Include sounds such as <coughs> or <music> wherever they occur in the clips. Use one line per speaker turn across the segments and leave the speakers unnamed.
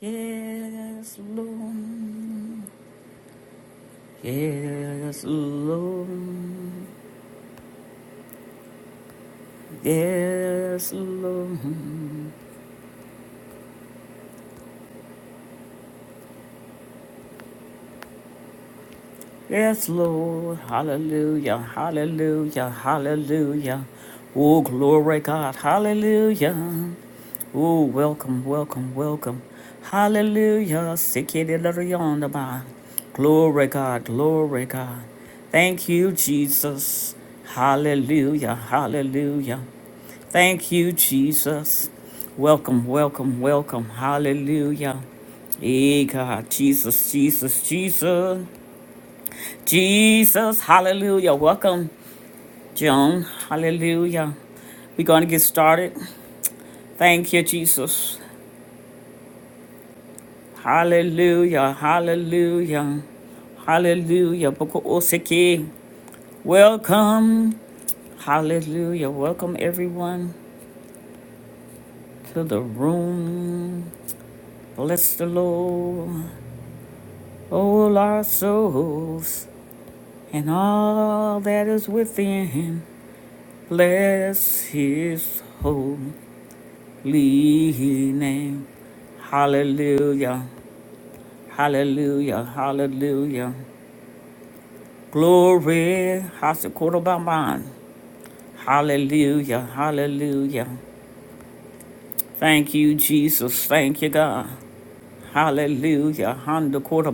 Yes, Lord. Yes, Lord. Yes, Lord. Yes, Lord. Hallelujah. Hallelujah. Hallelujah. Oh, glory, God. Hallelujah. Oh, welcome, welcome, welcome. Hallelujah. Sikiririyondaba. Glory, God. Glory, God. Thank you, Jesus. Hallelujah. Hallelujah. Thank you, Jesus. Welcome, welcome, welcome. Hallelujah. Hey, God. Jesus, Jesus, Jesus. Jesus, hallelujah. Welcome, Joan. Hallelujah. We're going to get started. Thank you, Jesus. Hallelujah. Hallelujah. Hallelujah. Boko oseke. Welcome. Hallelujah. Welcome, everyone, to the room. Bless the Lord. All our souls and all that is within. Bless his holy. Lee name. Hallelujah. Hallelujah. Hallelujah. Glory. Hasakotabamban. Hallelujah. Hallelujah. Thank you, Jesus. Thank you, God. Hallelujah. Handakota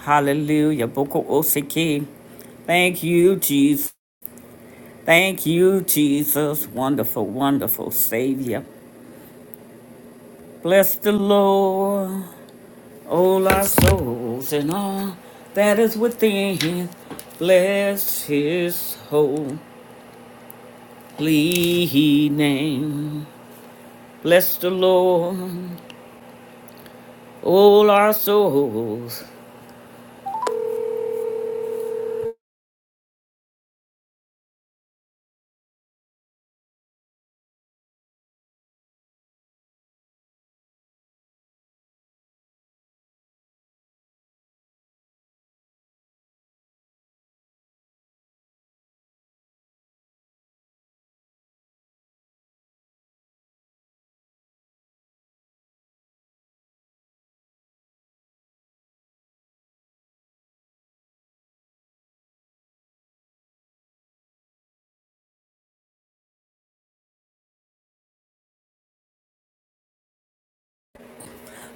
Hallelujah. Boko Osiki. Thank you, Jesus. Thank you, Jesus. Wonderful, wonderful Savior. Bless the Lord. All our souls and all that is within, bless his holy name. Bless the Lord, all our souls.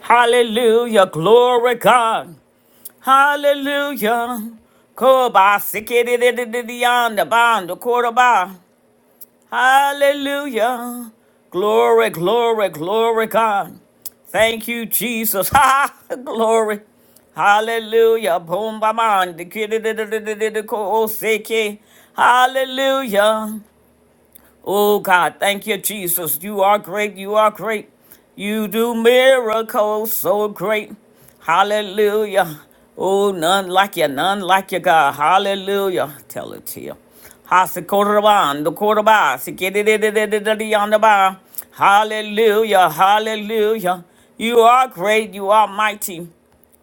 Hallelujah, glory God. Hallelujah. Koba sikiri di di di di yanda banda koraba. Hallelujah. Glory, glory, glory, God. Thank you, Jesus. <laughs> Ha, glory. Hallelujah. Boom, ba, man. Hallelujah. Oh God, thank you, Jesus. You are great. You are great. You do miracles so great. Hallelujah. Oh, none like you, none like you, God. Hallelujah. Tell it to you. Hallelujah, hallelujah. You are great, you are mighty.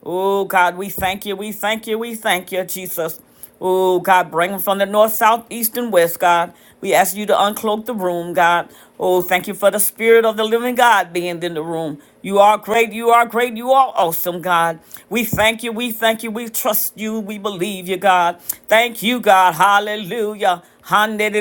Oh, God, we thank you, we thank you, we thank you, Jesus. Oh, God, bring them from the north, south, east, and west, God. We ask you to uncloak the room, God. Oh, thank you for the spirit of the living God being in the room. You are great, you are great, you are awesome, God. We thank you, we thank you, we trust you, we believe you, God. Thank you, God. Hallelujah. Hallelujah.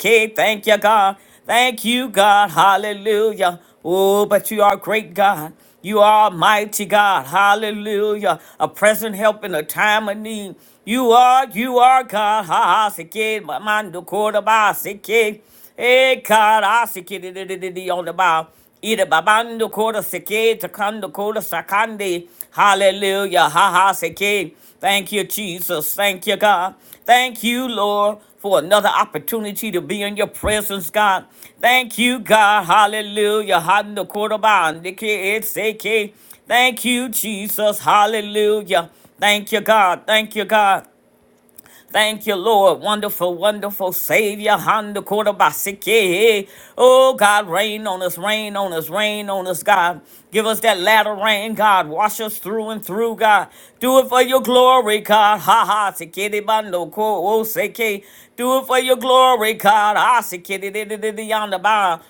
Thank you, God. Thank you, God. Hallelujah. Oh, but you are great, God. You are mighty God. Hallelujah. A present help in a time of need. You are, you are God. Ha ha sike mando koda ba sike. Hey God, I sike di di di di di on the bow. Ida babando koda seke, takando koda sakande. Hallelujah. Ha ha seke. Thank you, Jesus. Thank you, God. Thank you, Lord, for another opportunity to be in your presence, God. Thank you, God. Hallelujah. Handa koraba, neke et seke. Thank you, Jesus. Hallelujah. Thank you, God. Thank you, God. Thank you, Lord. Wonderful, wonderful Savior. Honda Kodabasike. Oh, God, rain on us, rain on us, rain on us, God. Give us that latter rain, God. Wash us through and through, God. Do it for your glory, God. Ha ha. Sikiri bando ko o seke. Do it for your glory, God. Ah, sikiri di di di di yonder ba.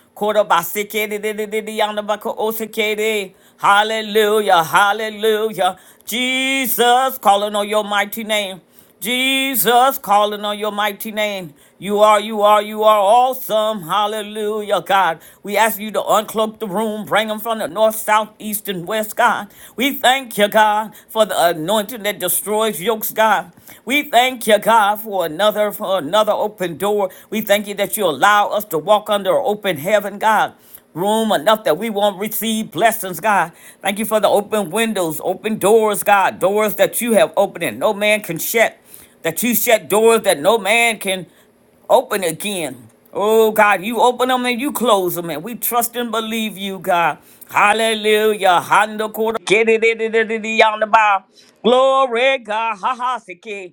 Hallelujah, hallelujah. Jesus, calling on your mighty name. Jesus, calling on your mighty name. You are, you are, you are awesome. Hallelujah, God. We ask you to uncloak the room, bring them from the north, south, east, and west, God. We thank you, God, for the anointing that destroys yokes, God. We thank you, God, for another, for another open door. We thank you that you allow us to walk under open heaven, God room enough that we won't receive blessings, God. Thank you for the open windows, open doors, God, doors that you have opened and no man can shut, that you shut doors that no man can open again. Oh God, you open them and you close them, and we trust and believe you, God. Hallelujah. Handa kora- Get it, it, it, it, it, yonder by. Glory, God. Ha ha, siki.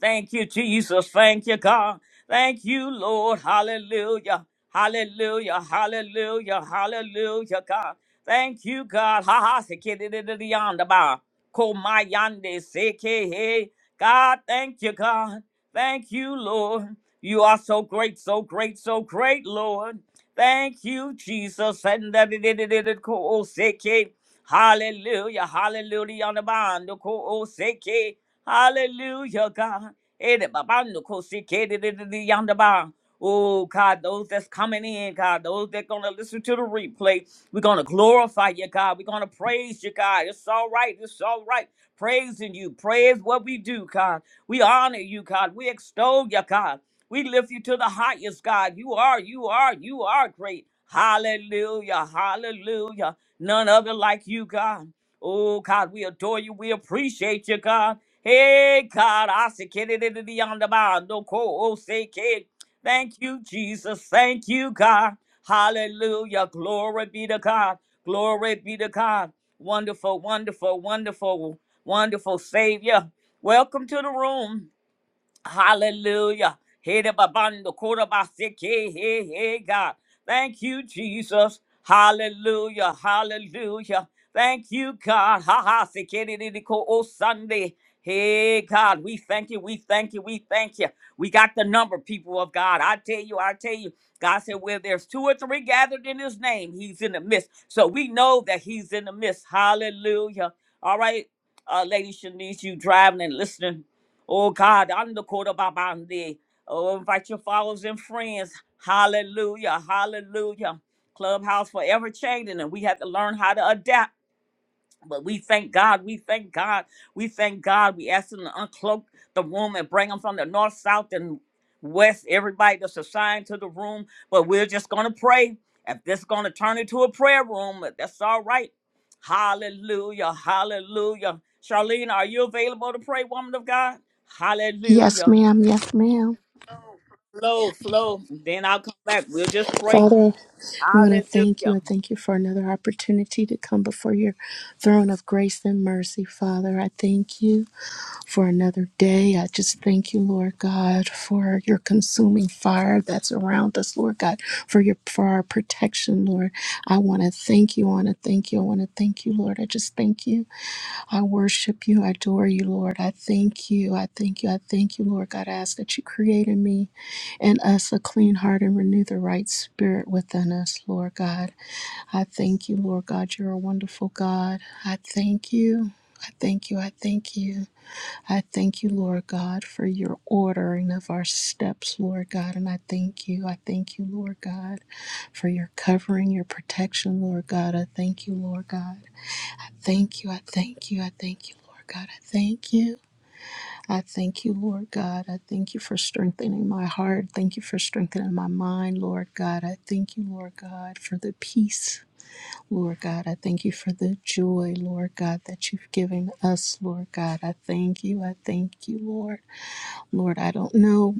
Thank you, Jesus. Thank you, God. Thank you, Lord. Hallelujah. Hallelujah. Hallelujah. Hallelujah, God. Thank you, God. Ha ha. se ke de de de de yonder ba. Ko ma yande se ke he. God, thank you, God. Thank you, Lord. You are so great, so great, so great, Lord. Thank you, Jesus. And da- da- da- da- da- da- ko o se ke. Hallelujah, hallelujah, on the bond, ko seke. Hallelujah, God. Eh, the bond, ko seke, di- di- di- di, on the bond. Oh God, those that's coming in, God, those that gonna listen to the replay, we're gonna glorify you, God. We're gonna praise you, God. It's all right, it's all right. Praising you, praise what we do, God. We honor you, God. We extol you, God. We lift you to the highest, God. You are, you are, you are great. Hallelujah, hallelujah. None other like you, God. Oh, God, we adore you. We appreciate you, God. Hey, God, I say, "Kid, it, it, it, beyond the bound, no co- oh, say, kid." Thank you, Jesus. Thank you, God. Hallelujah. Glory be to God. Glory be to God. Wonderful, wonderful, wonderful, wonderful Savior. Welcome to the room. Hallelujah. Hede babando kora baseke, Hey, hey, God. Thank you, Jesus. Hallelujah. Hallelujah. Thank you, God. Ha ha. sekere de de ko o Sunday. Hey, God. We thank you. We thank you. We thank you. We got the number, people of God. I tell you, I tell you. God said, where there's two or three gathered in his name, he's in the midst. So we know that he's in the midst. Hallelujah. All right, uh, Lady Shanice, you driving and listening. Oh God, I'm the Kodababandi. Oh, invite your followers and friends. Hallelujah. Hallelujah. Clubhouse forever changing, and we have to learn how to adapt. But we thank God. We thank God. We thank God. We ask Him to uncloak the room and bring them from the north, south, and west. Everybody that's assigned to the room. But we're just going to pray. If this is going to turn into a prayer room, that's all right. Hallelujah. Hallelujah. Charlene, are you available to pray, woman of God?
Yes,
Hallelujah.
ma'am. Yes, ma'am.
Flow, flow. Then I'll come back. We'll just pray.
Father, I want to thank you
Hallelujah.
and thank you for another opportunity to come before your throne of grace and mercy, Father. I thank you for another day. I just thank you, Lord God, for your consuming fire that's around us, Lord God, for your for our protection, Lord. I want to thank you. I want to thank you. I want to thank you, Lord. I just thank you I worship you. I adore you, Lord. I thank you. I thank you. I thank you, Lord God. I ask that you create in me and us a clean heart and renew the right spirit within us, Lord God. I thank you, Lord God. You're a wonderful God. I thank you. I thank you. I thank you. I thank you, Lord God, for your ordering of our steps, Lord God. And I thank you. I thank you, Lord God, for your covering, your protection, Lord God. I thank you, Lord God thank you. I thank you. I thank you, Lord God. I thank you. I thank you, Lord God. I thank you for strengthening my heart. Thank you for strengthening my mind, Lord God. I thank you, Lord God, for the peace, Lord God. I thank you for the joy, Lord God, that you've given us, Lord God. I thank you. I thank you, Lord. Lord, I don't know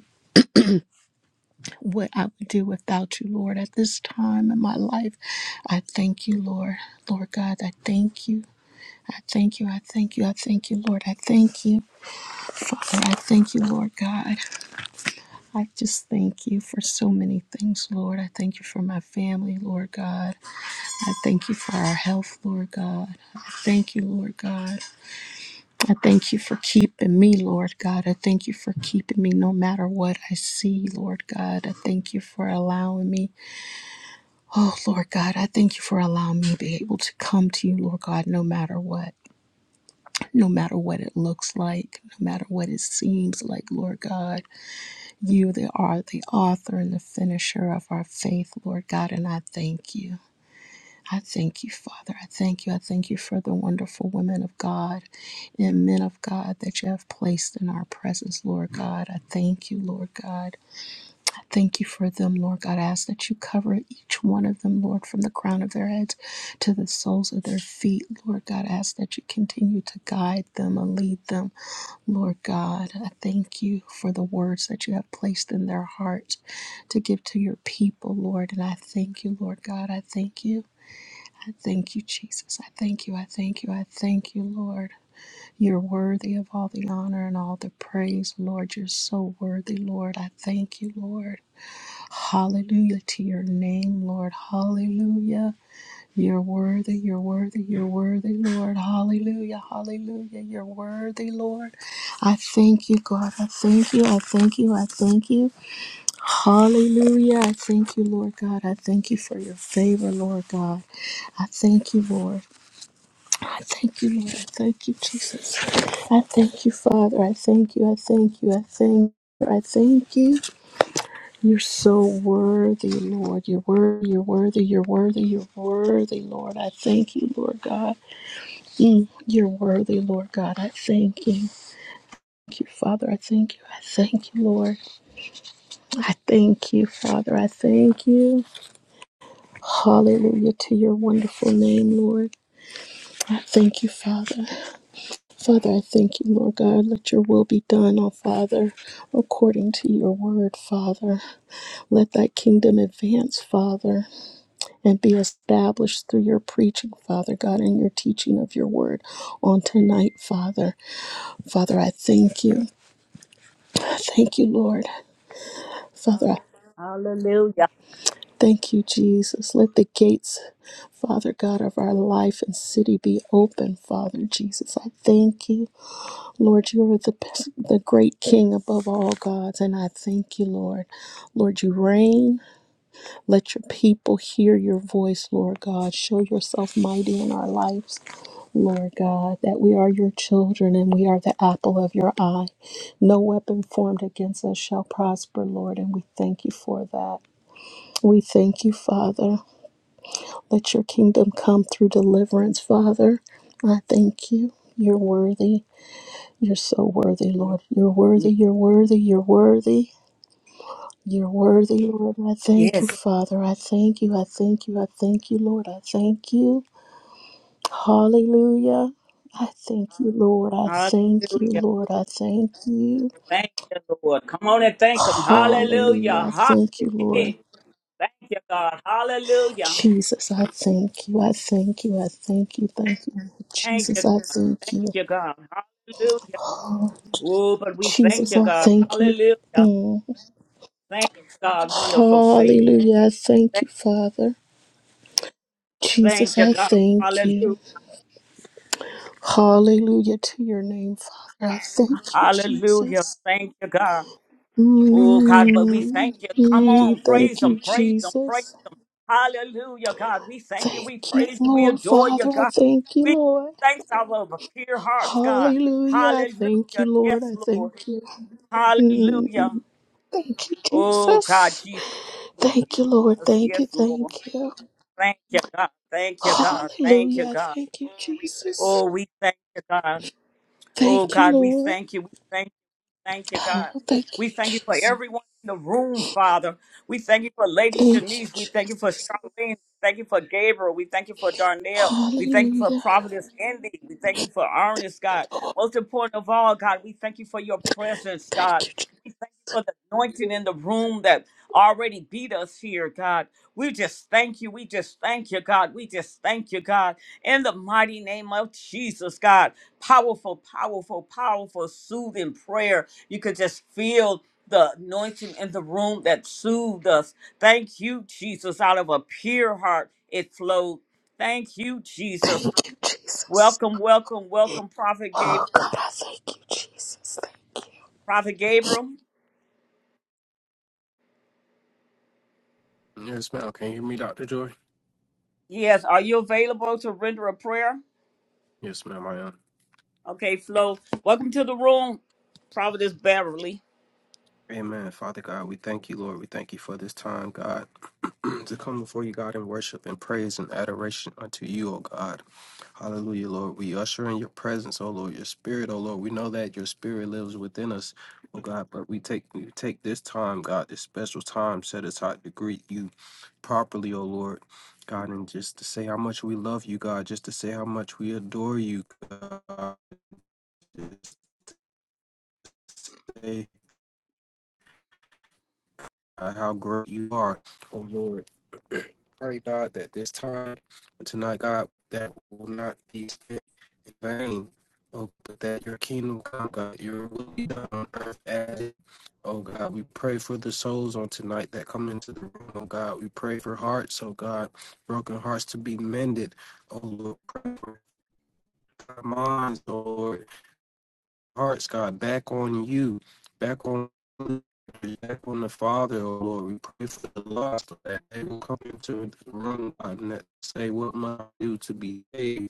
what I would do without you, Lord, at this time in my life. I thank you, Lord. Lord God, I thank you. I thank you. I thank you. I thank you, Lord. I thank you. Father, I thank you, Lord God. I just thank you for so many things, Lord. I thank you for my family, Lord God. I thank you for our health, Lord God. I thank you, Lord God. I thank you for keeping me, Lord God. I thank you for keeping me no matter what I see, Lord God. I thank you for allowing me. Oh, Lord God, I thank you for allowing me to be able to come to you, Lord God, no matter what, no matter what it looks like, no matter what it seems like, Lord God. You that are the author and the finisher of our faith, Lord God, and I thank you. I thank you, Father. I thank you. I thank you for the wonderful women of God and men of God that you have placed in our presence, Lord God. I thank you, Lord God. I thank you for them, Lord God. I ask that you cover each one of them, Lord, from the crown of their heads to the soles of their feet, Lord God. I ask that you continue to guide them and lead them Lord God, I thank you for the words that you have placed in their heart to give to your people, Lord. And I thank you, Lord God. I thank you. I thank you, Jesus. I thank you. I thank you. I thank you, Lord. You're worthy of all the honor and all the praise, Lord. You're so worthy, Lord. I thank you, Lord. Hallelujah to your name, Lord. Hallelujah. You're worthy, you're worthy, you're worthy, Lord. Hallelujah, hallelujah. You're worthy, Lord. I thank you, God. I thank you, I thank you, I thank you. Hallelujah. I thank you, Lord God. I thank you for your favor, Lord God. I thank you, Lord. I thank you, Lord. I thank you, Jesus. I thank you, Father. I thank you, I thank you, I thank you. I thank you. You're so worthy, Lord. You're worthy, you're worthy, you're worthy, you're worthy, Lord. I thank you, Lord God. Mm, you're worthy, Lord God. I thank you. Thank you, Father. I thank you. I thank you, Lord. I thank you, Father. I thank you. Hallelujah to your wonderful name, Lord. I thank you, Father. Father, I thank you, Lord God. Let your will be done, oh Father, according to your word, Father. Let thy kingdom advance, Father. and be established through your preaching, Father God, and your teaching of your word on tonight, Father. Father, I thank you. Thank you, Lord. Father, I
Hallelujah.
thank you, Jesus. Let the gates, Father God, of our life and city be open, Father Jesus. I thank you. Lord, you are the, the great King above all gods, and I thank you, Lord. Lord, you reign. Let your people hear your voice, Lord God. Show yourself mighty in our lives, Lord God, that we are your children and we are the apple of your eye. No weapon formed against us shall prosper, Lord, and we thank you for that. We thank you, Father. Let your kingdom come through deliverance, Father. I thank you. You're worthy. You're so worthy, Lord. You're worthy. You're worthy. You're worthy. You're worthy, Lord. I thank
Yes.
you, Father. I thank you. I thank you. I thank you, Lord. I thank you. Hallelujah. I thank you, Lord. I thank you,
Hallelujah.
Lord. I thank you.
Thank you, Lord. Come on and thank Him.
Hallelujah.
Hallelujah.
I
Hot.
thank you, Lord.
Thank you, God. Hallelujah.
Jesus, I thank you. I thank you. I thank you. Thank you.
Thank you,
Jesus, I
God.
thank you.
Thank you, God. Hallelujah.
Oh,
Oh, but we thank
Jesus,
you,
I
God.
thank you.
Hallelujah.
Mm.
Thank you, God. Wonderful Savior.
Hallelujah. I thank
Thank,
you, Father.
thank
Jesus,
you,
I
God.
thank you.
Hallelujah.
Hallelujah to your name, Father. I thank you,
Hallelujah.
Jesus.
Thank you, God. Oh God, but we
Mm,
thank you. Come on,
mm,
praise
Thank
Him,
you,
praise Him, praise
Jesus.
Him. Hallelujah, God. We thank you,
Thank
we
you,
praise you, we
Lord,
adore you,
Father. I
God.
thank you,
We give you
Lord.
thanks out of our pure hearts, God.
Hallelujah. I thank
Hallelujah.
you, Lord.
Yes,
I
Lord.
thank you.
Hallelujah.
Mm, Thank you,
Oh God,
Jesus.
Jesus,
Thank you, Lord.
Jesus.
Thank you.
Yes, Lord.
Thank you.
Thank you, God. Thank you, God. Thank
Hallelujah.
you,
I
God.
Thank you, Jesus.
Oh, we thank you, God. Oh
Thank you,
God, we
Lord.
thank you. We thank Thank you, God.
Oh, thank
We
you,
thank you for
Jesus.
everyone in the room, Father. We thank you for Lady
Thank you,
Shanice. We thank you for
Jesus.
Charlene. We thank you for Gabriel. We thank you for Darnell. We thank you for
Hallelujah.
Providence Indy. We thank you for Ernest, God. Most important of all, God, we thank you for your presence, God.
Thank you. Je-
We thank you for the anointing in the room that already beat us here, God. We just thank you. We just thank you, God. We just thank you, God. In the mighty name of Jesus, God. Powerful, powerful, powerful, soothing prayer you could just feel the anointing in the room that soothed us. Thank you, Jesus. Out of a pure heart, it flowed. Thank you, Jesus.
Thank you, Jesus.
Welcome, welcome, welcome, Prophet
Oh,
Gabriel.
God, I thank you, Jesus. Thank you.
Prophet Gabriel,
Yes, ma'am. Can you hear me, Dr. Joy?
yes, are you available to render a prayer?
Yes, ma'am, I am.
Okay, Flo, welcome to the room, Prophetess Beverly.
Amen. Father God, we thank you, Lord. We thank you for this time, God, <clears throat> to come before you, God, in worship and praise and adoration unto you, O God. Hallelujah, Lord. We usher in your presence, O Lord, your spirit, O Lord. We know that your spirit lives within us, O God, but we take we take this time, God, this special time set aside to greet you properly, O Lord. God, and just to say how much we love you, God, just to say how much we adore you, God. God, how great you are, oh Lord. <clears throat> Pray, God, that this time tonight, God, that will not be spent in vain. Oh, but that your kingdom come, God, your will be done on earth as it. Oh God, we pray for the souls on tonight that come into the room. Oh God, we pray for hearts. Oh God, broken hearts to be mended. Oh Lord, pray for our minds, oh, Lord hearts, God, back on you, back on back on the Father, oh Lord. We pray for the lost that they will come into the room God, and that say, What must I do to be saved?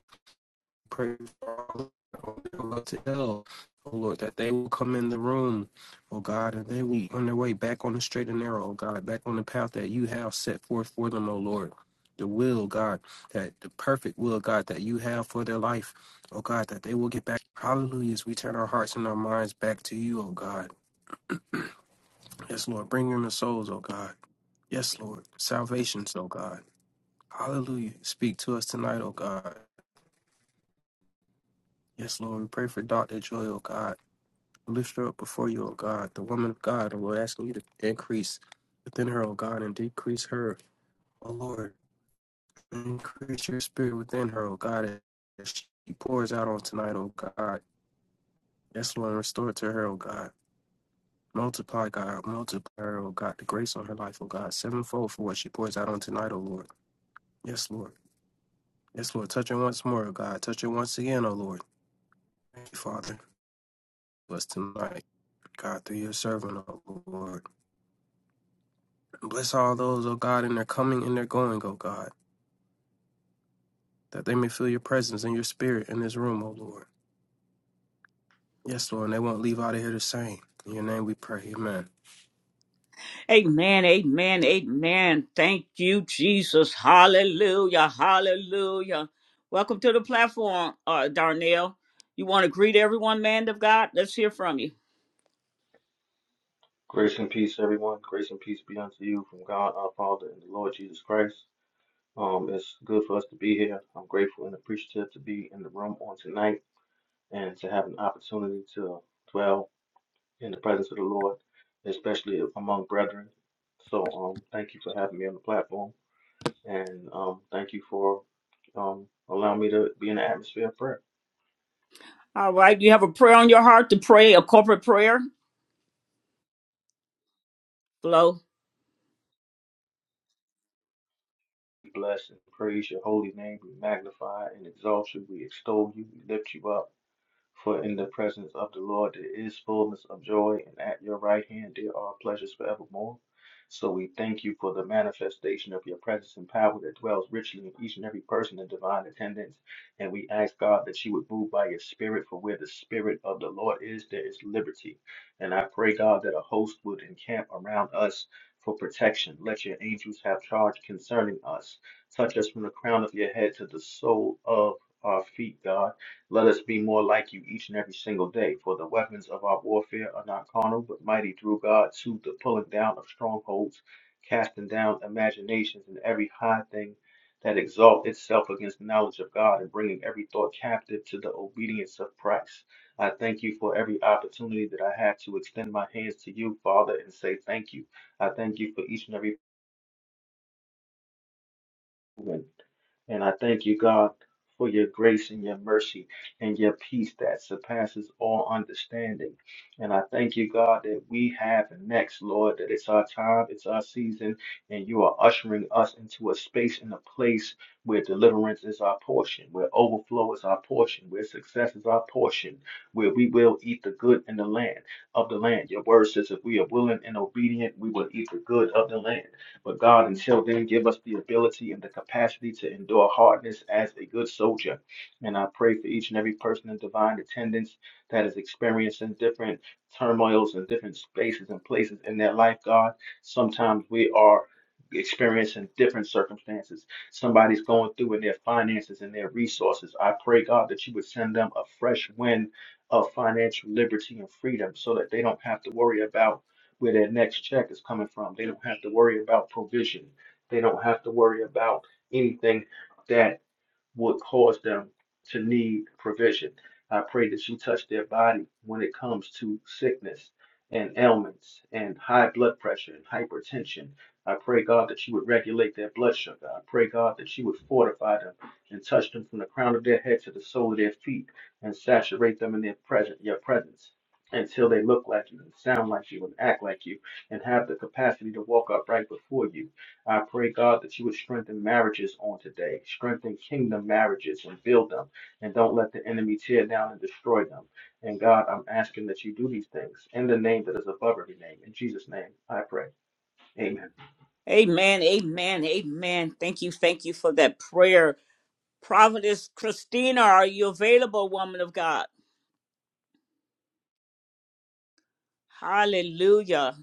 pray for all those that are ill. Oh Lord, that they will come in the room, oh God, and they will be on their way back on the straight and narrow, oh God, back on the path that you have set forth for them, oh Lord. The will, God, that the perfect will, God, that you have for their life, oh God, that they will get back. Hallelujah, as we turn our hearts and our minds back to you, oh God. Yes, Lord, bring in the souls, oh God. Yes, Lord, salvations, oh God. Hallelujah. Speak to us tonight, oh God. Yes, Lord, we pray for Dr. Joy, oh God. Lift her up before you, O God, the woman of God, and we're asking you to increase within her, O God, and decrease her, O Lord. Increase your spirit within her, O God, as she pours out on tonight, O God. Yes, Lord, restore it to her, O God. Multiply, God, multiply her, O God, the grace on her life, O God, sevenfold for what she pours out on tonight, O Lord. Yes, Lord. Yes, Lord, touch her once more, O God. Touch her once again, O Lord. Thank you, Father. Bless tonight, God, through your servant, O Lord. Bless all those, O God, in their coming and their going, O God, that they may feel your presence and your spirit in this room, O Lord. Yes, Lord, and they won't leave out of here the same. In your name we pray. Amen.
Amen, amen, amen. Thank you, Jesus. Hallelujah, hallelujah. Welcome to the platform, uh, Darnell. You want to greet everyone, man of God? Let's hear from you.
Grace and peace, everyone. Grace and peace be unto you from God our Father and the Lord Jesus Christ. Um, it's good for us to be here. I'm grateful and appreciative to be in the room on tonight and to have an opportunity to dwell in the presence of the Lord, especially among brethren. So, um, thank you for having me on the platform, and um, thank you for um allowing me to be in the atmosphere of prayer.
All right, you have a prayer on your heart to pray, a corporate prayer? Flow.
We Bless and praise your holy name. We magnify and exalt you. We extol you. We lift you up. For in the presence of the Lord there is fullness of joy, and at your right hand there are pleasures forevermore. So we thank you for the manifestation of your presence and power that dwells richly in each and every person in divine attendance. And we ask God that you would move by your spirit, for where the spirit of the Lord is, there is liberty. And I pray, God, that a host would encamp around us for protection. Let your angels have charge concerning us. Touch us from the crown of your head to the sole of our feet, God let us be more like you each and every single day, for the weapons of our warfare are not carnal, but mighty through God to the pulling down of strongholds, casting down imaginations and every high thing that exalts itself against the knowledge of God, and bringing every thought captive to the obedience of Christ. I thank you for every opportunity that I have to extend my hands to you, Father, and say thank you. I thank you for each and every doing. And I thank you, God, for your grace and your mercy and your peace that surpasses all understanding. And I thank you, God, that we have the next, Lord, that it's our time, it's our season, and you are ushering us into a space and a place where deliverance is our portion, where overflow is our portion, where success is our portion, where we will eat the good in the land of the land. Your word says if we are willing and obedient, we will eat the good of the land. But God, until then, give us the ability and the capacity to endure hardness as a good soldier. And I pray for each and every person in divine attendance that is experiencing different turmoils and different spaces and places in their life, God. Sometimes we are experiencing different circumstances. Somebody's going through in their finances and their resources. I pray, God, that you would send them a fresh wind of financial liberty and freedom so that they don't have to worry about where that next check is coming from. They don't have to worry about provision. They don't have to worry about anything that would cause them to need provision. I pray that you touch their body when it comes to sickness and ailments and high blood pressure and hypertension. I pray, God, that you would regulate their blood sugar. I pray, God, that you would fortify them and touch them from the crown of their head to the sole of their feet and saturate them in their present, your presence until they look like you and sound like you and act like you and have the capacity to walk upright before you. I pray, God, that you would strengthen marriages on today, strengthen kingdom marriages and build them, and don't let the enemy tear down and destroy them. And God, I'm asking that you do these things in the name that is above every name. In Jesus' name, I pray. Amen.
Amen, amen, amen. Thank you, thank you for that prayer. Prophetess Christina, are you available, woman of God? Hallelujah.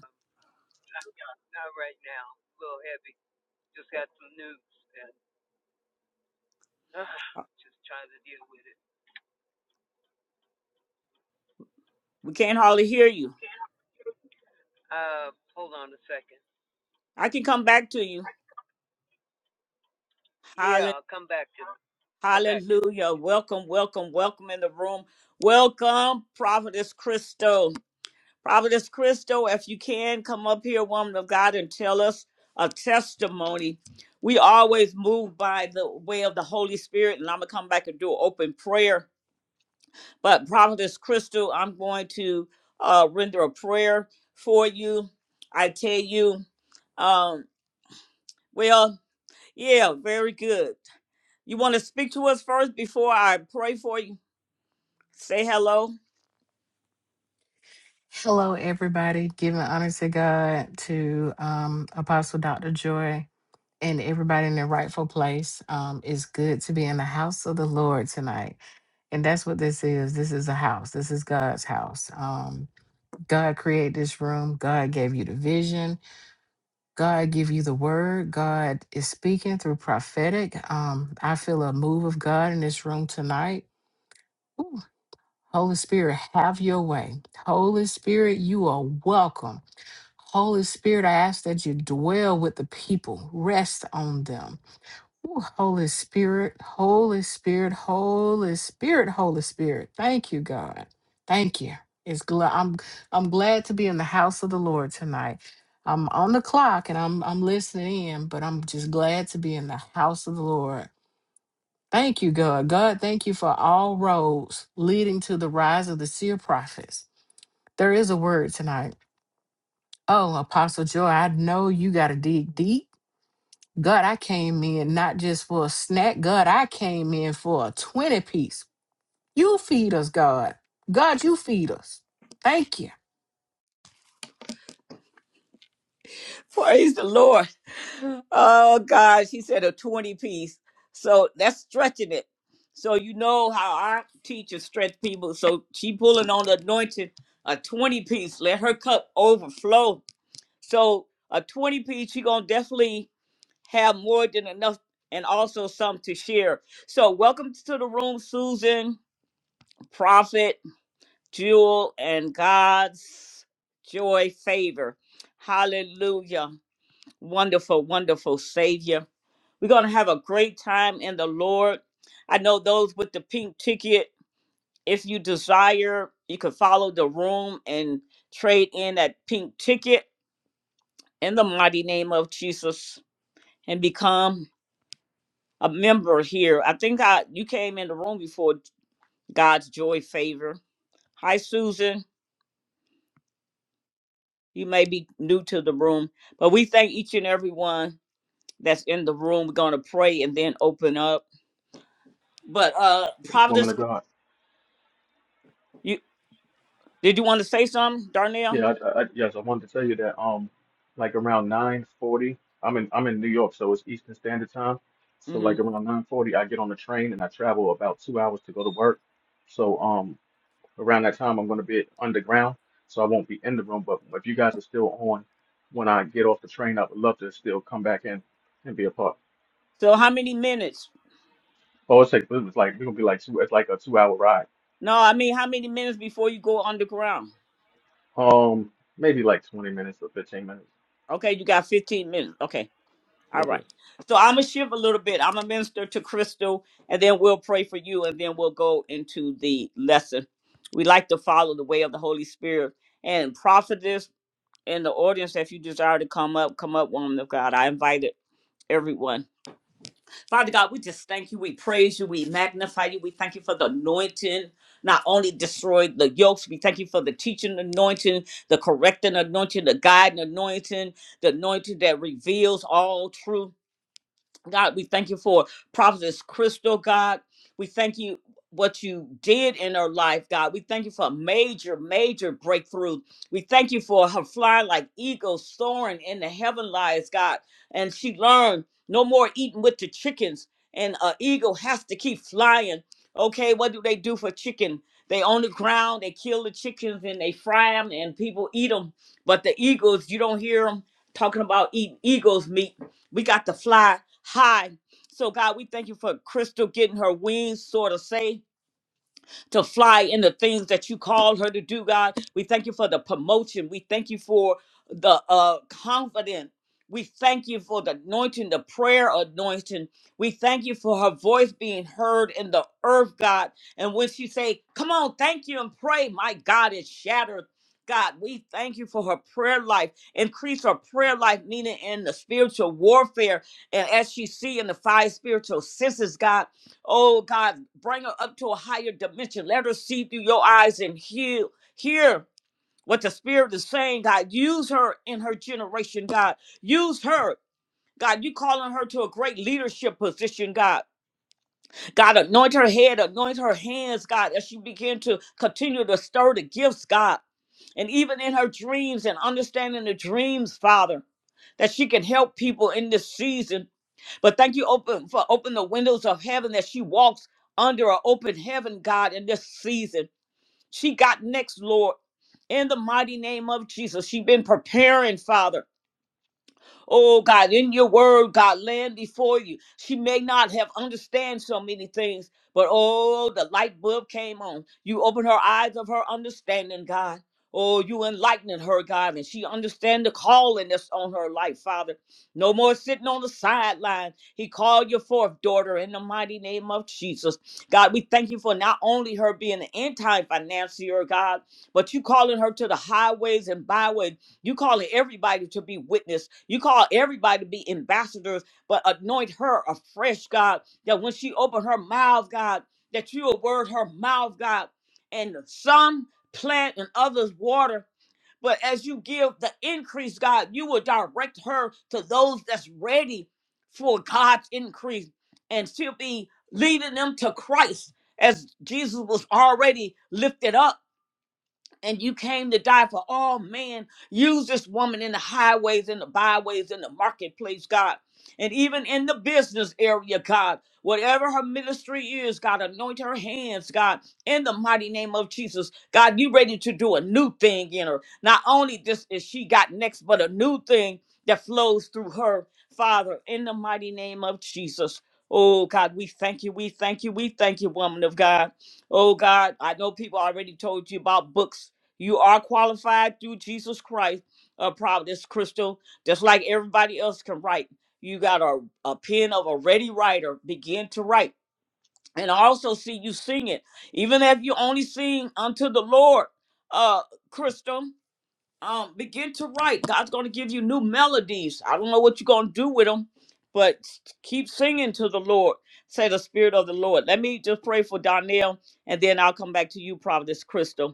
We can't hardly hear you. I can come back to you. Hallelujah. Welcome, welcome, welcome in the room. Welcome, Prophetess Christo. Prophetess Christo, if you can, come up here, woman of God, and tell us a testimony. We always move by the way of the Holy Spirit, and I'm going to come back and do an open prayer. But Prophetess Crystal, I'm going to uh, render a prayer for you. I tell you, um, well, yeah, very good. You want to speak to us first before I pray for you? Say hello.
Hello, everybody. Giving honor to God, to um, Apostle Dr. Joy, and everybody in their rightful place. Um, it's good to be in the house of the Lord tonight. And that's what this is. This is a house, this is God's house. Um, God created this room, God gave you the vision. God give you the word. God is speaking through prophetic. Um, I feel a move of God in this room tonight. Ooh, Holy Spirit, have your way. Holy Spirit, you are welcome. Holy Spirit, I ask that you dwell with the people, rest on them. Ooh, Holy Spirit, Holy Spirit, Holy Spirit, Holy Spirit. Thank you, God. Thank you. It's glad I'm I'm glad to be in the house of the Lord tonight. I'm on the clock and I'm I'm listening in, but I'm just glad to be in the house of the Lord. Thank you, God. God, thank you for all roads leading to the rise of the seer prophets. There is a word tonight Oh, Apostle Joy, I know you got to dig deep. God, I came in not just for a snack. God, I came in for a 20 piece. You feed us, God. God, you feed us. Thank you.
Praise the Lord. Oh God, she said a 20 piece. So that's stretching it. So you know how our teachers stretch people. So she pulling on the anointing, a 20 piece. Let her cup overflow. So a 20 piece, she gonna definitely have more than enough and also some to share. So welcome to the room, Susan, Prophet, Jewel, and God's joy favor. Hallelujah. wonderful, wonderful Savior. We're going to have a great time in the Lord. I know those with the pink ticket, if you desire, you can follow the room and trade in that pink ticket in the mighty name of Jesus and become a member here. I think I you came in the room before God's joy favor. Hi Susan, you may be new to the room, but we thank each and every one that's in the room. We're going to pray and then open up. But uh
Woman
Providence
of God.
You did you want to say something, Darnell?
Yeah, I, I, yes, I wanted to tell you that. Um, like around 9:40, I'm in I'm in New York, so it's Eastern Standard Time. So
hmm
like around 9:40, I get on the train and I travel about two hours to go to work. So um, around that time I'm going to be underground, so I won't be in the room. But if you guys are still on when I get off the train, I would love to still come back in and be a part.
So how many minutes?
Oh, it's like it was like we're gonna be like two, it's like a two hour ride.
No, I mean how many minutes before you go underground?
Um, maybe like 20 minutes or 15 minutes.
Okay, you got 15 minutes. Okay, all right.
Okay.
So I'm gonna shift a little bit. I'm a minister to Crystal, and then we'll pray for you, and then we'll go into the lesson. We like to follow the way of the Holy Spirit and prophetess in the audience. If you desire to come up, come up, woman of God. I invited everyone. Father God, we just thank you. We praise you. We magnify you. We thank you for the anointing. Not only destroyed the yokes, we thank you for the teaching anointing, the correcting anointing, the guiding anointing, the anointing that reveals all truth. God, we thank you for Prophetess Crystal, God. We thank you what you did in her life, God. We thank you for a major, major breakthrough. We thank you for her flying like eagles soaring in the heaven lies, God. And she learned no more eating with the chickens. And an eagle has to keep flying. Okay, what do they do for chicken? They on the ground, they kill the chickens and they fry them and people eat them. But the eagles, you don't hear them talking about eating eagles meat we got to fly high. So, God, we thank you for Crystal getting her wings, so to say to fly in the things that you called her to do, God. We thank you for the promotion. We thank you for the uh, confidence. We thank you for the anointing, the prayer anointing. We thank you for her voice being heard in the earth, God. And when she say, "Come on, thank you and pray," my God, it shattered. God, we thank you for her prayer life. Increase her prayer life, meaning in the spiritual warfare, and as she see in the five spiritual senses, God. Oh God, bring her up to a higher dimension. Let her see through your eyes and hear, hear what the Spirit is saying, God. Use her in her generation, God. Use her. God, you calling her to a great leadership position, God. God, anoint her head, anoint her hands, God, as she begin to continue to stir the gifts, God. And even in her dreams and understanding the dreams, Father, that she can help people in this season but thank you open for open the windows of heaven that she walks under an open heaven, God, in this season. She got next, Lord. In the mighty name of Jesus, she been preparing, Father. Oh God, in your word, God, land before you. She may not have understand so many things, but oh, the light bulb came on. You opened her eyes of her understanding, God. Oh, you enlightening her, God, and she understand the calling that's on her life, Father. No more sitting on the sideline. He called you forth, daughter, in the mighty name of Jesus. God, we thank you for not only her being an anti-financier, God, but you calling her to the highways and byways you calling everybody to be witness. You call everybody to be ambassadors, but anoint her afresh, God, that when she open her mouth, God, that you will word her mouth, God, and some plant and others water. But as you give the increase, God, you will direct her to those that's ready for God's increase. And she'll be leading them to Christ as Jesus was already lifted up and you came to die for all men. Use this woman in the highways, in the byways, in the marketplace, God. And even in the business area, God, whatever her ministry is, God, anoint her hands, God, in the mighty name of Jesus. God, you ready to do a new thing in her. Not only this is she got next, but a new thing that flows through her, Father, in the mighty name of Jesus. Oh, God, we thank you. We thank you. We thank you, woman of God. Oh, God, I know people already told you about books you are qualified through Jesus Christ, uh, Providence Crystal, just like everybody else can write. You got a, a pen of a ready writer, begin to write. And I also see you sing it. Even if you only sing unto the Lord, uh, Crystal, um, begin to write. God's going to give you new melodies. I don't know what you're going to do with them, but s- keep singing to the Lord, say the Spirit of the Lord. Let me just pray for Donnell, and then I'll come back to you, Providence Crystal.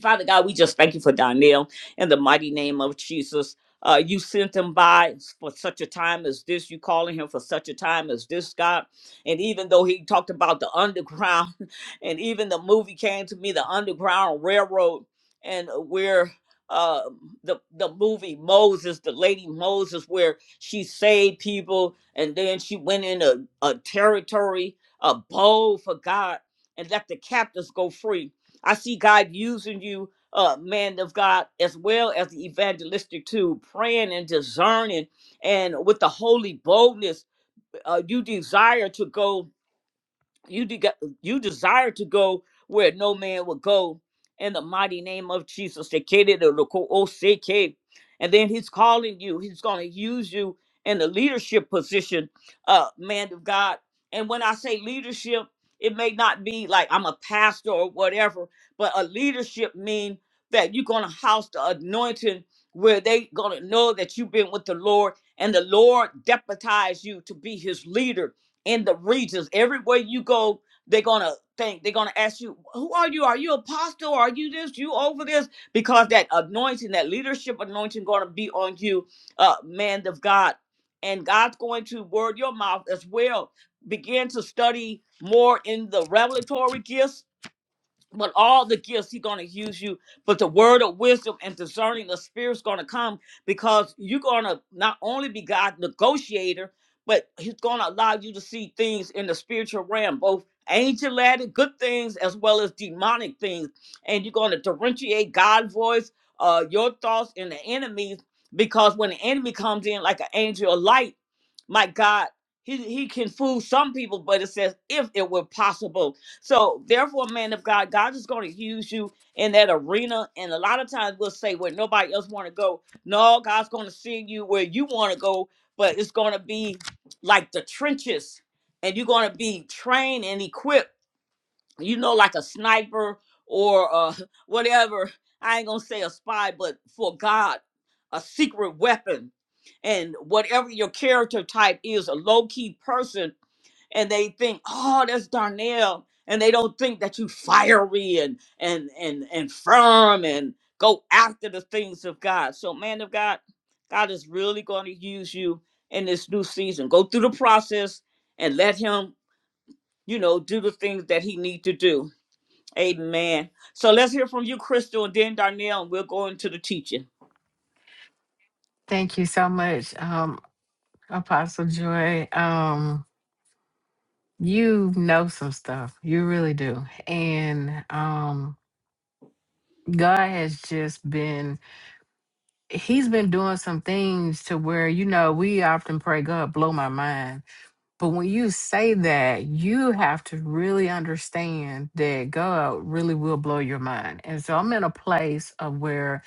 Father God, we just thank you for Donnell in the mighty name of Jesus. Uh, you sent him by for such a time as this. You calling him for such a time as this, God. And even though he talked about the underground, <laughs> and even the movie came to me, the Underground Railroad, and where uh, the the movie Moses, the lady Moses, where she saved people, and then she went in a, a territory, a bowl for God, and let the captives go free I see God using you, uh, man of God, as well as the evangelistic too, praying and discerning and with the holy boldness. Uh, you desire to go you de- you desire to go where no man will go in the mighty name of Jesus. They created a local OCK. And then he's calling you. He's going to use you in the leadership position, uh, man of God. And when I say leadership, it may not be like I'm a pastor or whatever, but a leadership mean that you're going to house the anointing where they going to know that you've been with the Lord and the Lord deputize you to be his leader in the regions. Everywhere you go, they're gonna think they're gonna ask you, "Who are you? Are you apostle? Are you this? You over this?" Because that anointing, that leadership anointing, gonna be on you, uh, man of God, and God's going to word your mouth as well. Begin to study more in the revelatory gifts but all the gifts he's going to use you but the word of wisdom and discerning the spirit's going to come because you're going to not only be god negotiator but he's going to allow you to see things in the spiritual realm both angel added good things as well as demonic things and you're going to differentiate god's voice uh your thoughts and the enemy's because when the enemy comes in like an angel of light my god he, he can fool some people but it says if it were possible so therefore, man of God, God is going to use you in that arena. And a lot of times we'll say where nobody else want to go. No, God's going to send you where you want to go, but it's going to be like the trenches, and you're going to be trained and equipped. You know, like a sniper or uh, <laughs> whatever. I ain't gonna say a spy, but for God, a secret weapon, and whatever your character type is, a low key person and they think, oh, that's Darnell, and they don't think that you fiery and and and and firm and go after the things of God. So, man of God, God is really going to use you in this new season. Go through the process and let Him, you know, do the things that He need to do. Amen. So let's hear from you, Crystal, and then Darnell, and we'll go into the teaching.
Thank you so much, um, Apostle Joy. Um, you know some stuff. You really do. And um, God has just been, He's been doing some things to where, you know, we often pray, God, blow my mind But when you say that, you have to really understand that God really will blow your mind. And so I'm in a place of where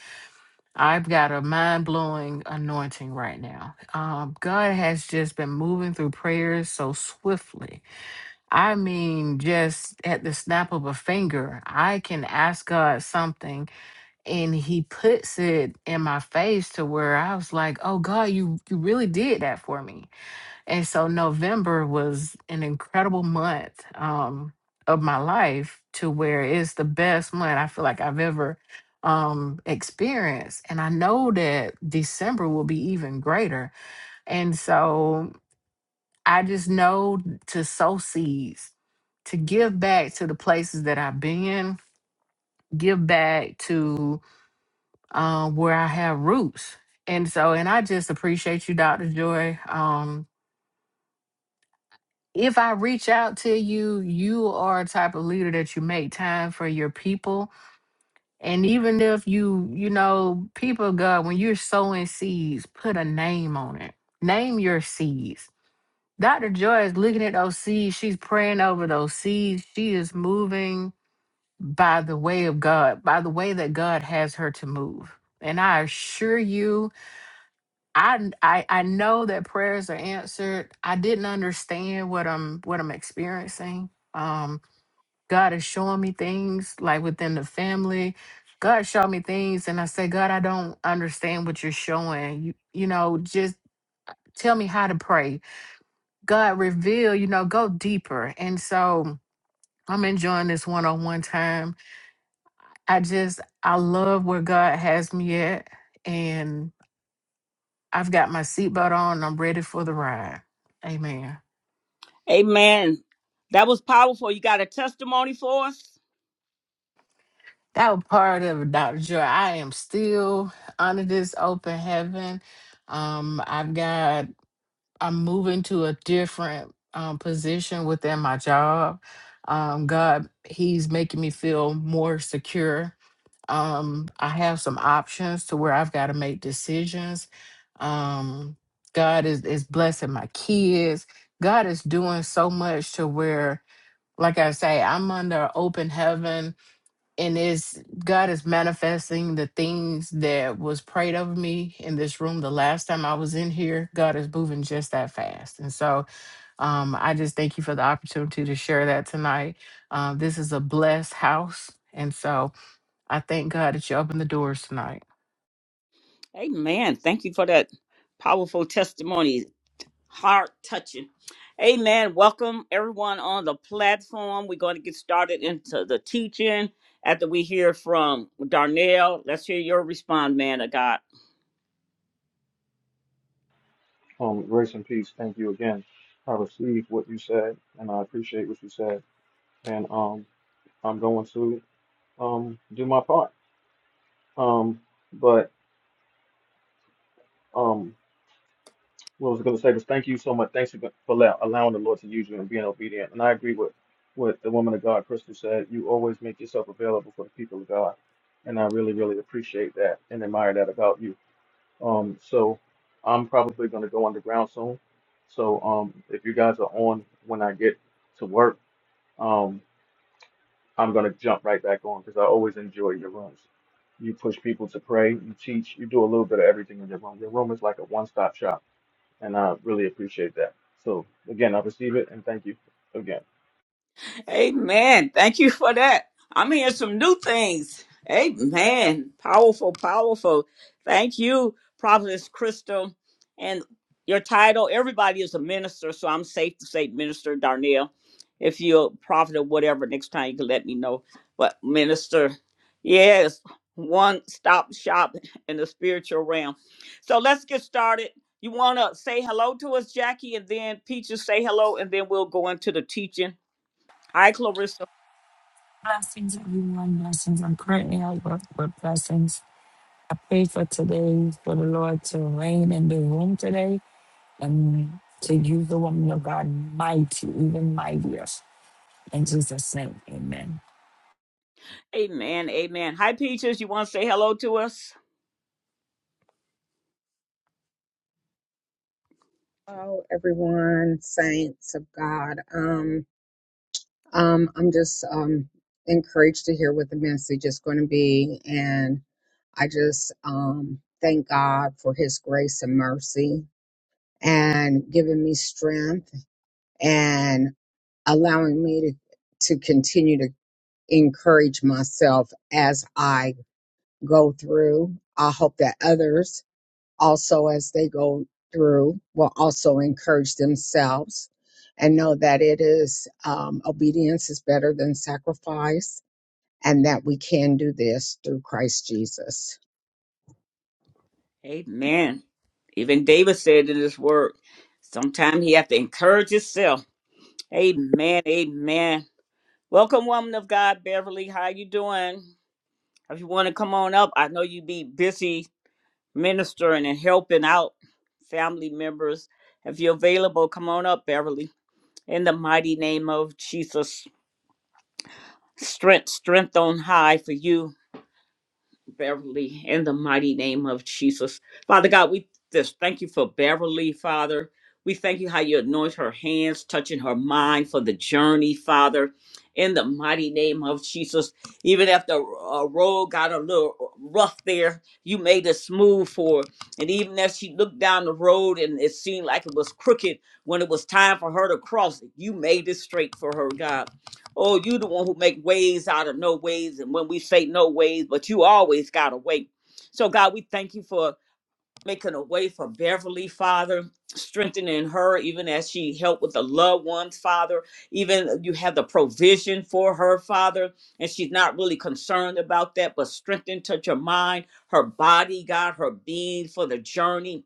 I've got a mind blowing anointing right now. Um, God has just been moving through prayers so swiftly. I mean, just at the snap of a finger, I can ask God something and he puts it in my face to where I was like, oh God, you, you really did that for me and so November was an incredible month um, of my life to where it's the best month I feel like I've ever um, experienced. And I know that December will be even greater. And so I just know to sow seeds, to give back to the places that I've been, give back to uh, where I have roots. And so, and I just appreciate you, Dr. Joy. Um, if I reach out to you, you are a type of leader that you make time for your people. And even if you, you know, people of God, when you're sowing seeds, put a name on it. Name your seeds. Dr. Joy is looking at those seeds. She's praying over those seeds. She is moving by the way of God, by the way that God has her to move. And I assure you, I I I know that prayers are answered. I didn't understand what I'm what I'm experiencing. Um, God is showing me things like within the family. God showed me things, and I said, God, I don't understand what you're showing. You you know, just tell me how to pray. God, reveal. You know, go deeper. And so I'm enjoying this one-on-one time. I just I love where God has me at, and I've got my seatbelt on. and I'm ready for the ride. Amen.
Amen. That was powerful. You got a testimony for us?
That was part of it, Dr. Joy. I am still under this open heaven. Um, I've got, I'm moving to a different um, position within my job. Um, God, He's making me feel more secure. Um, I have some options to where I've got to make decisions. Um, God is, is blessing my kids. God is doing so much to where, like I say, I'm under open heaven and it's God is manifesting the things that was prayed of me in this room the last time I was in here. God is moving just that fast, and so um, I just thank you for the opportunity to share that tonight. Uh, this is a blessed house, and so I thank God that you opened the doors tonight,
Amen. Thank you for that powerful testimony. Heart touching. Amen. Welcome everyone on the platform. We're going to get started into the teaching after we hear from Darnell. Let's hear your response, man of God.
Um, grace and peace. Thank you again. I received what you said, and I appreciate what you said. And um, I'm going to um do my part. Um, but um. what I was going to say was thank you so much. Thanks for, for allow- allowing the Lord to use you and being obedient. And I agree with what the woman of God, Crystal, said. You always make yourself available for the people of God. And I really, really appreciate that and admire that about you. Um, so I'm probably going to go underground soon. So um, if you guys are on when I get to work, um, I'm going to jump right back on because I always enjoy your rooms. You push people to pray, you teach, you do a little bit of everything in your room. Your room is like a one stop shop and I really appreciate that. So again, I receive it and thank you again.
Amen. Thank you for that. I'm hearing some new things. Amen. Powerful, powerful. Thank you, Prophetess Crystal. And your title, everybody is a minister, so I'm safe to say Minister Darnell. If you're a prophet or whatever, next time you can let me know. But minister, yes, one stop shop in the spiritual realm. So let's get started. You want to say hello to us, Jackie, and then Peaches say hello, and then we'll go into the teaching. Hi, Clarissa.
Blessings, everyone. Blessings. I'm currently at work, but blessings. I pray for today, for the Lord to reign in the room today and to use the woman of God mighty, even mightier. In Jesus' name, amen.
Amen. Amen. Hi, Peaches. You want to say hello to us?
Hello, everyone, saints of God. Um, um, I'm just um, encouraged to hear what the message is going to be, and I just um, thank God for His grace and mercy, and giving me strength and allowing me to to continue to encourage myself as I go through. I hope that others. also as they go through will also encourage themselves and know that it is um, obedience is better than sacrifice and that we can do this through christ jesus
Amen. Even David said in his word, sometimes he have to encourage himself. Amen. Amen. Welcome, woman of God, Beverly. How you doing? If you want to come on up, I know you be busy ministering and helping out family members. If you're available, come on up, Beverly. In the mighty name of Jesus, strength, strength on high for you Beverly in the mighty name of Jesus. Father God, we just thank you for Beverly, Father. We thank you how you anoint her hands, touching her mind for the journey, Father, in the mighty name of Jesus. Even if the uh, road got a little rough there, you made it smooth for her. And even as she looked down the road and it seemed like it was crooked when it was time for her to cross, you made it straight for her, God. Oh, you the one who make ways out of no ways. And when we say no ways, but you always got a way. So God, we thank you for making a way for Beverly, Father, strengthening her even as she helped with the loved ones, Father. Even you have the provision for her, Father, and she's not really concerned about that, but strengthen, touch her mind, her body, God, her being for the journey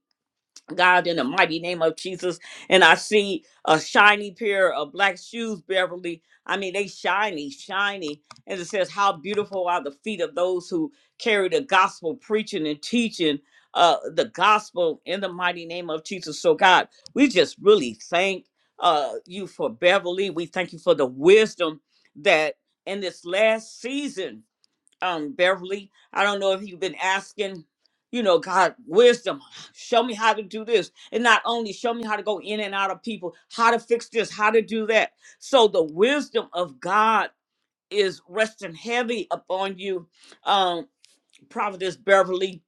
God, in the mighty name of Jesus. And I see a shiny pair of black shoes, Beverly. I mean, they shiny, shiny. And it says, How beautiful are the feet of those who carry the gospel, preaching and teaching uh, the gospel in the mighty name of Jesus. So, God, we just really thank uh, you for Beverly. We thank you for the wisdom that in this last season um Beverly. I don't know if you've been asking, you know, God, wisdom. Show me how to do this. And not only show me how to go in and out of people, how to fix this, how to do that. So the wisdom of God is resting heavy upon you, um, Providence Beverly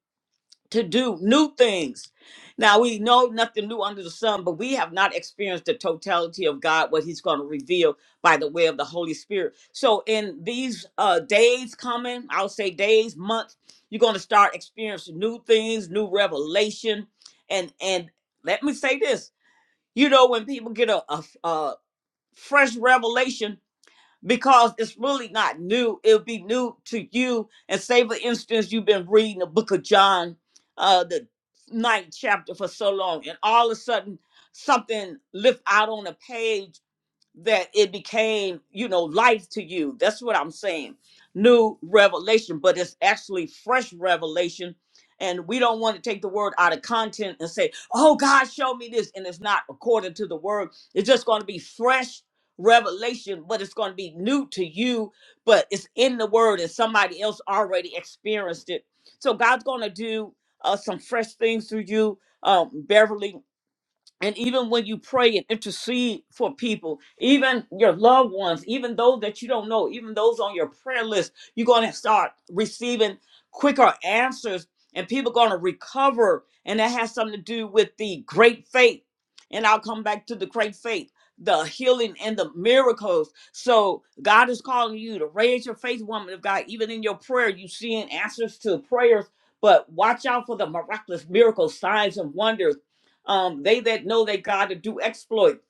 to do new things. Now we know nothing new under the sun, but we have not experienced the totality of God, what He's going to reveal by the way of the Holy Spirit. So in these uh, days coming, I'll say days, months, you're going to start experiencing new things, new revelation, and and let me say this: you know, when people get a, a, a fresh revelation, because it's really not new. It'll be new to you. And say, for instance, you've been reading the book of John, uh, the ninth chapter for so long, and all of a sudden something lift out on a page that it became, you know, life to you. That's what I'm saying. New revelation, but it's actually fresh revelation. And we don't want to take the word out of content and say, oh, God showed me this. And it's not according to the word. It's just going to be fresh revelation, but it's going to be new to you, but it's in the word and somebody else already experienced it. So God's going to do uh, some fresh things through you, um, Beverly and even when you pray and intercede for people even your loved ones even those that you don't know even those on your prayer list you're going to start receiving quicker answers and people going to recover and that has something to do with the great faith and i'll come back to the great faith the healing and the miracles so god is calling you to raise your faith woman of god even in your prayer you seeing answers to prayers but watch out for the miraculous miracles signs and wonders um, they that know that God to do exploits.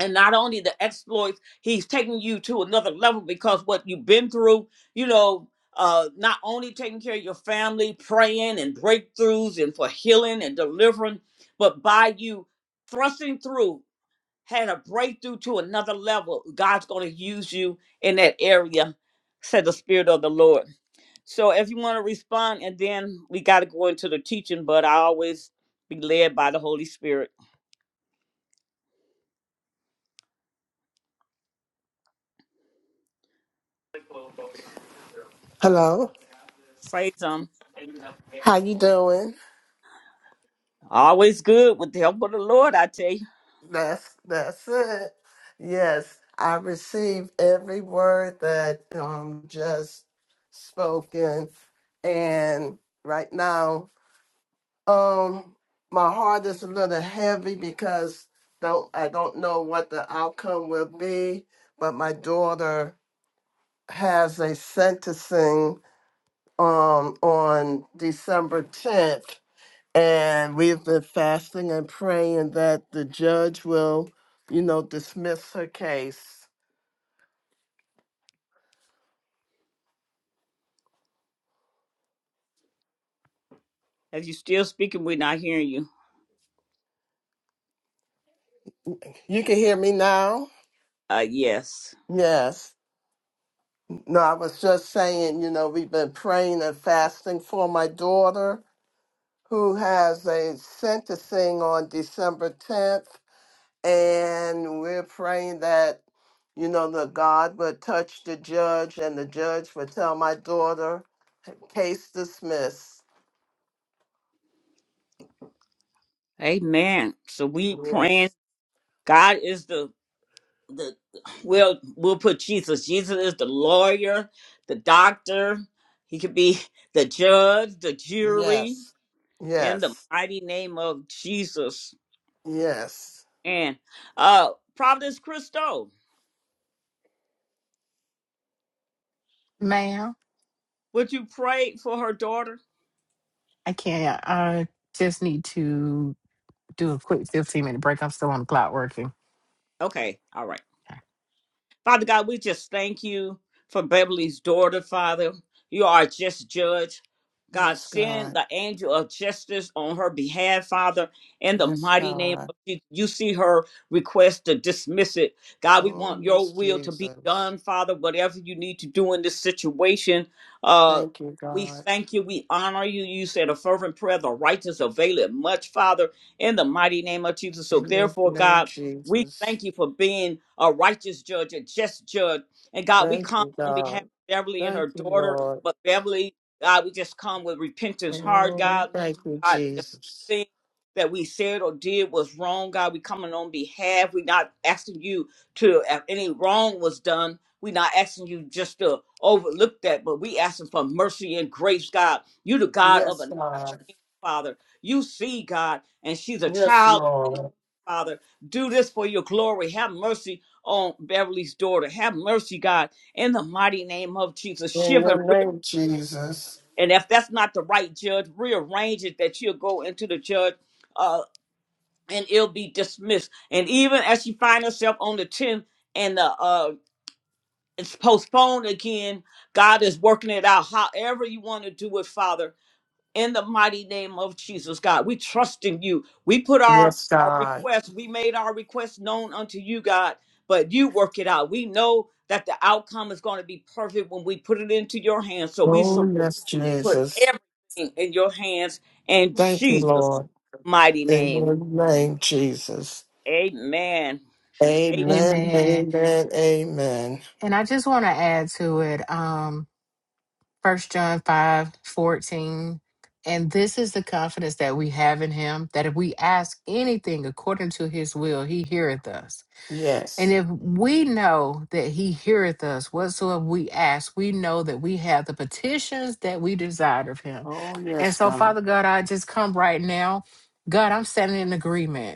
And not only the exploits, he's taking you to another level because what you've been through, you know, uh, not only taking care of your family, praying and breakthroughs and for healing and delivering, but by you thrusting through, had a breakthrough to another level. God's going to use you in that area, said the Spirit of the Lord. So if you want to respond, and then we got to go into the teaching, but I always be led by the Holy Spirit.
Hello.
Praise Him.
How you doing?
Always good with the help of the Lord, I tell you.
That's that's it. Yes, I received every word that um just spoken and right now um my heart is a little heavy because don't I don't know what the outcome will be, but my daughter has a sentencing um on December 10th And we've been fasting and praying that the judge will, you know, dismiss her case.
If you still speaking, we're not hearing you.
You can hear me now?
Uh, yes.
Yes. No, I was just saying, you know, we've been praying and fasting for my daughter who has a sentencing on December 10th. And we're praying that, you know, that God would touch the judge and the judge would tell my daughter, case dismissed.
Amen. So we
Yes.
praying. God is the the we'll we'll put Jesus. Jesus is the lawyer, the doctor. He could be the judge, the jury,
Yes.
in the
Yes.
mighty name of Jesus.
Yes.
And uh Providence Christo,
ma'am.
would you pray for her daughter?
I can't. I just need to do a quick fifteen minute break. I'm still on the clock working.
Okay, all right.
Okay.
Father God, we just thank you for Beverly's daughter, Father. You are a just judge. God,
Yes,
send
God.
the angel of justice on her behalf, Father, in the
Yes,
mighty name
God.
of Jesus. You see her request to dismiss it. God, we
Oh,
want your
yes,
will to be
Jesus.
done, Father, whatever you need to do in this situation. Uh,
Thank you,
we
God.
thank you. We honor you. You said a fervent prayer, the righteous avail it much, Father, in the mighty name of Jesus. So,
In your
therefore,
name,
God, we
Jesus.
thank you for being a righteous judge, a just judge. And God, we
Thank
come
you,
on behalf
God.
of Beverly and her
Thank you,
daughter,
Lord.
but Beverly, God, we just come with repentance heart,
Oh,
God.
thank you,
God,
Jesus.
thing that we said or did was wrong, God. We coming on behalf. We're not asking you to if any wrong was done. We're not asking you just to overlook that, but we asking for mercy and grace, God. You the God of
Yes,
another
God.
chance, Father. You see, God, and she's a
Yes,
child
Lord.
Father. Do this for your glory. Have mercy on Beverly's daughter. Have mercy, God, in the mighty name of Jesus.
In
Shiver, and
your
re-
name, Jesus.
and if that's not the right judge, rearrange it that you'll go into the judge. uh, and it'll be dismissed. And even as she finds herself on the 10th and the uh it's postponed again, God is working it out however you want to do it, Father. In the mighty name of Jesus, God, we trust in you. We put our,
Yes,
our
God.
request, we made our request known unto you, God, but you work it out. We know that the outcome is going to be perfect when we put it into your hands. So we
Oh,
sur-
yes,
put
Jesus.
everything in your hands in
Thank you,
Jesus'
Lord.
mighty
In
name.
your name, Jesus.
Amen.
Amen.
Amen.
Amen. Amen.
And I just want to add to it, um, first John five fourteen, And this is the confidence that we have in him, that if we ask anything according to his will, he heareth us. And
Yes.
if we know that he heareth us whatsoever we ask, we know that we have the petitions that we desired of him.
Oh,
And
yes,
so,
God.
Father God, I just come right now. God, I'm standing in agreement.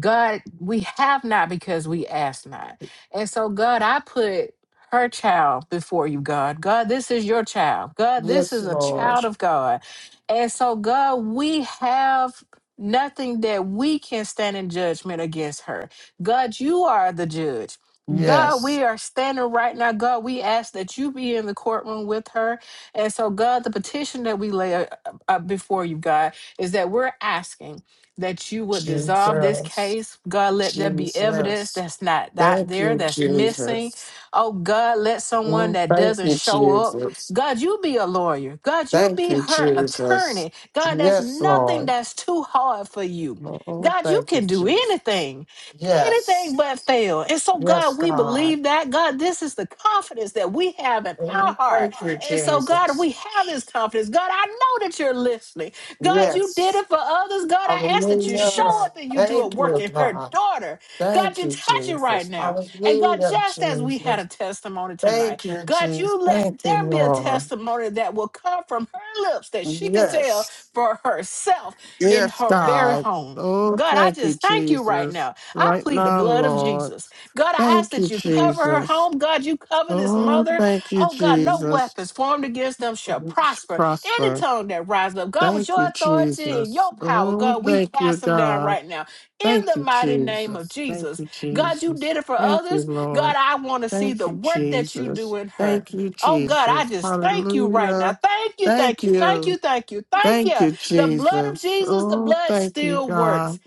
God, we have not because we ask not. And so, God, I put her child before you, God. God, this is your child. God, this
Yes,
is a
Lord.
child of God. And so, God, we have nothing that we can stand in judgment against her. God, you are the judge. God,
Yes.
we are standing right now. God, we ask that you be in the courtroom with her. And so, God, the petition that we lay uh, uh, before you, God, is that we're asking that you would dissolve this
Jesus.
case. God, let there be evidence
Jesus.
that's not out
Thank
there,
you,
that's missing.
Jesus.
Oh, God, let someone
Mm,
that
Thank
doesn't
you,
show up.
Jesus.
God, you be a lawyer. God, you
Thank
be
you,
her
Jesus.
attorney. God, there's
Yes,
nothing
Lord.
that's too hard for you.
Oh,
God, you
thank you,
can do
Jesus.
anything,
Yes.
anything but fail. And so,
Yes,
God, we
God.
believe that. God, this is the confidence that we have in our
Mm,
heart.
Thank you,
And so, God,
Jesus.
we have this confidence. God, I know that you're listening. God, you
Yes.
did it for others. God, I ask that you
Hallelujah.
show up and you do a
Thank
work
you,
in her
God.
daughter. God,
Thank
you
you,
touch it right
Jesus.
now. And God,
Hallelujah,
just as we had
Jesus.
a testimony tonight,
Thank you,
God,
Jesus.
you
Thank
let
you,
there be a
Lord.
testimony that will come from her lips that she can tell
Yes.
for herself in
Yes,
her very
God.
home.
Oh,
God, I
thank you,
just thank you right
Jesus.
now. I
Right
plead the
now,
blood of
Lord.
Jesus. God, I ask
Thank you,
that you cover her
Jesus.
home. God, you cover this
Oh,
mother.
thank you,
Oh, God, no
Jesus.
weapons formed against them shall prosper. Any
Prosper.
tongue that rises up, God, with
Thank
your
you,
authority and
Jesus.
your power,
Oh,
God, we
thank you,
cast them down
God.
right now in
Thank
the
you,
mighty name of
Jesus. Thank
Jesus.
you,
God, you
Jesus.
did it for
Thank you,
others.
Lord.
God, I want to see
Thank
the
you,
work that you do
Jesus.
in her.
Thank you,
Oh God, I
Jesus.
just thank you right now.
Hallelujah.
Thank you,
Thank
thank you, thank
you.
you, thank you, thank
Thank
you.
you,
The blood of
Jesus.
Jesus, the
Oh,
blood
thank you,
still works.
God.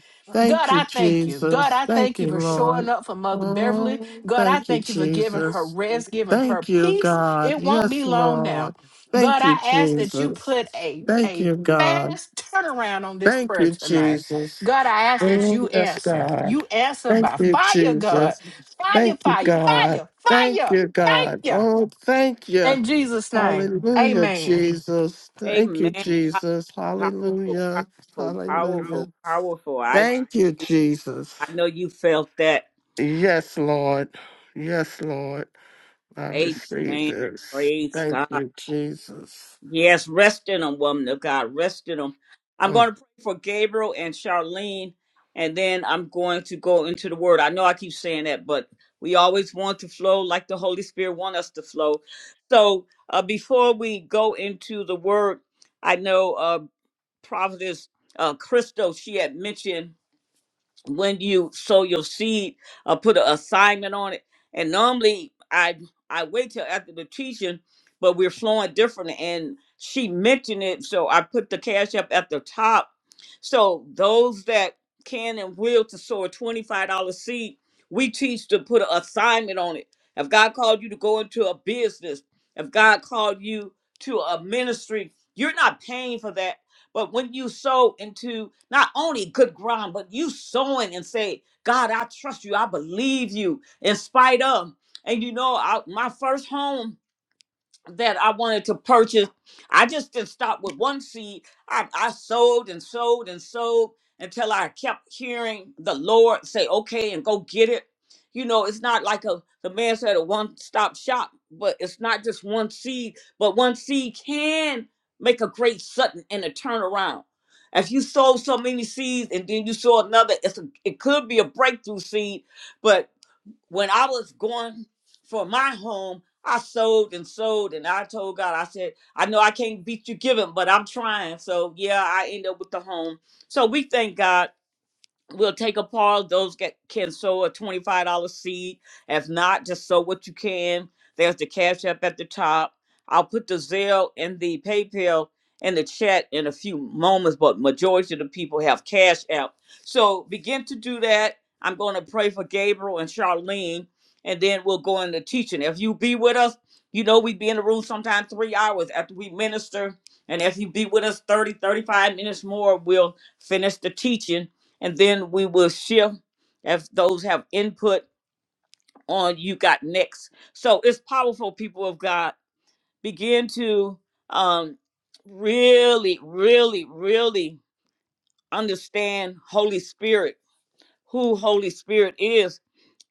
God,
Thank you,
I thank you. God,
Jesus.
I
Thank
thank you
you,
for
Lord.
showing up for Mother Beverly.
Oh,
God, I
thank you,
thank you for giving her
Jesus.
rest, giving her
Thank you,
peace.
God.
It won't be
Yes,
long now.
Lord.
God,
Thank you,
I ask that you
Jesus.
put a
Thank
a
you, God.
fast turnaround on this
Thank
prayer
you,
tonight.
Jesus.
God, I ask that
Oh,
you
yes,
answer.
God.
You answer
Thank
by
you,
fire, God.
Jesus.
Fire,
Thank you,
fire,
God.
fire,
Thank
fire.
you,
Thank
God.
you.
Oh, thank you.
In Jesus' name.
Hallelujah,
Amen.
Jesus. Thank you,
Amen. Pow-
Jesus.
Powerful,
Hallelujah.
powerful,
Hallelujah.
powerful, powerful. I tell
Thank you,
you,
Jesus.
I know you felt that.
Yes, Lord. Yes, Lord. I receive
Amen.
this.
Praise
Thank
God.
you, Jesus.
Yes, rest in them, woman of God. Rest in them. I'm
Mm.
going to pray for Gabriel and Charlene, and then I'm going to go into the word. I know I keep saying that, but we always want to flow like the Holy Spirit want us to flow. So uh, before we go into the word, I know uh, Providence uh, Crystal, she had mentioned when you sow your seed or put an assignment on it. And normally I I wait till after the teaching, but we're flowing different. And she mentioned it, so I put the cash up at the top. So those that can and will to sow a twenty-five dollar seed, we teach to put an assignment on it. If God called you to go into a business, if God called you to a ministry, you're not paying for that but when you sow into not only good ground, but you sowing and say, God, I trust you. I believe you in spite of. And you know, I, my first home that I wanted to purchase. I just didn't stop with one seed. I, I sold and sold and sold until I kept hearing the Lord say, okay, and go get it. You know, it's not like a the man said a one-stop shop, but it's not just one seed, but one seed can make a great sudden and a turnaround. If you sow so many seeds and then you sow another, it's a, it could be a breakthrough seed, but when I was going for my home, I sold and sold, and I told God, I said, I know I can't beat you giving, but I'm trying. So yeah, I end up with the home. So we thank God We'll take a pause. Those that can sow a $25 seed. If not, just sow what you can. There's the Cash App at the top. I'll put the Zelle and the PayPal in the chat in a few moments, but majority of the people have Cash App. So begin to do that. I'm going to pray for Gabriel and Charlene, and then we'll go into teaching. If you be with us, you know we be in the room sometimes three hours after we minister. And if you be with us 30, 35 minutes more, we'll finish the teaching and then we will shift if those have input on you got next so it's powerful people of god begin to um really really really understand holy spirit who holy spirit is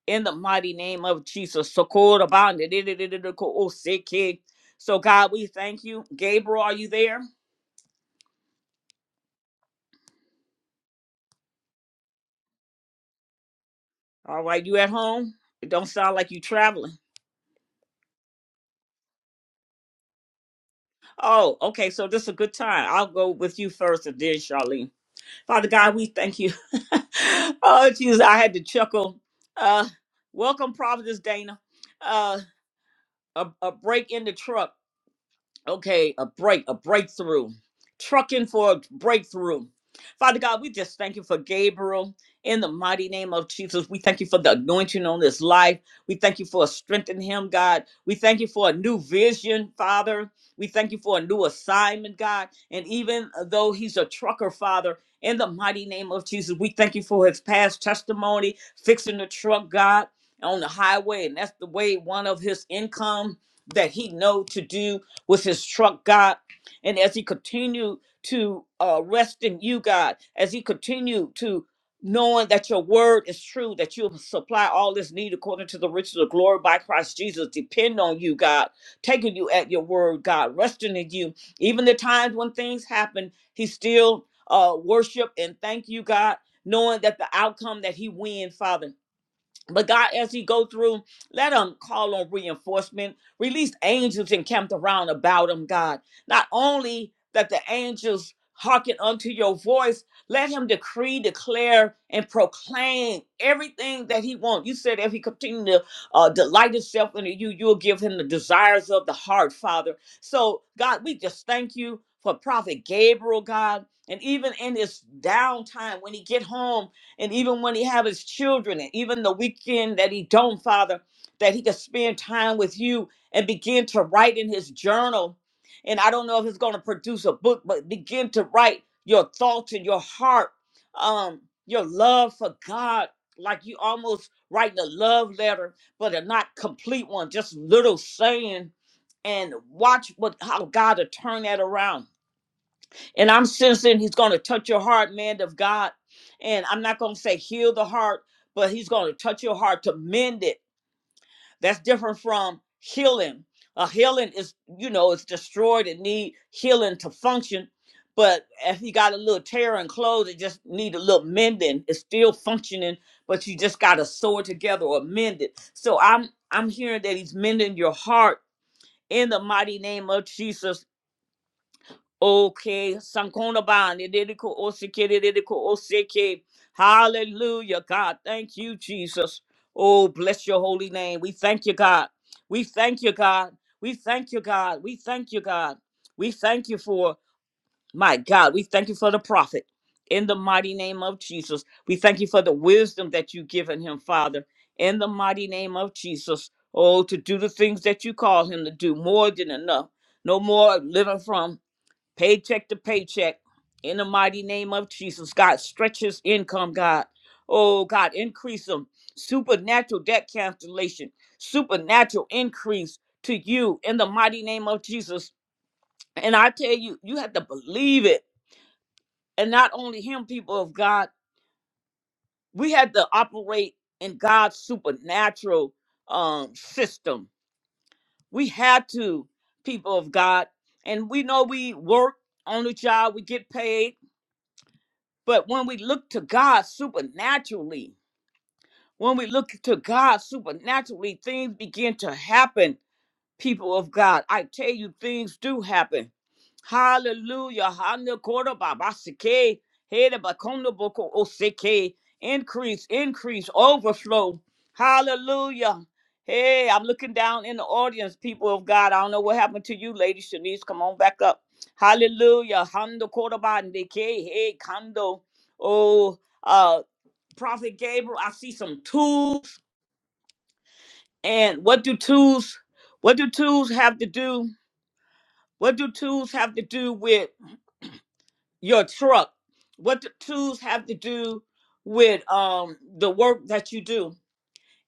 in the mighty name of jesus Sokorabande. so god we thank you gabriel are you there all right you at home it don't sound like you traveling Oh, okay. So this is a good time. I'll go with you first and then Charlene. Father God, we thank you. <laughs> oh, Jesus, I had to chuckle. Uh, welcome, Providence Dana. Uh, a, a break in the truck okay, a break, a breakthrough, trucking for a breakthrough. Father God, we just thank you for Gabriel. In the mighty name of Jesus, we thank you for the anointing on his life. We thank you for strengthening him, God. We thank you for a new vision, Father. We thank you for a new assignment, God. And even though he's a trucker, Father, in the mighty name of Jesus, we thank you for his past testimony, fixing the truck, God, on the highway. And that's the way one of his income that he know to do was his truck, God. And as he continued to uh, rest in you, God, as he continued to knowing that your word is true, that you supply all this need according to the riches of glory by Christ Jesus, depend on you, God, taking you at your word, God, resting in you. Even the times when things happen, he still uh, worship and thank you, God, knowing that the outcome that he win, Father. But God, as he go through, let him call on reinforcement. Release angels encamped around about him, God. Not only that the angels hearken unto your voice, let him decree, declare, and proclaim everything that he wants. You said if he continue to uh, delight himself in you, you'll give him the desires of the heart, Father. So, God, we just thank you for Prophet Gabriel, God. And even in this downtime, when he get home, and even when he have his children and even the weekend that he don't father that he could spend time with you and begin to write in his journal and i don't know if it's going to produce a book but begin to write your thoughts and your heart um your love for god like you almost writing a love letter but a not complete one just little saying and watch what how god will turn that around and I'm sensing he's going to touch your heart, man of God. And I'm not going to say heal the heart, but he's going to touch your heart to mend it. That's different from healing. A healing is, you know, it's destroyed. and need healing to function. But if you got a little tear in clothes, it just need a little mending. It's still functioning, but you just got to sew it together or mend it. So I'm I'm hearing that he's mending your heart in the mighty name of Jesus Okay, Sankona Bond, Dedeko Oseke, Dedeko Oseke. Hallelujah, God. Thank you, Jesus. Oh, bless your holy name. We thank you, God. We thank you, God. We thank you, God. We thank you, God. We thank you for, my God, we thank you for the prophet. In the mighty name of Jesus, we thank you for the wisdom that you've given him, Father. In the mighty name of Jesus, oh, to do the things that you call him to do, more than enough. No more living from paycheck to paycheck. In the mighty name of Jesus, God, stretch his income, God. Oh, God, increase him. Supernatural debt cancellation, supernatural increase to you in the mighty name of Jesus. And I tell you, you have to believe it. And not only him, people of God, we had to operate in God's supernatural um, system. We had to, people of God. And we know we work on the job, we get paid But when we look to God supernaturally, when we look to God supernaturally, things begin to happen people of God. I tell you, things do happen. Hallelujah. Hana kora ba ba seke, hera boko o Increase, increase, overflow. Hallelujah. Hey, I'm looking down in the audience, people of God. I don't know what happened to you, Lady Shanice. Come on back up. Hallelujah. Hando kora ba Hey, kando. Oh, uh, Prophet Gabriel, I see some tools. And what do tools, what do tools have to do? What do tools have to do with your truck? What do tools have to do with um the work that you do?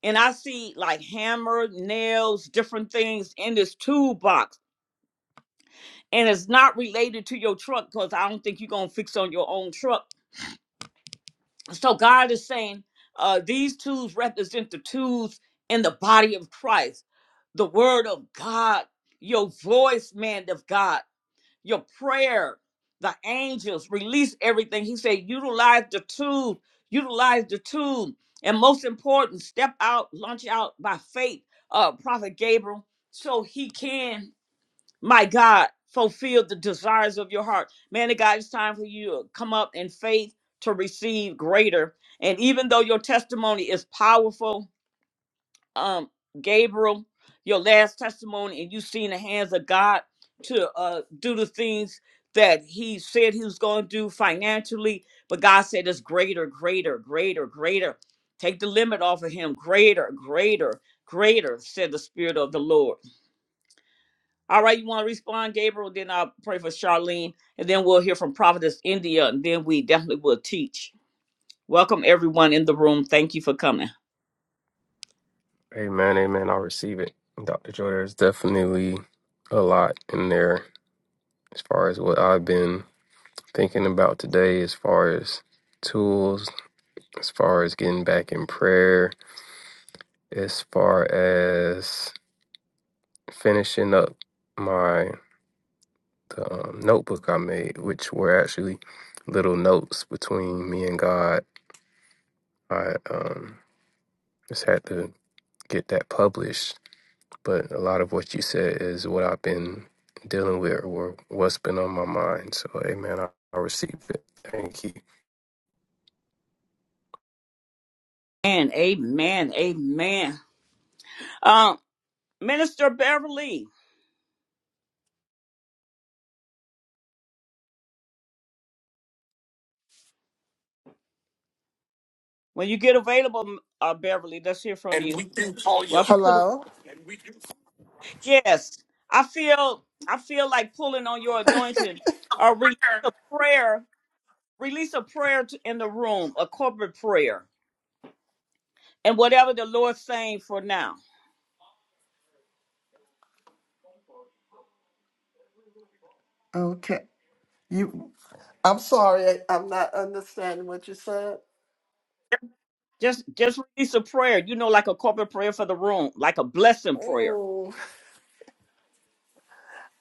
And I see like hammer, nails, different things in this toolbox. And it's not related to your truck because I don't think you're gonna fix on your own truck. So God is saying, uh, these tools represent the tools in the body of Christ, the word of God, your voice, man of God. your prayer, the angels, release everything. He said, utilize the tool, utilize the tool. And most important, step out, launch out by faith, uh, Prophet Gabriel, so he can, my God, fulfill the desires of your heart. Man of God, it's time for you to come up in faith to receive greater. And even though your testimony is powerful, um Gabriel your last testimony and you seen the hands of God to uh do the things that he said he was going to do financially but God said it's greater greater greater greater take the limit off of him greater greater greater said the spirit of the Lord all right you want to respond Gabriel then I'll pray for Charlene and then we'll hear from Providence India and then we definitely will teach welcome everyone in the room thank you for coming
Amen. Amen. I'll receive it. Dr. Joy, there's definitely a lot in there as far as what I've been thinking about today, as far as tools, as far as getting back in prayer, as far as finishing up my the um, notebook I made, which were actually little notes between me and God. I um, just had to get that published. But a lot of what you said is what I've been dealing with or what's been on my mind. So, amen. I, I received it. Thank you.
Amen, amen, amen. Um, Minister Beverly, when you get available, uh, Beverly, let's hear from
And
you.
we can call you.
Welcome to the.
Hello?
Yes, I feel I feel like pulling on your anointing. Uh, release a prayer, release a prayer to, in the room, a corporate prayer, and whatever the Lord's saying for now.
Okay. You. I'm sorry. I, I'm not understanding what you said.
Just just release a prayer. You know, like a corporate prayer for the room, like a blessing prayer.
Oh,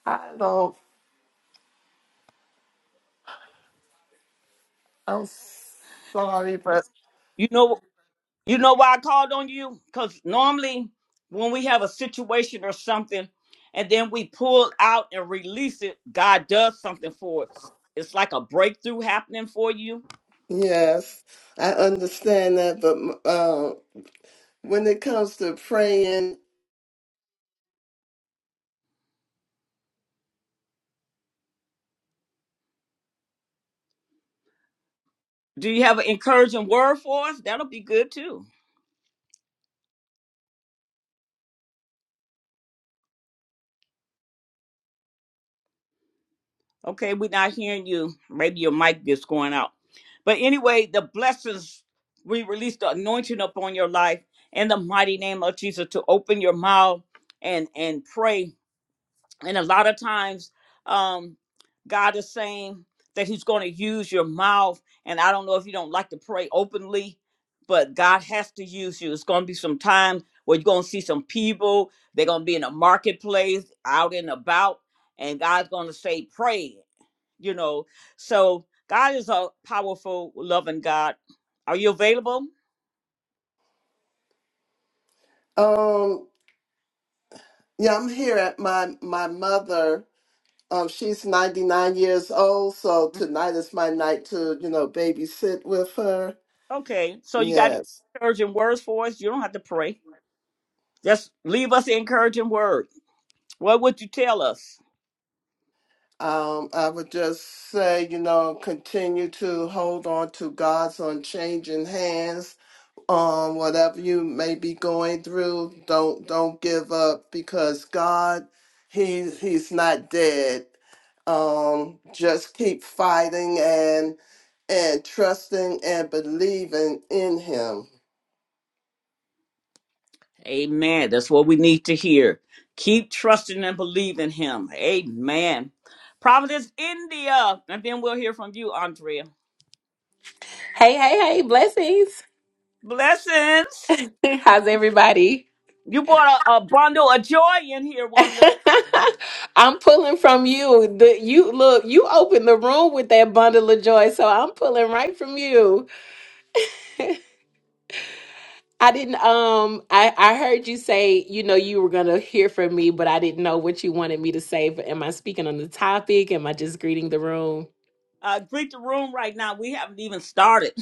I don't. I'm sorry, but
You know You know why I called on you? Because normally when we have a situation or something and then we pull out and release it, God does something for us. It's like a breakthrough happening for you.
yes, I understand that. But uh, when it comes to praying,
Do you have an encouraging word for us? That'll be good too. Okay, we're not hearing you. Maybe your mic is going out. But anyway, the blessings, we release the anointing upon your life in the mighty name of Jesus to open your mouth and and pray and a lot of times, um, God is saying that He's going to use your mouth. And I don't know if you don't like to pray openly, but God has to use you. It's going to be some time where you're going to see some people. They're going to be in a marketplace, out and about, and God's going to say, "Pray." You know. So God is a powerful, loving God. Are you available?
um, yeah, I'm here at my my mother. Um, she's 99 years old, so
Mm,
tonight is my night to you know babysit with her.
Okay. So you got any
Yes.
encouraging words for us? You don't have to pray. Just leave us the encouraging word. What would you tell us?
Um, I would just say, you know, continue to hold on to God's unchanging hands um whatever you may be going through don't don't give up because god he he's not dead um just keep fighting and and trusting and believing in him
Amen. That's what we need to hear. Keep trusting and believing him. Amen. Providence, India. And then we'll hear from you, Andrea.
Hey, hey, hey, blessings.
Blessings.
<laughs> How's everybody?
You brought a, a bundle of joy in here, woman.
<laughs> I'm pulling from you. The, you look, you opened the room with that bundle of joy, so I'm pulling right from you. I didn't um I I heard you say, you know, you were going to hear from me, but I didn't know what you wanted me to say. But am I speaking on the topic? Am I just greeting the room?
Uh, greet the room right now. We haven't even started.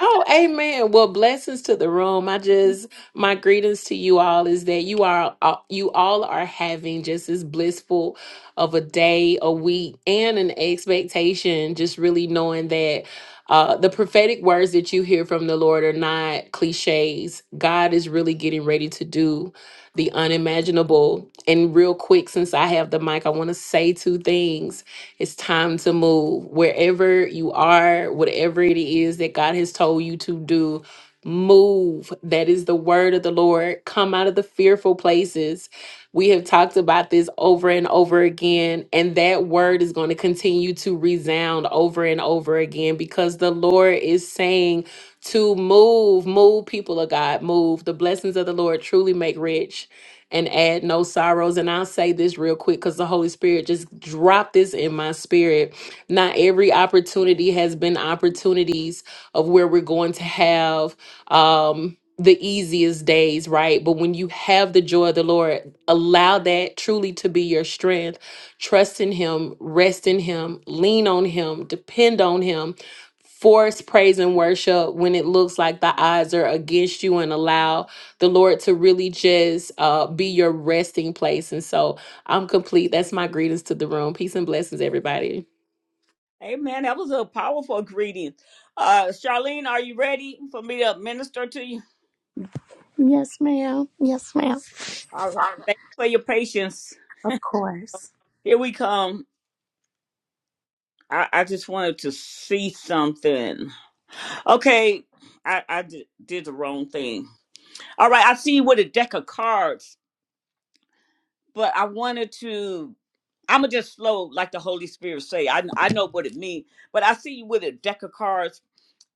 Oh, amen. Well, blessings to the room. I just my greetings to you all is that you are uh, you all are having just as blissful of a day, a week, and an expectation. Just really knowing that uh, the prophetic words that you hear from the Lord are not cliches. God is really getting ready to do the unimaginable. And real quick, since I have the mic, I want to say two things. It's time to move. Wherever you are, whatever it is that God has told you to do, move. That is the word of the Lord. Come out of the fearful places. We have talked about this over and over again, and that word is going to continue to resound over and over again because the Lord is saying, to move, move, people of God, move. The blessings of the Lord truly make rich and add no sorrows. And I'll say this real quick because the Holy Spirit just dropped this in my spirit. Not every opportunity has been opportunities of where we're going to have um the easiest days, right? But when you have the joy of the Lord, allow that truly to be your strength. Trust in Him, rest in Him, lean on Him, depend on Him. Force praise and worship when it looks like the odds are against you and allow the Lord to really just uh, be your resting place. And so I'm complete. That's my greetings to the room. Peace and blessings, everybody.
Amen. That was a powerful greeting. Uh, Charlene, are you ready for me to minister to you?
Yes, ma'am. Yes, ma'am.
All right. Thank you for your patience.
Of course.
Here we come. I, I just wanted to see something. Okay, I, I di- did the wrong thing. All right, I see you with a deck of cards, but I wanted to. I'm gonna just flow like the Holy Spirit say. I I know what it means, but I see you with a deck of cards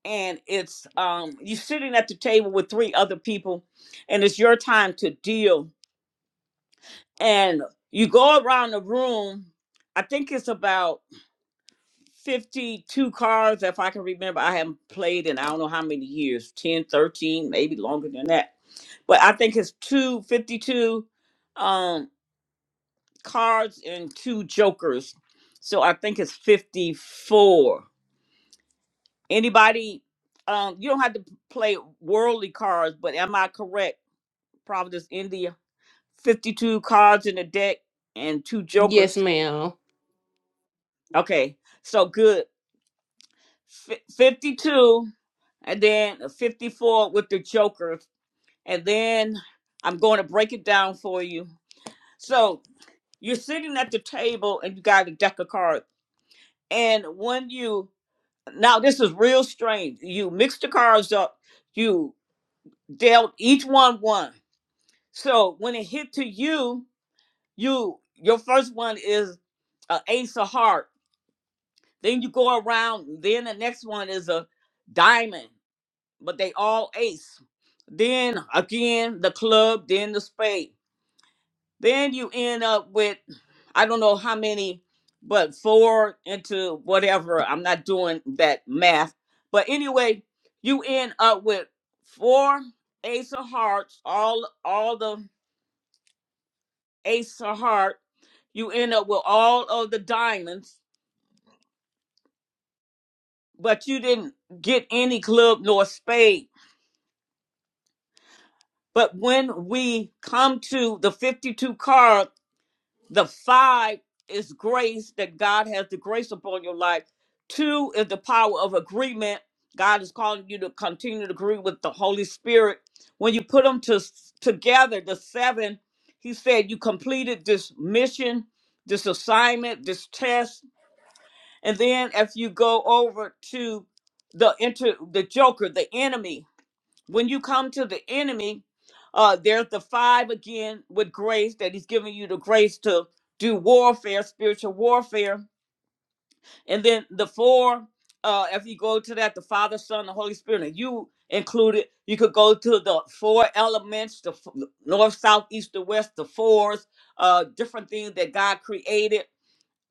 and it's um you're sitting at the table with three other people and it's your time to deal and you go around the room i think it's about 52 cards if i can remember i haven't played in i don't know how many years 10 13 maybe longer than that but i think it's two 52 um cards and two jokers so i think it's 54 anybody um you don't have to play worldly cards but am i correct Providence, India. 52 cards in the deck and two
Yes,
jokers.
ma'am.
Okay, so good. F- 52 and then 54 with the jokers. And then I'm going to break it down for you. So you're sitting at the table and you got a deck of cards. And when you, now this is real strange. You mix the cards up, you dealt each one one. So when it hit to you, you your first one is an ace of hearts Then you go around. Then the next one is a diamond, but they all ace. Then again the club, then the spade. Then you end up with I don't know how many, but four into whatever. I'm not doing that math. But anyway, you end up with four ace of hearts, all all the ace of heart. You end up with all of the diamonds, but you didn't get any club nor spade But when we come to the 52 card, the five is grace that God has the grace upon your life. Two is the power of agreement. God is calling you to continue to agree with the Holy Spirit. When you put them to, together, the seven, he said, You completed this mission, this assignment, this test. And then if you go over to the inter the joker, the enemy, when you come to the enemy, uh, there's the five again with grace that he's giving you the grace to do warfare, spiritual warfare. And then the four, uh, if you go to that, the Father, Son, the Holy Spirit, and you included, you could go to the four elements, the f- north, south, east, the west, the fours, uh, different things that God created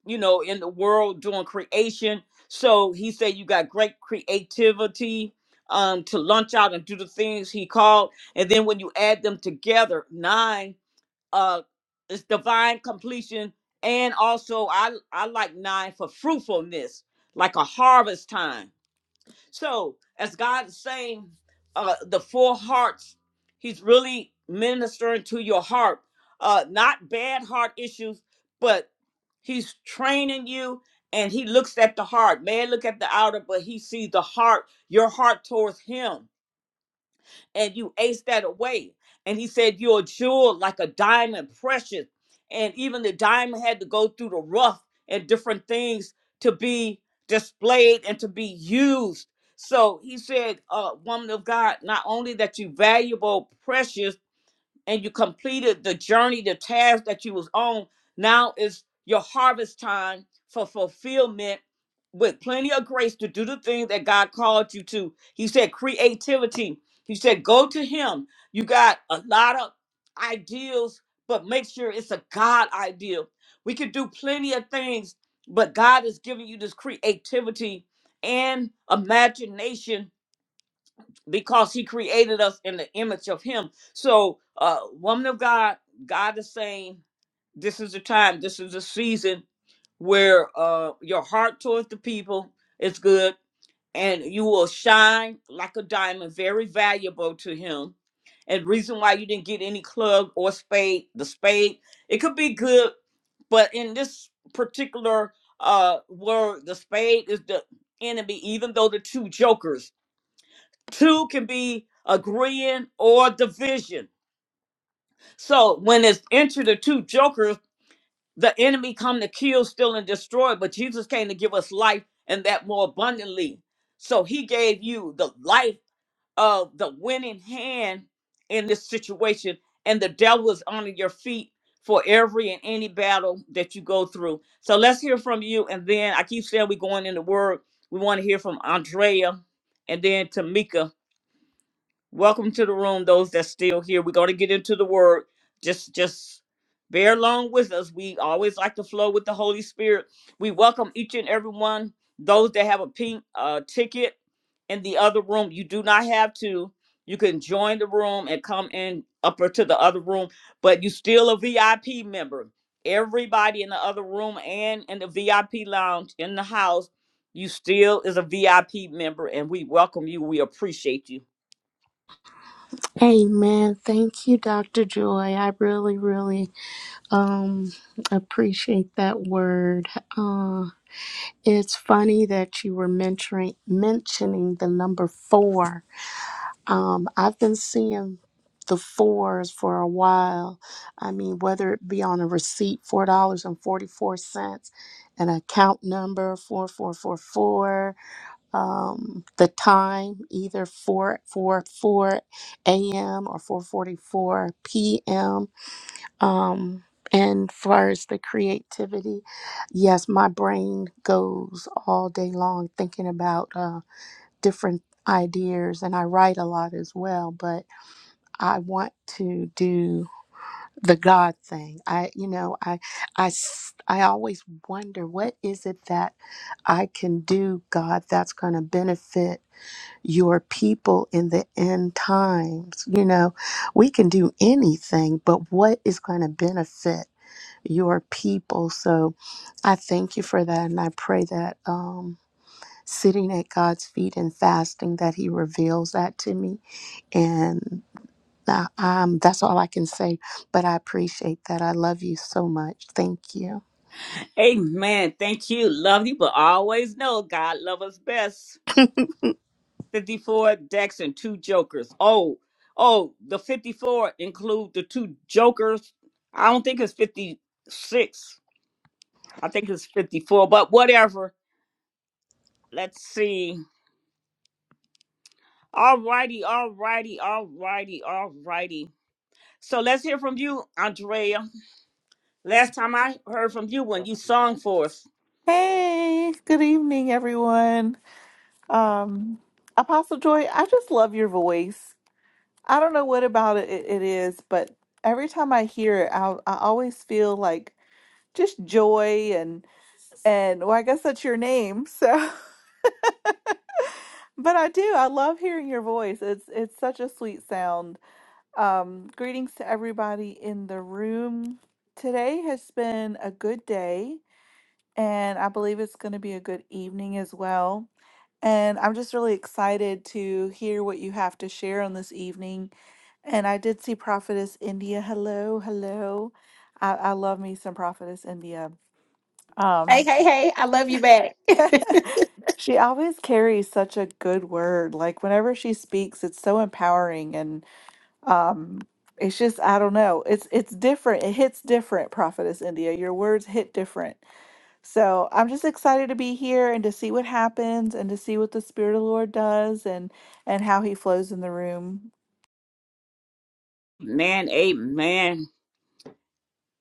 you know, in the world doing creation. So he said, You got great creativity um, to launch out and do the things he called. And then when you add them together, nine uh, is divine completion. And also, I, I like nine for fruitfulness, like a harvest time so, as God is saying, uh, the four hearts, He's really ministering to your heart. Uh, not bad heart issues, but He's training you and He looks at the heart. Man, look at the outer, but He sees the heart, your heart towards Him and you ace that away. And he said, You're a jewel like a diamond, precious. And even the diamond had to go through the rough and different things to be displayed and to be used. So he said, uh, Woman of God, not only that you valuable, precious, and you completed the journey, the task that you was on. Now is your harvest time for fulfillment with plenty of grace to do the things that God called you to. He said creativity. He said go to him. You got a lot of ideals, but make sure it's a God ideal. We could do plenty of things, but God is giving you this creativity and imagination because he created us in the image of him. So, uh, woman of God, God is saying, this is the time, this is the season where uh, your heart towards the people is good and you will shine like a diamond, very valuable to him. And reason why you didn't get any club or spade, the spade, it could be good, but in this particular uh word, the spade is the enemy, even though the two jokers Two can be agreeing or division. So when it's entered the two jokers, the enemy come to kill, steal, and destroy. But Jesus came to give us life and that more abundantly. So he gave you the life of the winning hand in this situation, and the devil is under your feet for every and any battle that you go through. So let's hear from you. And then I keep saying we're going in the word. We want to hear from Andrea and then Tamika. Welcome to the room, those that's still here. We're going to get into the word. Just, just bear along with us. We always like to flow with the Holy Spirit. We welcome each and every one. Those that have a pink uh, ticket in the other room, you do not have to. You can join the room and come in upper to the other room, but you still a VIP member. Everybody in the other room and in the VIP lounge in the house, you still is a VIP member, and we welcome you. We appreciate you.
Amen. Thank you, Dr. Joy. I really, really um appreciate that word. Uh it's funny that you were mentoring mentioning the number four Um, I've been seeing the fours for a while. I mean, whether it be on a receipt, four dollars and forty four cents, an account number four four four four, um, the time either four four four a.m. or four forty four p.m. Um, and far as the creativity, yes, my brain goes all day long thinking about uh, different ideas, and I write a lot as well, but I want to do the God thing. I, you know, I, I, s- I always wonder what is it that I can do, God, that's going to benefit your people in the end times. You know, we can do anything, but what is going to benefit your people? So I thank you for that. And I pray that, um, sitting at God's feet and fasting, that He reveals that to me and. Now, um, that's all I can say, but I appreciate that. I love you so much. Thank you.
Amen. Thank you. Love you, but always know God love us best. 54 decks and two jokers. Oh, oh, the 54 include the two jokers. I don't think it's 56. I think it's 54, but whatever. Let's see. All righty, all righty, all righty, all righty. So let's hear from you, Andrea. Last time I heard from you when you sung for us.
Hey, good evening, everyone. Um, Apostle Joy, I just love your voice. I don't know what about it it, it is, but every time I hear it, I, I always feel like just joy and and well, I guess that's your name. So, <laughs> but I do. I love hearing your voice. It's it's such a sweet sound. Um, greetings to everybody in the room. Today has been a good day, and I believe it's going to be a good evening as well. And I'm just really excited to hear what you have to share on this evening. And I did see Prophetess India. Hello, hello. I, I love me some Prophetess India.
Hey,
Um,
hey, hey, I love you back.
<laughs> she always carries such a good word. Like whenever she speaks, it's so empowering and um it's just I don't know. It's it's different. It hits different, Prophetess India. Your words hit different. So I'm just excited to be here and to see what happens and to see what the Spirit of the Lord does and and how He flows in the room.
Man, amen.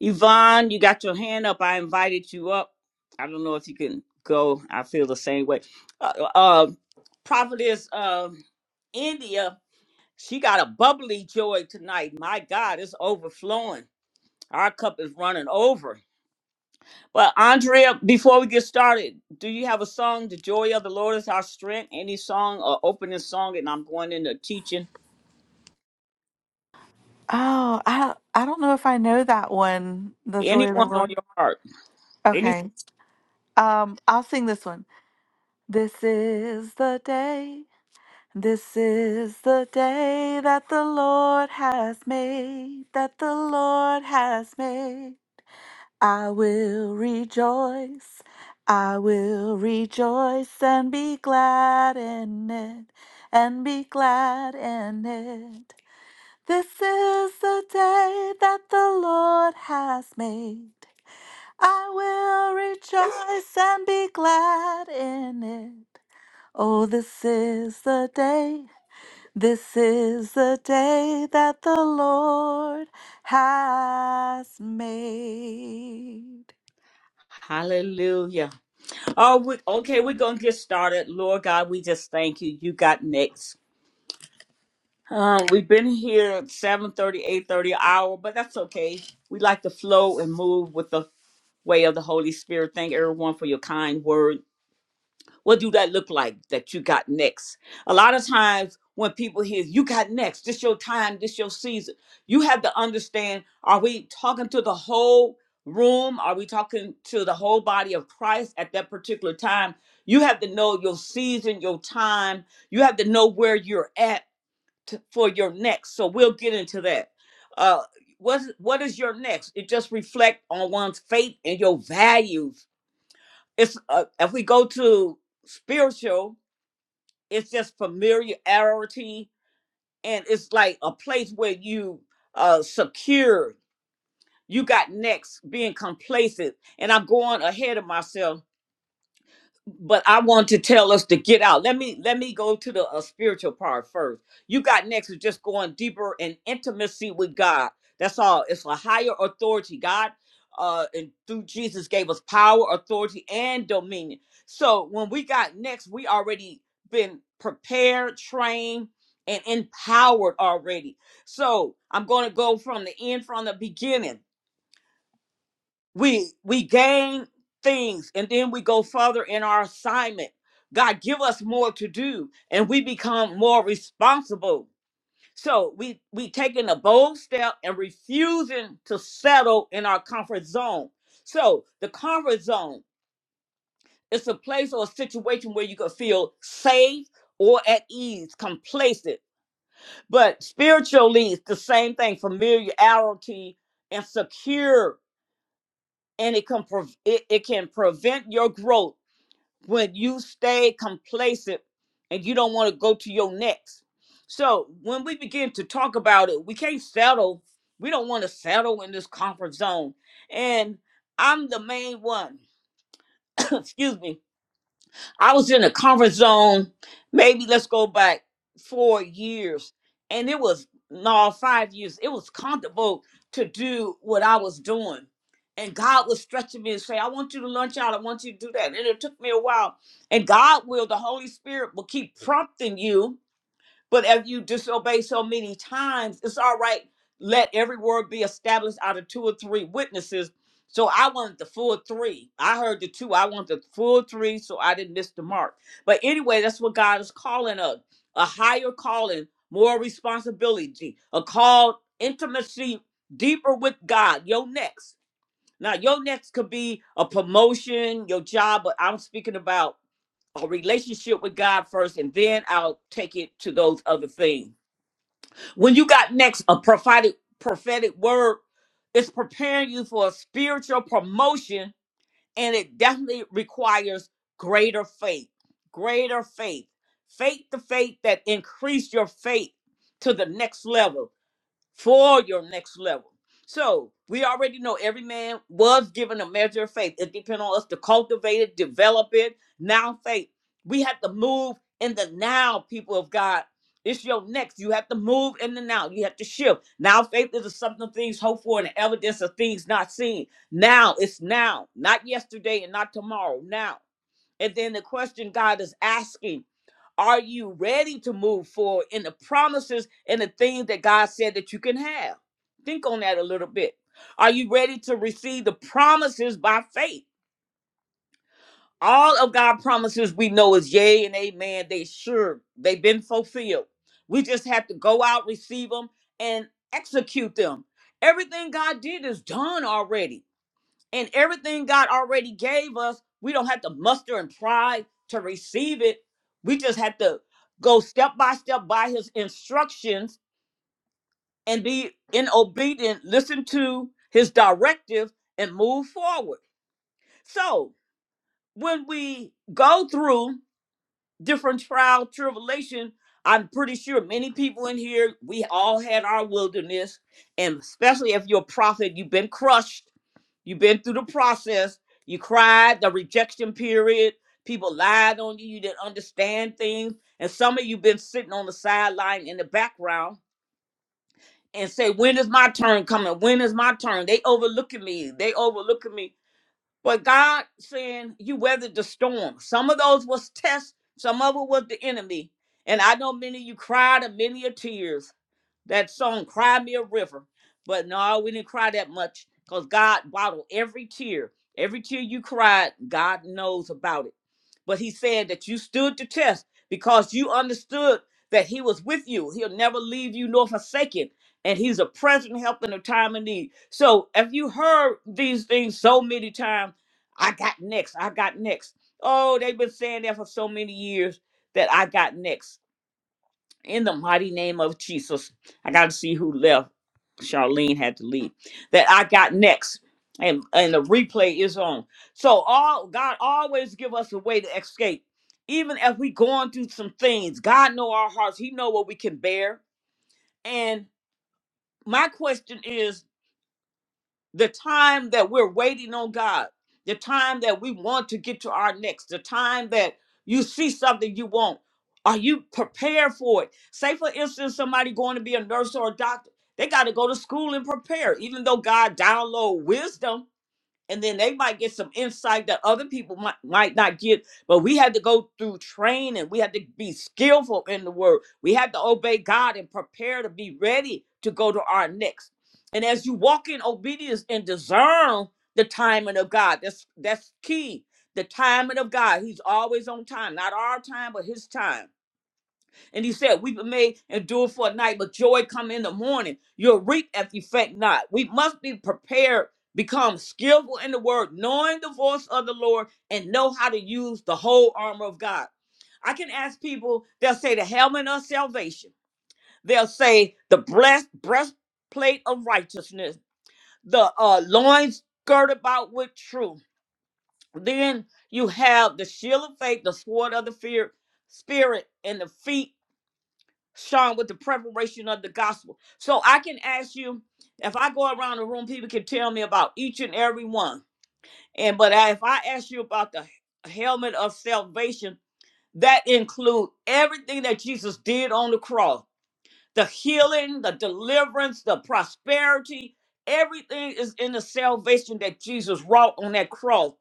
Yvonne, you got your hand up. I invited you up. I don't know if you can go. I feel the same way. Uh, uh uh, prophetess uh, India, she got a bubbly joy tonight. My God, it's overflowing. Our cup is running over. But Andrea, before we get started, do you have a song? The joy of the Lord is our strength. Any song or opening song, and I'm going into teaching.
Oh, I I don't know if I know that one. The joy of the Yeah.
Anyone on
Lord.
your heart? They need
Okay. Um, I'll sing this one. This is the day. This is the day that the Lord has made. That the Lord has made. I will rejoice, I will rejoice and be glad in it, and be glad in it. This is the day that the Lord has made. I will rejoice and be glad in it. Oh, this is the day, this is the day that the Lord has made.
Hallelujah. Oh, we, okay, we're going to get started. Lord God, we just thank you. You got next. Um, we've been here 7.30, 8.30 hour, but that's okay. We like to flow and move with the way of the Holy Spirit. Thank everyone for your kind word. What do that look like that you got next? A lot of times when people hear you got next, this your time, this your season, you have to understand are we talking to the whole room? Are we talking to the whole body of Christ at that particular time? You have to know your season, your time. You have to know where you're at to, for your next. So we'll get into that. Uh, what, what is your next? It just reflect on one's faith and your values it's uh, if we go to spiritual, it's just familiarity, and it's like a place where you uh secure. You got next, being complacent, and I'm going ahead of myself but I want to tell us to get out. Let me let me go to the uh, spiritual part first. You got next is just going deeper in intimacy with God. That's all. It's a higher authority. God uh and through Jesus gave us power, authority, and dominion. So when we got next, we already been prepared, trained, and empowered already. So I'm gonna go from the end from the beginning we we gain things and then we go further in our assignment god give us more to do and we become more responsible so we we taking a bold step and refusing to settle in our comfort zone so the comfort zone is a place or a situation where you can feel safe or at ease complacent but spiritually it's the same thing familiarity and secure and it can prov- it, it can prevent your growth when you stay complacent and you don't want to go to your next. So when we begin to talk about it, we can't settle. We don't want to settle in this comfort zone. And I'm the main one. <coughs> Excuse me I was in a comfort zone, maybe let's go back four years. And it was, no, five years. It was comfortable to do what I was doing. And God was stretching me and say, I want you to launch out. I want you to do that. And it took me a while. And God will, the Holy Spirit will keep prompting you but if you disobey so many times, it's all right. Let every word be established out of two or three witnesses. So I wanted the full three. I heard the two. I want the full three, so I didn't miss the mark. But anyway, that's what God is calling us a higher calling, more responsibility, a call, intimacy deeper with God. Your next. Now, your next could be a promotion, your job, but I'm speaking about a relationship with God first, and then I'll take it to those other things. When you got next a prophetic prophetic word, it's preparing you for a spiritual promotion, and it definitely requires greater faith, greater faith, faith the faith that increase your faith to the next level for your next level. So we already know every man was given a measure of faith. It depends on us to cultivate it, develop it. Now faith. We have to move in the now, people of God. It's your next. You have to move in the now. You have to shift. Now faith is the something of things hoped for and the evidence of things not seen. Now it's now, not yesterday and not tomorrow. Now. And then the question God is asking. Are you ready to move forward in the promises and the things that God said that you can have? Think on that a little bit. Are you ready to receive the promises by faith? All of God's promises we know is yea and amen. They sure, they've been fulfilled. We just have to go out, receive them, and execute them. Everything God did is done already and everything God already gave us, we don't have to muster and pride to receive it. We just have to go step by step by his instructions and be in obedient, listen to his directive and move forward. So when we go through different trial tribulation i'm pretty sure many people in here we all had our wilderness and especially if you're a prophet you've been crushed you've been through the process you cried the rejection period people lied on you you didn't understand things and some of you been sitting on the sideline in the background and say when is my turn coming when is my turn they overlooking me they overlooking me but God saying you weathered the storm. Some of those was tests, some of it was the enemy. And I know many of you cried and many a tears that song cry me a river but no we didn't cry that much because god bottled every tear every tear you cried god knows about it but he said that you stood the test because you understood that he was with you he'll never leave you nor forsake you and he's a present help in a time of need so if you heard these things so many times i got next i got next oh they've been saying that for so many years that i got next in the mighty name of Jesus. I got to see who left. Charlene had to leave. That I got next, and and the replay is on. So all God always give us a way to escape, even if we going through some things. God know our hearts. He know what we can bear. And my question is the time that we're waiting on God, the time that we want to get to our next, the time that you see something you want, are you prepared for it? Say, for instance, somebody going to be a nurse or a doctor, they got to go to school and prepare. Even though God download wisdom, and then they might get some insight that other people might might not get but we had to go through training we had to be skillful in the word we had to obey god and prepare to be ready to go to our next and as you walk in obedience and discern the timing of god that's that's key the timing of god he's always on time not our time but his time and he said, Weeping may endure for a night, but joy come in the morning. You'll reap if you faint not. We must be prepared, become skillful in the word, knowing the voice of the Lord, and know how to use the whole armor of God. I can ask people, they'll say the helmet of salvation. They'll say the breast, breastplate of righteousness, the uh, loins girded about with truth. Then you have the shield of faith, the sword of the fear, spirit, and the feet Sean, with the preparation of the gospel. So I can ask you, if I go around the room, people can tell me about each and every one. And but I- if I ask you about the helmet of salvation, that include everything that Jesus did on the cross, the healing, the deliverance, the prosperity. Everything is in the salvation that Jesus wrought on that cross.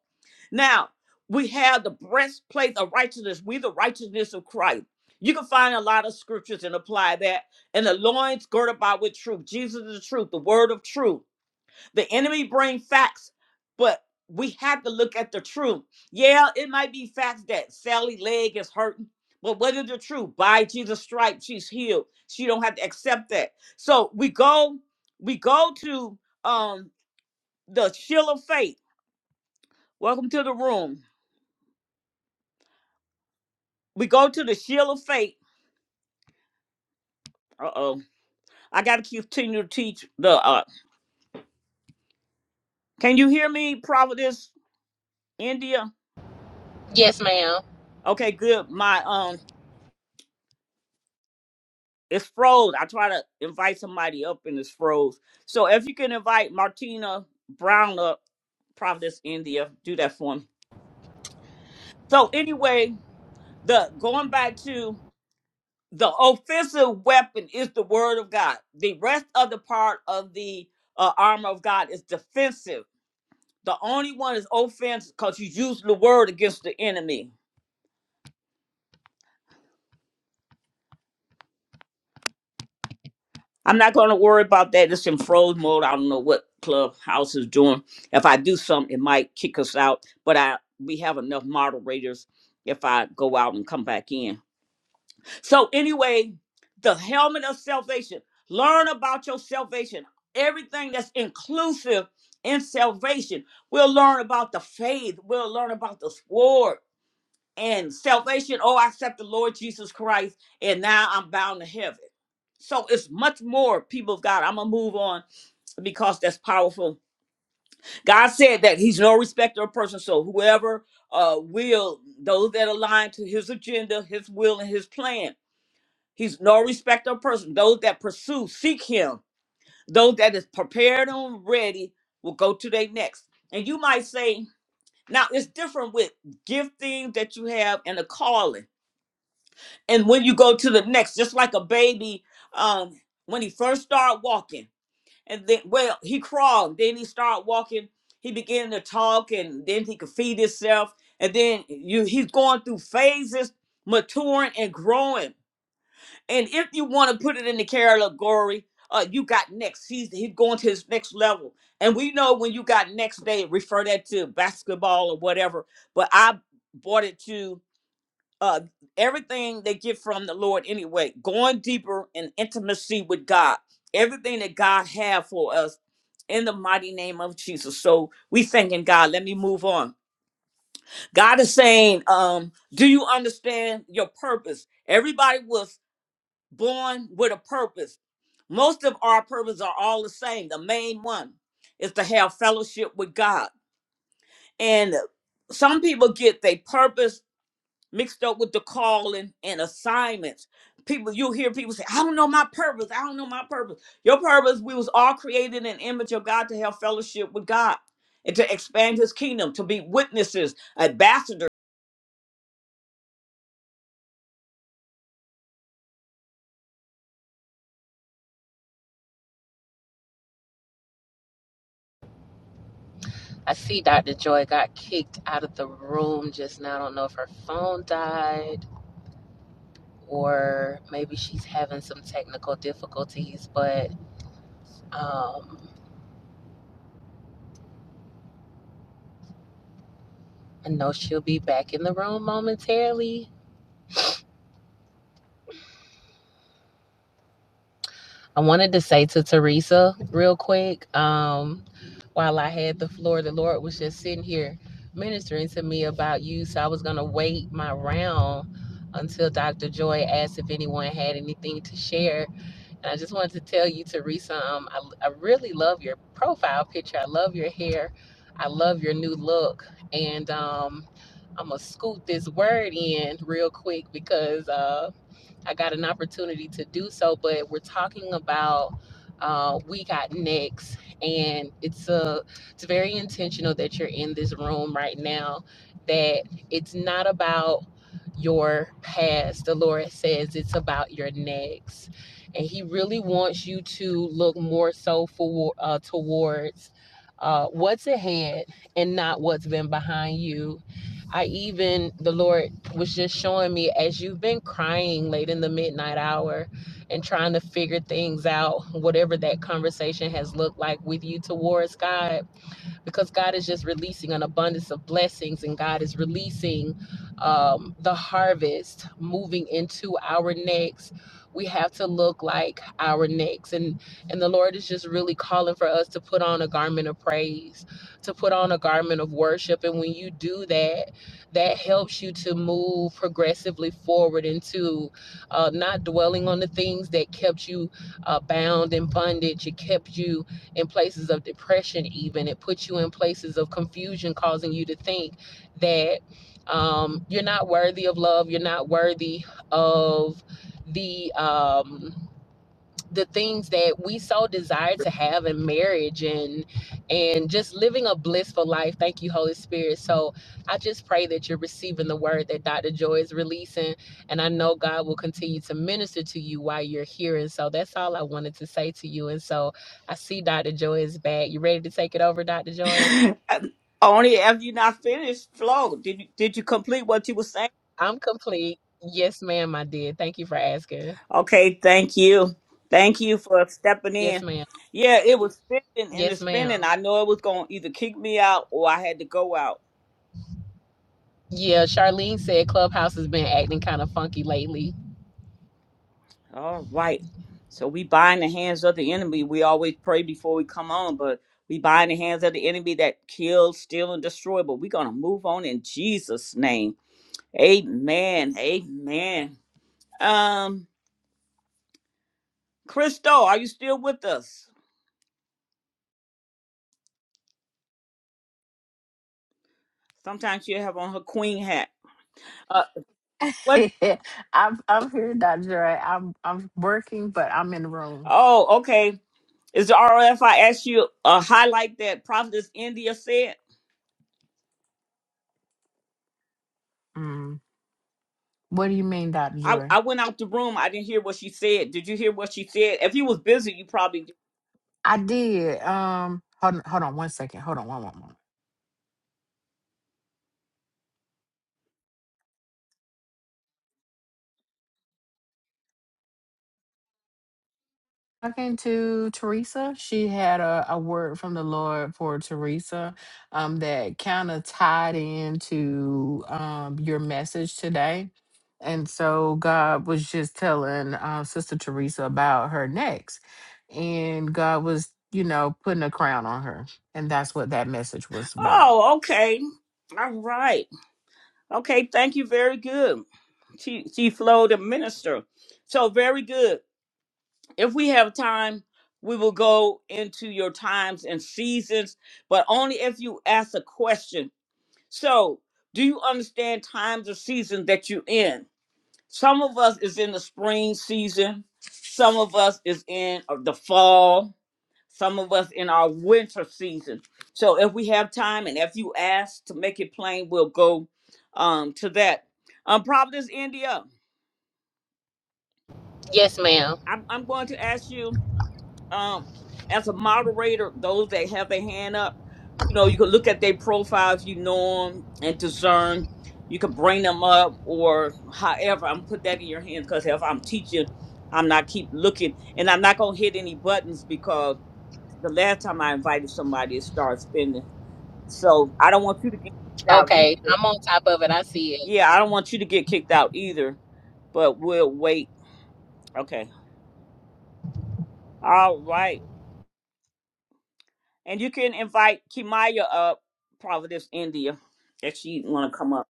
Now, we have the breastplate of righteousness. We the righteousness of Christ. You can find a lot of scriptures and apply that. And the loins girded about with truth. Jesus is the truth, the word of truth. The enemy bring facts, but we have to look at the truth. Yeah, it might be facts that Sally leg is hurting, but what is the truth? By Jesus' stripes, she's healed. She don't have to accept that. So we go, we go to um the shield of faith. Welcome to the room. We go to the shield of faith. Uh oh. I got to continue to teach the. uh Can you hear me, Providence, India? Okay, good. My um, it's froze. I try to invite somebody up and it's froze. So if you can invite Martina Brown up, Providence, India, do that for me. So anyway, the going back to the offensive weapon is the word of God. The rest of the part of the uh, armor of God is defensive The only one is offense because you used the word against the enemy. I'm not going to worry about that. It's in froze mode. I don't know what Clubhouse is doing. If I do something, it might kick us out. But I we have enough moderators if I go out and come back in. So anyway, the helmet of salvation. Learn about your salvation. Everything that's inclusive in salvation. We'll learn about the faith. We'll learn about the sword. and salvation. Oh, I accept the Lord Jesus Christ, and now I'm bound to heaven. So it's much more, people of God. I'm gonna move on because that's powerful. God said that He's no respecter of person. So whoever uh will, those that align to His agenda, His will, and His plan, He's no respecter of person. Those that pursue, seek Him. Those that is prepared and ready will go to their next. And you might say, now it's different with giftings that you have and a calling and when you go to the next just like a baby um when he first started walking and then well he crawled then he started walking he began to talk and then he could feed himself and then you he's going through phases maturing and growing and if you want to put it in the category uh you got next he's he's going to his next level and we know when you got next They refer that to basketball or whatever but i brought it to uh everything they get from the lord anyway going deeper in intimacy with god everything that god had for us in the mighty name of jesus so we thanking god let me move on god is saying um do you understand your purpose everybody was born with a purpose most of our purposes are all the same the main one is to have fellowship with god and some people get their purpose mixed up with the calling and assignments. People, you hear people say, I don't know my purpose. I don't know my purpose. Your purpose, we was all created in the image of God to have fellowship with God and to expand his kingdom, to be witnesses, ambassadors.
I see Dr. Joy got kicked out of the room just now. I don't know if her phone died or maybe she's having some technical difficulties, but um, I know she'll be back in the room momentarily. I wanted to say to Teresa real quick, um, while I had the floor, the Lord was just sitting here ministering to me about you. So I was going to wait my round until Dr. Joy asked if anyone had anything to share. And I just wanted to tell you, Teresa, um, I, I really love your profile picture. I love your hair. I love your new look. And um, I'm going to scoot this word in real quick because. Uh, I got an opportunity to do so, but we're talking about uh, we got next, and it's a it's very intentional that you're in this room right now. That it's not about your past. The Lord says it's about your next, and He really wants you to look more so for uh, towards. Uh, what's ahead and not what's been behind you. I even the Lord was just showing me as you've been crying late in the midnight hour and trying to figure things out, whatever that conversation has looked like with you towards God because God is just releasing an abundance of blessings and God is releasing um, the harvest moving into our necks. We have to look like our necks, and and the Lord is just really calling for us to put on a garment of praise, to put on a garment of worship, and when you do that, that helps you to move progressively forward into uh, not dwelling on the things that kept you uh, bound in bondage. It kept you in places of depression, even. It puts you in places of confusion, causing you to think that um, you're not worthy of love, you're not worthy of the. Um, the things that we so desire to have in marriage and and just living a blissful life thank you holy spirit so i just pray that you're receiving the word that dr joy is releasing and i know god will continue to minister to you while you're here and so that's all i wanted to say to you and so i see dr joy is back you ready to take it over dr joy
<laughs> Only if you not finished, flow. Did you did you complete what you were saying?
i'm complete yes ma'am i did thank you for asking
Okay, thank you. Thank you for stepping
yes
in.
ma'am
Yeah, it was spinning and the
yes ma'am
spinning. I know it was gonna either kick me out or I had to go out
yeah charlene said clubhouse has been acting kind of funky lately
All right. So we bind the hands of the enemy. We always pray before we come on, but we bind the hands of the enemy that kill, steal, and destroy. But we're gonna move on in Jesus' name. Amen. Amen. Um, Crystal, are you still with us? Sometimes she have on her queen hat. Uh, what?
<laughs> I'm I'm here, Dr. Dre. I'm I'm working, but I'm in the room.
Oh, okay. Is the RF? asked you uh, highlight that prophetess India said.
What do you mean, Dr.
I,
Joy?
I went out the room. I didn't hear what she said. Did you hear what she said? If you was busy, you probably did.
I did. Um, hold, hold on one second. Hold on one one moment. Talking to Teresa, she had a, a word from the Lord for Teresa um, that kind of tied into um, your message today. And so God was just telling uh, Sister Teresa about her next. And God was, you know, putting a crown on her. And that's what that message was about.
Oh, okay. All right. Okay, thank you. Very good. She she flowed a minister. So very good. If we have time, we will go into your times and seasons, but only if you ask a question. So do you understand times or seasons that you're in? Some of us is in the spring season, some of us is in uh, the fall, some of us in our winter season. So if we have time and if you ask to make it plain, we'll go um, to that. Um, Providence, India,
Yes, ma'am.
I'm, I'm going to ask you um, as a moderator, those that have their hand up, you know, you can look at their profiles, you know them and discern. You can bring them up or however. I'm put that in your hands because if I'm teaching, I'm not keep looking and I'm not going to hit any buttons because the last time I invited somebody, it started spinning. So I don't want you to get kicked out
Okay,
either.
I'm on top of it. I see it.
Yeah, I don't want you to get kicked out either, but we'll wait. Okay. All right. And you can invite Kimaya up, Providence, India, if she want to come up.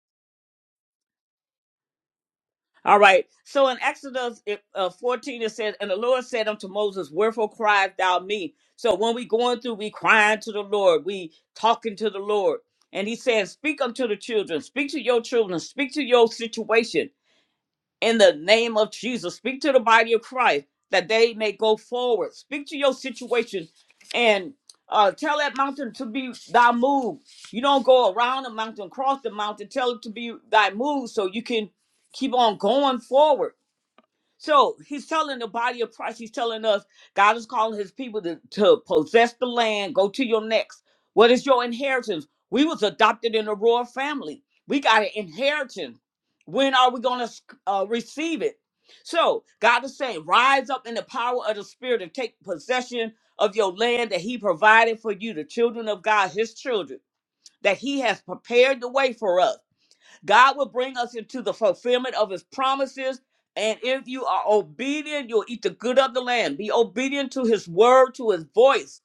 All right. So in Exodus it, uh, 14, it says, And the Lord said unto Moses, Wherefore criest thou me? So when we going through, we crying to the Lord. We talking to the Lord. And he says, Speak unto the children. Speak to your children. Speak to your situation in the name of Jesus. Speak to the body of Christ that they may go forward. Speak to your situation and uh, tell that mountain to be thy move. You don't go around the mountain, cross the mountain, tell it to be thy move so you can keep on going forward. So he's telling the body of Christ, he's telling us God is calling his people to, to possess the land, go to your next. What is your inheritance? We was adopted in a royal family. We got an inheritance. When are we going to uh, receive it? So God is saying, rise up in the power of the spirit and take possession of your land that he provided for you, the children of God, his children, that he has prepared the way for us. God will bring us into the fulfillment of his promises. And if you are obedient, you'll eat the good of the land. Be obedient to his word, to his voice.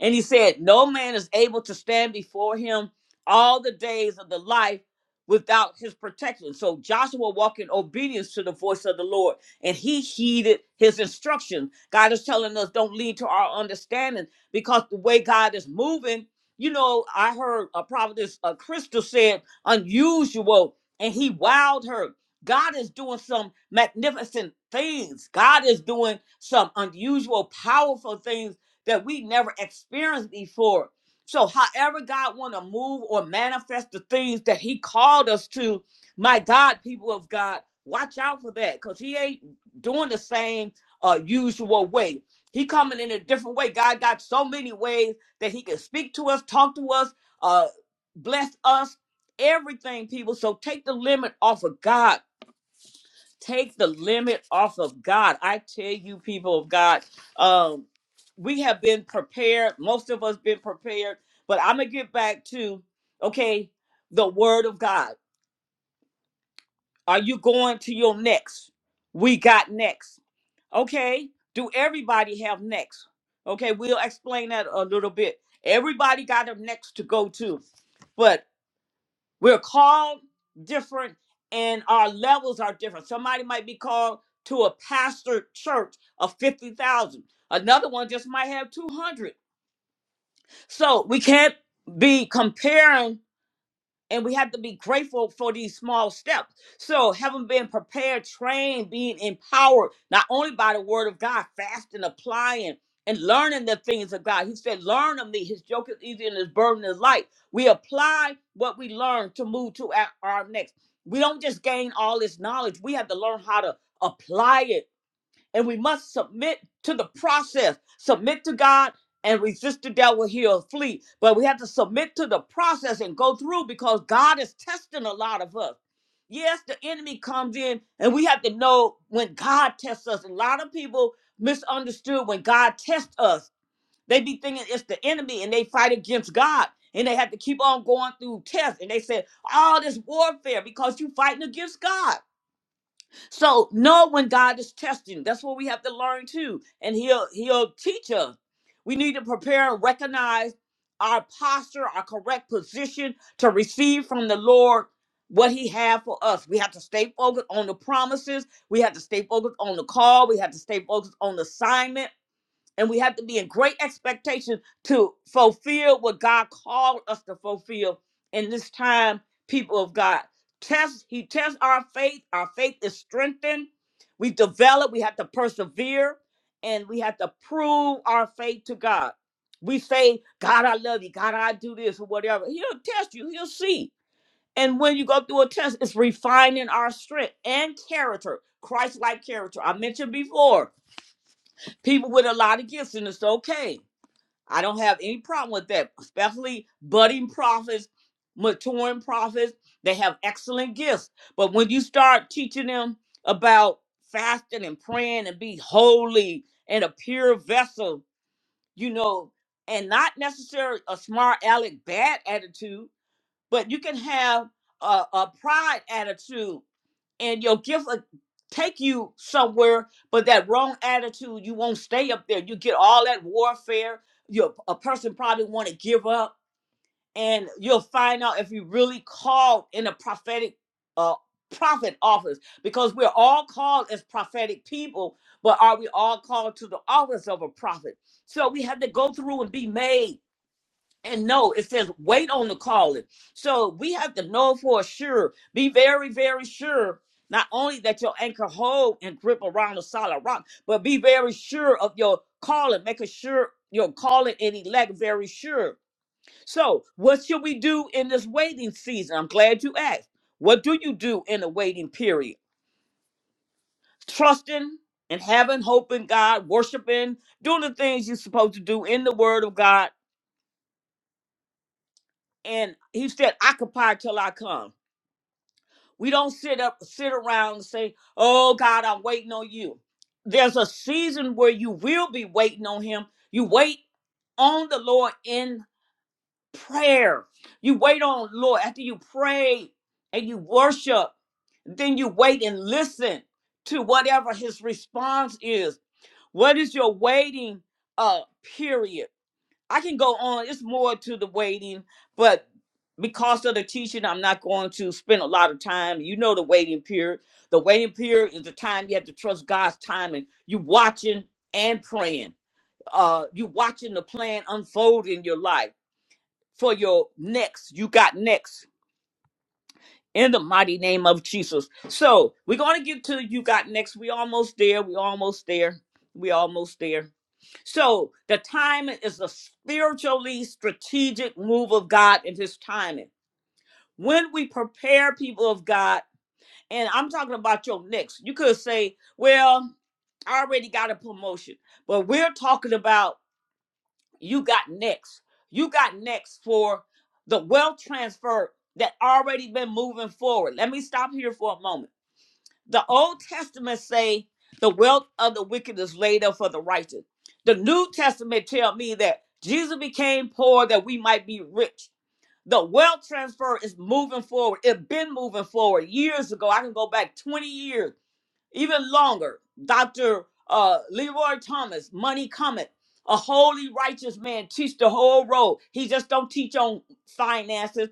And he said, No man is able to stand before him all the days of the life without his protection. So Joshua walked in obedience to the voice of the Lord and he heeded his instructions. God is telling us don't lean to our understanding because the way God is moving, you know, I heard a prophetess uh, Crystal said unusual and he wowed her. God is doing some magnificent things. God is doing some unusual, powerful things that we never experienced before. So, however God want to move or manifest the things that He called us to, my God, people of God, watch out for that, cause He ain't doing the same uh, usual way. He coming in a different way. God got so many ways that He can speak to us, talk to us, uh, bless us, everything, people. So take the limit off of God take the limit off of God. I tell you, people of God, um, we have been prepared. Most of us been prepared, but I'm gonna get back to okay, the word of God. Are you going to your next? We got next. Okay. Do everybody have next? Okay, we'll explain that a little bit. Everybody got a next to go to, but We're called different and our levels are different. Somebody might be called to a pastor church of 50,000. Another one just might have 200. So we can't be comparing and we have to be grateful for these small steps. So, having been prepared, trained, being empowered, not only by the word of God, fasting, applying, and learning the things of God. He said, Learn of me. His joke is easy and his burden is light. We apply what we learn to move to our, our next. We don't just gain all this knowledge, we have to learn how to apply it and we must submit to the process. Submit to God and resist the devil, he'll flee. But we have to submit to the process and go through because God is testing a lot of us. Yes, the enemy comes in, and we have to know when God tests us. A lot of people misunderstood when God tests us. They be thinking it's the enemy and they fight against God. And they have to keep on going through tests. And they said, all this warfare because you fighting against God. So know when God is testing. That's what we have to learn too. And he'll he'll teach us. We need to prepare and recognize our posture, our correct position to receive from the Lord what he have for us. We have to stay focused on the promises. We have to stay focused on the call. We have to stay focused on the assignment and we have to be in great expectation to fulfill what God called us to fulfill in this time, people of God. Test, He tests our faith. Our faith is strengthened. We develop, we have to persevere, and we have to prove our faith to God. We say, God, I love you. God, I do this or whatever. He'll test you, he'll see. And when you go through a test, it's refining our strength and character, Christ like character. I mentioned before, people with a lot of gifts, and it's okay I don't have any problem with that, especially budding prophets, maturing prophets. They have excellent gifts. But when you start teaching them about fasting and praying and be holy and a pure vessel, you know, and not necessarily a smart aleck bad attitude, but you can have a, a pride attitude and your gift will take you somewhere but that wrong attitude you won't stay up there you get all that warfare you a person probably want to give up and you'll find out if you really called in a prophetic uh prophet office because we're all called as prophetic people but are we all called to the office of a prophet so we have to go through and be made and no, it says wait on the calling. So we have to know for sure. Be very, very sure. Not only that your anchor hold and grip around a solid rock, but be very sure of your calling, making sure your calling and elect very sure. So, what should we do in this waiting season? I'm glad you asked. What do you do in the waiting period? Trusting and having hope in God, worshiping, doing the things you're supposed to do in the Word of God. And He said, Occupy till I come. We don't sit up, sit around and say, "Oh God, I'm waiting on you." There's a season where you will be waiting on Him. You wait on the Lord in prayer. You wait on Lord after you pray and you worship. Then you wait and listen to whatever His response is. What is your waiting uh, period? I can go on. It's more to the waiting, but because of the teaching, I'm not going to spend a lot of time. You know the waiting period. The waiting period is the time you have to trust God's timing. You watching and praying. Uh, you watching the plan unfold in your life for your next. You got next in the mighty name of Jesus. So we're going to get to you got next. We almost there. We almost there. We almost there. So the timing is a spiritually strategic move of God in his timing. When we prepare people of God, and I'm talking about your next, you could say, well, I already got a promotion, but we're talking about you got next. You got next for the wealth transfer that already been moving forward. Let me stop here for a moment. The Old Testament say the wealth of the wicked is laid up for the righteous. The New Testament tell me that Jesus became poor that we might be rich. The wealth transfer is moving forward. It been moving forward years ago. I can go back 20 years even longer. Dr. Uh, Leroy Thomas, Money Comet, a holy righteous man, teach the whole road. He just don't teach on finances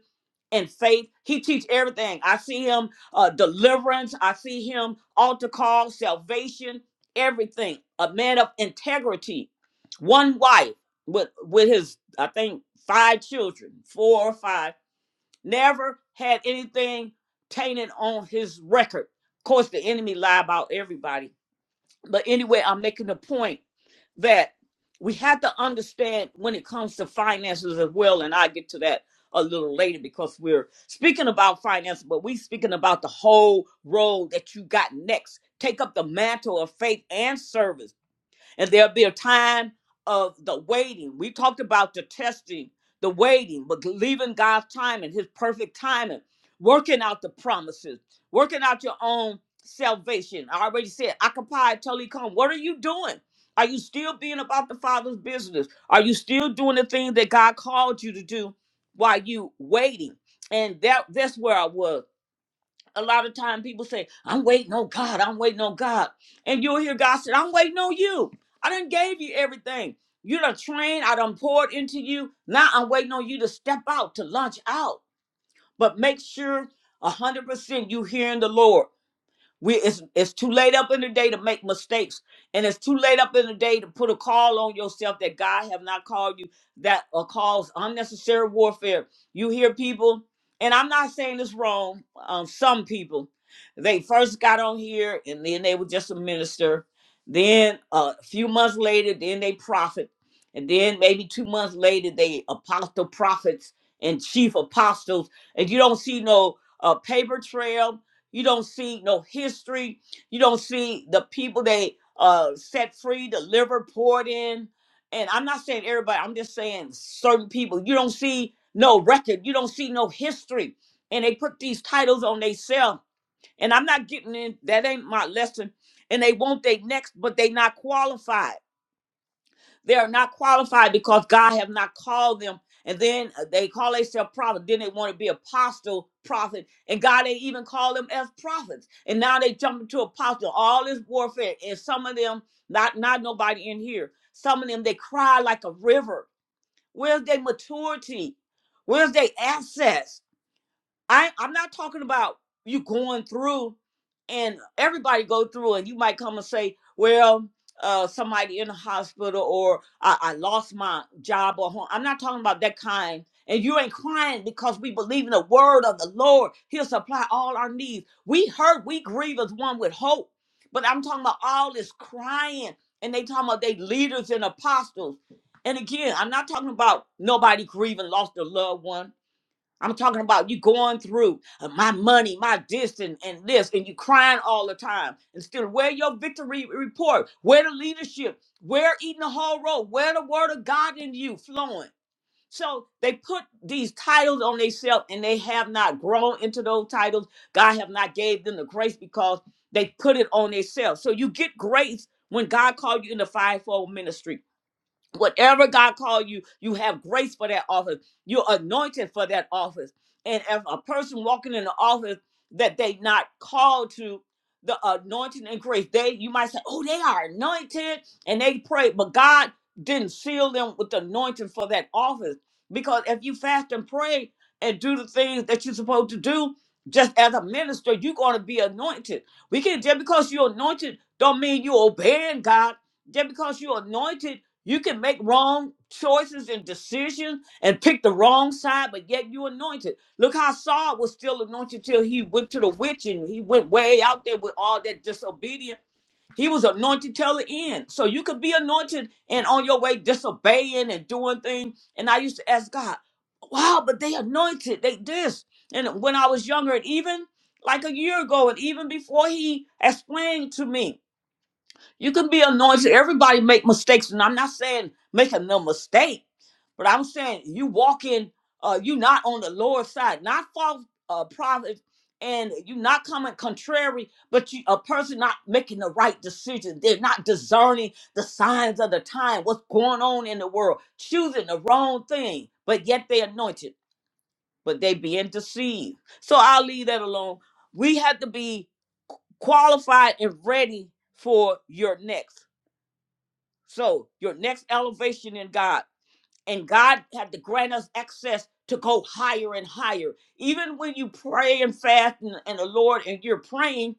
and faith. He teach everything. I see him uh, deliverance. I see him altar call, salvation, everything. A man of integrity. One wife with with his, I think, five children, four or five never had anything tainted on his record. Of course, the enemy lie about everybody. But anyway, I'm making the point that we have to understand when it comes to finances as well, and I get to that a little later because we're speaking about finances. but we speaking about the whole road that you got next. Take up the mantle of faith and service and there'll be a time of the waiting. We talked about the testing, the waiting, but believing God's timing, His perfect timing, working out the promises, working out your own salvation. I already said, occupy totally come. What are you doing? Are you still being about the Father's business? Are you still doing the thing that God called you to do while you waiting? And that that's where I was a lot of time people say, I'm waiting on God, I'm waiting on God. And you'll hear God say, I'm waiting on you. I done gave you everything. You done trained, I done poured into you. Now I'm waiting on you to step out, to launch out. But make sure 100% you hearing the Lord. We it's it's too late up in the day to make mistakes, and it's too late up in the day to put a call on yourself that God have not called you. That uh, cause unnecessary warfare. You hear people, and I'm not saying this wrong. Um, some people, they first got on here, and then they were just a minister. Then uh, a few months later, then they prophet, and then maybe two months later, they apostle prophets and chief apostles, and you don't see no uh, paper trail you don't see no history. You don't see the people they uh, set free, the liver poured in. And I'm not saying everybody, I'm just saying certain people. You don't see no record. You don't see no history. And they put these titles on themselves. And I'm not getting in, that ain't my lesson. And they want they next, but they not qualified. They are not qualified because God have not called them. And then uh, they call themselves prophet. Then they want to be apostle, prophet, and God ain't even call them as prophets. And now they jump into apostle. All this warfare, and some of them, not not nobody in here. Some of them they cry like a river. Where's their maturity? Where's their access? I I'm not talking about you going through and everybody go through and you might come and say, well, uh, somebody in the hospital or I, I lost my job or home. I'm not talking about that kind. And you ain't crying because we believe in the word of the Lord. He'll supply all our needs. We hurt, we grieve as one with hope. But I'm talking about all this crying and they talking about they leaders and apostles. And again, I'm not talking about nobody grieving, lost a loved one I'm talking about you going through uh, my money, my this and, and this, and you crying all the time. And still, where your victory report? Where the leadership? Where eating the whole road? Where the word of God in you flowing? So they put these titles on themselves and they have not grown into those titles. God have not gave them the grace because they put it on themselves. So you get grace when God called you in the fivefold ministry whatever God called you, you have grace for that office. You're anointed for that office. And if a person walking in the office that they not called to, the anointing and grace, they you might say, oh, they are anointed and they pray, but God didn't seal them with the anointing for that office because if you fast and pray and do the things that you're supposed to do. Just as a minister, you're going to be anointed. We can not just because you're anointed, don't mean you're obeying God just because you're anointed you can make wrong choices and decisions and pick the wrong side, but yet you anointed. Look how Saul was still anointed till he went to the witch and he went way out there with all that disobedience. He was anointed till the end. So you could be anointed and on your way disobeying and doing things. And I used to ask God, wow, but they anointed, they this. And when I was younger, and even like a year ago, and even before he explained to me, you can be anointed. Everybody make mistakes, and I'm not saying making no mistake, but I'm saying you walk in. Uh, you not on the Lord's side, not false uh, prophet, and you not coming contrary, but you a person not making the right decision. They're not discerning the signs of the time, what's going on in the world, choosing the wrong thing, but yet they anointed, but they being deceived. So I'll leave that alone. We have to be qualified and ready for your next. So your next elevation in God, and God had to grant us access to go higher and higher. Even when you pray and fast and, and the Lord and you're praying,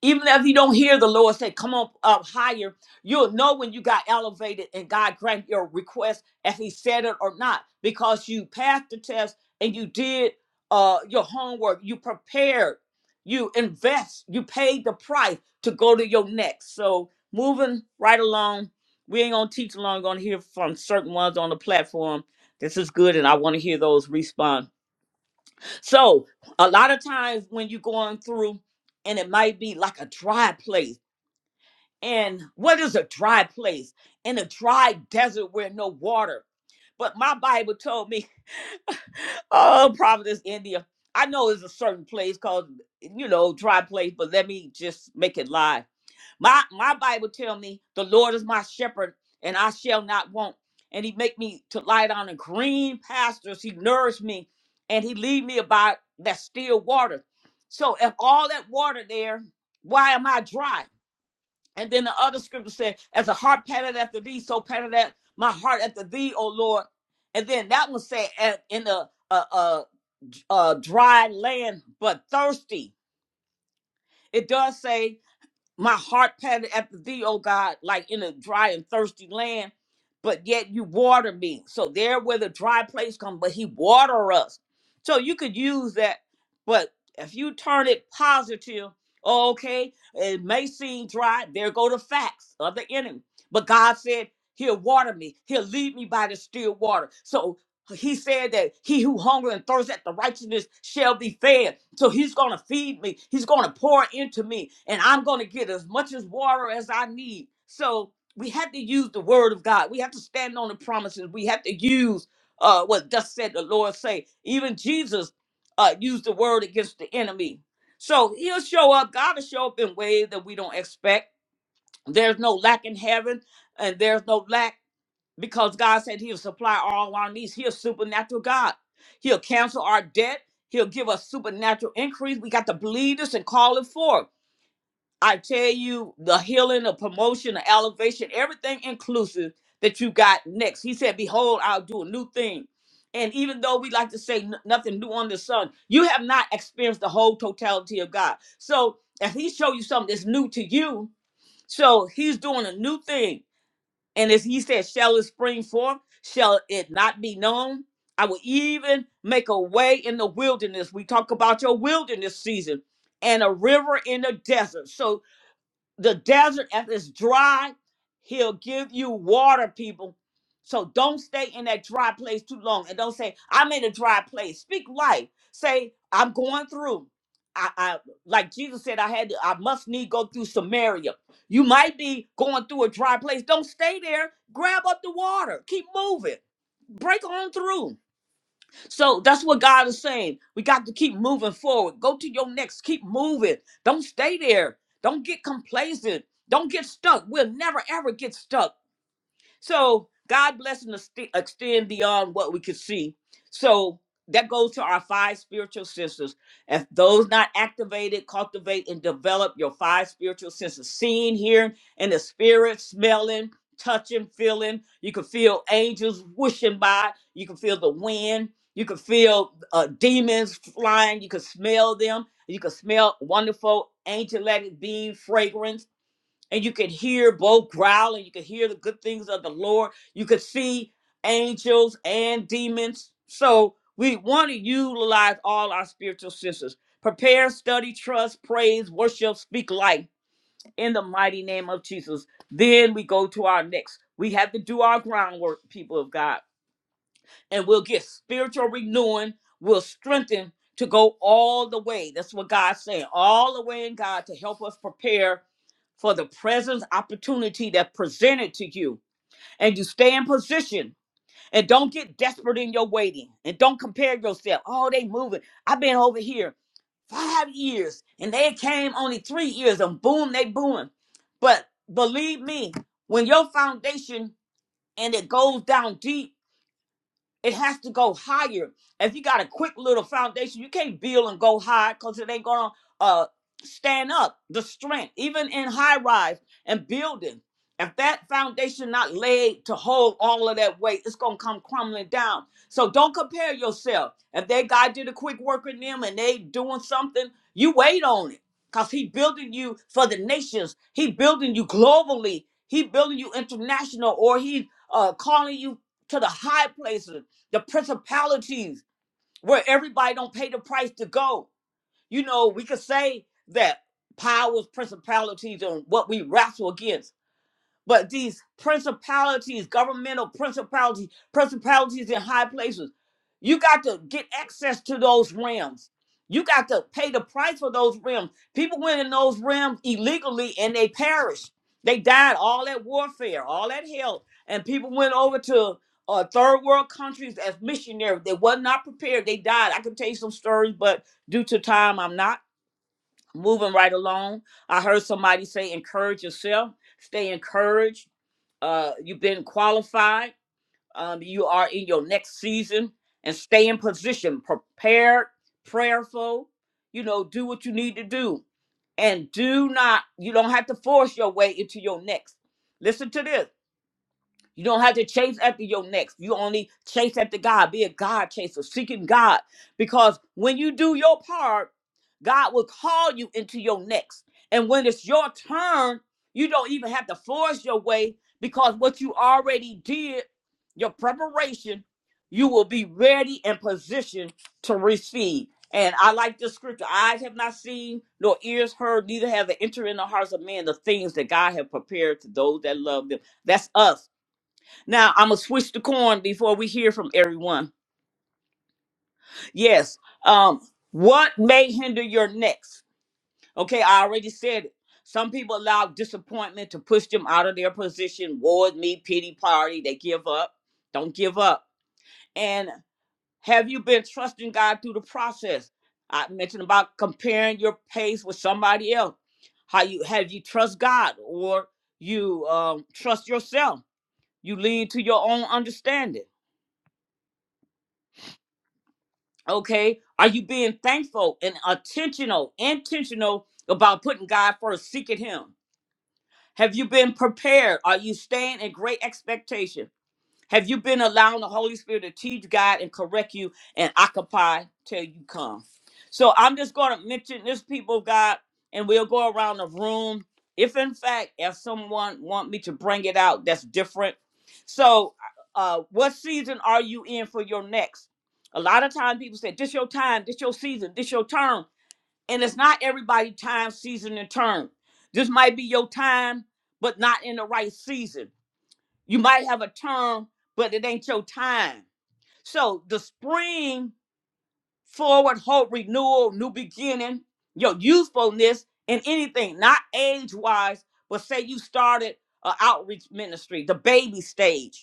even if you don't hear the Lord say, come on up higher, you'll know when you got elevated and God granted your request if he said it or not, because you passed the test and you did uh, your homework, you prepared, you invest, you paid the price to go to your next. So moving right along, we ain't gonna teach long, gonna hear from certain ones on the platform. This is good, and I want to hear those respond. So a lot of times when you're going through, and it might be like a dry place. And what is a dry place? In a dry desert where no water. But my Bible told me, <laughs> oh, Providence, India. I know it's a certain place called, you know, dry place, but let me just make it live. My my Bible tell me the Lord is my shepherd and I shall not want. And he make me to lie down in green pastures. He nourished me and he lead me about that still water. So if all that water there, why am I dry? And then the other scripture said, as a heart panted after thee, so panted at my heart after thee, O Lord. And then that one said, "And in a, a, a, a dry land, but thirsty. It does say my heart panted after thee, O God, like in a dry and thirsty land, but yet you water me. So there where the dry place come, but he water us. So you could use that, but if you turn it positive, oh, okay, it may seem dry, there go the facts of the enemy. But God said, He'll water me. He'll lead me by the still water. So he said that he who hunger and thirsts after righteousness shall be fed. So he's going to feed me. He's going to pour into me, and I'm going to get as much as water as I need. So we have to use the word of God. We have to stand on the promises. We have to use uh, what thus said the Lord say. Even Jesus uh, used the word against the enemy. So he'll show up. God will show up in ways that we don't expect. There's no lack in heaven, and there's no lack because God said He'll supply all our needs. He's a supernatural God. He'll cancel our debt. He'll give us supernatural increase. We got to believe this and call it forth. I tell you, the healing, the promotion, the elevation, everything inclusive that you got next. He said, Behold, I'll do a new thing. And even though we like to say "N- nothing new under the sun, you have not experienced the whole totality of God. So if He show you something that's new to you, so He's doing a new thing and as he said, shall it spring forth? Shall it not be known? I will even make a way in the wilderness. We talk about your wilderness season and a river in the desert. So the desert if it's dry he'll give you water people so don't stay in that dry place too long and don't say i'm in a dry place speak life say i'm going through I, I like jesus said i had to, i must need go through samaria you might be going through a dry place don't stay there grab up the water keep moving break on through so that's what God is saying. We got to keep moving forward. Go to your next. Keep moving. Don't stay there. Don't get complacent. Don't get stuck. We'll never ever get stuck so God bless and ext- extend beyond what we could see. So that goes to our five spiritual senses. If those not activated, cultivate and develop your five spiritual senses: seeing, hearing, and the spirit, smelling, touching, feeling. You can feel angels whooshing by. You can feel the wind. You can feel uh, demons flying. You can smell them. You can smell wonderful angelic being fragrance and you could hear both growling. You could hear the good things of the Lord. You could see angels and demons. So we want to utilize all our spiritual senses. Prepare, study, trust, praise, worship, speak life in the mighty name of Jesus. Then we go to our next. We have to do our groundwork, people of God and we'll get spiritual renewing. We'll strengthen to go all the way. That's what God's saying, all the way in God to help us prepare for the present opportunity that presented to you. And you stay in position and don't get desperate in your waiting and don't compare yourself. Oh, they moving. I've been over here five years and they came only three years and boom, they booming. But believe me, when your foundation and it goes down deep, it has to go higher. If you got a quick little foundation, you can't build and go high because it ain't gonna uh stand up. The strength, even in high rise and building, if that foundation not laid to hold all of that weight, it's gonna come crumbling down. So don't compare yourself. If that guy did a quick work in them and they doing something, you wait on it. Cause he building you for the nations. He building you globally. He building you international, or he uh calling you to the high places the principalities where everybody don't pay the price to go. You know, we could say that powers, principalities, and what we wrestle against. But these principalities, governmental principalities, principalities in high places, you got to get access to those realms. You got to pay the price for those realms. People went in those realms illegally and they perished. They died all that warfare, all that hell. And people went over to uh, third world countries as missionaries. They were not prepared. They died. I can tell you some stories, but due to time, I'm not moving right along. I heard somebody say, encourage yourself, stay encouraged uh you've been qualified um you are in your next season and stay in position prepared prayerful you know do what you need to do and do not you don't have to force your way into your next listen to this you don't have to chase after your next. You only chase after God. Be a God chaser, seeking God. Because when you do your part, God will call you into your next. And when it's your turn, you don't even have to force your way because what you already did, your preparation, you will be ready and positioned to receive. And I like this scripture. Eyes have not seen, nor ears heard, neither have it entered in the hearts of men the things that God have prepared to those that love them. That's us now I'm gonna switch the coin before we hear from everyone. Yes. Um, what may hinder your next? Okay, I already said it. Some people allow disappointment to push them out of their position. Ward me, pity party. They give up. Don't give up. And have you been trusting God through the process? I mentioned about comparing your pace with somebody else. How you have you trust God or you um, trust yourself? You lean to your own understanding Okay. Are you being thankful and attentional, intentional about putting God first, seeking Him? Have you been prepared? Are you staying in great expectation? Have you been allowing the Holy Spirit to teach God and correct you and occupy till you come? So I'm just going to mention this, people of God, and we'll go around the room. If in fact, if someone want me to bring it out, that's different. So, uh, uh, what season are you in for your next? A lot of time people say, "This your time, this your season, this your turn," and it's not everybody time, season, and turn. This might be your time, but not in the right season. You might have a term, but it ain't your time. So the spring, forward, hope, renewal, new beginning, your usefulness in anything, not age wise, but say you started an outreach ministry, the baby stage.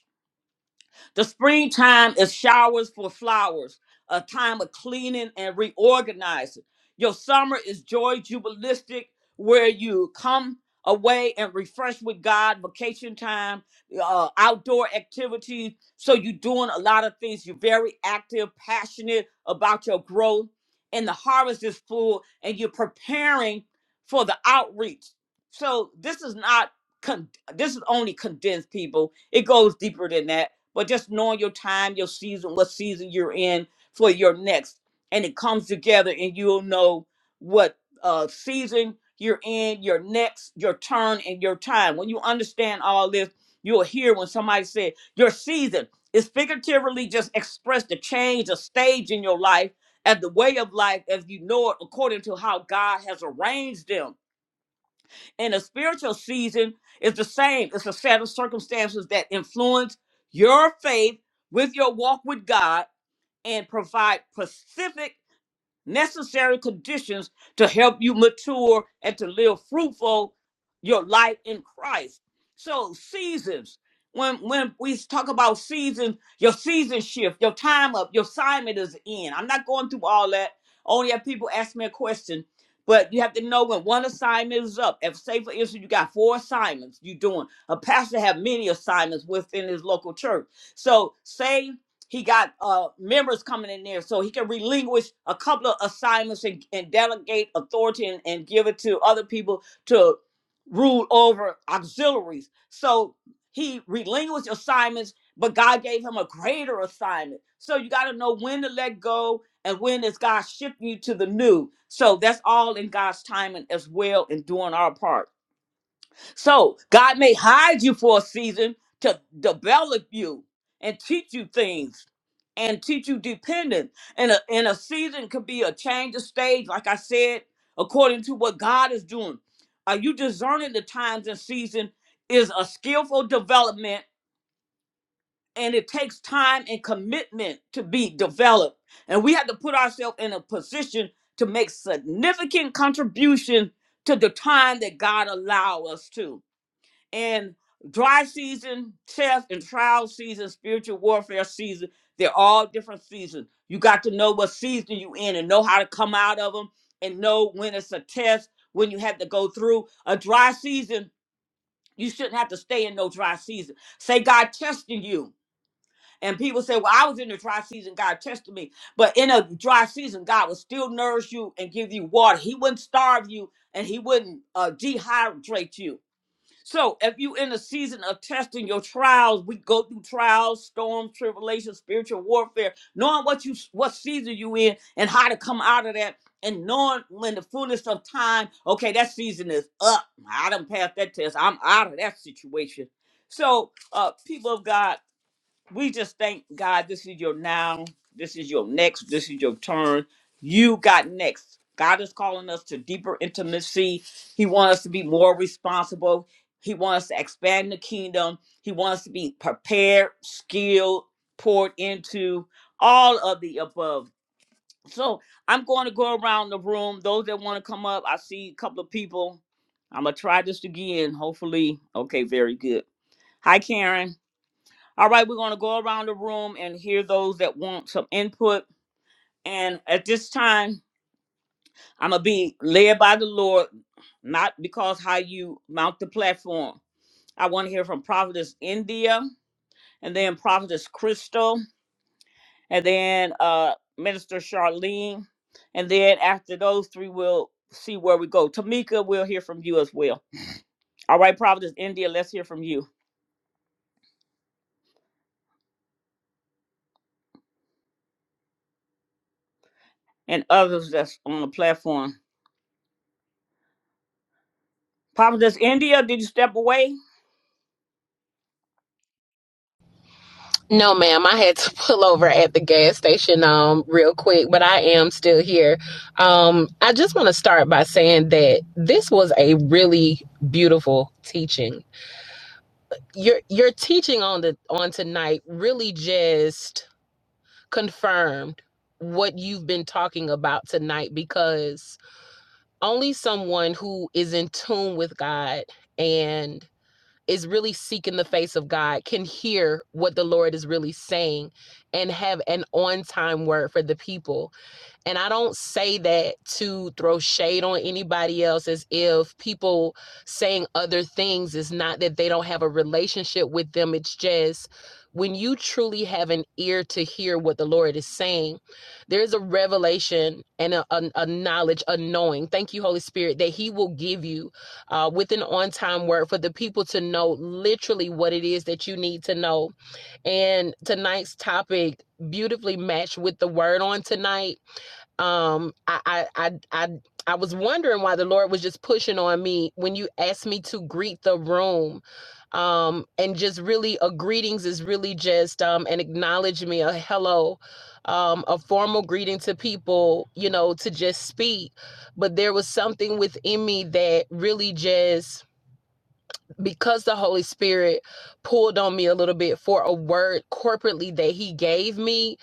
The springtime is showers for flowers, a time of cleaning and reorganizing. Your summer is joy jubilistic, where you come away and refresh with God, vacation time, uh, outdoor activities. So you're doing a lot of things. You're very active, passionate about your growth, and the harvest is full, and you're preparing for the outreach. So this is not con- this is only condensed people. It goes deeper than that but just knowing your time, your season, what season you're in for your next. And it comes together and you'll know what uh, season you're in, your next, your turn, and your time. When you understand all this, you'll hear when somebody said, Your season is figuratively just express the change, a stage in your life, and the way of life as you know it according to how God has arranged them and a spiritual season is the same. It's a set of circumstances that influence your faith with your walk with God and provide specific necessary conditions to help you mature and to live fruitful your life in Christ. So seasons. When when we talk about seasons, your season shift, your time up, your assignment is in. I'm not going through all that. Only if people ask me a question. But you have to know when one assignment is up. If say for instance you got four assignments you doing. A pastor have many assignments within his local church. So say he got uh members coming in there so he can relinquish a couple of assignments and, and delegate authority and, and give it to other people to rule over auxiliaries so he relinquished assignments but god gave him a greater assignment so you got to know when to let go and when is god shifting you to the new so that's all in god's timing as well in doing our part so God may hide you for a season to develop you and teach you things and teach you dependence. And a, and a season could be a change of stage, like I said, according to what God is doing. Are you discerning the times and season is a skillful development and it takes time and commitment to be developed. And we have to put ourselves in a position to make significant contribution to the time that God allow us to and dry season, test and trial season, spiritual warfare season. They're all different seasons. You got to know what season you in and know how to come out of them and know when it's a test, when you have to go through a dry season. You shouldn't have to stay in no dry season. Say God testing you. And people say, Well, I was in the dry season, God tested me. But in a dry season, God will still nourish you and give you water. He wouldn't starve you and He wouldn't uh, dehydrate you so if you in a season of testing your trials, we go through trials, storms, tribulations, spiritual warfare, knowing what you what season you in and how to come out of that, and knowing when the fullness of time, okay, that season is up. I done passed that test. I'm out of that situation. So uh people of God we just thank God this is your now, this is your next, this is your turn. You got next. God is calling us to deeper intimacy. He wants us to be more responsible. He wants us to expand the kingdom. He wants us to be prepared, skilled, poured into, all of the above. So I'm going to go around the room. Those that want to come up, I see a couple of people. I'm going to try this again, hopefully. Okay, very good. Hi, Karen. All right, we're going to go around the room and hear those that want some input. And at this time, I'm going to be led by the Lord, not because how you mount the platform. I want to hear from Prophetess India and then Prophetess Crystal and then uh, Minister Charlene. And then after those three, we'll see where we go. Tamika, we'll hear from you as well. All right, Prophetess India, let's hear from you and others that's on the platform. Prophetess India, did you step away?
No, ma'am. I had to <laughs> pull over at the gas station um real quick, but I am still here. Um I just want to start by saying that this was a really beautiful teaching. Your your teaching on the on tonight really just confirmed what you've been talking about tonight because only someone who is in tune with God and is really seeking the face of God can hear what the Lord is really saying and have an on time word for the people and I don't say that to throw shade on anybody else as if people saying other things is not that they don't have a relationship with them. It's just when you truly have an ear to hear what the Lord is saying, there's a revelation and a, a, a knowledge, a knowing. Thank you, Holy Spirit, that He will give you uh, with an on time word for the people to know literally what it is that you need to know. And tonight's topic beautifully matched with the word on tonight um I, I i i i was wondering why the lord was just pushing on me when you asked me to greet the room um and just really a greetings is really just um an acknowledgement a hello um a formal greeting to people you know to just speak but there was something within me that really just because the holy spirit pulled on me a little bit for a word corporately that he gave me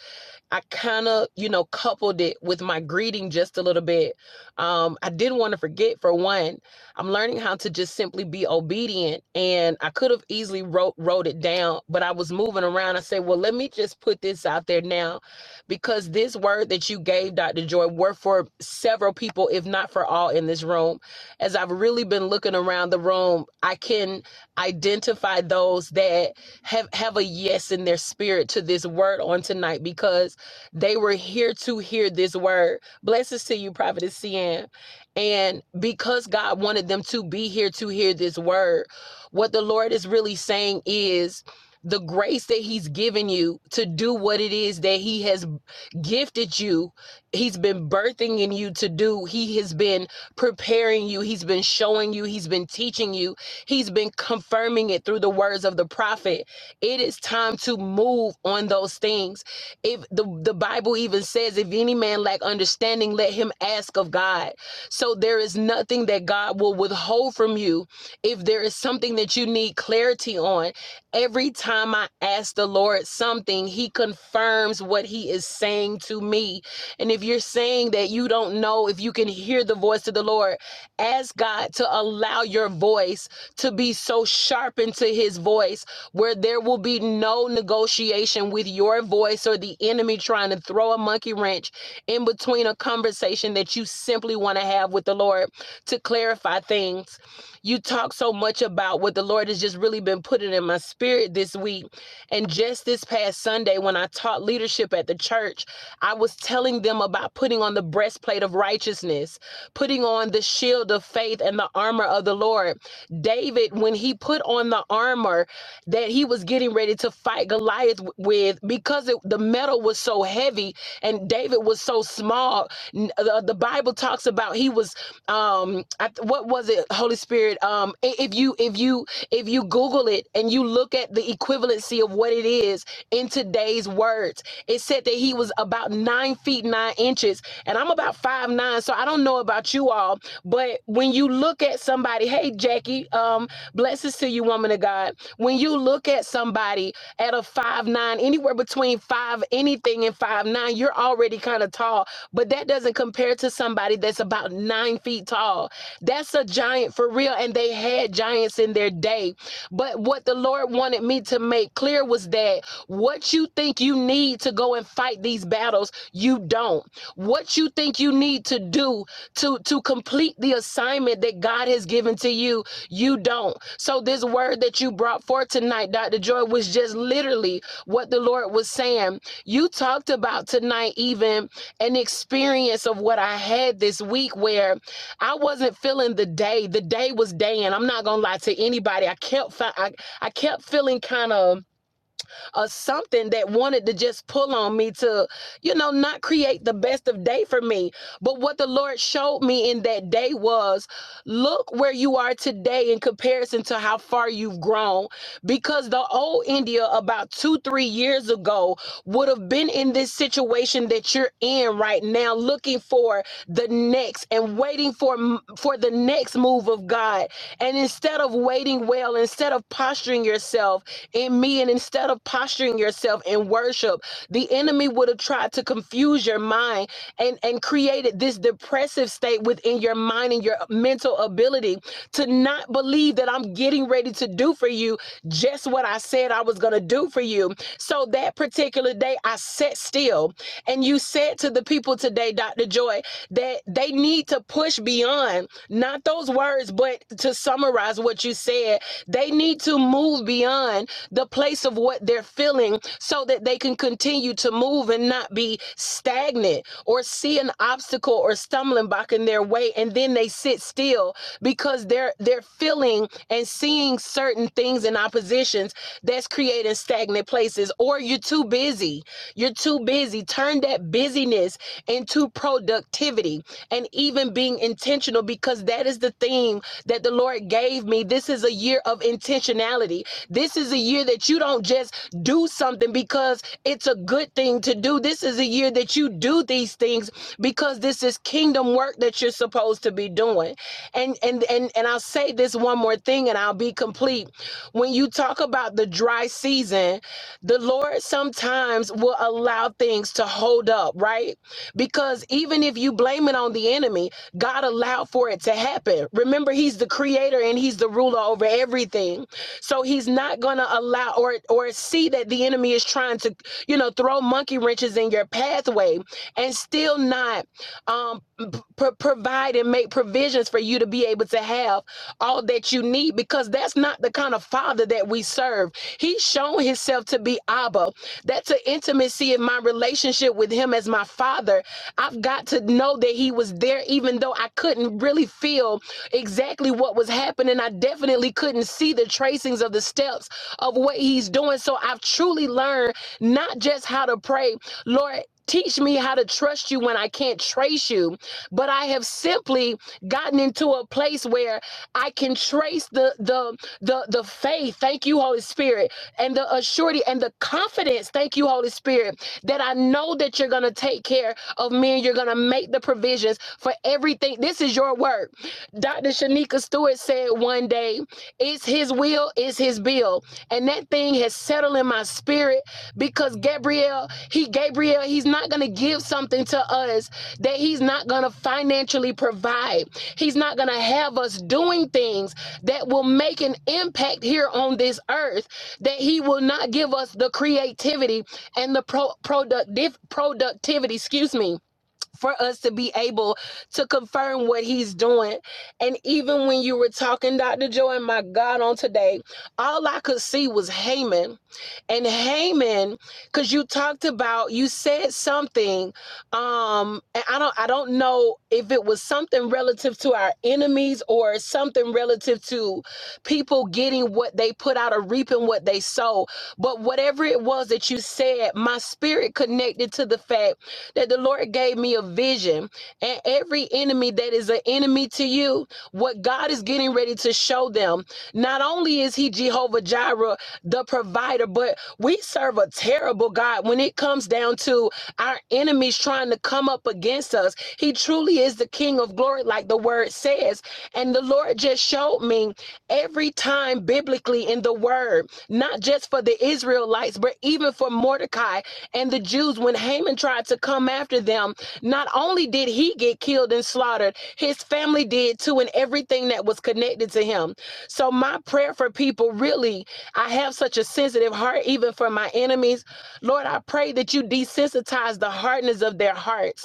I kind of, you know, coupled it with my greeting just a little bit. Um, I didn't want to forget, for one, I'm learning how to just simply be obedient. And I could have easily wrote, wrote it down, but I was moving around. I said, well, let me just put this out there now because this word that you gave, Dr. Joy, were for several people, if not for all in this room. As I've really been looking around the room, I can identify those that have, have a yes in their spirit to this word on tonight because they were here to hear this word. Blessings to you, Prophetess CM. And because God wanted them to be here to hear this word, what the Lord is really saying is the grace that He's given you to do what it is that He has gifted you, He's been birthing in you to do. He has been preparing you, He's been showing you, He's been teaching you, He's been confirming it through the words of the prophet. It is time to move on those things if the, the bible even says if any man lack understanding let him ask of god so there is nothing that god will withhold from you if there is something that you need clarity on every time i ask the lord something he confirms what he is saying to me and if you're saying that you don't know if you can hear the voice of the lord ask god to allow your voice to be so sharpened to his voice where there will be no negotiation with your voice or the enemy trying to throw a monkey wrench in between a conversation that you simply want to have with the Lord to clarify things. You talk so much about what the Lord has just really been putting in my spirit this week. And just this past Sunday, when I taught leadership at the church, I was telling them about putting on the breastplate of righteousness, putting on the shield of faith and the armor of the Lord. David, when he put on the armor, that he was getting ready to fight Goliath w- with because it, the metal was so heavy and David was so small. N- The, the Bible talks about he was um I, th- what was it Holy Spirit um i- if you if you if you google it and you look at the equivalency of what it is in today's words it said that he was about nine feet nine inches and I'm about five nine so I don't know about you all but when you look at somebody hey Jackie um blessings to you to you, woman of God. When you look at somebody at a five nine, anywhere between five anything and five nine, you're already kind of tall, but that doesn't compare to somebody that's about nine feet tall. That's a giant for real, and they had giants in their day. But what the Lord wanted me to make clear was that what you think you need to go and fight these battles, you don't. What you think you need to do to to complete the assignment that God has given to you you don't. So, this word that you brought forth tonight, Dr. Joy, was just literally what the Lord was saying. You talked about tonight, even an experience of what I had this week where I wasn't feeling the day. The day was daying. I'm not gonna lie to anybody. I kept, I, I kept feeling kind of or something that wanted to just pull on me to, you know, not create the best of day for me. But what the Lord showed me in that day was look where you are today in comparison to how far you've grown. Because the old India about two, three years ago would have been in this situation that you're in right now, looking for the next and waiting for m- for the next move of God. And instead of waiting well, instead of posturing yourself, in me. And instead of posturing yourself in worship, the enemy would have tried to confuse your mind and, and created this depressive state within your mind and your mental ability to not believe that I'm getting ready to do for you just what I said I was going to do for you. So that particular day, I sat still. And you said to the people today, Dr. Joy, that they need to push beyond not those words, but to summarize what you said, they need to move beyond the place of what they're feeling so that they can continue to move and not be stagnant or see an obstacle or stumbling block in their way and then they sit still because they're they're feeling and seeing certain things and oppositions that's creating stagnant places or you're too busy you're too busy. Turn that busyness into productivity and even being intentional because that is the theme that the Lord gave me. This is a year of intentionality. This is a year that you don't just do something because it's a good thing to do. This is a year that you do these things because this is kingdom work that you're supposed to be doing. And and and and I'll say this one more thing and I'll be complete. When you talk about the dry season, the Lord sometimes will allow things to hold up, right? Because even if you blame it on the enemy, God allowed for it to happen. Remember, He's the creator and He's the ruler over everything. So He's not gonna allow or or see that the enemy is trying to, you know, throw monkey wrenches in your pathway and still not um p- provide and make provisions for you to be able to have all that you need because that's not the kind of father that we serve. He's shown himself to be Abba. That's an intimacy in my relationship with him as my father. I've got to know that he was there, even though I couldn't really feel exactly what was happening. I definitely couldn't see the tracings of the steps of what he's doing. So I've truly learned not just how to pray, Lord. Teach me how to trust you when I can't trace you. But I have simply gotten into a place where I can trace the the the the faith. Thank you, Holy Spirit, and the assurity and the confidence. Thank you, Holy Spirit, that I know that you're gonna take care of me and you're gonna make the provisions for everything. This is your work. Dr. Shanika Stewart said one day, "It's His will, it's His bill," and that thing has settled in my spirit because Gabriel, he Gabriel, he's not gonna give something to us that He's not gonna financially provide. He's not going to have us doing things that will make an impact here on this earth, that He will not give us the creativity and the pro- productive, productivity, excuse me, for us to be able to confirm what he's doing. And even when you were talking, Dr. Joy, and my God, on today, all I could see was Haman. And Haman, because you talked about, you said something, um, and I don't I don't know if it was something relative to our enemies or something relative to people getting what they put out or reaping what they sow. But whatever it was that you said, my spirit connected to the fact that the Lord gave me a vision. And every enemy that is an enemy to you, what God is getting ready to show them, not only is He Jehovah Jireh, the provider, but we serve a terrible God when it comes down to our enemies trying to come up against us. He truly is the King of glory, like the word says. And the Lord just showed me every time biblically in the word, not just for the Israelites, but even for Mordecai and the Jews. When Haman tried to come after them, not only did he get killed and slaughtered, his family did too, and everything that was connected to him. So, my prayer for people really, I have such a sensitive heart, even for my enemies. Lord, I pray that you desensitize the hardness of their hearts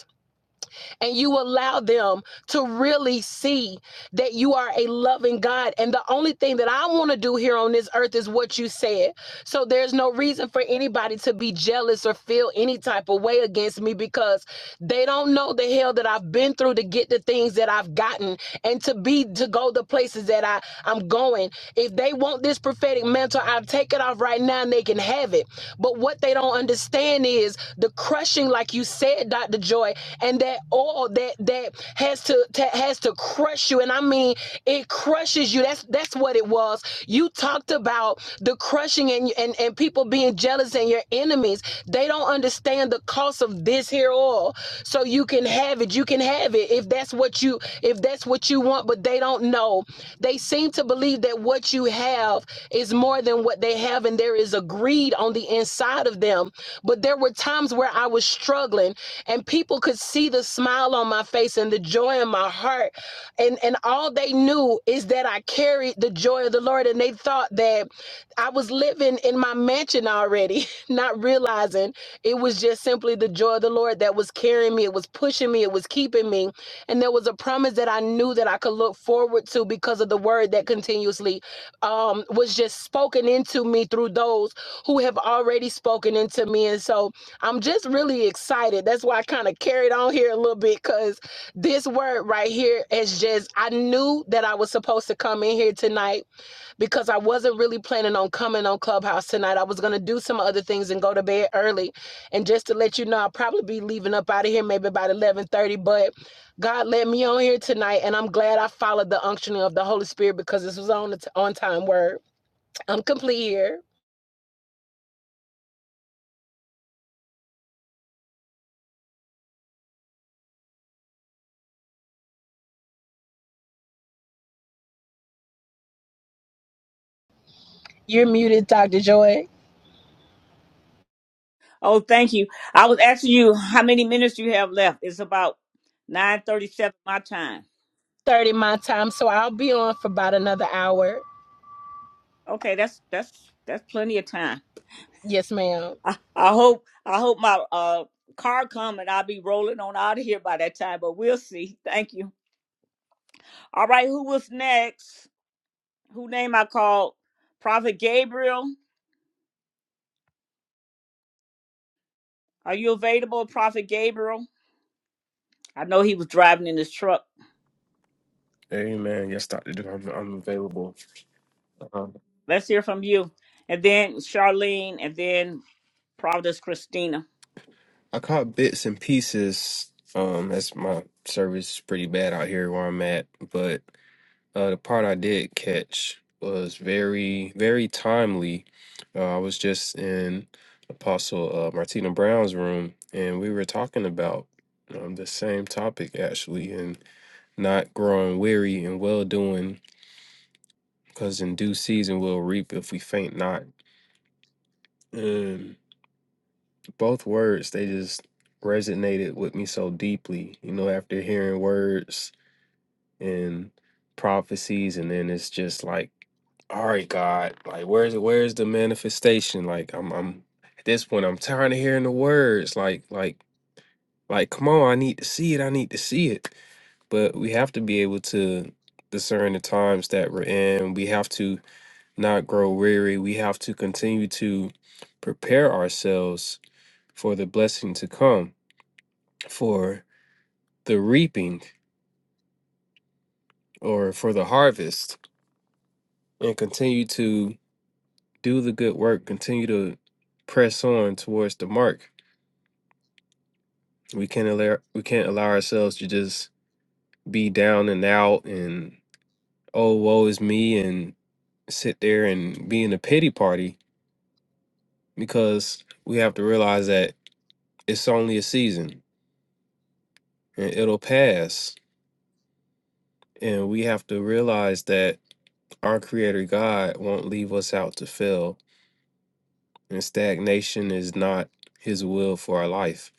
and you allow them to really see that you are a loving God. And the only thing that I want to do here on this earth is what you said. So there's no reason for anybody to be jealous or feel any type of way against me because they don't know the hell that I've been through to get the things that I've gotten and to be to go the places that I I'm going. If they want this prophetic mantle, I'll take it off right now and they can have it. But what they don't understand is the crushing, like you said, Dr. Joy, and that all that that has to, to has to crush you. And I mean, it crushes you. That's that's what it was. You talked about the crushing and and, and people being jealous and your enemies. They don't understand the cost of this here oil. So you can have it. You can have it if that's what you you if that's what you want, but they don't know. They seem to believe that what you have is more than what they have, and there is a greed on the inside of them. But there were times where I was struggling, and people could see the smile on my face and the joy in my heart, and and all they knew is that I carried the joy of the Lord, and they thought that I was living in my mansion already, <laughs> not realizing it was just simply the joy of the Lord that was carrying me. It was pushing me. It was keeping me and there was a promise that I knew that I could look forward to because of the word that continuously um, was just spoken into me through those who have already spoken into me. And so I'm just really excited. That's why I kind of carried on here a little bit because this word right here is just, I knew that I was supposed to come in here tonight because I wasn't really planning on coming on Clubhouse tonight. I was going to do some other things and go to bed early. And just to let you know, I'll probably be leaving up out of here maybe about 1130. but. God led me on here tonight, and I'm glad I followed the unctioning of the Holy Spirit because this was on the t- on time word. <laughs> I'm complete here. You're muted, Dr. Joy.
Oh, thank you. I was asking you how many minutes you have left. It's about nine thirty-seven my time.
30 my time, so I'll be on for about another hour.
Okay, that's that's that's plenty of time.
Yes, ma'am.
I, I hope I hope my uh car come and I'll be rolling on out of here by that time. But we'll see. Thank you. All right, who was next? Who name I called? Prophet Gabriel. Are you available, Prophet Gabriel? I know he was driving in his truck.
Amen. Yes, Dr. Duke, I'm, I'm available. Um,
Let's hear from you. And then Charlene, and then Providence Christina.
I caught bits and pieces. Um, that's my service is pretty bad out here where I'm at, but uh, the part I did catch was very, very timely. Uh, I was just in Apostle uh, Martina Brown's room, and we were talking about um, the same topic actually, and not growing weary and well doing, because in due season we'll reap if we faint not. And both words, they just resonated with me so deeply. You know, after hearing words and prophecies and then it's just like all right god like where's where's the manifestation like i'm i'm at this point i'm tired of hearing the words like like like come on i need to see it i need to see it but we have to be able to discern the times that we're in we have to not grow weary we have to continue to prepare ourselves for the blessing to come for the reaping or for the harvest and continue to do the good work, continue to press on towards the mark. We can't allow we can't allow ourselves to just be down and out and oh woe is me and sit there and be in a pity party because we have to realize that it's only a season and it'll pass. And we have to realize that our creator God won't leave us out to fail and stagnation is not his will for our life.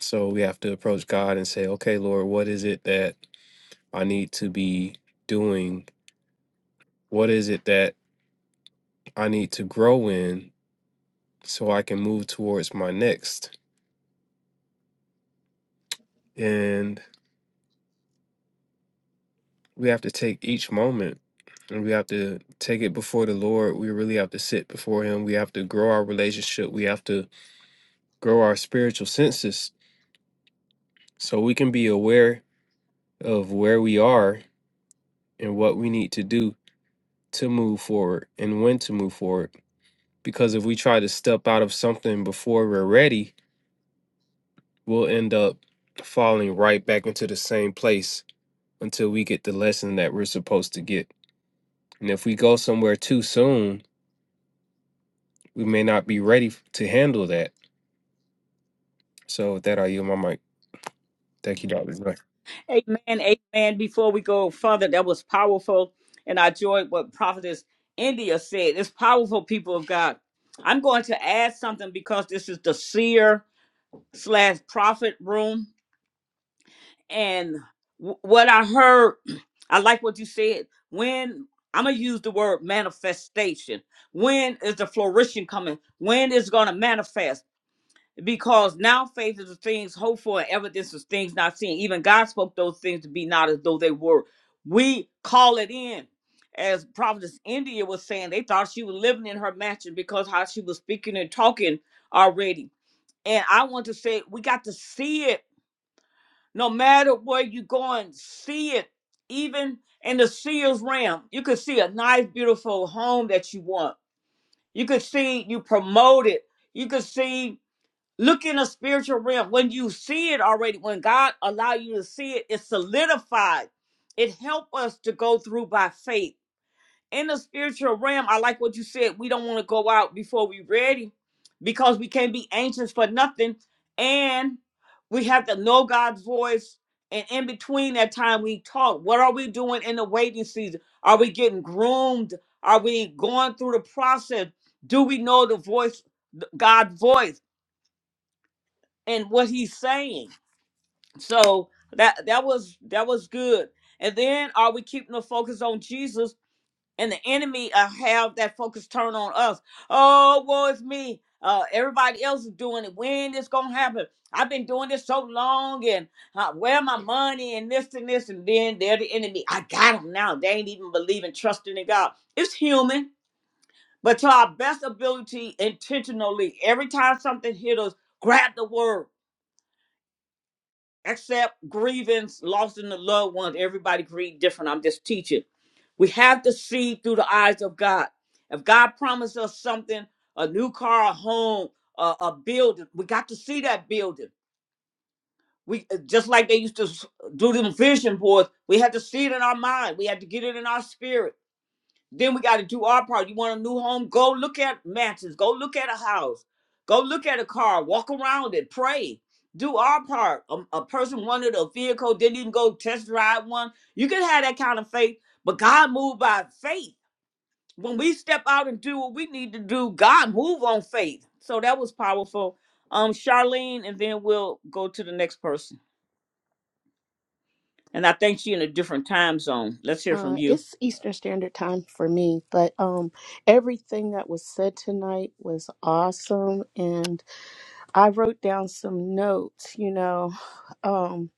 So we have to approach God and say, okay, Lord, what is it that I need to be doing? What is it that I need to grow in so I can move towards my next? And we have to take each moment and we have to take it before the Lord. We really have to sit before Him. We have to grow our relationship. We have to grow our spiritual senses so we can be aware of where we are and what we need to do to move forward and when to move forward. Because if we try to step out of something before we're ready, we'll end up falling right back into the same place until we get the lesson that we're supposed to get. And if we go somewhere too soon, we may not be ready to handle that. So with that, I yield my mic. Thank you, Dr. Dre.
Amen, amen. Before we go further, that was powerful. And I enjoyed what Prophetess India said. It's powerful, people of God. I'm going to add something because this is the seer slash prophet room and w- what I heard, <clears throat> I like what you said. When I'm gonna use the word manifestation. When is the flourishing coming? When is it gonna manifest? Because now faith is the things hoped for, and evidence is things not seen. Even God spoke those things to be not as though they were. We call it in. As Providence India was saying, they thought she was living in her mansion because how she was speaking and talking already. And I want to say we got to see it no matter where you going, see it. Even in the seals realm, you could see a nice, beautiful home that you want. You could see you promote it. You could see look in the spiritual realm. When you see it already, when God allow you to see it, it's solidified. It help us to go through by faith in the spiritual realm, I like what you said. We don't want to go out before we're ready because we can't be anxious for nothing. And we have to know God's voice. And in between that time, we talk. What are we doing in the waiting season? Are we getting groomed? Are we going through the process? Do we know the voice, th- God's voice, and what He's saying? So that that was that was good. And then are we keeping the focus on Jesus? and the enemy uh, have that focus turned on us. Oh, woe is me. Uh, everybody else is doing it. When this gonna happen? I've been doing this so long, and uh, where my money and this and this, and then they're the enemy. I got them now. They ain't even believing, trusting in God. It's human, but to our best ability, intentionally, every time something hit us, grab the word except grievance, loss in the loved ones. Everybody grieve different. I'm just teaching. We have to see through the eyes of God. If God promised us something, a new car, a home, a, a building, we got to see that building. We uh, just like they used to s- do them vision boards. We had to see it in our mind. We had to get it in our spirit. Then we got to do our part. You want a new home? Go look at mansions. Go look at a house. Go look at a car. Walk around it. Pray. Do our part. A, a person wanted a vehicle, didn't even go test drive one. You can have that kind of faith, but God moved by faith. When we step out and do what we need to do, God move on faith. So that was powerful. Um, Charlene, and then we'll go to the next person. And I think she in a different time zone. Let's hear
Uh,
from you.
it's Eastern Standard Time for me, but um, everything that was said tonight was awesome, and I wrote down some notes. You know, <sighs> um,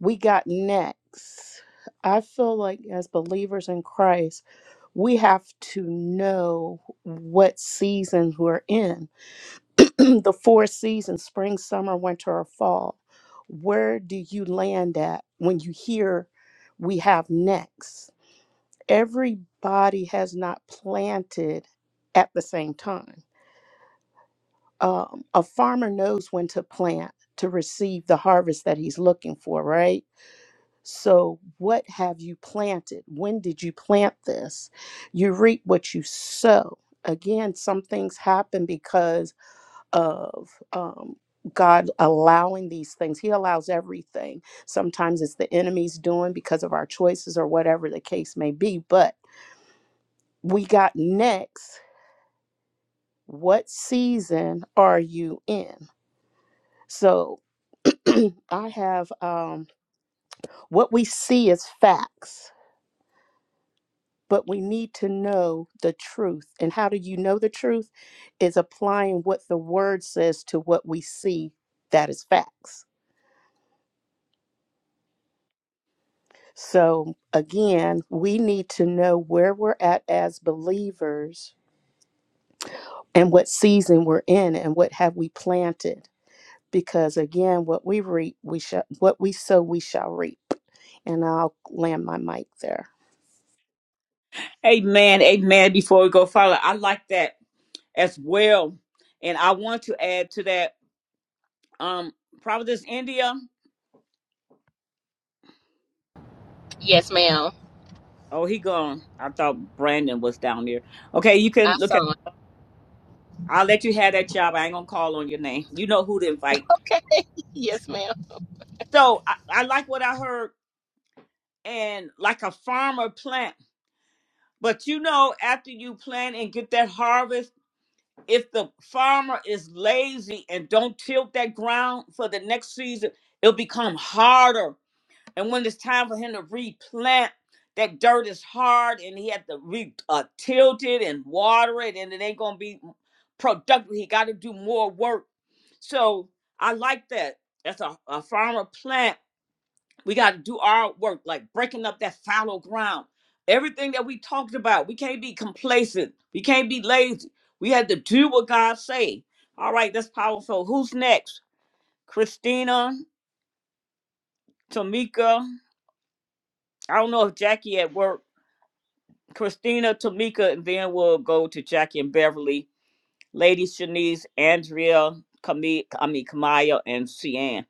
we got next. I feel like as believers in Christ, we have to know what seasons we're in <clears throat> the four seasons spring, summer, winter, or fall where do you land at when you hear we have next? Everybody has not planted at the same time. Um, a farmer knows when to plant to receive the harvest that he's looking for, right? So, what have you planted? When did you plant this? You reap what you sow. Again, some things happen because of um, God allowing these things. He allows everything. Sometimes it's the enemy's doing because of our choices or whatever the case may be. But we got next. What season are you in? So <clears throat> I have um, what we see is facts, but we need to know the truth. And how do you know the truth? Is applying what the word says to what we see that is facts. So, again, we need to know where we're at as believers and what season we're in and what have we planted. Because again, what we reap, we shall what we sow, we shall reap. And I'll land my mic there.
Amen. Amen. Before we go, Father, I like that as well. And I want to add to that, um, Providence, India.
Yes, ma'am.
Oh, he gone. I thought Brandon was down there. Okay, you
I
can look at.
saw. it. <laughs>
I'll let you have that job. I ain't gonna call on your name. You know who to invite.
Okay. yes, ma'am.
So I, I like what I heard, and like a farmer plant. But you know, after you plant and get that harvest, if the farmer is lazy and don't tilt that ground for the next season, it'll become harder And when it's time for him to replant, that dirt is hard and he had to re uh, tilt it and water it, and it ain't gonna be productive. He got to do more work. So I like that. That's a, a farmer plant. We got to do our work, like breaking up that fallow ground. Everything that we talked about, we can't be complacent. We can't be lazy. We had to do what God say. All right, that's powerful. Who's next? Christina, Tamika. I don't know if Jackie at work. Christina, Tamika, and then we'll go to Jackie and Beverly, Lady Shanice, Andrea, Kami, I mean Kamaya, and Cian.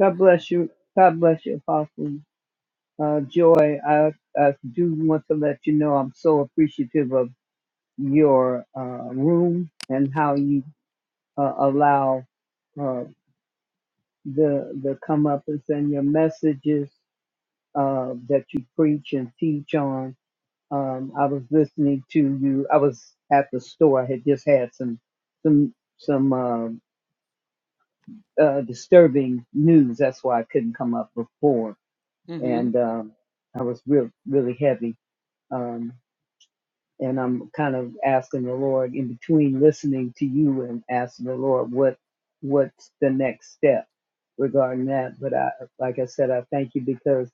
God bless you. God bless you, Apostle uh, Joy. I, I do want to let you know I'm so appreciative of your uh, room and how you uh, allow uh, the the come up and send your messages uh, that you preach and teach on. Um, I was listening to you. I was at the store. I had just had some some some uh, uh, disturbing news. That's why I couldn't come up before
hmm
and um, I was real, really heavy. Um, and I'm kind of asking the Lord in between listening to you and asking the Lord what what's the next step regarding that. But I, like I said, I thank you because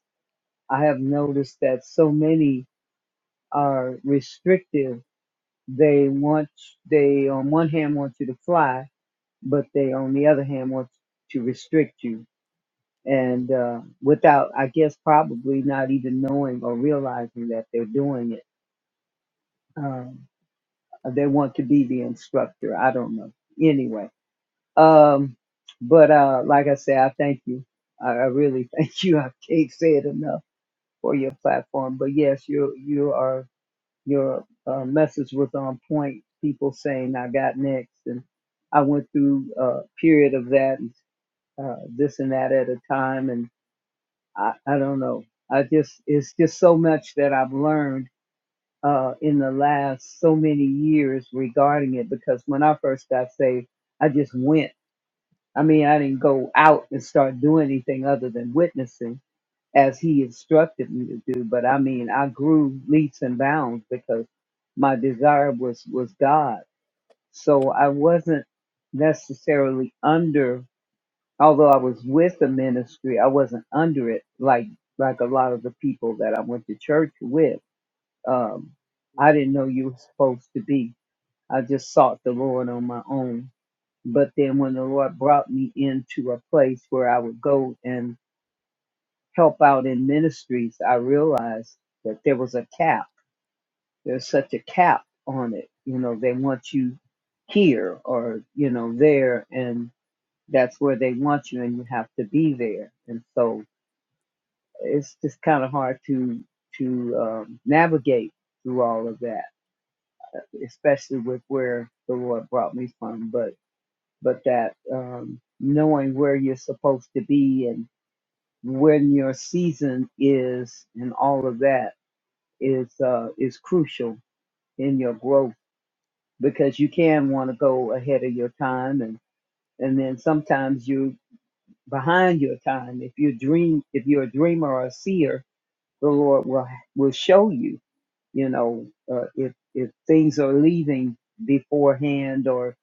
I have noticed that so many are restrictive. They want they on one hand want you to fly, but they on the other hand want to restrict you and uh, without, I guess, probably not even knowing or realizing that they're doing it. Um, they want to be the instructor. I don't know. Anyway, um, but uh, like I said, I thank you. I, I really <laughs> thank you. I can't say it enough for your platform. But yes, you you are your uh, message was on point. People saying I got next, and I went through a period of that, and, uh, this and that at a time, and I, I don't know. I just it's just so much that I've learned uh, in the last so many years regarding it. Because when I first got saved, I just went. I mean, I didn't go out and start doing anything other than witnessing as He instructed me to do. But I mean, I grew leaps and bounds because my desire was was God. So I wasn't necessarily under Although I was with the ministry, I wasn't under it like like a lot of the people that I went to church with. Um, I didn't know you were supposed to be. I just sought the Lord on my own. But then when the Lord brought me into a place where I would go and help out in ministries, I realized that there was a cap. There's such a cap on it. You know, they want you here or you know there and that's where they want you and you have to be there and so it's just kind of hard to to um, navigate through all of that, especially with where the Lord brought me from. But but that um, knowing where you're supposed to be and when your season is and all of that is uh, is crucial in your growth because you can want to go ahead of your time and and then sometimes you behind your time if you dream if you're a dreamer or a seer the lord will will show you you know, uh, if if things are leaving beforehand, or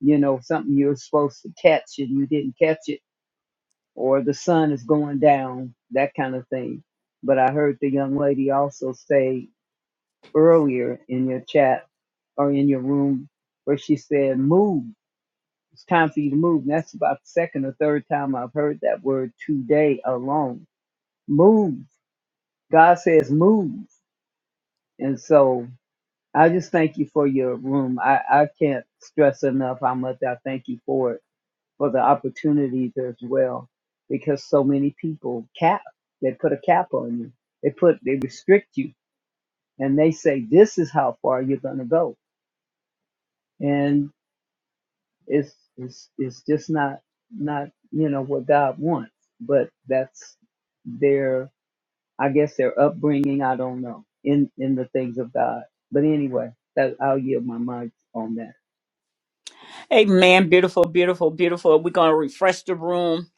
you know something you're supposed to catch and you didn't catch it, or the sun is going down, that kind of thing. But I heard the young lady also say earlier in your chat or in your room where she said, "Move. It's time for you to move." And that's about the second or third time I've heard that word today alone. Move. God says move, and so. I just thank you for your room. I, I can't stress enough how much I thank you for it, for the opportunities as well, because so many people cap, they put a cap on you. They put, they restrict you and they say, this is how far you're going to go. And it's, it's, it's just not, not, you know, what God wants, but that's their, I guess their upbringing. I don't know in, in the things of God. But anyway, that I'll yield my mind on that.
Hey man, beautiful, beautiful, beautiful. We're gonna refresh the room,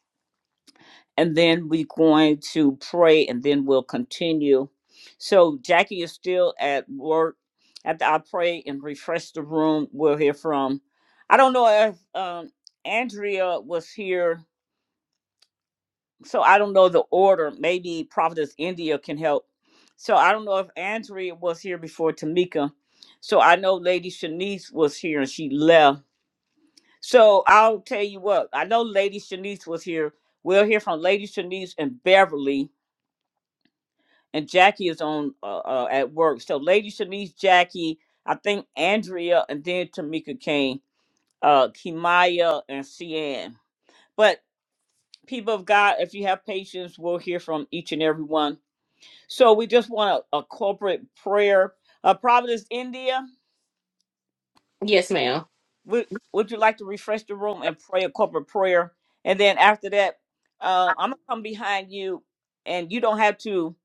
and then we're going to pray, and then we'll continue. So Jackie is still at work. After I pray and refresh the room, we'll hear from. I don't know if um, Andrea was here so I don't know the order. Maybe Prophetess India can help. So I don't know if Andrea was here before Tamika. So I know Lady Shanice was here and she left. So I'll tell you what, I know Lady Shanice was here. We'll hear from Lady Shanice and Beverly, and Jackie is on uh, uh, at work. So Lady Shanice, Jackie, I think Andrea, and then Tamika Kane, uh, Kimaya, and Cian. But people of God, if you have patience, we'll hear from each and every one. So we just want a, a corporate prayer. Uh, Providence, India, would, would you like to refresh the room and pray a corporate prayer? And then after that, uh, I'm going to come behind you and you don't have to.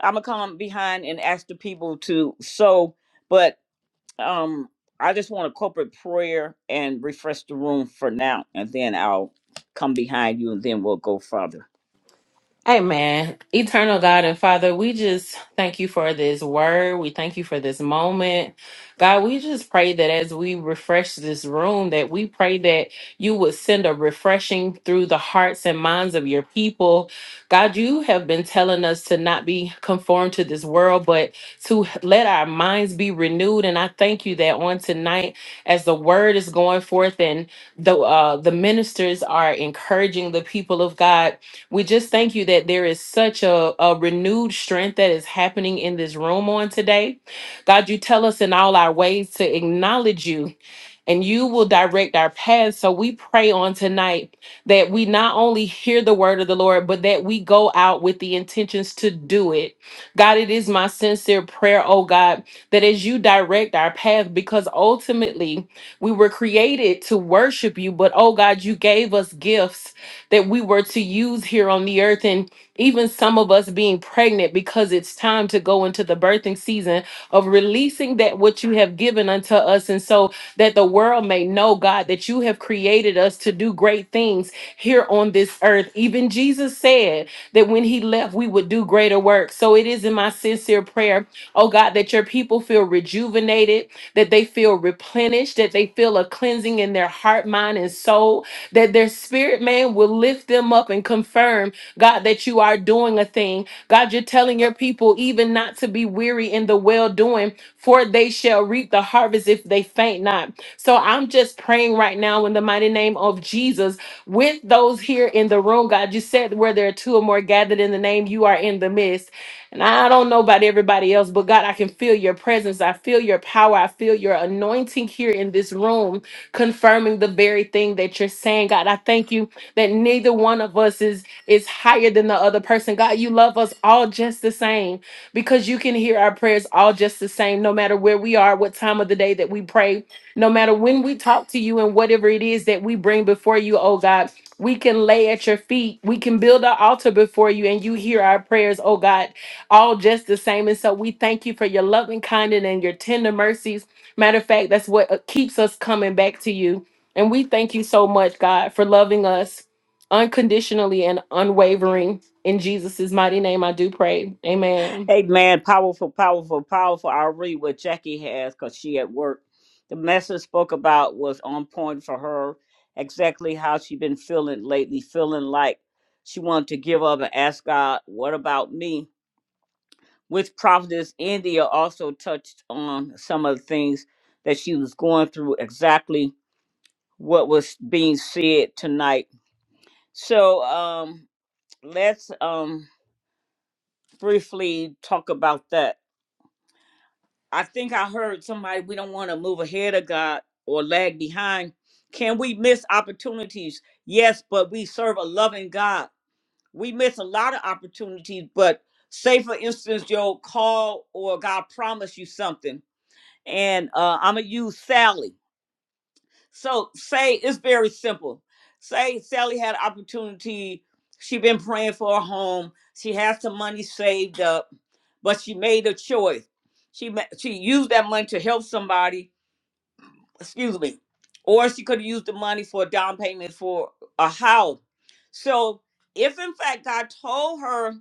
I'm going to come behind and ask the people to sow. But um, I just want a corporate prayer and refresh the room for now. And then I'll come behind you and then we'll go further.
Amen. Eternal God and Father, we just thank you for this word. We thank you for this moment. God, we just pray that as we refresh this room, that we pray that you would send a refreshing through the hearts and minds of your people. God, you have been telling us to not be conformed to this world, but to let our minds be renewed. And I thank you that on tonight, as the word is going forth and the uh, the ministers are encouraging the people of God we just thank you that there is such a, a renewed strength that is happening in this room on today. God, you tell us in all our ways to acknowledge you and you will direct our paths. So we pray on tonight that we not only hear the word of the Lord, but that we go out with the intentions to do it. God, it is my sincere prayer, oh God, that as you direct our path, because ultimately we were created to worship you, but oh God, you gave us gifts that we were to use here on the earth. And even some of us being pregnant because it's time to go into the birthing season of releasing that what you have given unto us. And so, that the world may know, God, that you have created us to do great things here on this earth, even that greater work. So it is in my sincere prayer, oh God, that your people feel rejuvenated, that they feel replenished, that they feel a cleansing in their heart, mind, and soul, that their spirit man will lift them up and confirm, God, that you are doing a thing. God, you're telling your people even not to be weary in the well doing, for they shall reap the harvest if they faint not. So I'm just praying right now in the mighty name of Jesus with those here in the room, God. You said where there are two or more gathered in the name, you are in the midst. And I don't know about everybody else, but God, I can feel your presence. I feel your power. I feel your anointing here in this room. Confirm everything that you're saying, God. I thank you that neither one of us is, is higher than the other person. God, you love us all, Jane, because you can our prayers no matter where we are, what time of the day that we pray, no matter when we talk to you and whatever it is that we bring before you, oh God, we can lay at your feet. We can build an altar before you and you hear our prayers, oh God, all just the same. And so we thank you for your loving kindness and your tender mercies. Matter of fact, that's what uh, keeps us coming back to you. And we thank you so much, God, for loving us unconditionally and unwavering. In Jesus' mighty name, I do pray. Amen.
Amen. Powerful, powerful, powerful. I'll read what Jackie has because she at work. The message spoke about was on point for her. Exactly how she been feeling lately, feeling like she wanted to give up and ask God, "What about me?" With prophetess India also touched on some of the things that she was going through, exactly what was being said tonight. So um, let's um, briefly talk about that. I think I heard somebody, we don't want to move ahead of God or lag behind. Can we miss opportunities? Yes, but we serve a loving God. We miss a lot of opportunities, but say, for instance, your call or God promised you something and uh, I'm gonna use Sally. So say it's very simple. Say Sally had opportunity. She been praying for a home. She has some money saved up, but she made a choice. She ma- she used that money to help somebody. Excuse me, or she could have used the money for a down payment for a house. So if in fact God told her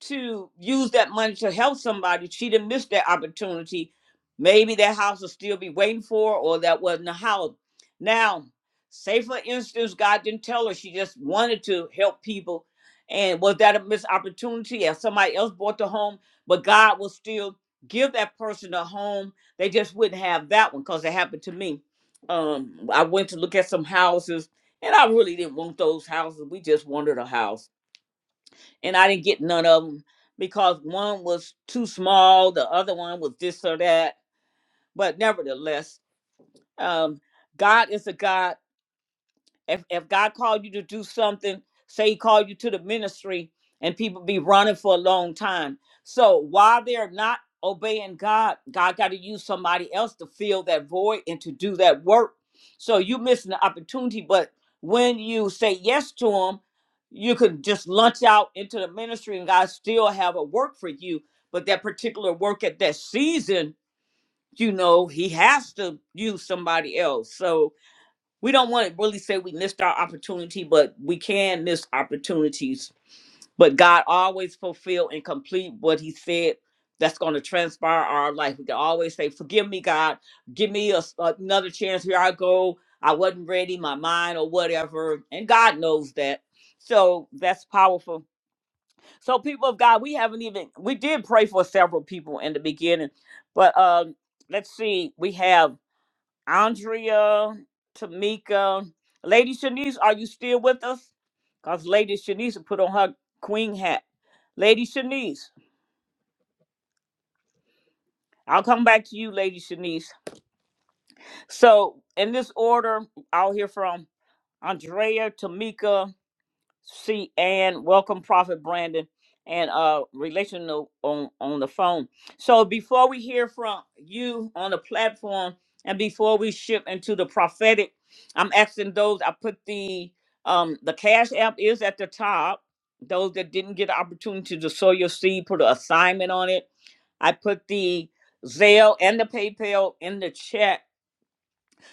to use that money to help somebody, she didn't miss that opportunity. Maybe that house will still be waiting for, her, or that wasn't a house. Now, say for instance, God didn't tell her she just wanted to help people, and was that a missed opportunity? And somebody else bought the home, but God will still give that person a home. They just wouldn't have that one because it happened to me. Um, I went to look at some houses, and I really didn't want those houses. We just wanted a house and I didn't get none of them because one was too small, the other one was this or that. But nevertheless, um, God is a God if if God called you to do something, say He called you to the ministry, and people be running for a long time. So while they're not obeying God, God got to use somebody else to fill that void and to do that work. So you missing the opportunity. But when you say yes to Him, you could just launch out into the ministry, and God still have a work for you. But that particular work at that season, you know, He has to use somebody else. So we don't want to really say we missed our opportunity, but we can miss opportunities. But God always fulfill and complete what He said. That's going to transpire our life. We can always say, "Forgive me, God. Give me a s another chance. Here I go. I wasn't ready, my mind or whatever." And God knows that. So that's powerful. So people of God, we haven't even we did pray for several people in the beginning, but um, let's see. We have. Andrea, Tamika, Lady Shanice, are you still with us? Because Lady Shanice put on her queen hat. Lady Shanice, I'll come back to you, Lady Shanice. So, in this order, I'll hear from Andrea, Tamika, see Ann. Welcome, Prophet Brandon, and uh relational on on the phone. So before we hear from you on the platform, and before we shift into the prophetic, I'm asking those. I put the um the cash app is at the top. Those that didn't get the opportunity to sow your seed, put an assignment on it. I put the Zelle and the PayPal in the chat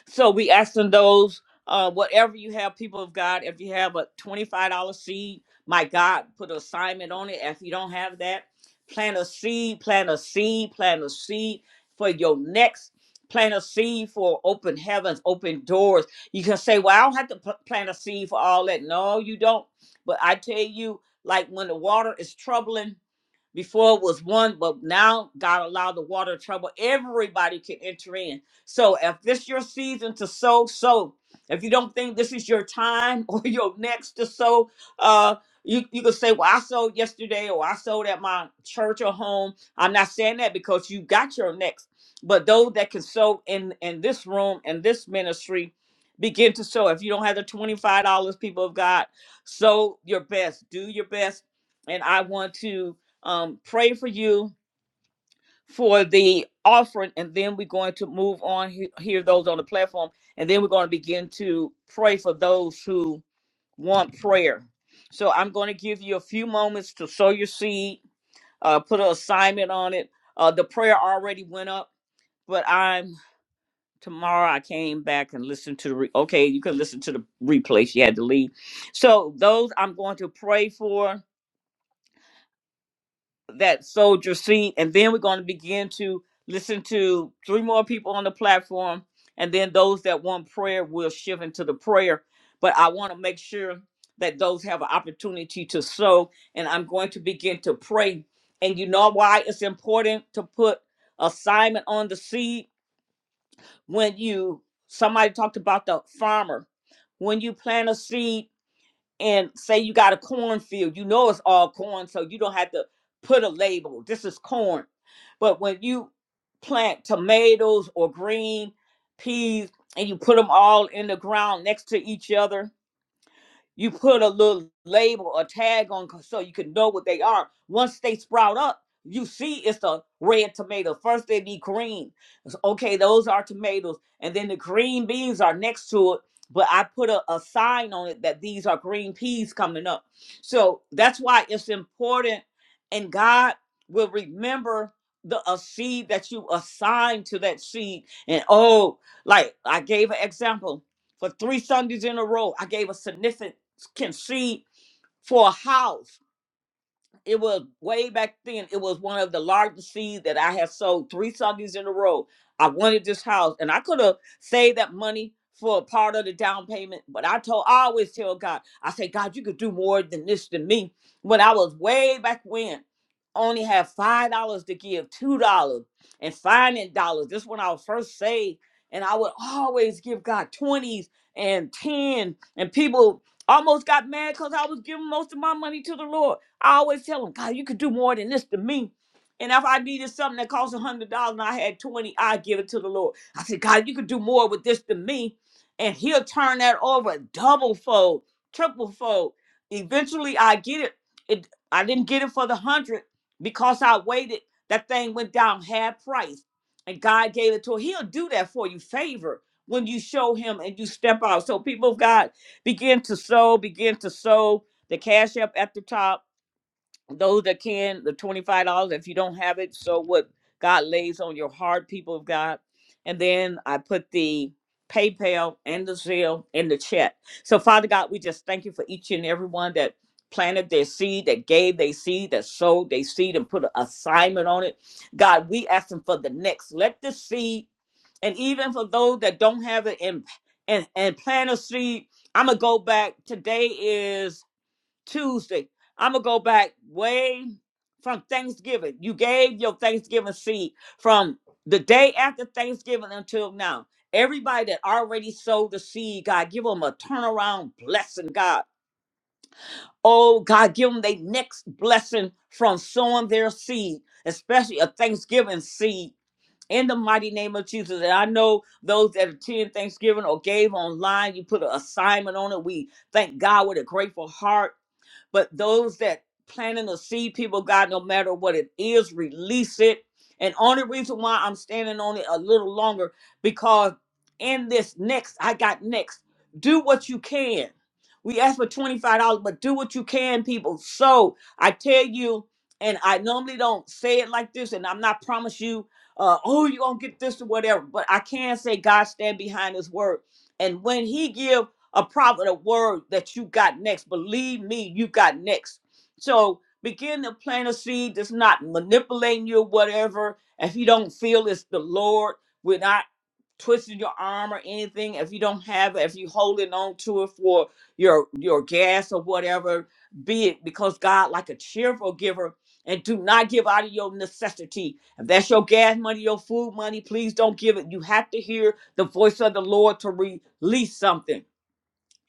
so we asking those, uh, whatever you have, people of God, if you have a twenty-five dollar seed, my God, put an assignment on it. If you don't have that, plant a seed, plant a seed, plant a seed for your next. Plant a seed for open heavens, open doors. You can say, "Well, I don't have to pl- plant a seed for all that." No, you don't. But I tell you, like when the water is troubling, before it was one, but now God allowed the water trouble. Everybody can enter in. So if this your season to sow, sow. If you don't think this is your time <laughs> or your next to sow, uh, you, you can say, Well, I sold yesterday or I sold at my church or home. I'm not saying that because you got your next. But those that can sow in, in this room and this ministry, begin to sow. If you don't have the $25, people of God, sow your best. Do your best. And I want to um, pray for you for the offering, and then we're going to move on, he- hear those on the platform, and then we're going to begin to pray for those who want prayer. So I'm going to give you a few moments to sow your seed, uh, put an assignment on it. Uh, the prayer already went up, but I'm tomorrow I came back and listened to the re- okay, you can listen to the replay. She had to leave. So those I'm going to pray for that sold your seed. And then we're going to begin to listen to three more people on the platform. And then those that want prayer will shift into the prayer. But I want to make sure that those have an opportunity to sow. And I'm going to begin to pray. And you know why it's important to put assignment on the seed when you somebody talked about the farmer. When you plant a seed, and say you got a cornfield, you know it's all corn, so you don't have to put a label. This is corn. But when you plant tomatoes or green peas and you put them all in the ground next to each other, you put a little label or tag on 'cause- so you can know what they are. Once they sprout up, you see it's a red tomato. First they be green. It's, okay, those are tomatoes. And then the green beans are next to it. But I put a, a sign on it that these are green peas coming up. So that's why it's important. And God will remember the a seed that you assigned to that seed. And oh, like I gave an example for three Sundays in a row, I gave a significant can see for a house it was way back then. It was one of the largest seeds that I had sold three Sundays in a row. I wanted this house, and I could have saved that money for a part of the down payment. But I told, I always tell God, I say, God, you could do more than this to me. When I was way back when, only had five dollars to give, two dollars, and finding dollars. This when I was first saved, and I would always give God twenties and ten, and people almost got mad because I was giving most of my money to the Lord. I always tell them, God, you could do more than this to me. And if I needed something that cost a hundred dollars and I had twenty, I give it to the Lord. I said, God, you could do more with this than me, and He'll turn that over double fold, triple fold. Eventually, I get it. It I didn't get it for the hundred because I waited. That thing went down half price, and God gave it to her. He'll do that for you, favor when you show Him and you step out. So people of God begin to sow, begin to sow. The cash up at the top those that can the $25 if you don't have it so what god lays on your heart people of god and then i put the paypal and the zelle in the chat so father god we just thank you for each and every one that planted their seed that gave their seed that sowed their seed and put an assignment on it god we ask them for the next let the seed and even for those that don't have it and and, and plant a seed i'm gonna go back today is. Tuesday. I'm gonna go back way from Thanksgiving. You gave your Thanksgiving seed from the day after Thanksgiving until now. Everybody that already sowed the seed, God, give them a turnaround blessing, God. Oh, God, give them their next blessing from sowing their seed, especially a Thanksgiving seed. In the mighty name of Jesus. And I know those that attend Thanksgiving or gave online, you put an assignment on it. We thank God with a grateful heart but those that planting to see people, God, no matter what it is, release it. And only reason why I'm standing on it a little longer because in this next, I got next. Do what you can. We ask for twenty-five dollars, but do what you can, people. So I tell you, and I normally don't say it like this, and I'm not promise you, uh, oh, you're gonna get this or whatever. But I can say God stand behind His word, and when He give a prophet, a word that you got next. Believe me, you got next. So begin to plant a seed that's not manipulating you or whatever. If you don't feel it's the Lord, we're not twisting your arm or anything. If you don't have it, if you holding on to it for your your gas or whatever, be it because God like a cheerful giver. And do not give out of your necessity. If that's your gas money, your food money, please don't give it. You have to hear the voice of the Lord to release something.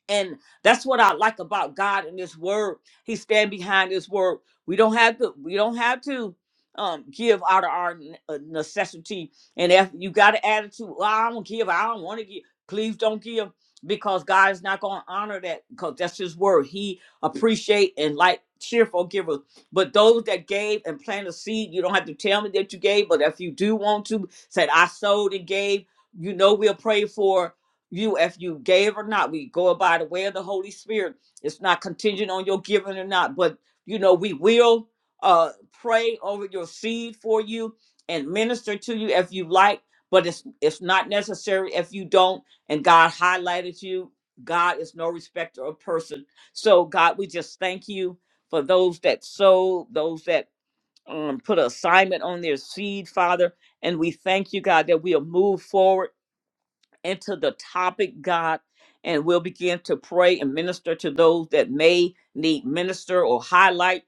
And that's what I like about God and His Word. He stand behind His Word. We don't have to. We don't have to um, give out of our n- uh, necessity. And if you got an attitude, well, I don't give. I don't want to give. Please don't give because God is not going to honor that because that's His Word. He appreciate and like cheerful givers. But those that gave and planted a seed, you don't have to tell me that you gave. But if you do want to, said I sowed and gave. You know we'll pray for you if you gave or not. We go by the way of the Holy Spirit. It's not contingent on your giving or not, but you know, we will uh pray over your seed for you and minister to you if you like, but it's it's not necessary if you don't. And God highlighted you. God is no respecter of person. So God, we just thank you for those that sow, those that um, put an assignment on their seed, Father. And we thank you, God, that we'll move forward into the topic, God, and we'll begin to pray and minister to those that may need minister or highlight.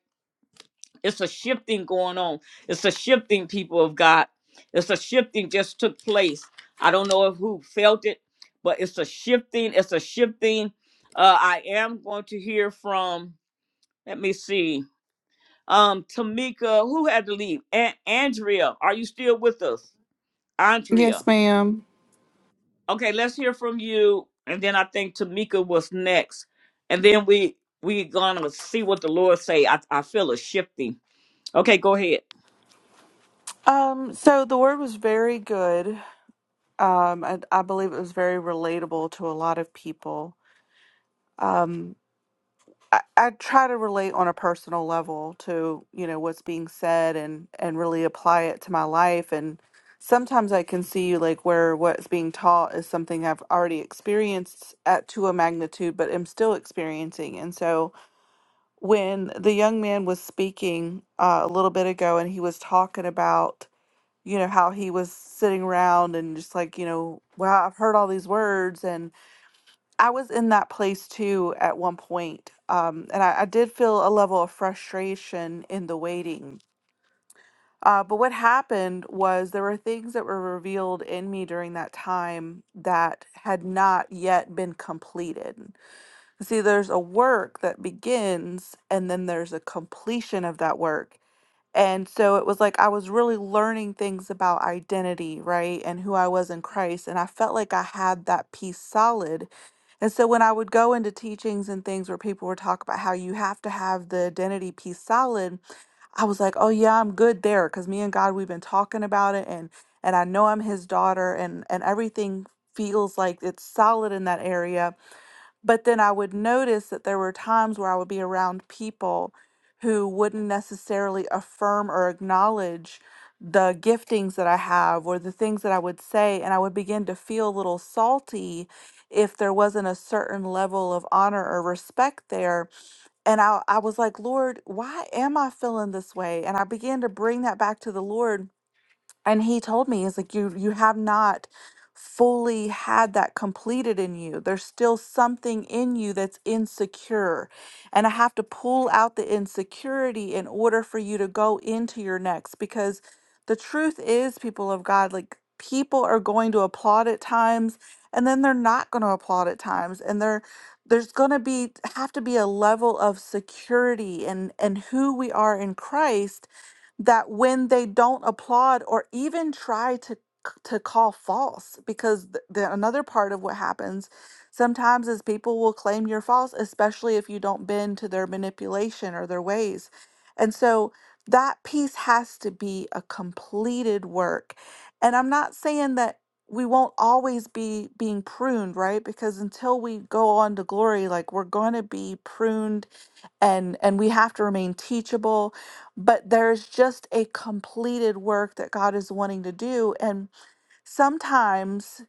It's a shifting going on. It's a shifting, people of God. It's a shifting just took place. I don't know if who felt it, but it's a shifting. It's a shifting. Uh, I am going to hear from. Let me see. Um, Tamika, who had to leave? An- Andrea, are you still with us? Andrea.
Yes, ma'am.
Okay, let's hear from you, and then I think Tamika was next, and then we we gonna see what the Lord say. I I feel a shifting. Okay, go ahead.
Um, so the word was very good. Um, I, I believe it was very relatable to a lot of people. Um, I, I try to relate on a personal level to, you know, what's being said and and really apply it to my life. And sometimes I can see like where what's being taught is something I've already experienced at to a magnitude, but am still experiencing. And so when the young man was speaking uh, a little bit ago, and he was talking about you know how he was sitting around and just like you know wow i've heard all these words and i was in that place too at one point um, and I, I did feel a level of frustration in the waiting uh, but what happened was there were things that were revealed in me during that time that had not yet been completed see there's a work that begins and then there's a completion of that work and so it was like I was really learning things about identity, right? And who I was in Christ. And I felt like I had that piece solid. And so when I would go into teachings and things where people were talking about how you have to have the identity piece solid, I was like, "Oh yeah, I'm good there," because me and God, we've been talking about it, and and I know I'm His daughter, and and everything feels like it's solid in that area. But then I would notice that there were times where I would be around people who wouldn't necessarily affirm or acknowledge the giftings that I have or the things that I would say. And I would begin to feel a little salty if there wasn't a certain level of honor or respect there and I, I was like, Lord, why am I feeling this way? And I began to bring that back to the Lord and he told me he's like you you have not fully had that completed in you there's still something in you that's insecure and i have to pull out the insecurity in order for you to go into your next because the truth is people of god like people are going to applaud at times and then they're not going to applaud at times and there there's going to be have to be a level of security and and who we are in christ that when they don't applaud or even try to to call false because th- the, another part of what happens sometimes is people will claim you're false especially if you don't bend to their manipulation or their ways and so that piece has to be a completed work and i'm not saying that we won't always be being pruned right because until we go on to glory like we're going to be pruned and and we have to remain teachable but there's just a completed work that God is wanting to do and sometimes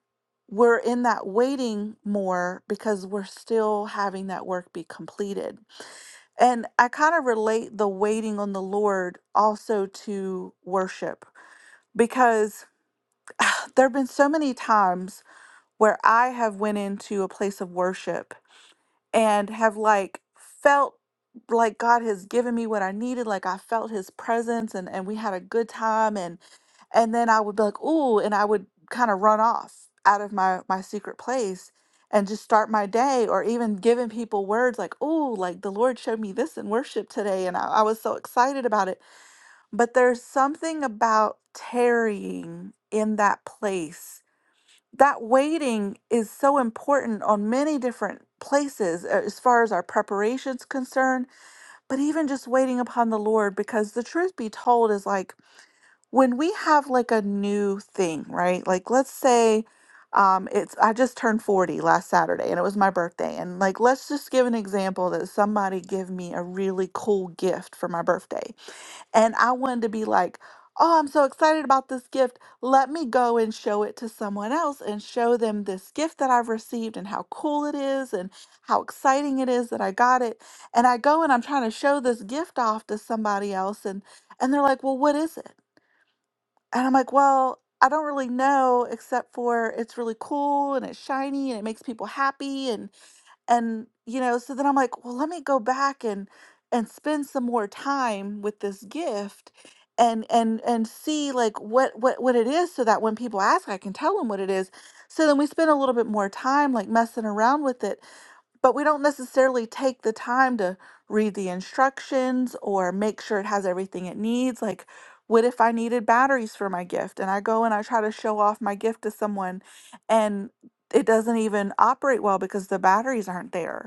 we're in that waiting more because we're still having that work be completed and I kind of relate the waiting on the Lord also to worship because there have been so many times where I have went into a place of worship and have like felt like God has given me what I needed. Like I felt his presence and, and we had a good time and and then I would be like, ooh, and I would kind of run off out of my my secret place and just start my day or even giving people words like, ooh, like the Lord showed me this in worship today and I, I was so excited about it. But there's something about tarrying in that place that waiting is so important on many different places uh, as far as our preparations concerned but even just waiting upon the lord because the truth be told is like when we have like a new thing right like let's say um it's i just turned 40 last saturday and it was my birthday and like let's just give an example that somebody give me a really cool gift for my birthday and I wanted to be like, oh, I'm so excited about this gift. Let me go and show it to someone else and show them this gift that I've received and how cool it is and how exciting it is that I got it. And I go and I'm trying to show this gift off to somebody else and and they're like, "Well, what is it?" And I'm like, "Well, I don't really know except for it's really cool and it's shiny and it makes people happy and and you know so then i'm like well let me go back and and spend some more time with this gift and and and see like what what what it is so that when people ask i can tell them what it is so then we spend a little bit more time like messing around with it but we don't necessarily take the time to read the instructions or make sure it has everything it needs. Like, what if I needed batteries for my gift and I go and I try to show off my gift to someone and it doesn't even operate well because the batteries aren't there?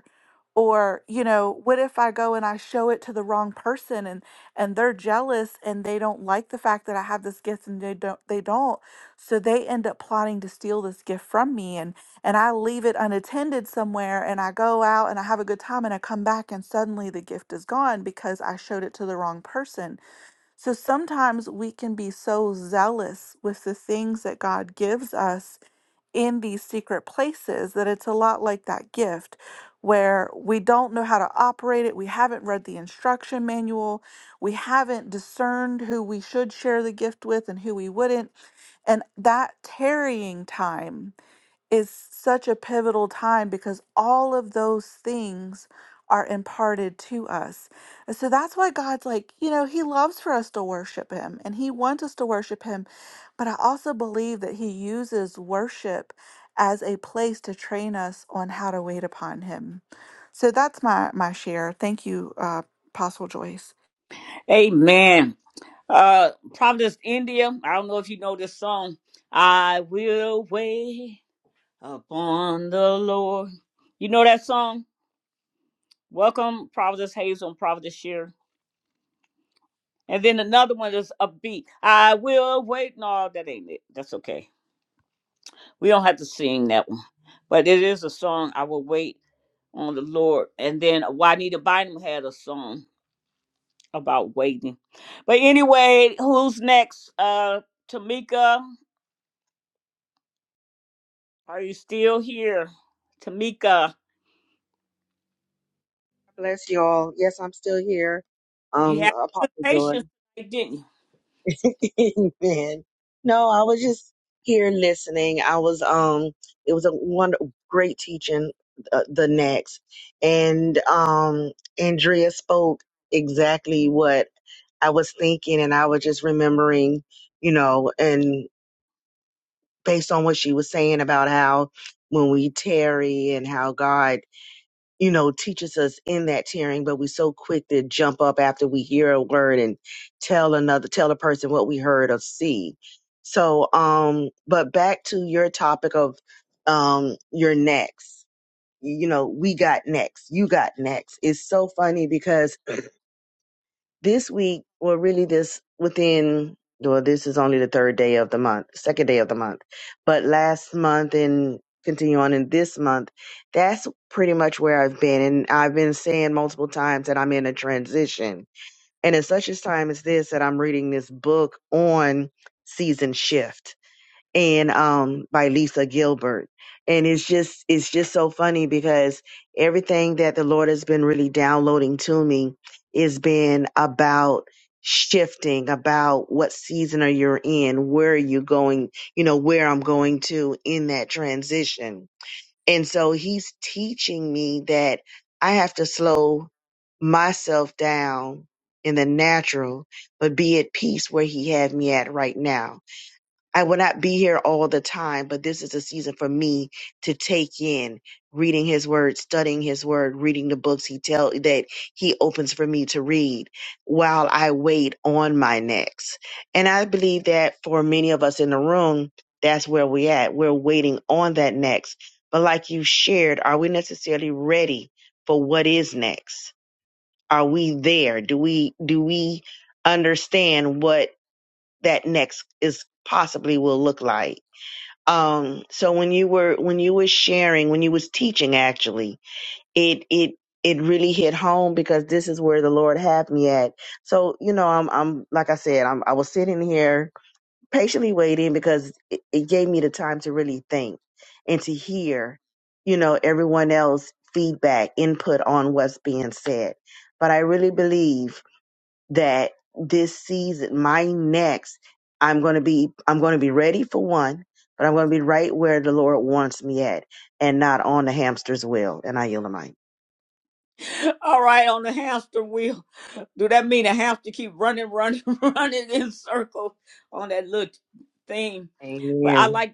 or you know what if i go and i show it to the wrong person and and they're jealous and they don't like the fact that i have this gift and they don't they don't so they end up plotting to steal this gift from me and and i leave it unattended somewhere and i go out and i have a good time and i come back and suddenly the gift is gone because i showed it to the wrong person so sometimes we can be so zealous with the things that god gives us in these secret places that it's a lot like that gift where we don't know how to operate it. We haven't read the instruction manual. We haven't discerned who we should share the gift with and who we wouldn't. And that tarrying time is such a pivotal time because all of those things are imparted to us. And so that's why God's like, you know, He loves for us to worship Him and He wants us to worship Him. But I also believe that He uses worship as a place to train us on how to wait upon Him. So that's my my share. Thank you, uh, Apostle Joyce.
Amen. Uh, Providence, India. I don't know if you know this song. I will wait upon the Lord. You know that song? Welcome, Providence Hazel and Providence Shear. And then another one is upbeat. I will wait. No, that ain't it. That's okay. We don't have to sing that one, but it is a song. I will wait on the Lord. And then Juanita Bynum had a song about waiting. But anyway, who's next? Uh, Tamika, are you still here? Tamika,
Bless you all. Yes, I'm still here.
you
Um,
had good
Apostle Joy.
patience, today, didn't you?
<laughs> Amen. No, I was just here listening. I was um, it was a one great teaching. Uh, the next, and um, Andrea spoke exactly what I was thinking, and I was just remembering, you know, and based on what she was saying about how when we tarry and how God you know, teaches us in that tearing, but we're so quick to jump up after we hear a word and tell another, tell a person what we heard or see. So, um, but back to your topic of, um, your next, you know, we got next, you got next. It's so funny because this week, or really this within, well, this is only the third day of the month, second day of the month, but last month and continue on in this month, that's pretty much where I've been. And I've been saying multiple times that I'm in a transition. And at such a time as this, that I'm reading this book on season shift and um by Lisa Gilbert. And it's just it's just so funny because everything that the Lord has been really downloading to me is been about shifting about what season are you in, where are you going, you know, where I'm going to in that transition. And so he's teaching me that I have to slow myself down in the natural, but be at peace where he had me at right now I will not be here all the time, but this is a season for me to take in reading his word, studying his word, reading the books he tell that he opens for me to read while I wait on my next. And I believe that for many of us in the room, that's where we at. We're waiting on that next. But like you shared, are we necessarily ready for what is next? Are we there? Do we do we understand what that next is possibly will look like. Um, so when you were when you were sharing, when you was teaching, actually, it it it really hit home because this is where the Lord had me at. So you know, I'm I'm like I said, I'm I was sitting here patiently waiting because it, it gave me the time to really think and to hear, you know, everyone else feedback, input on what's being said. But I really believe that this season, my next, I'm going to be, I'm going to be ready for one, but I'm going to be right where the Lord wants me at and not on the hamster's wheel. And I yield the mic.
<laughs> All right, on the hamster wheel. <laughs> Do that mean a hamster keep running, running, <laughs> running in circles on that little thing? But I
Amen.
like.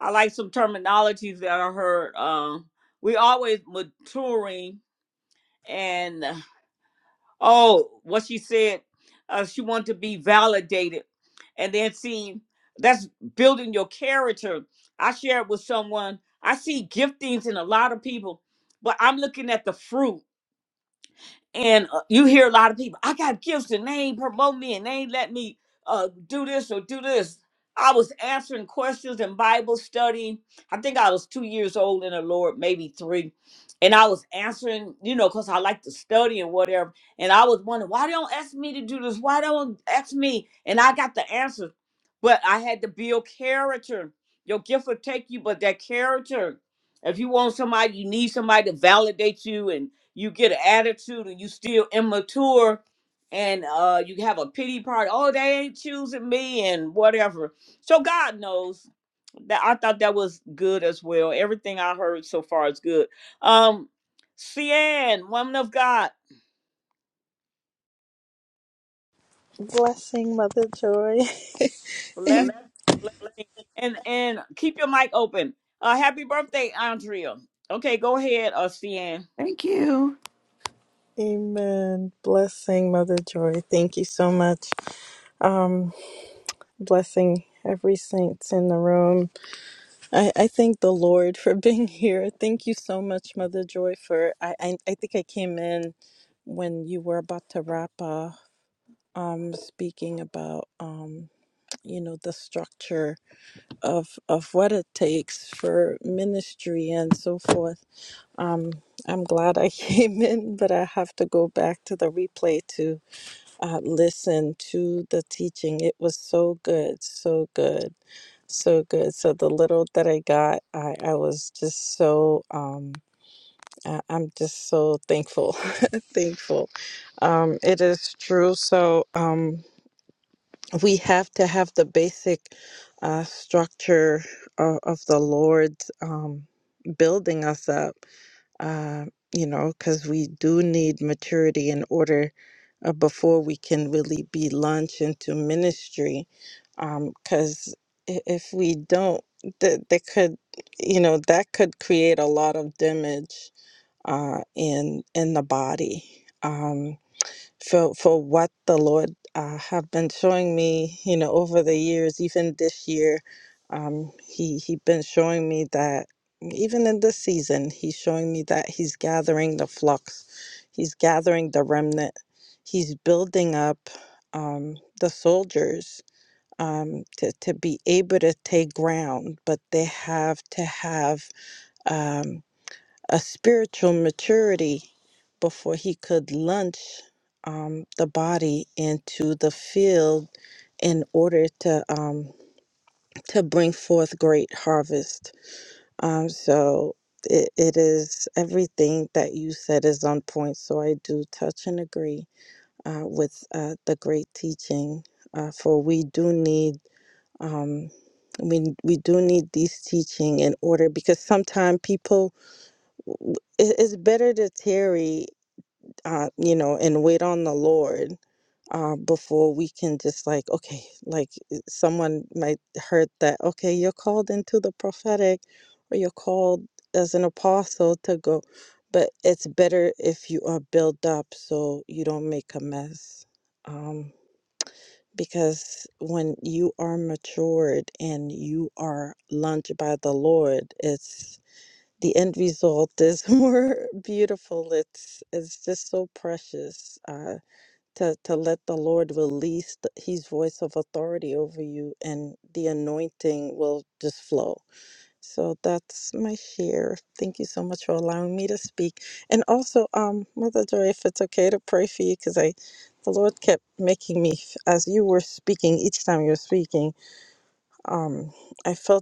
I like some terminologies that I heard. Um, we always maturing and uh, oh, what she said, uh, she wanted to be validated, and then see that's building your character. I shared with someone. I see giftings in a lot of people, but I'm looking at the fruit and uh, you hear a lot of people, I got gifts and they ain't promote me and they ain't let me uh, do this or do this. I was answering questions in Bible study. I think I was two years old in the Lord, maybe three. And I was answering, you know, because I like to study and whatever. And I was wondering, why they don't ask me to do this? Why they don't ask me? And I got the answers. But I had to build character. Your gift will take you, but that character, if you want somebody, you need somebody to validate you and you get an attitude and you still immature and uh you have a pity party oh they ain't choosing me and whatever so god knows that i thought that was good as well everything i heard so far is good um cn woman of god
Blessing, Mother Joy.
bless
<laughs>
blessing and and keep your mic open uh happy birthday andrea okay go ahead uh cn
Thank you.
Amen. Blessing, Mother Joy. Thank you so much. Um, blessing every saints in the room. I, I thank the Lord for <laughs> being here. Thank you so much, Mother Joy, for I, I, I think I came in when you were about to wrap up um speaking about um you know the structure of of what it takes for ministry and so forth Um, I'm glad I <laughs> came in, but I have to go back to the replay to uh, listen to the teaching. It was so good, so good, so good. So the little that I got, I, I was just so um, I, I'm just so thankful, <laughs> thankful. Um, it is true. So um, we have to have the basic uh, structure of, of the Lord um, building us up um, you know, because we do need maturity in order uh, before we can really be launched into ministry. Because if we don't, th- that could, you know, that could create a lot of damage uh, in in the body. um, for for what the Lord uh, have been showing me, you know, over the years, even this year, um, he he been showing me that even in this season, he's showing me that he's gathering the flocks, he's gathering the remnant, he's building up um, the soldiers um, to to be able to take ground, but they have to have. Um, a spiritual maturity before he could launch um, the body into the field in order to um, to bring forth great harvest. Um, so it, it is everything that you said is on point. So I do touch and agree uh, with uh, the great teaching, uh, for we do need. Um, we, we do need these teaching in order because sometimes people it- it's better to tarry, uh, you know, and wait on the Lord uh, before we can just like, okay, like uh, someone might heard that, okay, you're called into the prophetic or you're called as an apostle to go. But it's better if you are built up so you don't make a mess. Um, because when you are matured and you are launched by the Lord, it's the end result is <laughs> more beautiful. It's it's just so precious uh, to to let the Lord release the, His voice of authority over you, and the anointing will just flow. So that's my share. Thank you so much for allowing me to speak, and also, um, Mother Joy, if it's okay to pray for you, because I, the Lord kept making me as you were speaking each time you were speaking. Um, I felt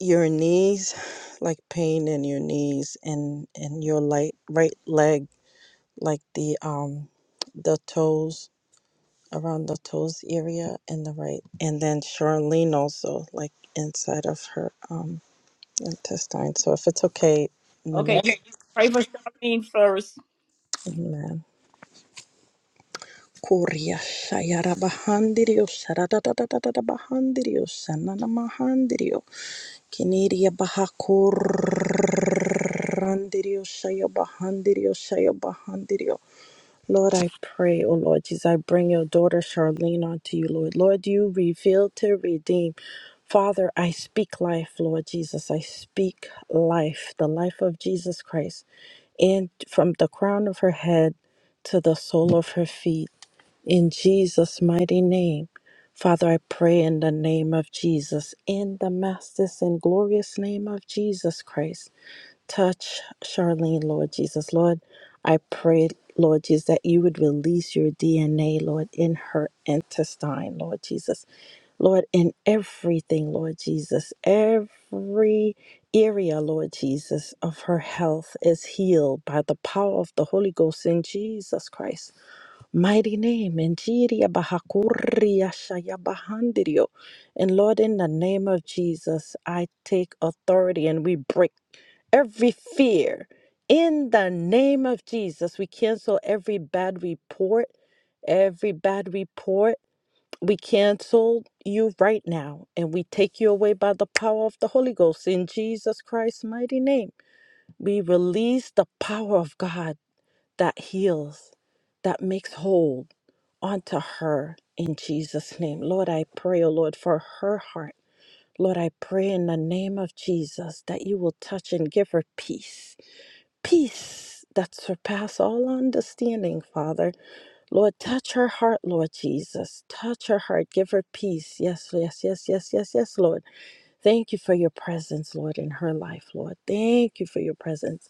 your knees like pain in your knees and and your light right leg like the um the toes around the toes area and the right and then Charlene also like inside of her um intestine so if it's okay
Okay,
Manette
you
Okay.
pray for Charlene first.
amen Korea shayara bahandirio shara da da da da da bahandirio shana Kinidia Bahakurandirio Shaya Bahandirio Shaya Bahandirio. Lord, I pray, oh Lord Jesus, I bring your daughter Charlene unto you, Lord. Lord, you reveal to redeem. Father, I speak life, Lord Jesus. I speak life, the life of Jesus Christ, and from the crown of her head to the sole of her feet. In Jesus' mighty name, Father, I pray in the name of Jesus, in the master's and glorious name of Jesus Christ. Touch Charlene, Lord Jesus. Lord, I pray, Lord Jesus, that you would release your DNA, Lord, in her intestine, Lord Jesus. Lord, in everything, Lord Jesus, every area, Lord Jesus, of her health is healed by the power of the Holy Ghost in Jesus Christ. Mighty name, Injiria Bahakuria Shaya Bahandirio, And Lord, in the name of Jesus, I take authority and we break every fear. In the name of Jesus, we cancel every bad report, every bad report. We cancel you right now and we take you away by the power of the Holy Ghost. In Jesus Christ's mighty name, we release the power of God that heals, that makes whole onto her in Jesus' name. Lord, I pray, oh Lord, for her heart. Lord, I pray in the name of Jesus that you will touch and give her peace. Peace that surpass all understanding, Father. Lord, touch her heart, Lord Jesus. Touch her heart. Give her peace. Yes, yes, yes, yes, yes, yes, Lord. Thank you for your presence, Lord, in her life, Lord. Thank you for your presence.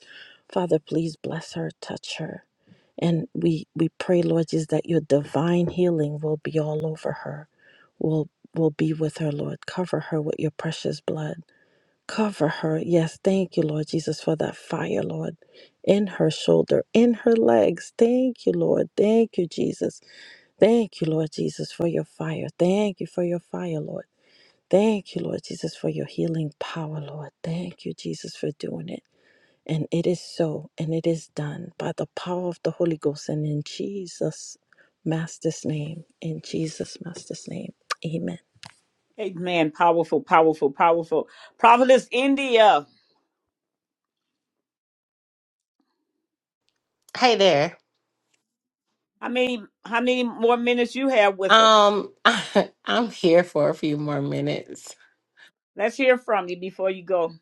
Father, please bless her, touch her. And we we pray, Lord, just that your divine healing will be all over her, will will be with her, Lord. Cover her with your precious blood. Cover her. Yes, thank you, Lord Jesus, for that fire, Lord, in her shoulder, in her legs. Thank you, Lord. Thank you, Jesus. Thank you, Lord Jesus, for your fire. Thank you for your fire, Lord. Thank you, Lord Jesus, for your healing power, Lord. Thank you, Jesus, for doing it. And it is so, and it is done by the power of the Holy Ghost and in Jesus' Master's name. In Jesus' Master's name. Amen.
Amen. Powerful, powerful, powerful. Prophetess India.
Hey there.
How many how many more minutes you have with us?
Um, <laughs> I'm here for a few more minutes.
Let's hear from you before you go.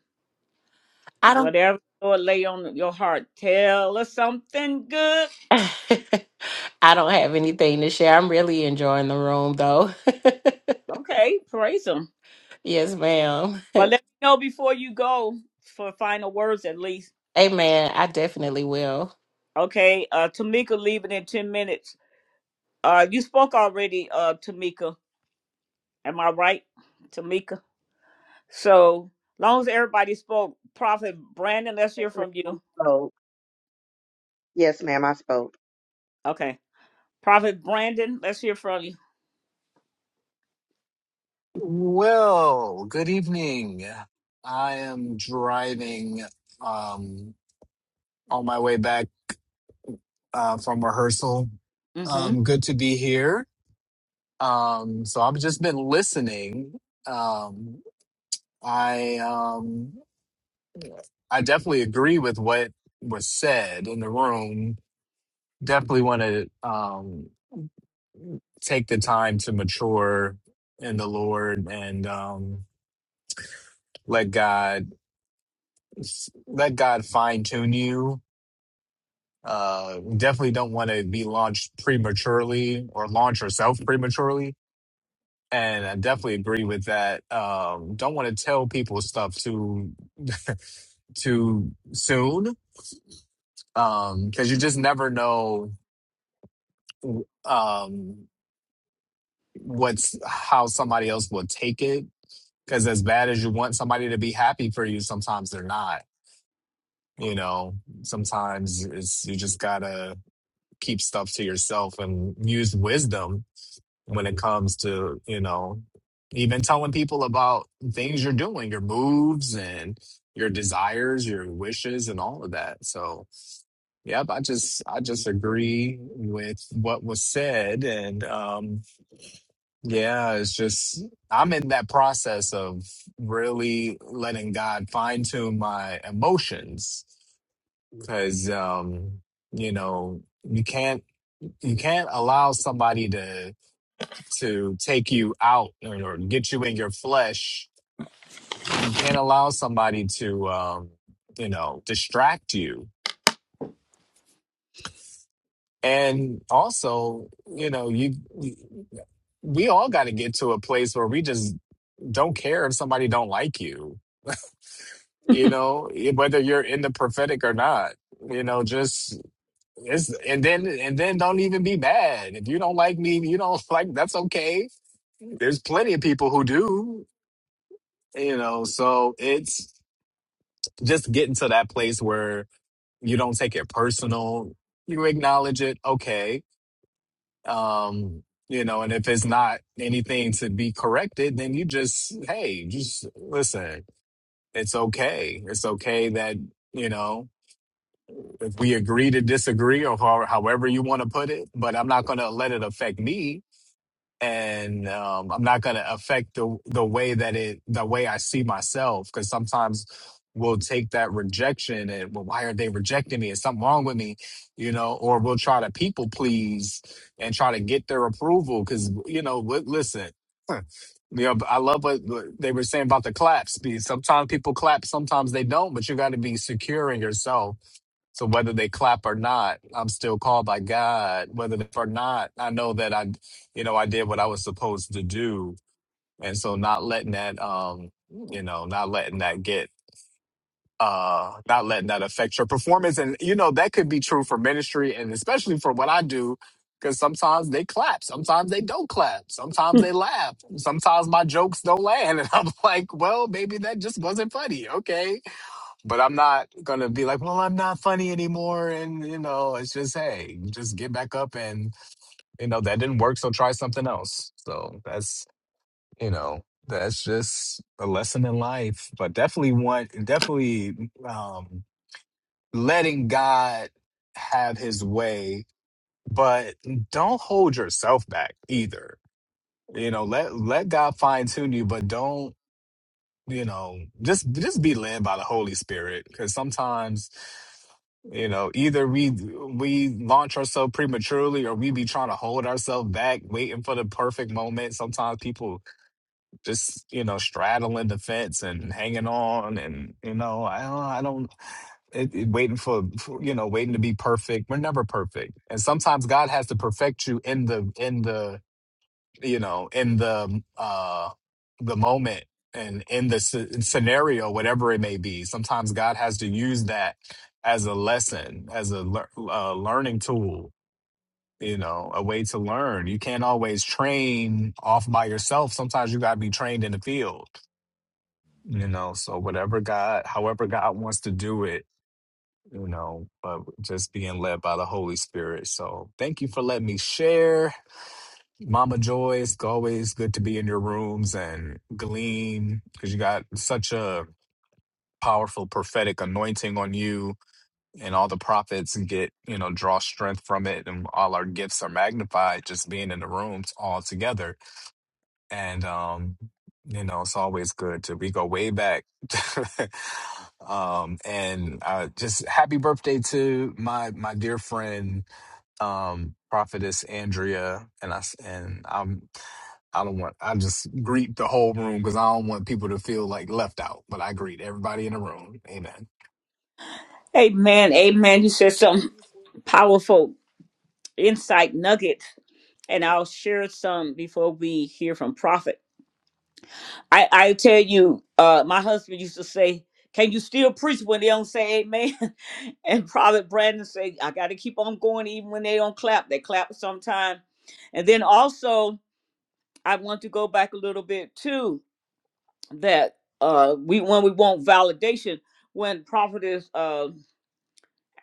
I don't
Whatever the Lord lay on your heart, tell us something good.
<laughs> I don't have anything to share. I'm really enjoying the room though. <laughs>
Okay, praise him.
yes, ma'am.
But let me know before you go for final words at least.
Amen. I definitely will.
Okay, uh Tamika leaving in ten minutes. Uh you spoke already, uh Tamika. Am I right? Tamika? So long as everybody spoke, Prophet Brandon, let's
Yes,
hear
ma'am.
from you.
I spoke. Yes, ma'am. I spoke.
Okay. Prophet Brandon, let's hear from you.
Well, good evening. I am driving um, on my way back uh, from rehearsal.
hmm
Um, good to be here. Um, so I've just been listening. Um, I um, I definitely agree with what was said in the room. Definitely want to um, take the time to mature in the Lord and um, let God let God fine tune you Uh, we definitely don't want to be launched prematurely or launch herself prematurely. And I definitely agree with that. Um, don't want to tell people stuff too <laughs> too soon Um, because you just never know um, what's how somebody else will take it. Because as bad as you want somebody to be happy for you, sometimes they're not. You know, sometimes it's you just gotta keep stuff to yourself and use wisdom when it comes to you know even telling people about things you're doing your moves and your desires your wishes and all of that so yep i just i just agree with what was said and um yeah it's just i'm in that process of really letting god fine-tune my emotions because um you know you can't you can't allow somebody to to take you out or, or get you in your flesh. You can't allow somebody to, um, you know, distract you. And also, you know, you we all got to get to a place where we just don't care if somebody don't like you. You know, whether you're in the prophetic or not. You know, just it's and then and then don't even be mad if you don't like me. You don't <laughs> like that's okay. There's plenty of people who do you know so it's just getting to that place where you don't take it personal you acknowledge it okay um you know and if it's not anything to be corrected then you just hey just listen it's okay it's okay that you know if we agree to disagree or how, however you want to put it but i'm not going to let it affect me and um, I'm not going to affect the the way that it the way I see myself because sometimes we'll take that rejection and well, why are they rejecting me? Is something wrong with me? You know, or we'll try to people please and try to get their approval because you know, li- listen. huh, You know, I love what what they were saying about the claps. Be- Sometimes people clap, sometimes they don't, but you got to be secure in yourself so whether they clap or not, I'm still called by God. Whether they or not, I know that I, you know, I did what I was supposed to do, and so not letting that, um, you know, not letting that get, uh, not letting that affect your performance, and you know that could be true for ministry, and especially for what I do, because sometimes they clap, sometimes they don't clap,
<laughs>
sometimes they laugh, sometimes my jokes don't land, <laughs> and I'm like, well, maybe that just wasn't funny. Okay, but I'm not gonna be like, well, I'm not funny anymore, and you know, it's just hey, just get back up, and you know that didn't work, so try something else. So that's you know that's just a lesson in life, but definitely want, definitely um, letting God have His way, but don't hold yourself back either. You know, let let God fine tune you, but don't you know just just be led by the holy spirit because sometimes you know either we we launch ourselves prematurely or we be trying to hold ourselves back waiting for the perfect moment sometimes people just you know straddling the fence and hanging on and you know i don't i don't it, it- waiting for, for you know waiting to be perfect we're never perfect and sometimes god has to perfect you in the in the you know in the uh the moment and in the sce- scenario whatever it may be sometimes god has to use that as a lesson as a, lear- a learning tool you know a way to learn you can't always train off by yourself sometimes you got to be trained in the field you know so whatever god however god wants to do it you know but just being led by the holy spirit so thank you for letting me share Mama Joyce, always good to be in your rooms and glean because you got such a powerful prophetic anointing on you and all the prophets get, you know, draw strength from it and all our gifts are magnified just being in the rooms all together and um you know it's always good to we go way back <laughs> um and uh just happy birthday to my my dear friend um prophetess andrea and i s- and i'm i don't want i just greet the whole room because i don't want people to feel like left out but i greet everybody in the room amen
Amen. Amen. You said some powerful insight nuggets, and I'll share some before we hear from Prophet. I, I tell you, uh, my husband used to say, Can you still preach when they don't say amen? <laughs> and Prophet Brandon said, I got to keep on going even when they don't clap. They clap sometime. And then also, I want to go back a little bit too that uh we when we want validation when prophetess uh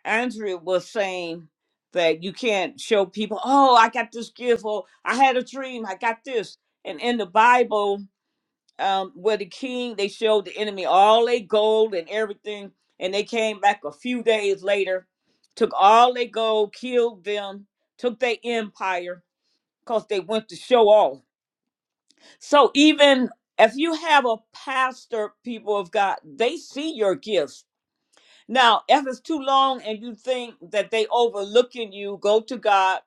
andrea was saying that you can't show people oh i got this gift or i had a dream i got this and in the bible um where the king they showed the enemy all their gold and everything and they came back a few days later took all their gold killed them took their empire because they went to show off so even if you have a pastor, people of God, they see your gifts. Now, if it's too long and you think that they overlooking you, go to God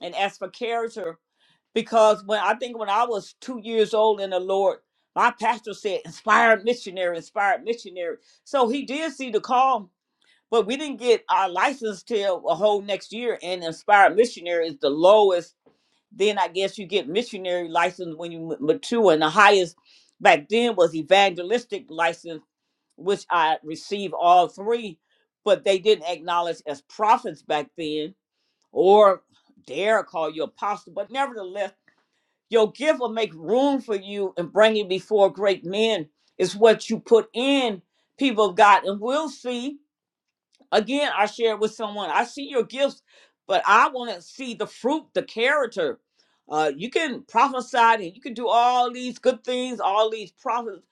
and ask for character. Because when I think when I was two years old in the Lord, my pastor said, inspired missionary, inspired missionary. So he did see the call, but we didn't get our license till a whole next year. And inspired missionary is the lowest then I guess you get missionary license when you ma- mature. And the highest back then was evangelistic license, which I received all three, but they didn't acknowledge as prophets back then or dare call you apostle. But nevertheless, your gift will make room for you and bring you before great men. It's what you put in, people of God, and we'll see. Again, I shared with someone, I see your gifts, but I want to see the fruit, the character. Uh, you can prophesy and you can do all these good things, all these prophets.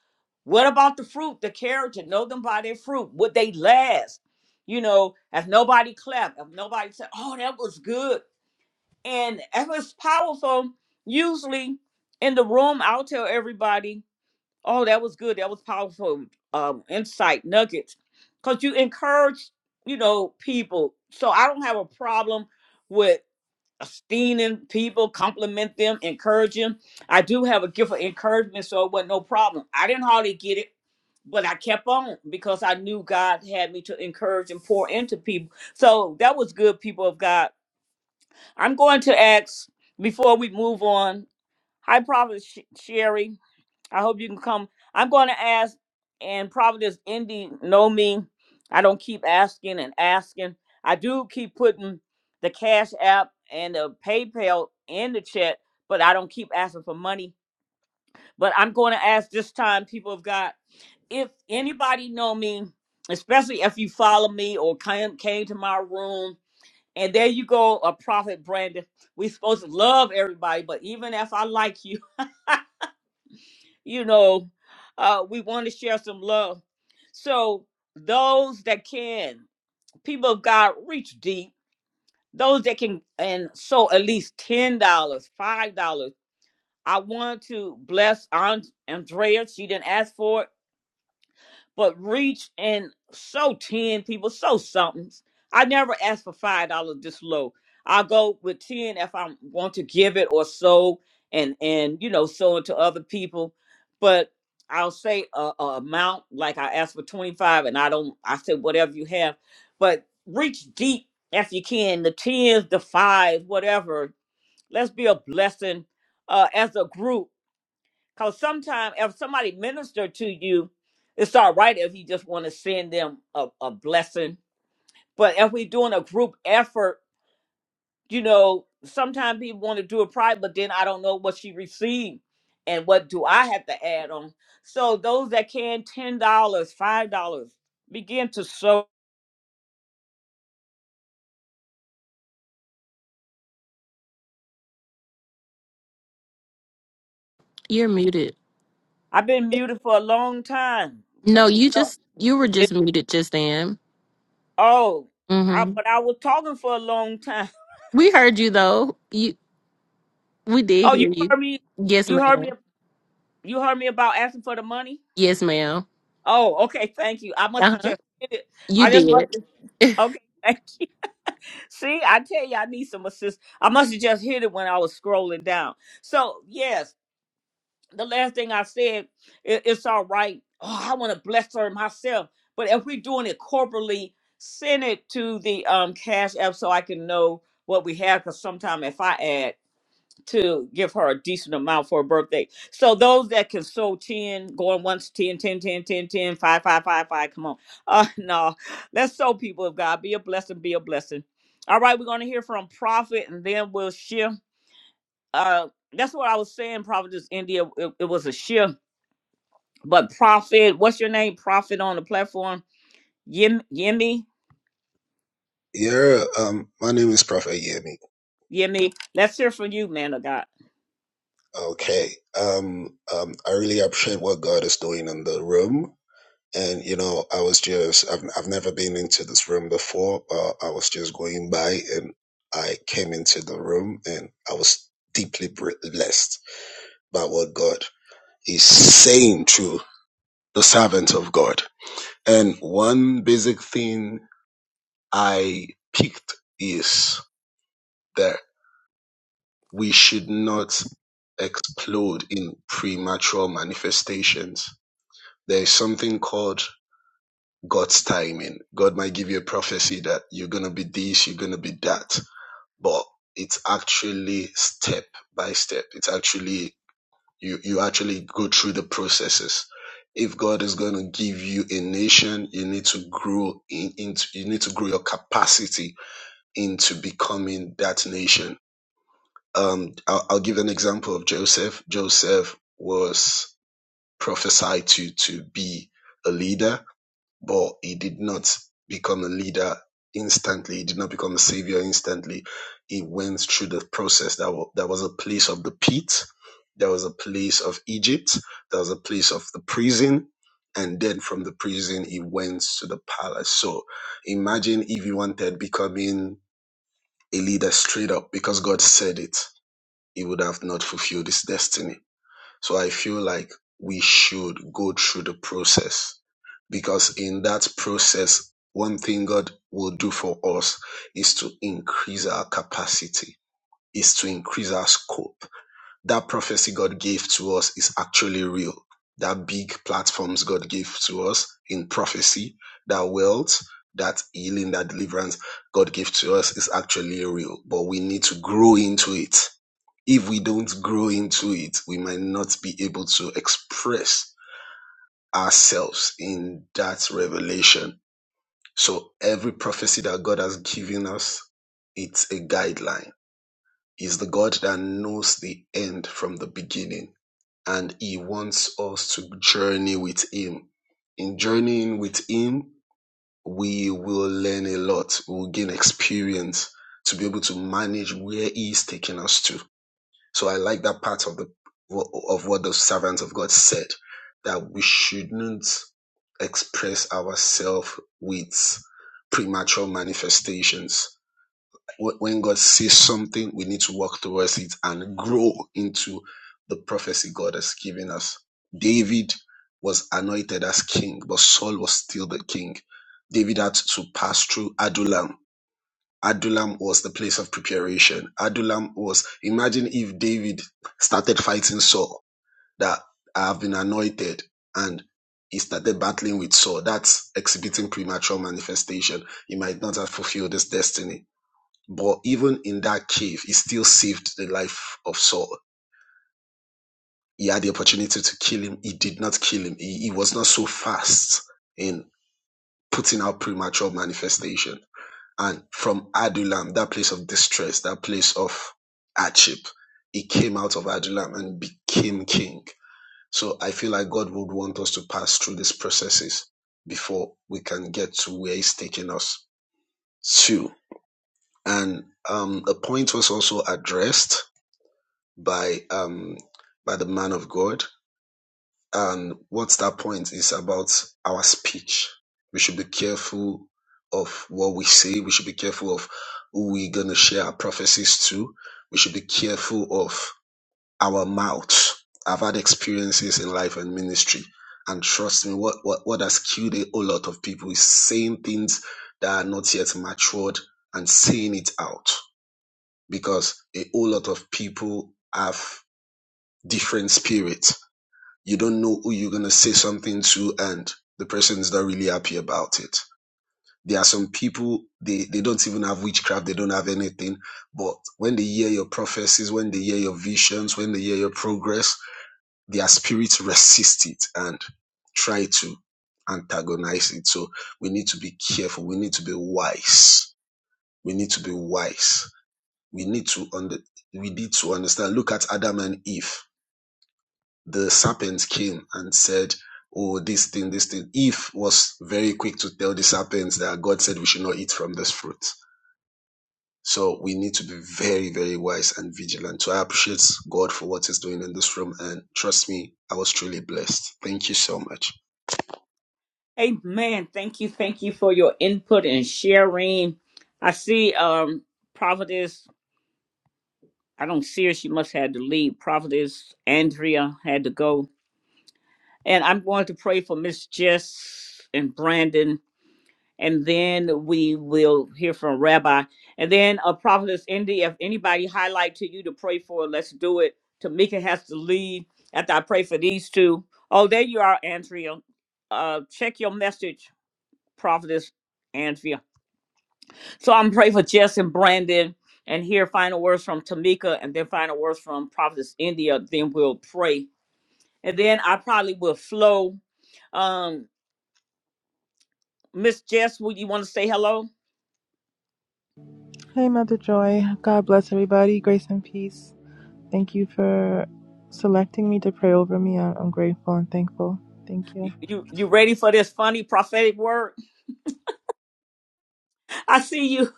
What about the fruit, the character? Know them by their fruit. Would they last? You know, if nobody clapped, if nobody said, oh, that was good. And if it's powerful, usually in the room, I'll tell everybody Oh, that was good. That was powerful um, insight nuggets. Because you encourage, you know, people. So I don't have a problem with esteeming people, compliment them, encouraging. I do have a gift of encouragement, so it wasn't no problem. I didn't hardly get it, but I kept on because I knew God had me to encourage and pour into people. So that was good, people of God. I'm going to ask before we move on. Hi, Prophet Sh- Sherry. I hope you can come. I'm going to ask, and Providence Indy know me. I don't keep asking and asking. I do keep putting the Cash App and the PayPal in the chat, but I don't keep asking for money. But I'm going to ask this time, people of God, if anybody know me, especially if you follow me or came, came to my room, and there you go, a prophet, Brandon. we supposed to love everybody, but even if I like you. you know, uh, we want to share some love. So those that can, people of God, reach deep. Those that can and so at least ten dollars, five dollars. I want to bless Aunt Andrea. She didn't ask for it but reach and so 10 people, so somethings. I never ask for $5 this low. I'll go with 10 if I want to give it or so and, and you know, so it to other people. But I'll say a, a amount, like I asked for 25 and I don't, I said whatever you have. But reach deep if you can, the 10s, the 5s, whatever. Let's be a blessing uh, as a group because sometimes if somebody minister to you, it's all right if you just want to send them a, a blessing. But if we're doing a group effort, you know, sometimes people want to do it private, but then I don't know what she received and what do I have to add on. So those that can, $10, dollars, $5, begin to sow.
You're muted.
I've been muted for a long time. So,
No,
you
you
know,
just you were
it,
just muted just then.
oh, I,
Mm-hmm.
but I was talking for a long time. <laughs>
We heard you though. You we
Oh,
did
you
hear you.
heard me?
Yes,
You heard me
ma'am.
You heard me about asking for the money?
Yes, ma'am.
Oh, okay. Thank you. I must have
Uh-huh.
just hit it.
You
I just must
did.
have. Okay. Thank you. <laughs> See, I tell you, I need some assist. I must have just hit it when I was scrolling down. So, yes, the last thing I said, it, it's all right. Oh, I want to bless her myself. But if we're doing it corporately, send it to the um, Cash App so I can know what we have. Because sometimes if I add, to give her a decent amount for her birthday. So those that can sow 10, going once, 10, 10, 10, 10, 10, 5, 5, 5, 5. come on. <laughs> Uh, no, let's sow people of God. Be a blessing, be a blessing. All right, we're going to hear from Prophet and then we'll shift. Uh, that's what I was saying, Prophetess India. It, it was a shift. But Prophet, what's your name? Prophet on the platform? Yim, Yimmy?
Yeah, um, my name is Prophet Yemi.
Yimmy. Let's hear from you, man of God.
Okay. Um, um, I really appreciate what God is doing in the room. And, you know, I was just, I've, I've never been into this room before, but I was just going by and I came into the room and I was deeply blessed by what God is saying through the servant of God. And one basic thing I picked is that. we should not explode in premature manifestations. There is something called God's timing. God might give you a prophecy that you're going to be this, you're going to be that, but it's actually step by step. It's actually, you, you actually go through the processes. If God is going to give you a nation, you need to grow in, into, you need to grow your capacity into becoming that nation um, I'll, I'll give an example of Joseph. Joseph was prophesied to to be a leader, but he did not become a leader instantly. He did not become a savior instantly. He went through the process. That was, that was a place of the pit. There was a place of Egypt. There was a place of the prison. And then from the prison, he went to the palace. So imagine if he wanted becoming a leader straight up because God said it he would have not fulfilled his destiny. So I feel like we should go through the process because in that process, one thing God will do for us is to increase our capacity, is to increase our scope. That prophecy God gave to us is actually real. That big platforms God gave to us in prophecy, that wealth, that healing, that deliverance God gave to us is actually real, but we need to grow into it if we don't grow into it, we might not be able to express ourselves in that revelation. So every prophecy that God has given us, it's a guideline. He's the God that knows the end from the beginning, and He wants us to journey with Him. In journeying with Him, we will learn a lot. We'll gain experience to be able to manage where He is taking us to So I like that part of the of what the servants of God said that we shouldn't express ourselves with premature manifestations. When God says something, we need to walk towards it and grow into the prophecy God has given us. David was anointed as king, but Saul was still the king. David had to pass through Adullam Adullam was the place of preparation. Adullam was, imagine if David started fighting Saul, that I have been anointed, and he started battling with Saul. That's exhibiting premature manifestation. He might not have fulfilled his destiny. But even in that cave, he still saved the life of Saul. He had the opportunity to kill him. He did not kill him. He, he was not so fast in putting out premature manifestation. and from Adulam, that place of distress, that place of hardship, he came out of Adulam and became king. So I feel like God would want us to pass through these processes before we can get to where He's taking us to. And um, a point was also addressed by um, by the man of God And what's that point is about our speech. We should be careful of what we say. We should be careful of who we're going to share our prophecies to. We should be careful of our mouths. I've had experiences in life and ministry. And trust me, what, what, what has killed a whole lot of people is saying things that are not yet matured and saying it out because a whole lot of people have different spirits you don't know who you're going to say something to and the person is not really happy about it there are some people they, they don't even have witchcraft they don't have anything but when they hear your prophecies when they hear your visions when they hear your progress their spirits resist it and try to antagonize it so we need to be careful we need to be wise we need to be wise we need to under, we need to understand look at adam and eve the serpent came and said, Oh, this thing, this thing. Eve was very quick to tell the serpents that God said we should not eat from this fruit. So we need to be very, very wise and vigilant. So I appreciate God for what He's doing in this room. And trust me, I was truly blessed. Thank you so much.
Amen. Thank you. Thank you for your input and sharing. I see um Providence. I don't see her. She must have to leave. Prophetess Andrea had to go. And I'm going to pray for Miss Jess and Brandon. And then we will hear from Rabbi. And then uh, Providence Indy, if anybody highlight to you to pray for, let's do it. Tamika has to leave after I pray for these two. Oh, there you are, Andrea. Uh, check your message, Prophetess Andrea. So I'm praying for Jess and Brandon and hear final words from Tamika and then final words from Prophetess India. Then we'll pray. And then I probably will flow. Um, Miss Jess, would you want to say hello?
Hey, Mother Joy. God bless everybody. Grace and peace. Thank you for selecting me to pray over me. I- I'm grateful and thankful. Thank you.
You you ready for this funny prophetic word? I see you.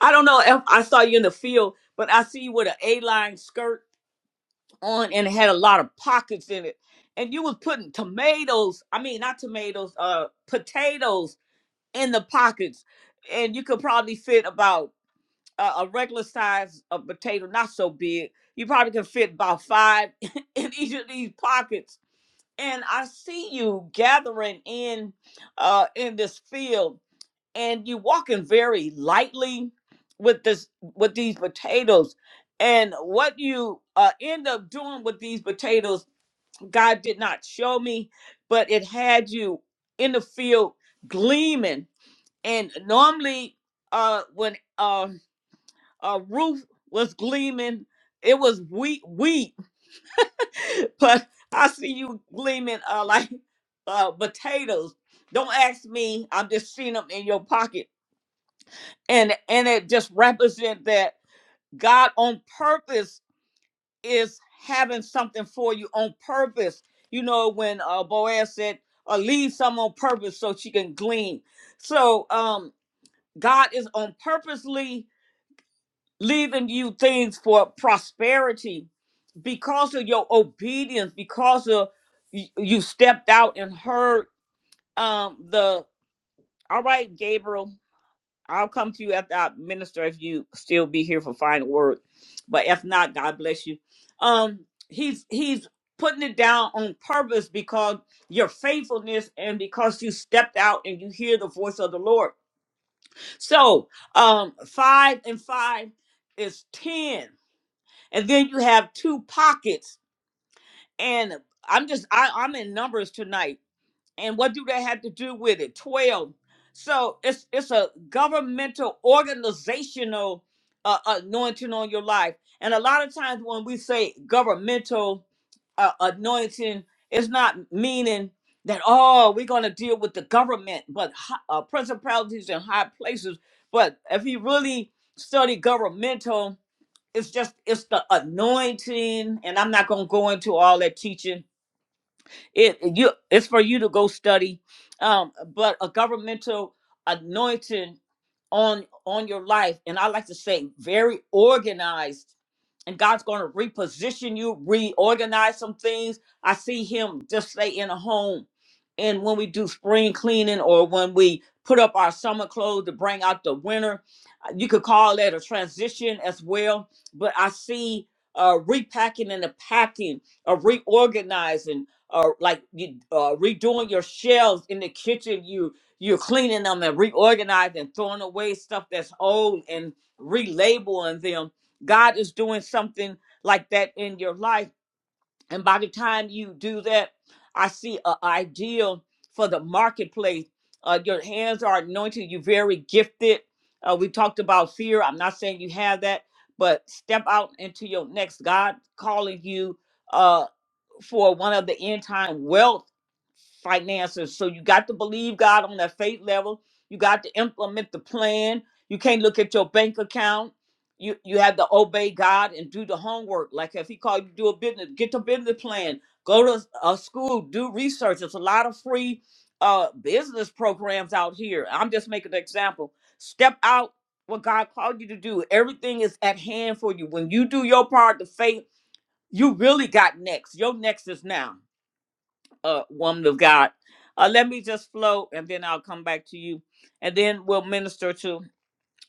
I don't know if I saw you in the field, but I see you with an A-line skirt on and it had a lot of pockets in it. And you was putting tomatoes, I mean not tomatoes, uh potatoes in the pockets, and you could probably fit about uh, a regular size of potato, not so big. You probably can fit about five <laughs> in each of these pockets. And I see you gathering in uh, in this field, and you walking very lightly with this with these potatoes. And what you uh, end up doing with these potatoes, God did not show me, but it had you in the field gleaming and normally, uh, when uh, uh, Ruth was gleaming, it was wheat, wheat. <laughs> But I see you gleaming uh, like <laughs> uh, potatoes. Don't ask me. I'm just seeing them in your pocket, and and it just represents that God on purpose is having something for you on purpose. You know when uh, Boaz said, uh, "Leave some on purpose so she can glean." So um, God is on purposely leaving you things for prosperity because of your obedience because of y- you stepped out and heard um the all right gabriel i'll come to you after i minister if you still be here for final word but if not god bless you um he's he's putting it down on purpose because your faithfulness and because you stepped out and you hear the voice of the lord so um five and five is ten and then you have two pockets and i'm just I, i'm in numbers tonight and what do they have to do with it 12 so it's it's a governmental organizational uh, anointing on your life and a lot of times when we say governmental uh, anointing it's not meaning that oh we're going to deal with the government but hi- uh, principalities and high places but if you really study governmental it's just it's the anointing and i'm not going to go into all that teaching it you it's for you to go study. Um, but a governmental anointing on on your life, and I like to say very organized. And God's going to reposition you, reorganize some things. I see Him just say in a home, and when we do spring cleaning or when we put up our summer clothes to bring out the winter, uh, you could call that a transition as well. But I see uh, repacking and the packing, of reorganizing uh, like you uh, redoing your shelves in the kitchen. You you're cleaning them and reorganizing, and throwing away stuff that's old and relabeling them. God is doing something like that in your life, and by the time you do that, I see an ideal for the marketplace. Uh, your hands are anointed. You're very gifted. Uh, we talked about fear. I'm not saying you have that, but step out into your next God calling you. Uh, for one of the end time wealth finances. So you got to believe God on that faith level. You got to implement the plan. You can't look at your bank account. You you have to obey God and do the homework. Like if He called you to do a business, get the business plan. Go to a school, do research. There's a lot of free uh, business programs out here. I'm just making an example. Step out what God called you to do. Everything is at hand for you. When you do your part, the faith you really got next. Your next is now, uh, woman of God. Uh, let me just flow, and then I'll come back to you, and then we'll minister to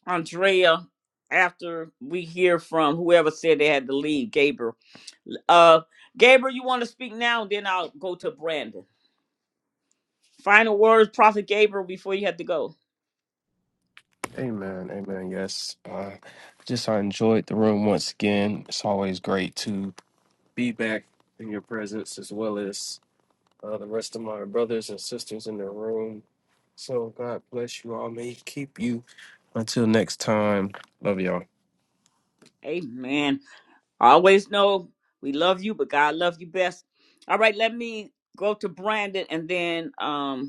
Andrea after we hear from whoever said they had to leave. Gabriel, uh, Gabriel, you want to speak now? Then I'll go to Brandon. Final words, Prophet Gabriel, before you have to go.
Amen. Amen. Yes. Uh, just I enjoyed the room once again. It's always great to be back in your presence as well as uh, the rest of my brothers and sisters in the room. So God bless you all. May He keep you. Until next time, love y'all.
Amen. I always know we love you, but God loves you best. All right, let me go to Brandon, and then um,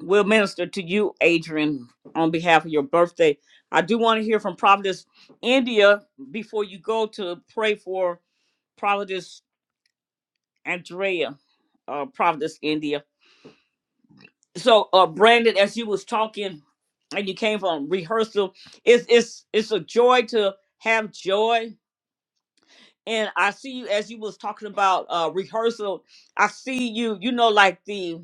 We'll minister to you, Adrian, on behalf of your birthday. I do want to hear from Providence, India, before you go to pray for Providence Andrea, uh, Providence, India. So, uh, Brandon, as you was talking and you came from rehearsal, it's it's it's a joy to have joy and I see you as you was talking about uh rehearsal. I see you, you know, like the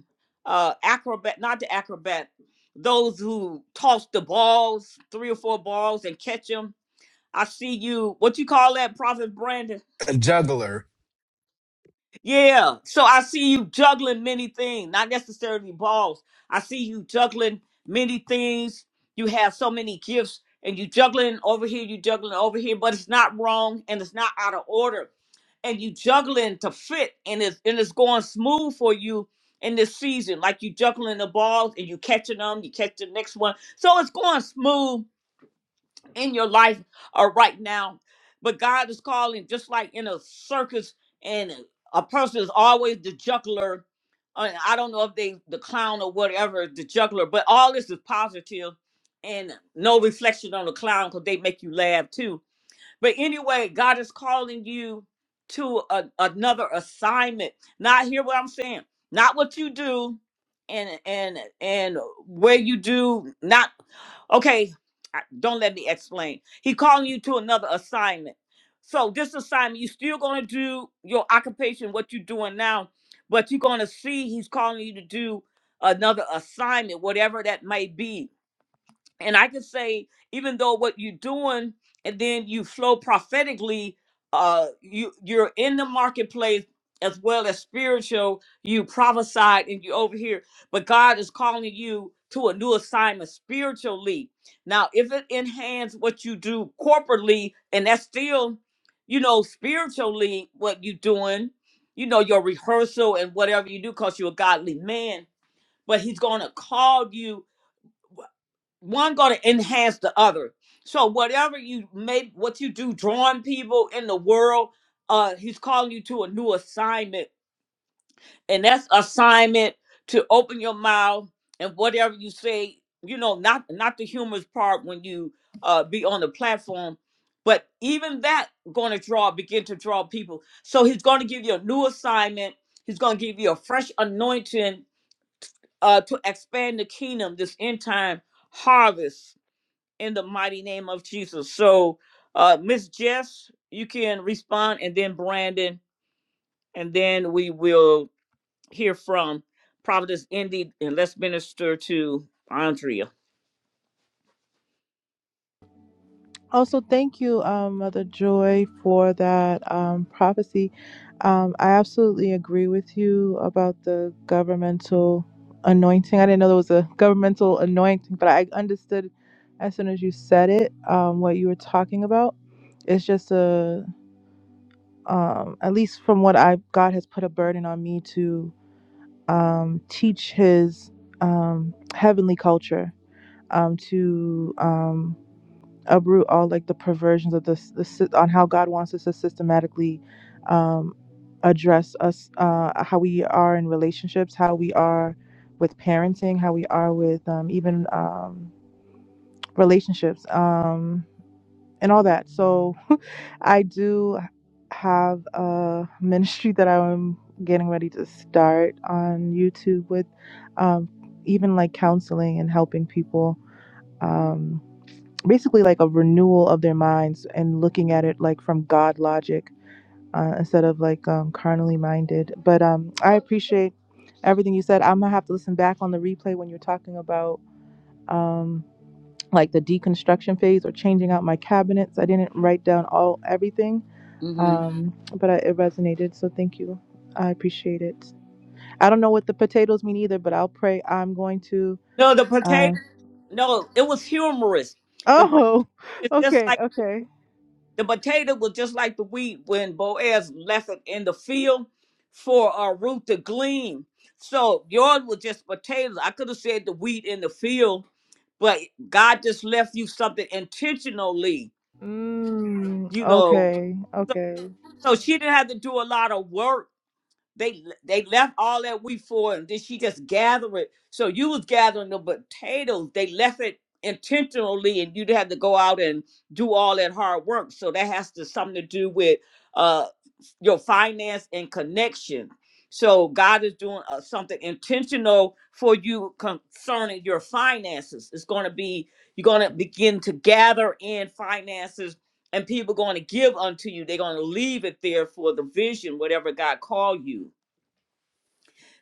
uh acrobat, not the acrobat, those who toss the balls, three or four balls, and catch them. I see you. What you call that, Prophet Brandon?
a juggler
Yeah. So I see you juggling many things, not necessarily balls. I see you juggling many things. You have so many gifts, and you juggling over here, you juggling over here, but it's not wrong and it's not out of order and you juggling to fit and it's and it's going smooth for you in this season. Like you juggling the balls and you catching them, you catch the next one. So it's going smooth in your life uh, right now. But God is calling just like in a circus and a person is always the juggler. uh, I don't know if they the clown or whatever, the juggler, but all this is positive and no reflection on the clown because they make you laugh too but anyway, God is calling you to a, another assignment. Not hear what I'm saying. Not what you do and and and where you do not okay, I- don't let me explain. He calling you to another assignment. So this assignment, you still gonna do your occupation, what you're doing now, but you're gonna see he's calling you to do another assignment, whatever that may be and I could say, even though what you're doing, and then you flow prophetically, uh, you you're in the marketplace as well as spiritual. You prophesied and you over here, but God is calling you to a new assignment spiritually. Now, if it enhances what you do corporately, and that's still, you know, spiritually what you're doing, you know, your rehearsal and whatever you do, cause you're a godly man. But He's gonna call you one going to enhance the other. So whatever you make, what you do, drawing people in the world, uh, he's calling you to a new assignment, and that's assignment to open your mouth and whatever you say, you know, not not the humorous part when you uh be on the platform, but even that going to draw, begin to draw people. So he's going to give you a new assignment. He's going to give you a fresh anointing uh to expand the kingdom this end time harvest in the mighty name of Jesus. So, uh, Miss Jess, you can respond, and then Brandon, and then we will hear from Providence Indy, and let's minister to Andrea.
Also, thank you, um, Mother Joy, for that um, prophecy. Um, I absolutely agree with you about the governmental anointing. I didn't know there was a governmental anointing, but I understood as soon as you said it um, what you were talking about. It's just a, um, at least from what I God has put a burden on me to. um, teach his um, heavenly culture um, to um, uproot all like the perversions of this, the on how God wants us to systematically um, address us, uh, how we are in relationships, how we are with parenting, how we are with um, even um, relationships. Um, and all that. So <laughs> I do have a ministry that I'm getting ready to start on YouTube with um, even like counseling and helping people um, basically like a renewal of their minds and looking at it like from God logic uh, instead of like um, carnally minded. But um, I appreciate everything you said. I'm gonna have to listen back on the replay when you're talking about. um, like the deconstruction phase or changing out my cabinets. I didn't write down all everything,
Mm-hmm.
um, but I, it resonated. So thank you. I appreciate it. I don't know what the potatoes mean either, but I'll pray. I'm going to.
No, the
Uh,
potato. No, it was humorous. The
oh, <laughs>
it's just
okay,
like
okay.
The potato was just like the wheat when Boaz left it in the field for a root to glean. So yours was just potatoes. I could have said the wheat in the field, but God just left you something intentionally,
Mm,
you know.
okay,
So,
okay,
so she didn't have to do a lot of work they they left all that wheat for, her, and then she just gathered it. So you was gathering the potatoes. They left it intentionally, and you'd have to go out and do all that hard work. So that has to something to do with uh your finance and connection. So God is doing uh, something intentional for you concerning your finances. It's going to be you're going to begin to gather in finances and people going to give unto you. They're going to leave it there for the vision, whatever God called you.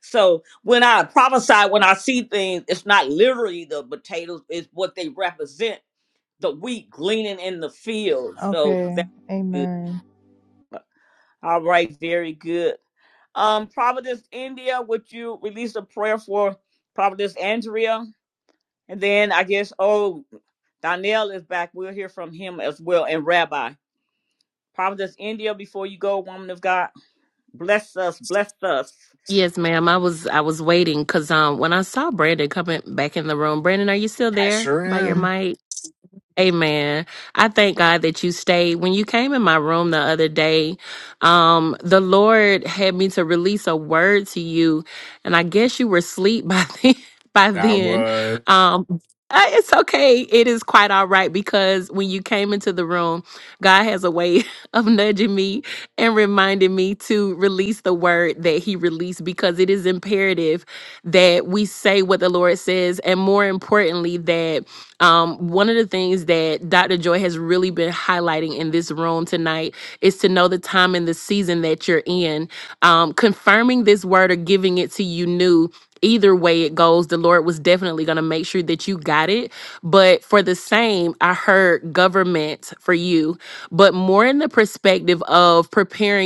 So when I prophesy, when I see things, it's not literally the potatoes, it's what they represent, the wheat gleaning in the field. So
okay.
that's good.
Amen.
All right, very good. Um, Providence India, would you release a prayer for Providence Andrea? And then I guess oh Donnell is back. We'll hear from him as well. And Rabbi. Providence India, before you go, woman of God, bless us, bless us.
Yes, ma'am. I was I was waiting because um when I saw Brandon coming back in the room, Brandon, are you still
i
there
sure
by your
am
mic? Amen. I thank God that you stayed. When you came in my room the other day, um, the Lord had me to release a word to you, and I guess you were asleep by <laughs> then. By
i
then,
was
um, uh, it's okay. It is quite all right because when you came into the room, God has a way <laughs> of nudging me and reminding me to release the word that He released because it is imperative that we say what the Lord says, and more importantly, that um, one of the things that Dr. Joy has really been highlighting in this room tonight is to know the time and the season that you're in. Um, confirming this word or giving it to you new, either way it goes, the Lord was definitely going to make sure that you got it. But for the same, I heard government for you, but more in the perspective of preparing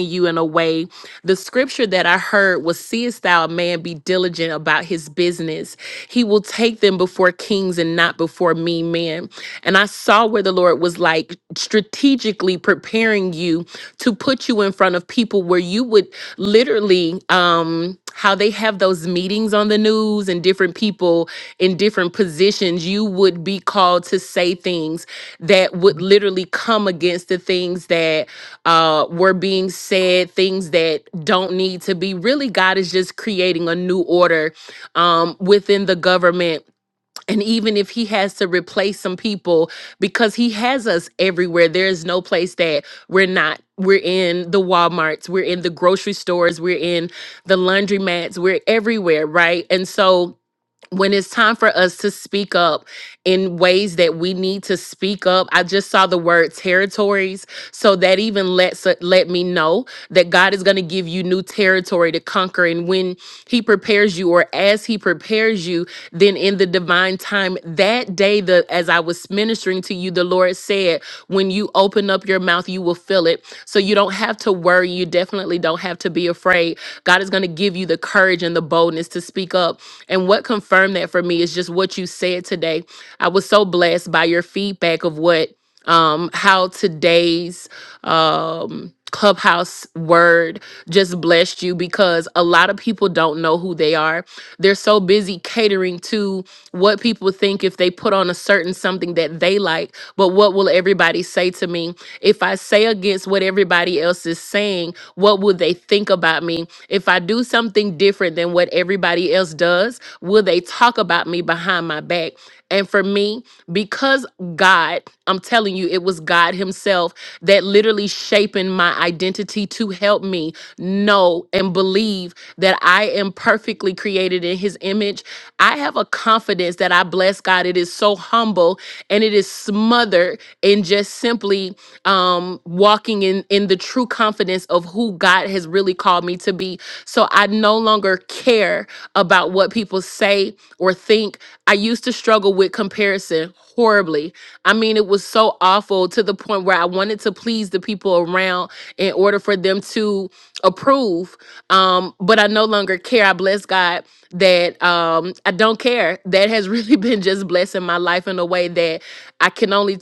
way. The scripture that I heard was, Seest thou a man be diligent about his business? He will take them before kings and not before mean men. And I saw where the Lord was like strategically preparing you to put you in front of people where you would literally, um, how they have those meetings on the news and different people in different positions, you would be called to say things that would literally come against the things that uh were being said things that don't need to be really god is just creating a new order um within the government and even if he has to replace some people because he has us everywhere there is no place that we're not we're in the walmarts we're in the grocery stores we're in the laundromats we're everywhere right and so when it's time for us to speak up in ways that we need to speak up i just saw the word territories so that even lets uh, let me know that god is going to give you new territory to conquer and when he prepares you or as he prepares you then in the divine time that day the as i was ministering to you the lord said when you open up your mouth you will fill it so you don't have to worry you definitely don't have to be afraid god is going to give you the courage and the boldness to speak up and what confirmed that for me is just what you said today. I was so blessed by your feedback of what um how today's um clubhouse word just blessed you because a lot of people don't know who they are they're so busy catering to what people think if they put on a certain something that they like but what will everybody say to me if i say against what everybody else is saying what will they think about me if i do something different than what everybody else does Will they talk about me behind my back? And for me, because God, I'm telling you, it was God Himself that literally shaping my identity to help me know and believe that I am perfectly created in His image. I have a confidence that I bless God. It is so humble and it is smothered in just simply um, walking in, in the true confidence of who God has really called me to be. So I no longer care about what people say or think. I used to struggle with comparison horribly. I mean, it was so awful to the point where I wanted to please the people around in order for them to approve. Um, but I no longer care. I bless God that um, I don't care. That has really <laughs> been just blessing my life in a way that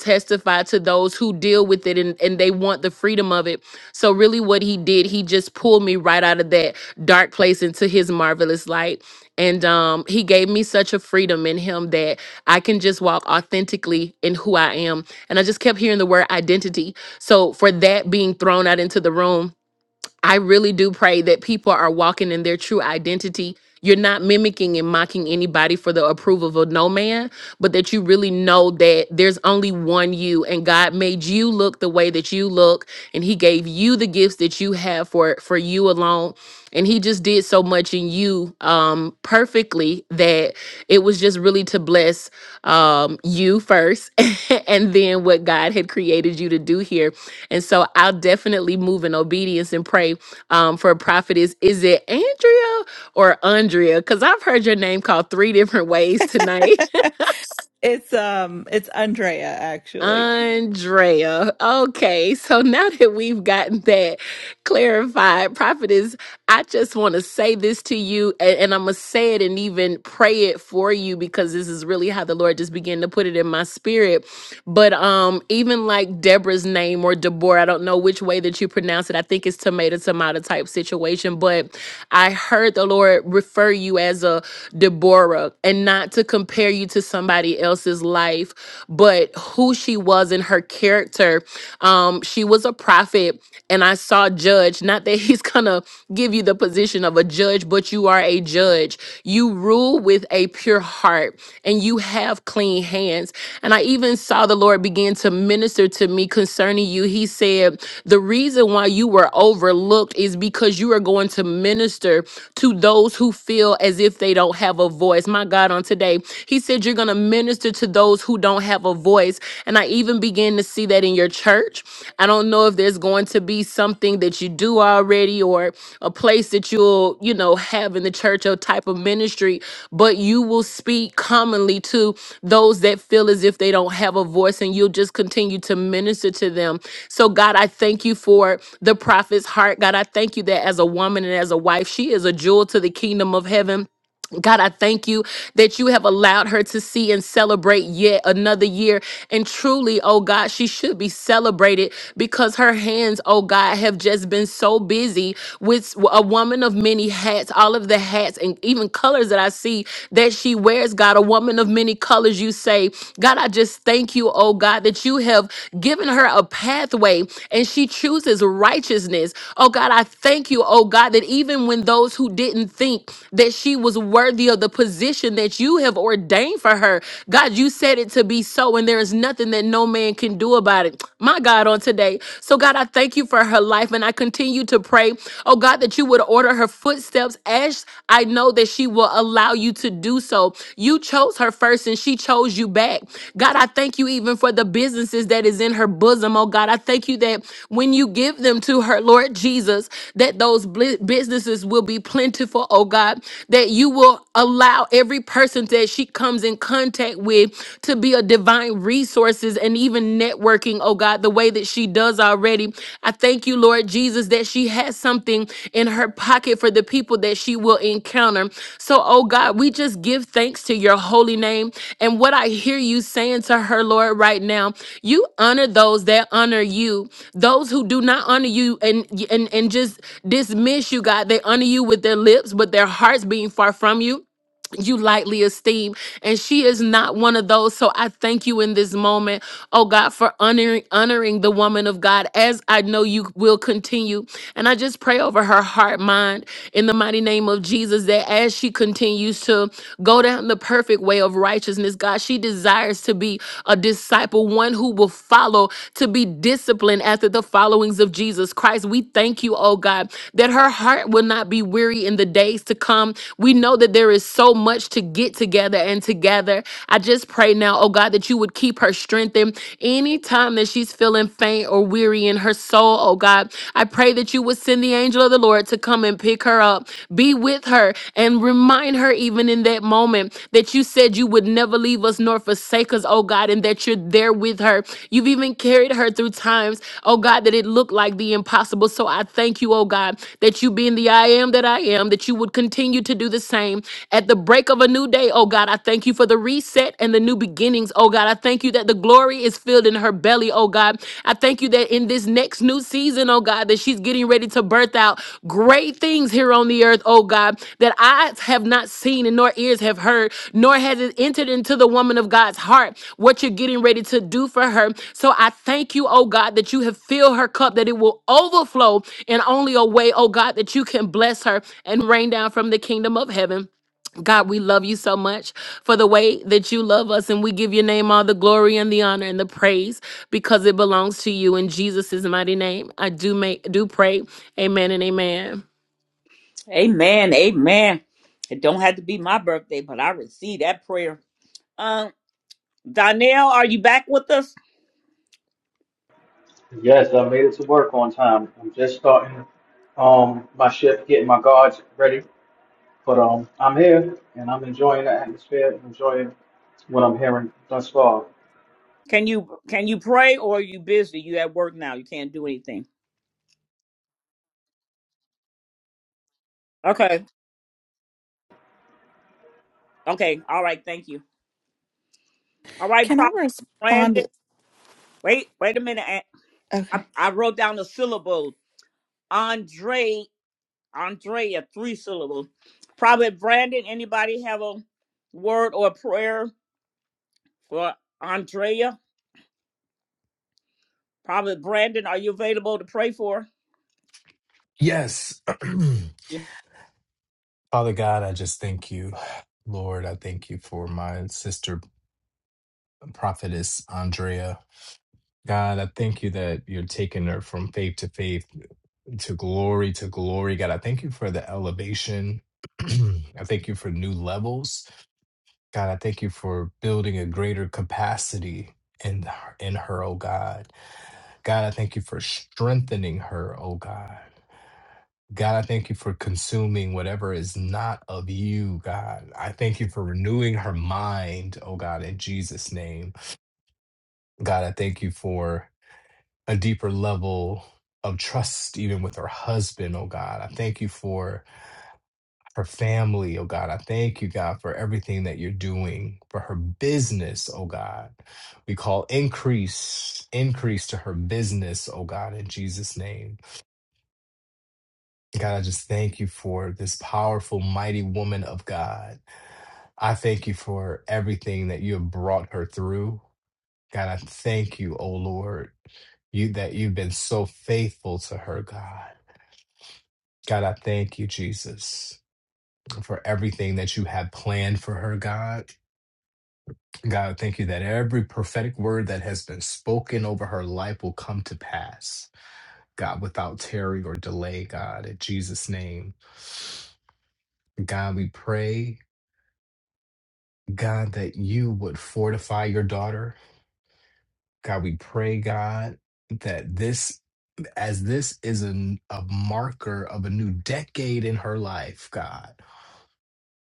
testify to those who deal with it and, and they want the freedom of it. So, really, what he did, he just pulled me right out of that dark place into his marvelous light. And um, he gave me such a freedom in him that I can just walk authentically in who I am. And I just kept hearing the word identity. So, for that being thrown out into the room, I really do pray that people are walking in their true identity. You're not mimicking and mocking anybody for the approval of no man, but that you really know that there's only one you and God made you look the way that you look and he gave you the gifts that you have for for you alone and he just did so much in you um perfectly that it was just really to bless um you first <laughs> and then what God had created you to do here. And so I'll definitely move in obedience and pray um, for a prophet is is it Andrea or Andrea? Because I've heard your name called three different ways tonight.
It's um it's Andrea
<laughs>
actually.
Andrea. Okay, so now that we've gotten that clarified, prophet is. I just want to say this to you, and, and I'm gonna say it and even pray it for you because this is really how the Lord just began to put it in my spirit But um, even like Deborah's name or Deborah, I don't know which way that you pronounce it. I think it's tomato tomato type situation. But I heard the Lord refer you as a Deborah and not to compare you to somebody else's life, but who she was in her character. Um, she was a prophet, and I saw judge. Not that <laughs> he's gonna give you the position of a judge, but you are a judge. You rule with a pure heart and you have clean hands and I even saw the Lord begin to minister to me concerning you. He said, The reason why you were overlooked is because you are going to minister to those who feel as if they don't have a voice. My God, on today, He said, You're going to minister to those who don't have a voice. And I even began to see that in your church. I don't know if there's going to be something that you do already or a place that you'll, you know, have in the church, a type of ministry, but you will speak commonly to those that feel as if they don't have a voice and you'll just continue to minister to them. So God, I thank you for the prophet's heart. God, I thank you that as a woman and as a wife, she is the given God, I thank you that you have allowed her to see and celebrate yet another year. And truly, oh God, she should be celebrated because her hands, oh God, have just been so busy with a woman of many hats, all of the hats and even colors that I see that she wears, God, a woman of many colors, you say. God, I just thank you, oh God, that you have given her a pathway and she chooses righteousness. Oh God, I thank you, oh God, that even when those who didn't think, that she was worthy of the position that you have ordained for her. God, you said it to be so, and there is nothing that no man can do about it. <tsk> My God, on today. So, God, I thank you for her life pray, oh God, that you would order her footsteps as I know that she will allow you to do so. You chose her first and she chose you back. God, I thank you even for the businesses that is in her bosom, oh God. I thank you that when you give them to her, Lord Jesus, that those bli- businesses will be plentiful, oh God, that you will allow every person that she comes in contact with to be a divine resources and even networking, oh God, the way that she does already. I thank you, Lord Jesus, that she has something in her pocket for the people that she will encounter. So, oh God, we just give thanks to your holy name. And what I hear you saying to her, Lord, right now, you honor those that honor you. Those who do not honor you and and, and just dismiss you, God, they honor you with their lips, but their hearts being far from you you lightly esteem. And she is not one of those. So I thank you in this moment, oh God, for honoring honoring the woman of God as I know you will continue. And I just pray over her heart, mind, in the mighty name of Jesus, that as she continues to go down the perfect way of righteousness, God, she desires to be a disciple, one who will follow, to be disciplined after the followings of Jesus Christ. We thank you, oh God, that her heart will not be weary in the days to come we know that there is so much to get together and together I just pray now, oh God, that you would keep her strengthened anytime that she's feeling faint or weary in her soul, oh God. I pray that you would send the angel of the Lord to come and pick her up, be with her, and remind her even in that moment that you said you would never leave us nor forsake us, oh God, and that you're there with her. You've even carried her through times, oh God, that it looked like the impossible. So I thank you, oh God, that you being the I am that I am, that you would continue to do the same at the break of a new day, oh God, I thank you for the reset and the new beginnings, oh God. I thank you that the glory is filled in her belly, oh God. I thank you that in this next new season, oh God, that she's getting ready to birth out great things here on the earth, oh God, that eyes have not seen and nor ears have heard, nor has it entered into the woman of God's heart what you're getting ready to do for her. So I thank you, oh God, that you have filled her cup, that it will overflow in only a way, oh God, that you can bless her and rain down from the kingdom of heaven. God, we love you so much for the way that you love us, and we give your name all the glory and the honor and the praise because it belongs to you in Jesus' mighty name. I do make do pray. Amen and amen.
Amen. Amen. It don't have to be my birthday, but I receive that prayer. Um, Donnell, are you back with us?
Yes, I made it to work on time. I'm just starting um my shift, getting my guards ready. But um I'm here and I'm enjoying the atmosphere and enjoying what I'm hearing thus far.
Can you can you pray or are you busy? You at work now. You can't do anything. Okay. Okay. All right. Thank you. All right,
Can I
Prophet Brandon.
respond?
Wait, wait a minute. I,
Okay.
I I wrote down the syllables. Andre, Andrea, three syllables. Prophet Brandon, anybody have a word or prayer for Andrea? Prophet Brandon, are you available to pray for?
yes <clears throat>
her?
Father God, I just thank you. Lord, I thank you for my sister prophetess Andrea. God, I thank you that you're taking her from faith to faith, to glory to glory. God, I thank you for the elevation. <clears throat> I thank you for new levels. God, I thank you for building a greater capacity in in her, oh God. God, I thank you for strengthening her, oh God. God, I thank you for consuming whatever is not of you, God. I thank you for renewing her mind, oh God, in Jesus' name. God, I thank you for a deeper level of trust, even with her husband, oh God. I thank you for her family, oh God. I thank you, God, for everything that you're doing for her business, oh God. We call increase, increase to her business, oh God, in Jesus' name. God, I just thank you for this powerful, mighty woman of God. I thank you for everything that you have brought her through. God, I thank you, oh Lord, you that you've been so faithful to her, God. God, I thank you, Jesus, for everything that you have planned for her, God. God, I thank you that every prophetic word that has been spoken over her life will come to pass, God, without tarry or delay, God, in Jesus' name. God, we pray God, that you would fortify your daughter. God, we pray, God, that this, as this is an, a marker of a new decade in her life, God,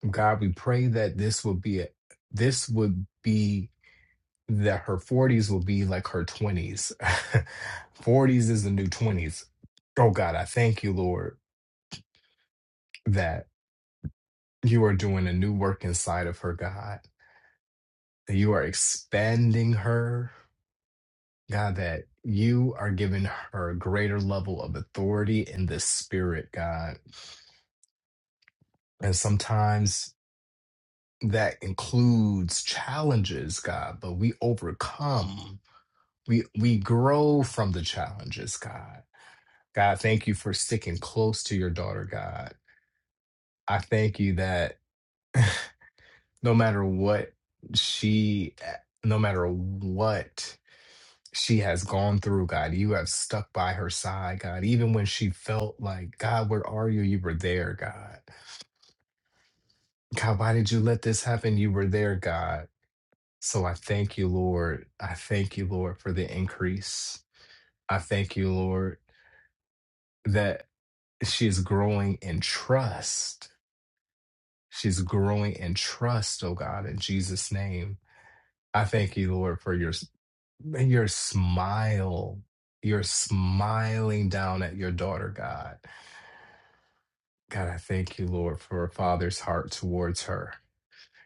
God, we pray that this would be, a, this would be, that her 40s will be like her 20s. 40s <laughs> is the new 20s. Oh, God, I thank you, Lord, that you are doing a new work inside of her, God, that you are expanding her. God, that you are giving her a greater level of authority in the spirit, God. And sometimes that includes challenges, God, but we overcome. We we grow from the challenges, God. God, thank you for sticking close to your daughter, God. I thank you that no matter what she eh, no matter what she has gone through, God. You have stuck by her side, God. Even when she felt like, God, where are you? You were there, God. God, why did you let this happen? You were there, God. So I thank you, Lord. I thank you, Lord, for the increase. I thank you, Lord, that she is growing in trust. She's growing in trust, oh God, in Jesus' name. I thank you, Lord, for your your smile. You're smiling down at your daughter, God God, I thank you, Lord, for a father's heart towards her.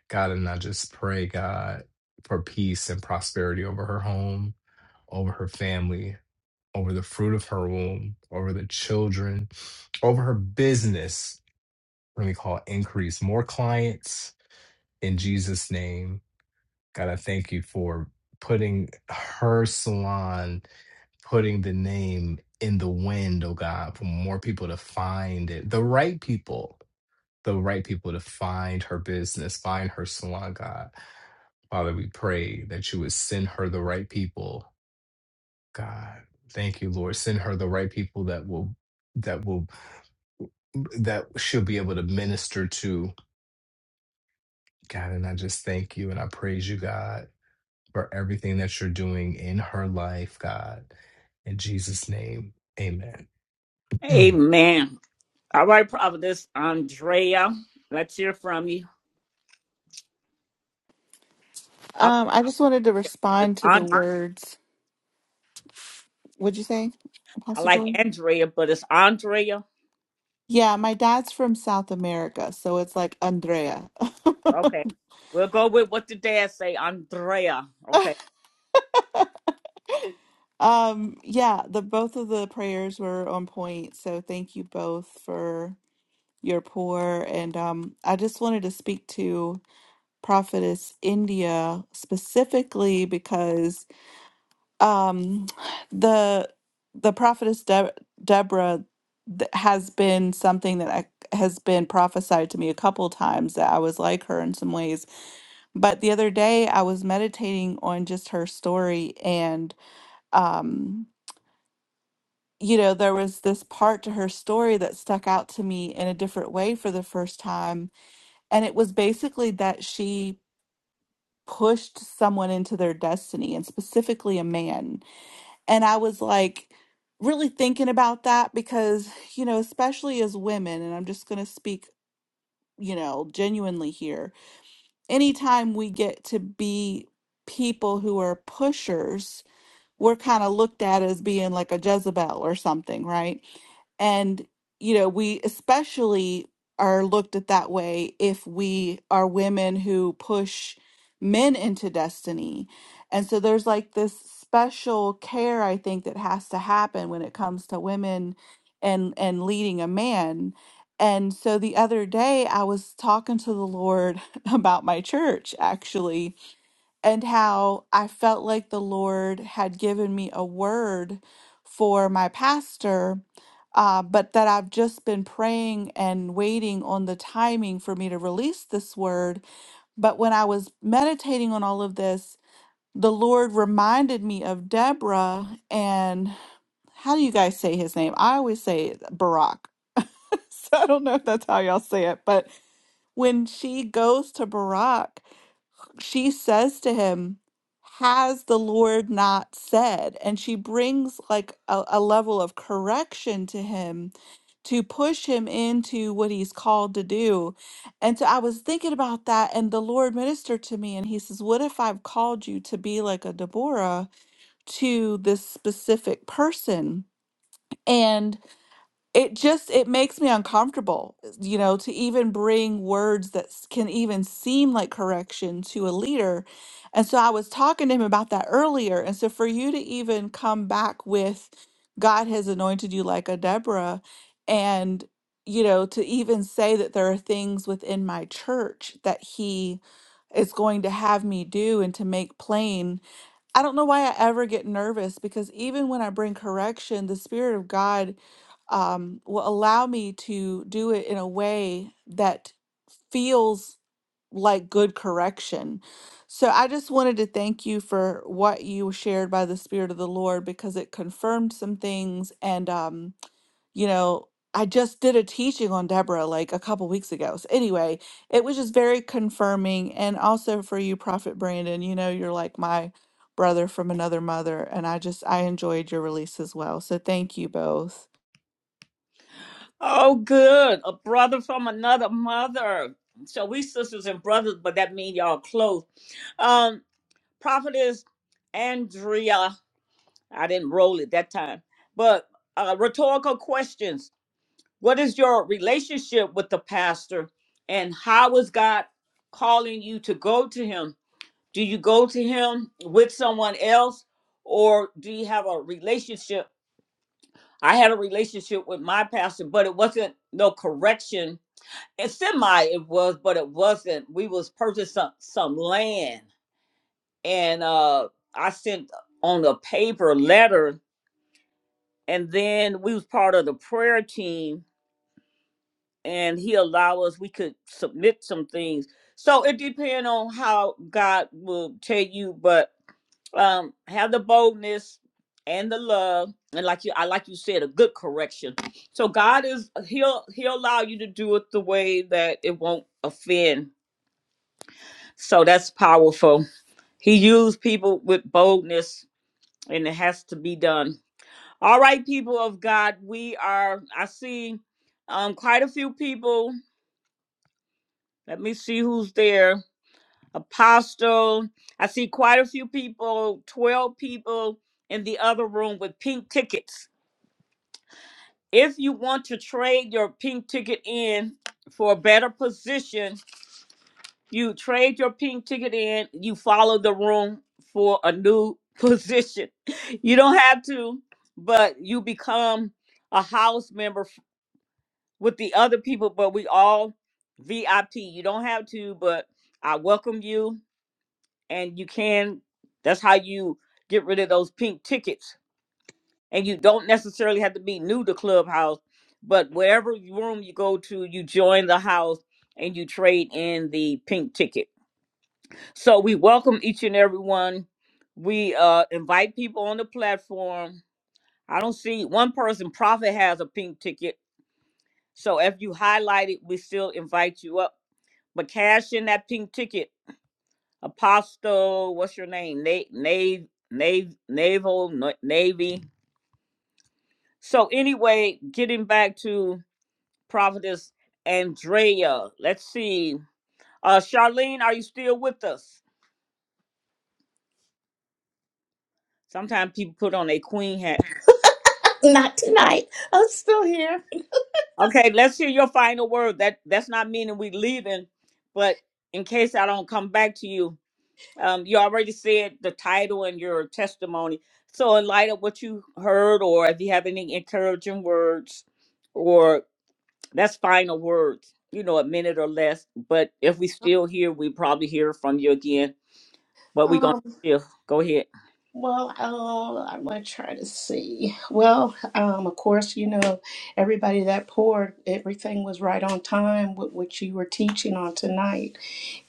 God, and I just pray, God, for peace and prosperity over her home, over her family, over the fruit of her womb, over the children, over her business. Let me call it increase more clients in Jesus' name. God, I thank you for putting her salon, putting the name in the wind, oh God, for more people to find it, the right people the right people to find her business, find her salon, God. Father, we pray that you would send her the right people, God. Thank you, Lord. Send her the right people that will that will that she'll be able to minister to, God. And I just thank you and I praise you, God, for everything that you're doing in her life, God. In Jesus' name, amen. <clears throat> Mm.
Amen. All right, Providence Andrea. Let's hear from you. I like
Um, I just wanted to
it. but It's
respond to the
Andrea.
words. What'd you say,
I
Apostle
like
Joy?
Andrea, but it's Andrea.
Yeah, my dad's from South America, so it's like Andrea.
Okay. We'll go with what the dad say, Andrea.
<laughs>
Okay.
Um, yeah, the both of the prayers were on point, so thank you both for your pour. And um, I just wanted to speak to Prophetess India specifically because um the the prophetess Deb Deborah th- has been something that I, has been prophesied to me a couple times that I was like her in some ways. But the other day I was meditating on just her story and um you know there was this part to her story that stuck out to me in a different way for the first time and it was basically that she pushed someone into their destiny and specifically a man And I was like really thinking about that because, you know, especially as women, and I'm just going to speak, you know, genuinely here, anytime we get to be people who are pushers we're kind of looked at as being like a Jezebel or something, right? And, you know, we especially are looked at that way if we are women who push men into destiny. And so there's like this special care I think that has to happen when it comes to women and and leading a man. And so the other day I was talking to the Lord <laughs> about my church actually and how I felt like the Lord had given me a word for my pastor, uh, but that I've just been praying and waiting on the timing for me to release this word. But when I was meditating on all of this, the Lord reminded me of Deborah and how do you guys say his name? I always say it, Barack. <laughs> So I don't know if that's how y'all say it, but when she goes to Barack she says to him, Has the Lord not said? And she brings like a, a level of correction to him to push him into what he's called to do. And so I was thinking about that, and the Lord ministered to me, and he says, What if I've called you to be like a Deborah to this specific person? And it just it makes me uncomfortable eh, you know to even bring words that s- can even seem like correction to a leader and so i was talking to him about that earlier and so for you to even come back with god has anointed you like a deborah and you know to even say that there are things within my church that he is going to have me do and to make plain I don't know why I ever get nervous because even when I bring correction, the Spirit of God um, will allow me to do it in a way that feels like good correction. So I just wanted to thank you for what you shared by the Spirit of the Lord because it confirmed some things. And um, you know, I just did a teaching on Deborah like a couple weeks ago. So anyway, it was just very confirming. And also for you, Prophet Brandon, you know, you're like my brother from another mother. And I just, I enjoyed your release as well. So thank you both.
Oh, good. A brother from another mother. So we sisters and brothers, but that mean y'all close. Um, Prophetess Andrea. I didn't roll it that time. But uh, rhetorical questions. What is your relationship with the pastor? And how is God calling you to go to him? Do you go to him with someone else or do you have a relationship? I had a relationship with my pastor, but it wasn't no correction. And semi it was, but it wasn't. We was purchasing some, some land and uh I sent on a paper letter and then we was part of the prayer team and he allow us we could submit some things so it depends on how god will tell you but um have the boldness and the love and like you i like you said a good correction so god is he'll he'll allow you to do it the way that it won't offend so that's powerful he used people with boldness and it has to be done all right people of god we are i see um quite a few people let me see who's there Apostle. I see quite a few people, 12 people in the other room with pink tickets. If you want to trade your pink ticket in for a better position, you trade your pink ticket in, you follow the room for a new <laughs> position. You don't have to, but you become a house member f- with the other people, but we all VIP. You don't have to, but I welcome you and you can that's how you get rid of those pink tickets and you don't necessarily have to be new to clubhouse but wherever room you go to you join the house and you trade in the pink ticket so we welcome each and every one we uh invite people on the platform i don't see one person profit has a pink ticket so if you highlight it we still invite you up but cash in that pink ticket Apostle, what's your name? Nave, Nave, Naval, Na- Navy. So anyway, getting back to Prophetess Andrea. Let's see. Uh, Charlene, are you still with us? Sometimes people put on a queen hat.
Not tonight. I'm still here.
Okay, let's hear your final word. That that's not meaning we leaving, but in case I don't come back to you, um, you already said the title and your testimony. So in light of what you heard, or if you have any encouraging words, or That's final words, you know, a minute or less. But if we still here, we probably hear from you again. But we're going
Um,
to still go ahead.
well, oh, I'm gonna try to see. Well, um, of course, you know, everybody that poured, everything was right on time with what you were teaching on tonight.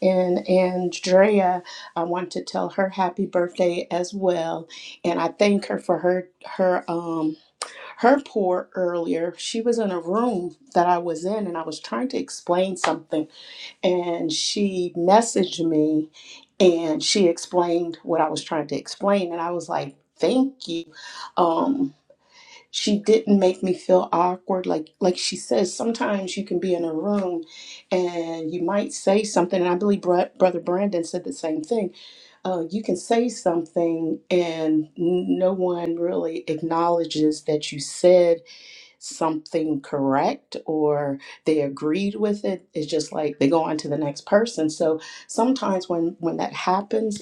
And Andrea, I want to tell her happy birthday as well. And I thank her for her her um her pour earlier. She was in a room that I was in and I was trying to explain something and she messaged me and she explained what I was trying to explain and I was like, "Thank you." Um she didn't make me feel awkward like like she says sometimes you can be in a room and you might say something and i believe Br- brother brandon said the same thing uh, you can say something and n- no one really acknowledges that you said something correct or they agreed with it it's just like they go on to the next person so sometimes when when that happens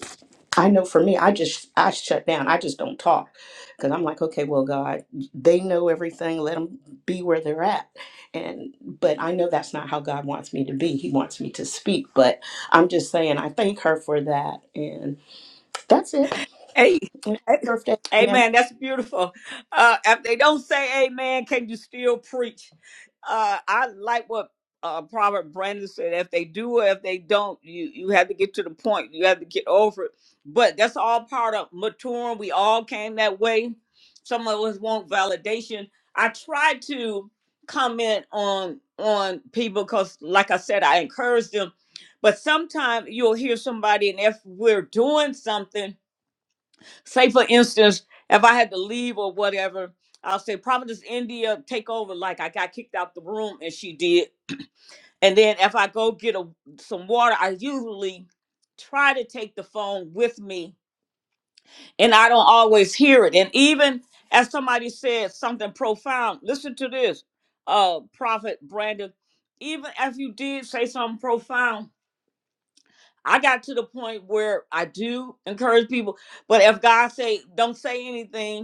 I know for me, I just I shut down. I just don't talk because I'm like, okay, well, God, they know everything. Let them be where they're at. And but I know that's not how God wants me to be. He wants me to speak. But I'm just saying, I thank her for that. And that's it.
Hey,
And happy
hey,
birthday again.
amen. That's beautiful. Uh, if they don't say amen, can you still preach? Uh, I like what uh, Robert Brandon said. If they do or if they don't, you, you have to get to the point. You have to get over it. But that's all part of maturing. We all came that way. Some of us want validation. I try to comment on on people because, like I said, I encourage them. But sometimes you'll hear somebody, and if we're doing something, say for instance, if I had to leave or whatever, I'll say Providence India take over. Like I got kicked out the room and she did. And then if I go get a, some water, I usually try to take the phone with me and I don't always hear it. And even as somebody said something profound, listen to this, uh, Prophet Brandon, even if you did say something profound, I got to the point where I do encourage people, but if God say don't say anything,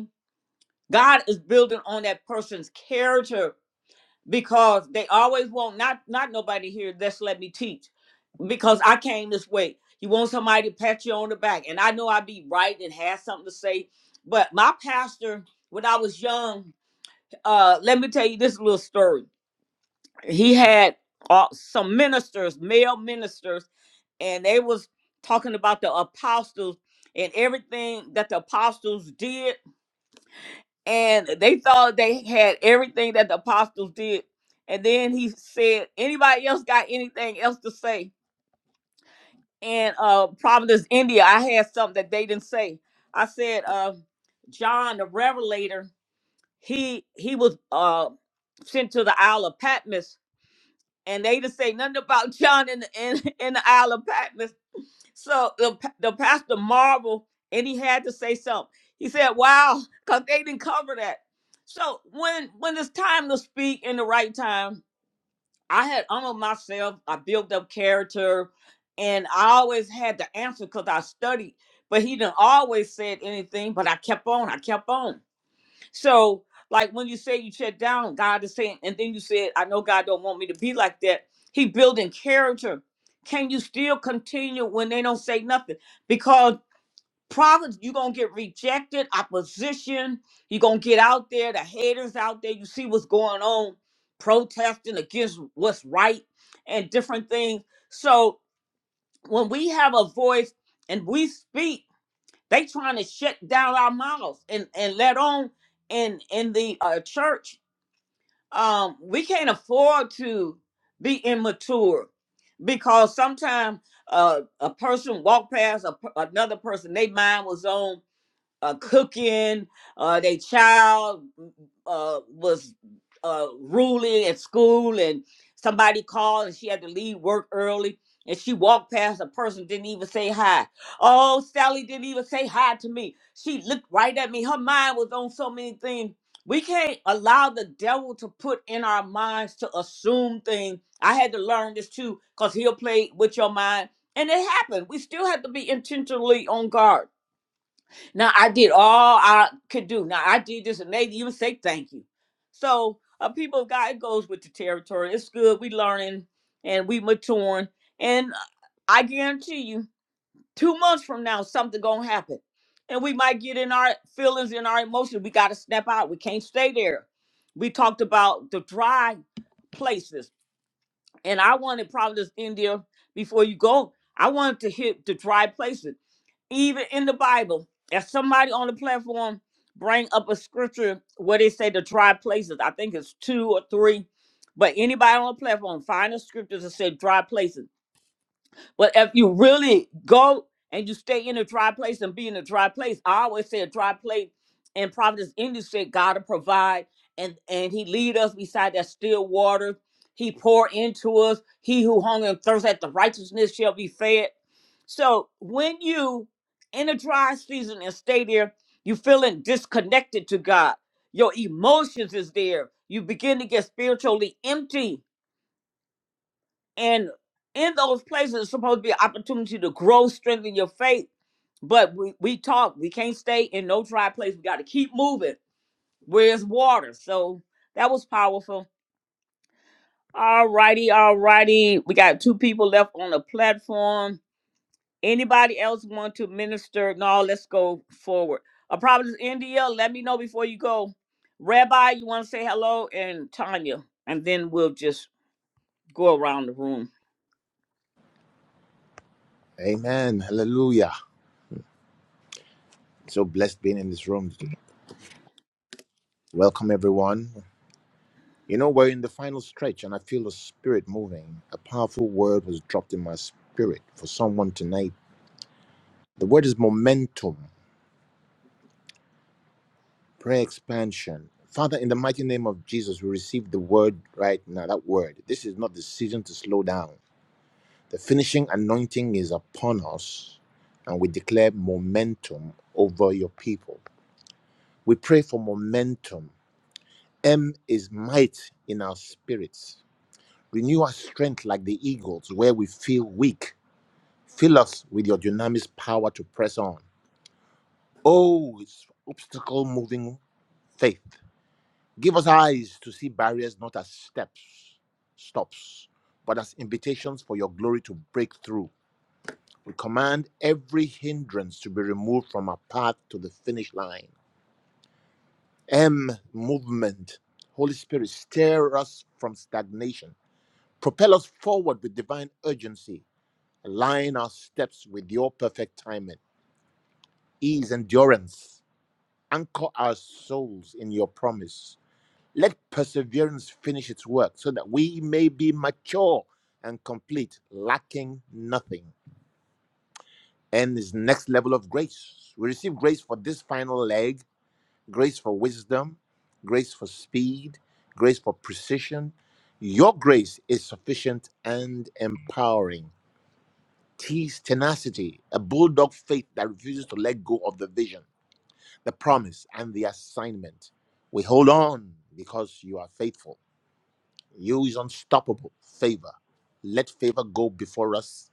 God is building on that person's character because they always want not not nobody here. Let's let me teach because I came this way. You want somebody to pat you on the back, and I know I would be right and have something to say. But my pastor, when I was young, uh, let me tell you this little story. He had uh, some ministers, male ministers, and they was talking about the apostles and everything that the apostles did and they thought they had everything that the apostles did. And then he said, anybody else got anything else to say? And uh Providence, India, I had something that they didn't say. I said, uh, John the Revelator, he he was uh sent to the Isle of Patmos, and they didn't say nothing about <laughs> John in the in, in the Isle of Patmos. So the, pa- the pastor marveled and he had to say something. He said, Wow, because they didn't cover that. So when when it's time to speak in the right time, I had honored myself, I built up character, and I always had the answer because I studied. But he didn't always said anything, but I kept on, I kept on. So, like when you say you shut down, God is saying, and then you said, I know God don't want me to be like that. He building character. Can you still continue when they don't say nothing? Because prophets, you're gonna get rejected, opposition, you're gonna get out there, the haters out there, you see what's going on, protesting against what's right and different things. So when we have a voice and we speak, they trying to shut down our mouths and and let on in in the uh, church. Um, we can't afford to be immature because sometimes uh, a person walked past a, per- another person. They mind was on uh, cooking. Uh, their child uh, was uh, ruling at school, and somebody called, and she had to leave work early. And she walked past a person, didn't even say hi. Oh, Sally didn't even say hi to me. She looked right at me. Her mind was on so many things. We can't allow the devil to put in our minds to assume things. I had to learn this too, because he'll play with your mind. And it happened. We still have to be intentionally on guard now I did all I could do. Now I did this, and they even say thank you. So, uh, people, of God, it goes with the territory. It's good. We learning and we maturing, and uh, I guarantee you, two months from now, something gonna happen, and we might get in our feelings in our emotions. We got to snap out. We can't stay there. We talked about the dry places, and I wanted probably this India before you go. I wanted to hit the dry places even in the Bible, if somebody on the platform bring up a scripture where they say the dry places, I think it's two or three, but anybody on the platform find a scripture that said dry places. But if you really go and you stay in a dry place and be in a dry place, I always say a dry place in Providence Indy said God will provide and and He lead us beside that still water. He pour into us. He who hunger and thirst at the righteousness shall be fed. So when you in a dry season and stay there, you feeling disconnected to God. Your emotions is there. You begin to get spiritually empty and in those places, it's supposed to be an opportunity to grow, strengthen your faith. But we, we talk, we can't stay in no dry place. We got to keep moving. Where's water? So that was powerful. All righty, all righty. We got two people left on the platform. Anybody else want to minister? No, let's go forward. A problem is India. Let me know before you go. Rabbi, you want to say hello? And Tanya. And then we'll just go around the room.
Amen. Hallelujah. So blessed being in this room. Welcome, everyone. You know, we're in the final stretch, and I feel the spirit moving. A powerful word was dropped in my spirit for someone tonight. The word is momentum, prayer expansion. Father, in the mighty name of Jesus, we receive the word right now. That word. This is not the season to slow down. The finishing anointing is upon us, and we declare momentum over your people. We pray for momentum M is might in our spirits. Renew our strength like the eagles where we feel weak. Fill us with your dynamic power to press on. Oh, it's obstacle moving faith. Give us eyes to see barriers not as steps, stops, but as invitations for your glory to break through. We command every hindrance to be removed from our path to the finish line. M, movement. Holy Spirit, stir us from stagnation Propel us forward with divine urgency. Align our steps with your perfect timing. Ease endurance. Anchor our souls in your promise. Let perseverance finish its work so that we may be mature and complete, lacking nothing. And this next level of grace. We receive grace for this final leg, grace for wisdom, grace for speed, grace for precision. Your grace is sufficient and empowering. tease tenacity, a bulldog faith that refuses to let go of the vision, the promise, and the assignment. We hold on because you are faithful. You is unstoppable. Favor. Let favor go before us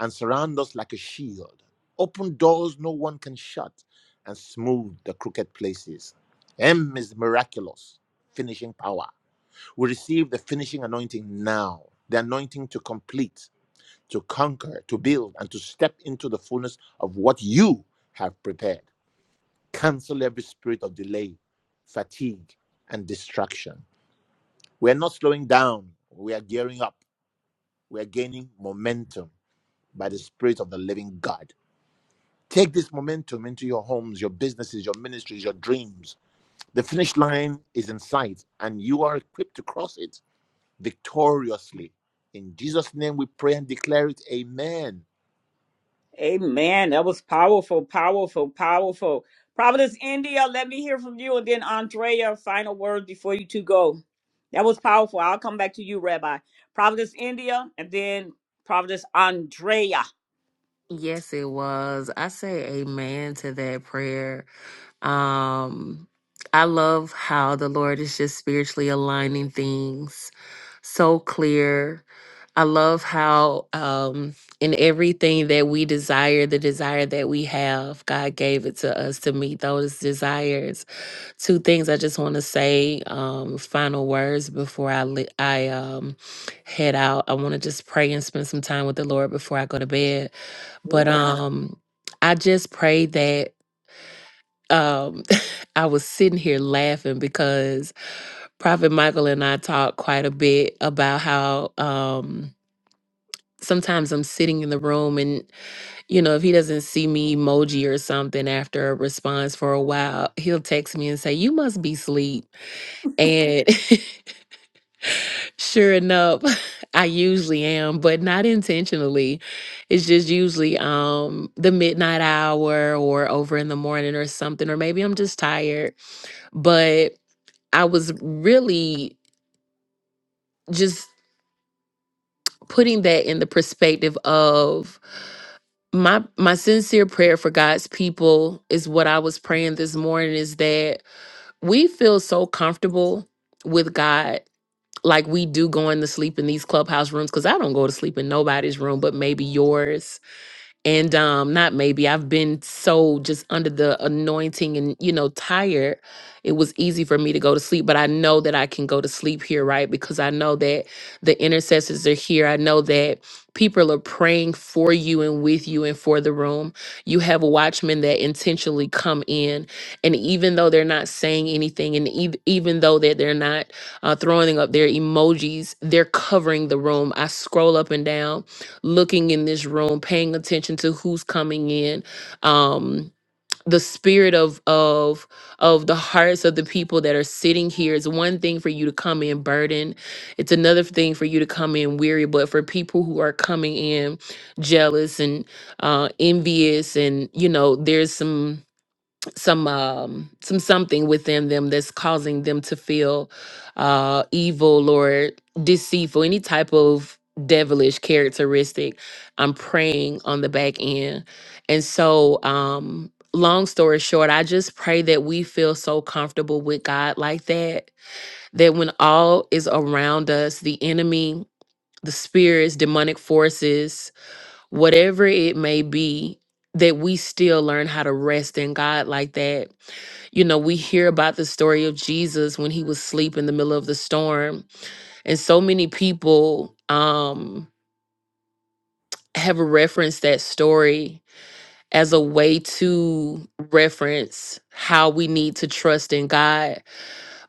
and surround us like a shield. Open doors no one can shut and smooth the crooked places. M is miraculous, finishing power. We receive the finishing anointing now, the anointing to complete to conquer, to build, and to step into the fullness of what you have prepared. Cancel every spirit of delay, fatigue, and distraction. We are not slowing down, we are gearing up. We are gaining momentum by the Spirit of the living God. Take this momentum into your homes, your businesses, your ministries, your dreams. The finish line is in sight, and you are equipped to cross it victoriously. In Jesus' name we pray and declare it. Amen.
Amen. That was powerful, powerful, powerful. Providence India, let me hear from you. And then Andrea, final words before you two go. That was powerful. I'll come back to you, Rabbi. Providence India, and then Providence Andrea.
Yes, it was. I say amen to that prayer. Um, I love how the Lord is just spiritually aligning things so clear. I love how um, in everything that we desire, the desire that we have, God gave it to us to meet those desires. Two things I just want to say, um, final words before I li- I um, head out. I want to just pray and spend some time with the Lord before I go to bed. But
Good.
um, I just pray that um, <laughs> I was sitting here laughing because Prophet Michael and I talked quite a bit about how um, sometimes I'm sitting in the room and, you know, if he doesn't see me emoji or something after a response for a while, he'll text me and say, You must be asleep. And <laughs> sure enough, <laughs> I usually am, but not intentionally. It's just usually um, the midnight hour or over in the morning or something, or maybe I'm just tired. But I was really just putting that in the perspective of my my sincere prayer for God's people is what I was praying this morning is that we feel so comfortable with God like we do going to sleep in these clubhouse rooms cuz I don't go to sleep in nobody's room but maybe yours and um not maybe i've been so just under the anointing and you know tired it was easy for me to go to sleep but i know that i can go to sleep here right because i know that the intercessors are here i know that people are praying for you and with you and for the room you have watchmen that intentionally come in and even though they're not saying anything and ev- even though that they're not uh, throwing up their emojis they're covering the room i scroll up and down looking in this room, paying attention to who's coming in. Um, the spirit of of of the hearts of the people that are sitting here is one thing for you to come in burdened. It's another thing for you to come in weary, but for people who are coming in jealous and uh envious and you know, there's some some um some something within them that's causing them to feel uh evil or deceitful any type of devilish characteristic i'm praying on the back end and so um long story short i just pray that we feel so comfortable with god like that that when all is around us the enemy the spirits demonic forces whatever it may be that we still learn how to rest in god like that you know, we hear about the story of Jesus when he was asleep in the middle of the storm. And so many people um, have referenced that story as a way to reference how we need to trust in God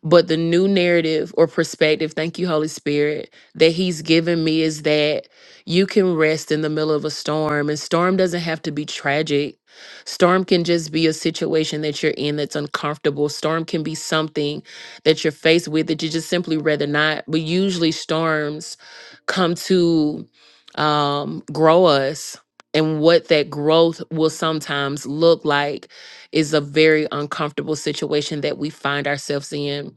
but the new narrative or perspective, thank you, Holy Spirit, that He's given me is that you can rest in the middle of a storm. And storm doesn't have to be tragic. Storm can just be a situation that you're in that's uncomfortable. Storm can be something that you're faced with that you just simply rather not. But usually, storms come to um, grow us. And what that growth will sometimes look like is a very uncomfortable situation that we find ourselves in.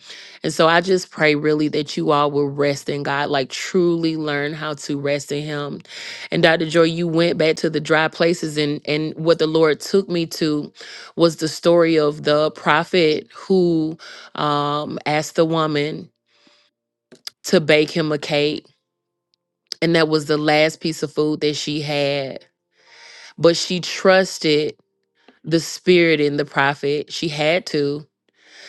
And so I just pray really that you all will rest in God, like truly learn how to rest in Him. And Dr. Joy, you went back to the dry places, and and what the Lord took me to was the story of the prophet who um, asked the woman to bake him a cake, and that was the last piece of food that she had. But she trusted the spirit in the prophet. She had to.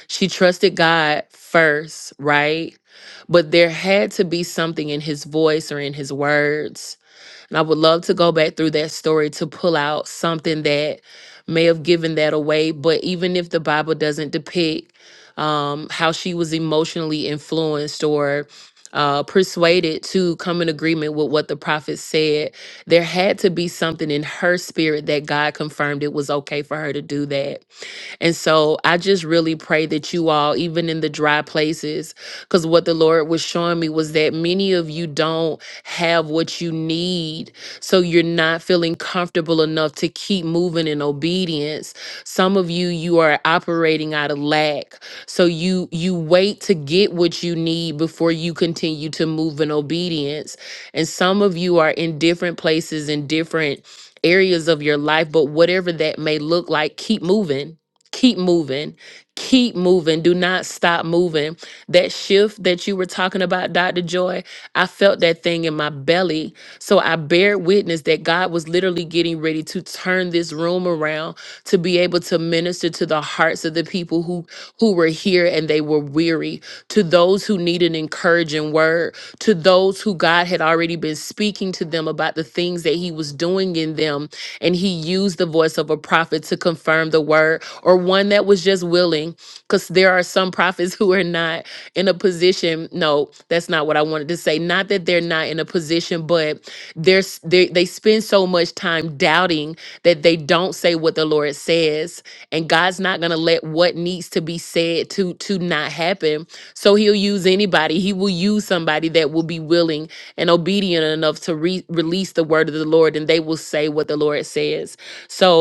She trusted God first, right? But there had to be something in his voice or in his words. And I would love to go back through that story to pull out something that may have given that away. But even if the Bible doesn't depict um, how she was emotionally influenced or uh, persuaded to come in agreement with what the prophet said, there had to be something in her spirit that God confirmed it was okay for her to do that and so I just really pray that you all, even in the dry places, because what the Lord was showing me was that many of you don't have what you need. So you're not feeling comfortable enough to keep moving in obedience. Some of you, you are operating out of lack. So you you wait to get what you need before you continue to move in obedience. And some of you are in different places in different areas of your life, but whatever that may look like, keep moving keep moving keep moving do not stop moving that shift that you were talking about dr joy i felt that thing in my belly so i bear witness that god was literally getting ready to turn this room around to be able to minister to the hearts of the people who who were here and they were weary to those who need an encouraging word to those who god had already been speaking to them about the things that he was doing in them and he used the voice of a prophet to confirm the word or one that was just willing, because there are some prophets <laughs> who are not in a position. No, that's not what I wanted to say. Not that they're not in a position, but there's they they spend so much time doubting that they don't say what the Lord says, and God's not gonna let what needs to be said to to not happen. So He'll use anybody. He will use somebody that will be willing and obedient enough to re- release the word of the Lord, and they will say what the Lord says. So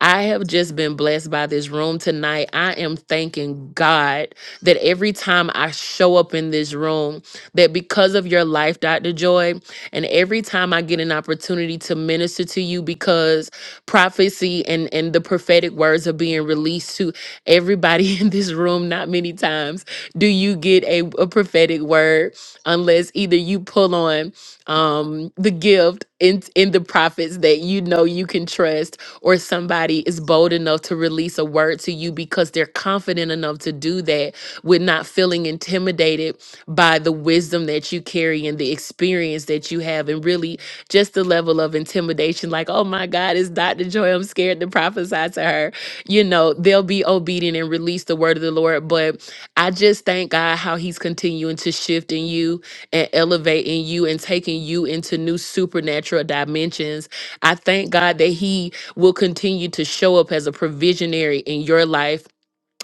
I have just been blessed by this room tonight. I am thanking God that every time I show up in this room, that because of your life, Dr. Joy, and every time I get an opportunity to minister to you because prophecy and, and the prophetic words are being released to everybody <laughs> in this room, not many times do you get a, a prophetic word unless either you pull on um the gift in in the prophets that you know you can trust or somebody is bold enough to release a word to you because they're confident enough to do that with not feeling intimidated by the wisdom that you carry and the experience that you have and really just the level of intimidation like oh my god it's dr joy i'm scared to prophesy to her you know they'll be obedient and release the word of the lord but i just thank god how he's continuing to shift in you and elevating you and taking you into new supernatural dimensions i thank god that he will continue to show up as a provisionary in your life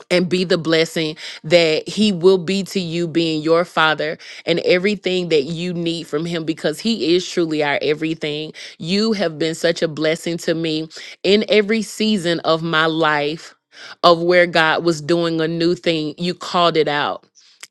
and be the blessing that he will be to you being your father and everything that you need from him because he is truly our everything. You have been such a blessing to me in every season of my life of where God was doing a new thing. You called it out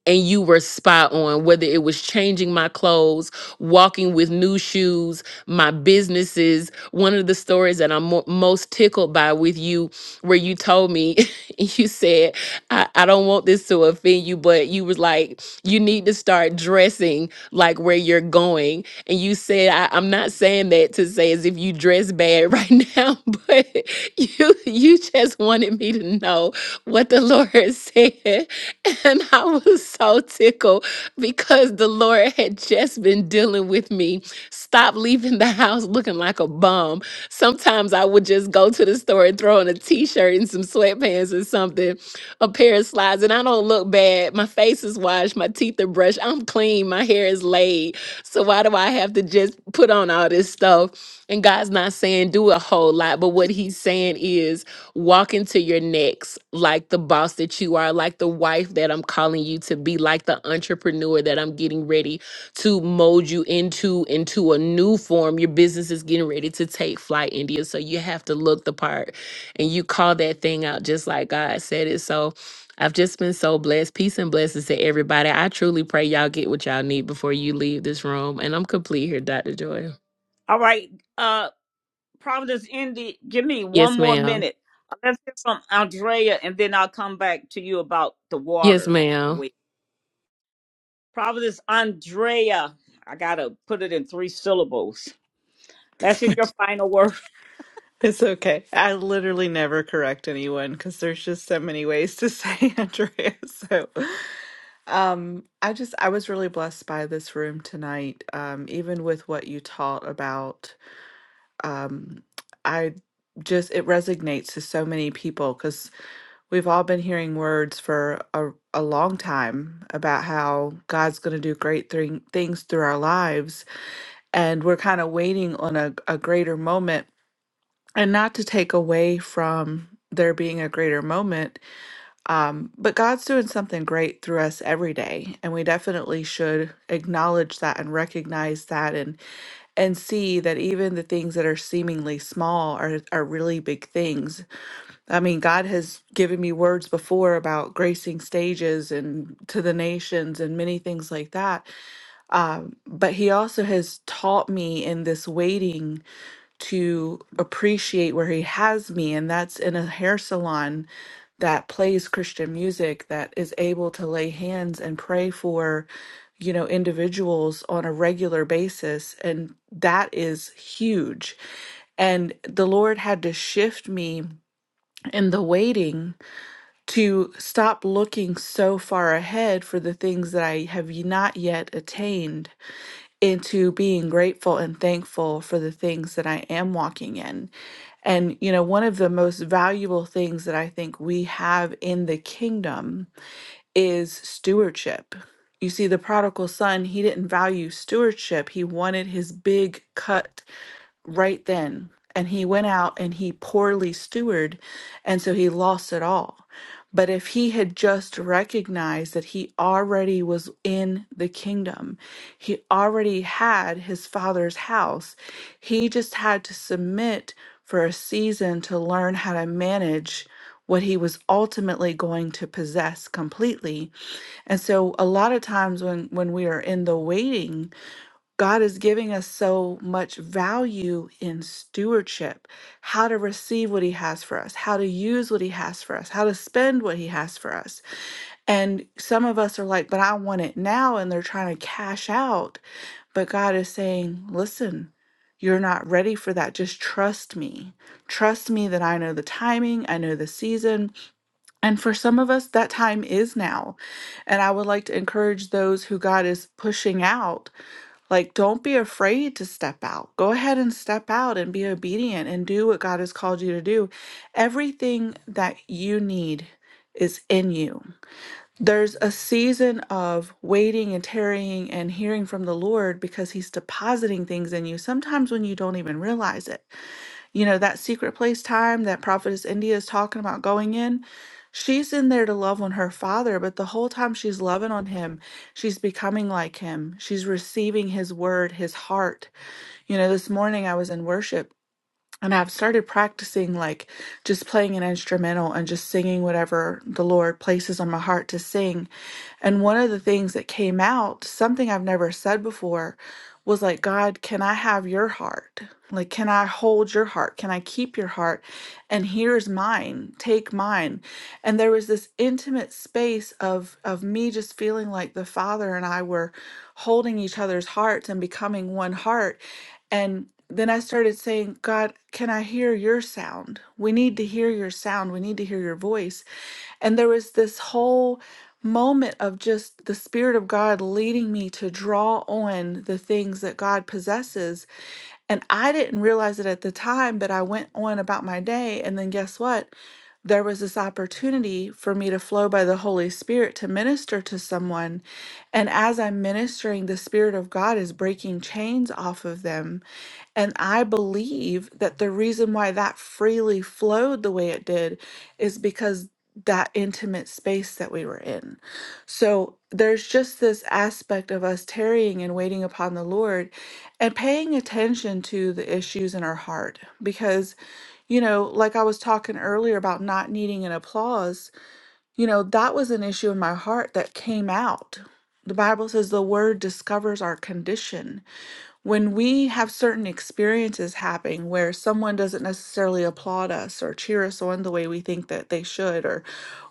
and you were spot on whether it was changing my clothes walking with new shoes my businesses one of the stories that i'm mo- most tickled by with you where you told me <laughs> you said I, I don't want this to offend you but you was like you need to start dressing like where you're going and you said I, i'm not saying that to say as if you dress bad <laughs> right now but <laughs> you you just wanted me to know what the lord <laughs> said <laughs> And I was so tickled because the Lord had just been dealing with me. Stop leaving the house looking like a bum. Sometimes I would just go to the store and throw on a t shirt and some sweatpants or something, a pair of slides, and I don't look bad. My face is washed, my teeth are brushed, I'm clean, my hair is laid. So why do I have to just put on all this stuff? And God's not saying do a whole lot, but what He's saying is, walk into your next like the boss that you are, like the wife that I'm calling you to be, like the entrepreneur that I'm getting ready to mold you into into a new form. Your business is getting ready to take flight, India. So you have to look the part and you call that thing out just like God said it. So I've just been so blessed. Peace and blessings to everybody. I truly pray y'all get what y'all need before you leave this room. And I'm complete here, Dr. Joy.
All right. Uh Providence India, give me one
Yes,
more
ma'am.
minute. Let's hear from Andrea, and then I'll come back to you about the
Yes,
water.
ma'am.
Wait. Providence Andrea. I gotta put it in three syllables. Let's hear your final word.
It's okay. I literally never correct anyone because there's just so many ways to say <laughs> Andrea. So, um, I just I was really blessed by this room tonight. Um, even with what you taught about um, I just it resonates to so many people because we've all been hearing words for a, a long time about how God's going to do great thing, things through our lives, and we're kind of waiting on a, a greater moment. And not to take away from there being a greater moment, um, but God's doing something great through us every day, and we definitely should acknowledge that and recognize that and and see that even the things that are seemingly small are are really big things. I mean, God has given me words before about gracing stages and to the nations and many things like that. Um, but He also has taught me in this waiting to appreciate where he has me, and that's in a hair salon that plays Christian music, that is able to lay hands and pray for, you know, individuals on a regular basis. And that is huge. And the Lord had to shift me in the waiting to stop looking so far ahead for the things that I have not yet attained into being grateful and thankful for the things that I am walking in. And, you know, one of the most valuable things that I think we have in the kingdom is stewardship. You see, the prodigal son, he didn't value stewardship. He wanted his big cut right then. And he went out and he poorly stewarded, and so he lost it all. But if he had just recognized that he already was in the kingdom, he already had his father's house, he just had to submit for a season to learn how to manage what he was ultimately going to possess completely. And so a lot of times when when we are in the waiting, God is giving us so much value in stewardship, how to receive what He has for us, how to use what He has for us, how to spend what He has for us. And some of us are like, but I want it now. And they're trying to cash out. But God is saying, listen, you're not ready for that. Just trust me. Trust me that I know the timing, I know the season. And for some of us, that time is now. And I would like to encourage those who God is pushing out. Like, don't be afraid to step out. Go ahead and step out and be obedient and do what God has called you to do. Everything that you need is in you. There's a season of waiting and tarrying and hearing from the Lord because He's depositing things in you, sometimes when you don't even realize it. You know, that secret place time that Prophetess India is talking about going in, she's in there to love on her father, but the whole time she's loving on him, she's becoming like him. She's receiving his word, his heart. You know, this morning I was in worship and I've started practicing like just playing an instrumental and just singing whatever the Lord places on my heart to sing. And one of the things that came out, something I've never said before, was like, God, can I have your heart? Like, can I hold your heart? Can I keep your heart? and here's mine take mine and there was this intimate space of of me just feeling like the father and I were holding each other's hearts and becoming one heart and then I started saying, God, can I hear your sound? We need to hear your sound. We need to hear your voice. And there was this whole moment of just the Spirit of God leading me to draw on the things that God possesses and I didn't realize it at the time, but I went on about my day. And then guess what? There was this opportunity for me to flow by the Holy Spirit to minister to someone. And as I'm ministering, the Spirit of God is breaking chains off of them and I believe that the reason why that freely flowed the way it did is because that intimate space that we were in. So there's just this aspect of us tarrying and waiting upon the Lord and paying attention to the issues in our heart. Because, you know, like I was talking earlier about not needing an applause, you know, that was an issue in my heart that came out. The Bible says the word discovers our condition when we have certain experiences happening where someone doesn't necessarily applaud us or cheer us on the way we think that they should or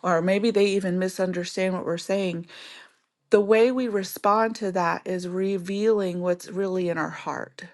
or maybe they even misunderstand what we're saying the way we respond to that is revealing what's really in our heart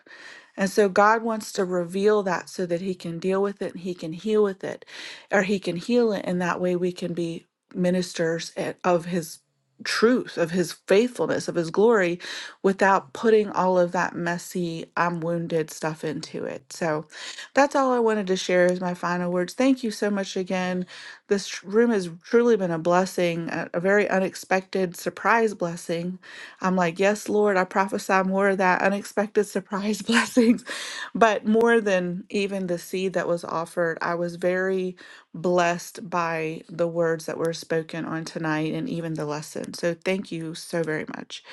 and so God wants to reveal that so that he can deal with it and he can heal with it or he can heal it and that way we can be ministers a- of his truth, of his faithfulness, of his glory without putting all of that messy I'm wounded stuff into it. So that's all I wanted to share as my final words. Thank you so much again. This tr- room has truly been a blessing, a, a very unexpected surprise blessing I'm like, yes, Lord, I prophesy more of that unexpected surprise <laughs> blessings. But more than even the seed that was offered, I was very blessed by the words that were spoken on tonight and even the lesson. So thank you so very much.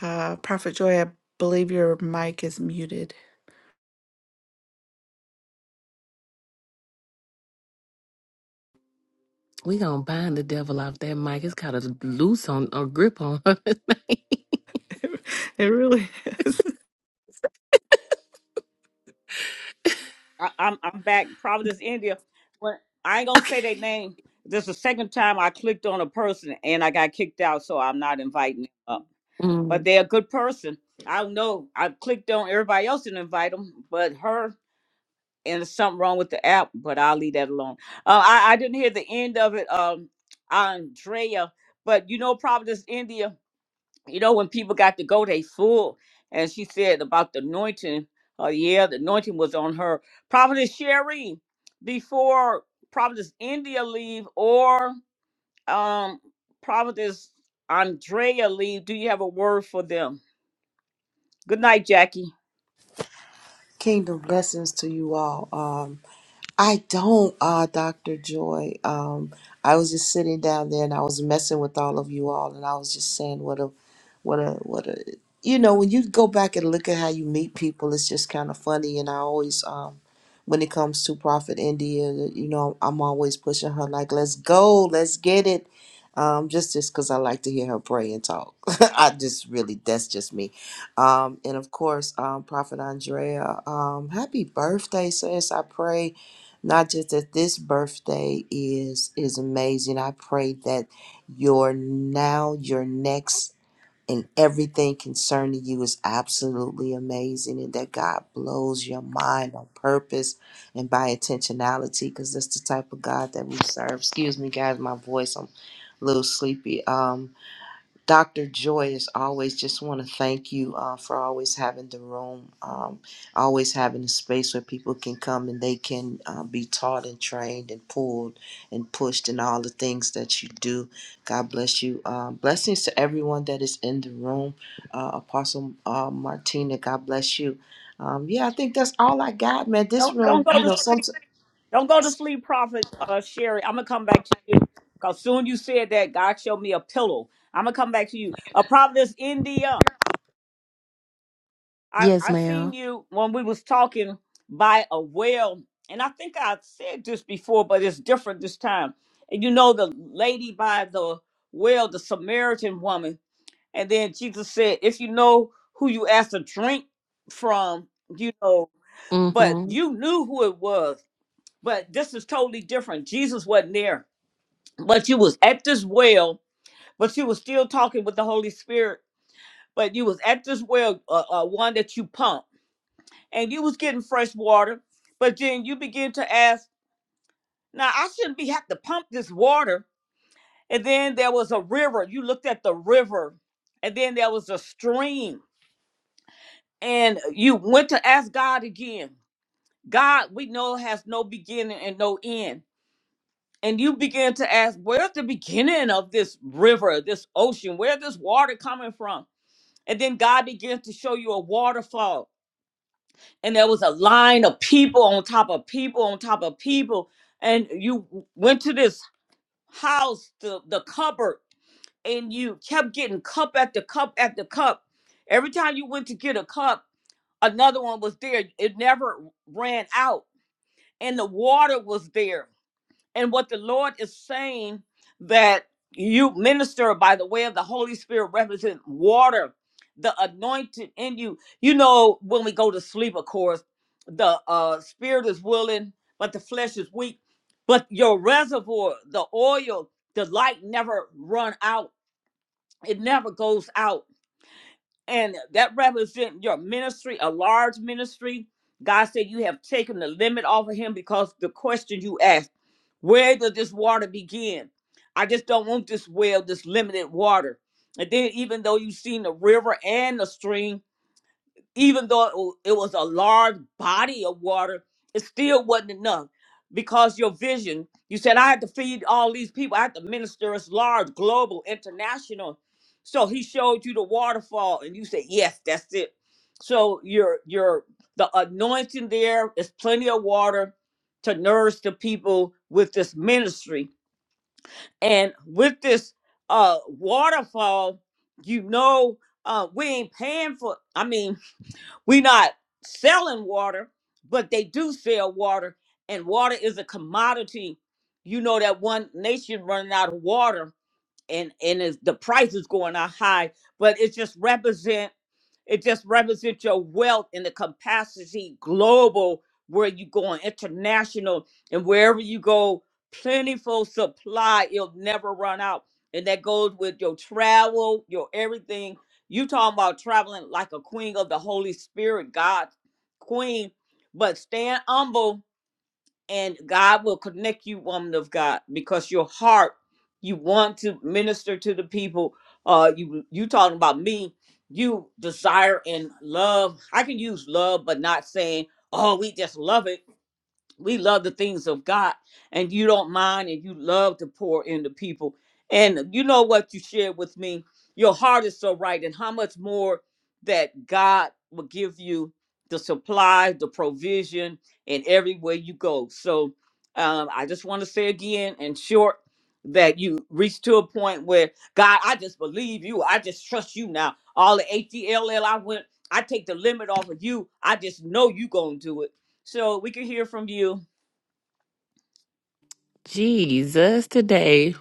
Uh, Prophet Joy, I believe your mic is muted.
We gonna bind the devil off that mic. It's got a loose on a grip on her. <laughs>
<laughs> it really is.
I, I'm I'm back, Providence, India. But I ain't gonna say their name. This is the second time I clicked on a person and I got kicked out, so I'm not inviting them up. But
Mm.
they're a good person. I don't know. I clicked on everybody else and invite them, but her and there's something wrong with the app. But I'll leave that alone. Uh, I I didn't hear the end of it, um, Andrea. But you know, Providence, India you know, when people got to go, they full. And she said about the anointing. Uh, yeah, the anointing was on her. Prophetess Sherry, before Prophetess India leave or um Prophetess Andrea leave, do you have a word for them? Good night, Jackie.
Kingdom blessings to you all. Um, I don't, uh, Dr. Joy. Um, I was just sitting down there and I was messing with all of you all and I was just saying what a what a what a you know, when you go back and look at how you meet people, it's just kind of funny and I always um when it comes to Prophet India, you know, I'm always pushing her like, "Let's go, let's get it." Um, just just because I like to hear her pray and talk. <laughs> I just really that's just me. Um, and of course, um, Prophet Andrea, um, happy birthday, sis. I pray not just that this birthday is is amazing i pray that your now your next and everything concerning you is absolutely amazing and that god blows your mind on purpose and by intentionality because that's the type of god that we serve excuse me guys my voice i'm a little sleepy um Dr. Joy, as always, just want to thank you uh, for always having the room, um, always having a space where people can come and they can uh, be taught and trained and pulled and pushed in all the things that you do. God bless you. Uh, blessings to everyone that is in the room. Uh, Apostle uh, Martina, God bless you. Um, yeah, I think that's all I got, man. This
Don't don't
room,
go
you
to
know, <laughs> some,
sleep. Don't go to sleep, Prophet uh, Sherry. I'm gonna come back to you. Cause soon you said that God showed me a pillow. I'm gonna come back to you. A uh, Providence, India. I
Yes,
I seen
ma'am.
you when we was talking by a well, and I think I said this before, but it's different this time. And you know the lady by the well, the Samaritan woman, and then Jesus said, "If you know who you asked to drink from, you know." But
Mm-hmm.
you knew who it was. But this is totally different. Jesus wasn't there, but you was at this well, but you was still talking with the Holy Spirit. But you was at this well, uh, uh, one that you pumped and you was getting fresh water, but then you begin to ask, now I shouldn't be have to pump this water. And then there was a river. You looked at the river, and then there was a stream, and you went to ask God again. God, we know has no beginning and no end. And you began to ask, where's the beginning of this river, this ocean? Where this water coming from? And then God began to show you a waterfall and there was a line of people on top of people on top of people and you went to this house the, the cupboard and you kept getting cup after cup after cup every time you went to get a cup another one was there it never ran out and the water was there and what the lord is saying that you minister by the way of the holy spirit represent water the anointed in you you know when we go to sleep of course the uh spirit is willing but the flesh is weak but your reservoir the oil the light never run out it never goes out and that represents your ministry, a large ministry. God said you have taken the limit off of him because the question you asked, where does this water begin? I just don't want this well, this limited water. And then even though you've seen the river and the stream, even though it wa- it was a large body of water, it still wasn't enough because your vision, you said, I had to feed all these people. I had to minister. It's large, global, international. So he showed you the waterfall and you said, yes, that's it. So your, your, the anointing there is plenty of water to nourish the people with this ministry. And with this uh, waterfall, you know, uh, we ain't paying for, I mean, we're not selling water, but they do sell water, and water is a commodity. You know that one nation running out of water and and it's, the price is going up high but it just represent it just represents your wealth and the capacity global where you going international and wherever you go plentiful supply it'll never run out and that goes with your travel your everything you talking about traveling like a queen of the holy spirit God's queen but stand humble and God will connect you, woman of God, because your heart, you want to minister to the people. Uh, you you talking about me? You desire and love. I can use love, but not saying, "Oh, we just love it." we love the things of God and you don't mind and you love to pour into people. And you know what you shared with me? Your heart is so right. And how much more that God will give you the supply, the provision, and everywhere you go. So um, I just want to say again, in short, that you reach to a point where God, I just believe you. I just trust you now. All the ATLL I went, I take the limit off of you. I just know you gonna do it so we can hear from you.
Jesus today.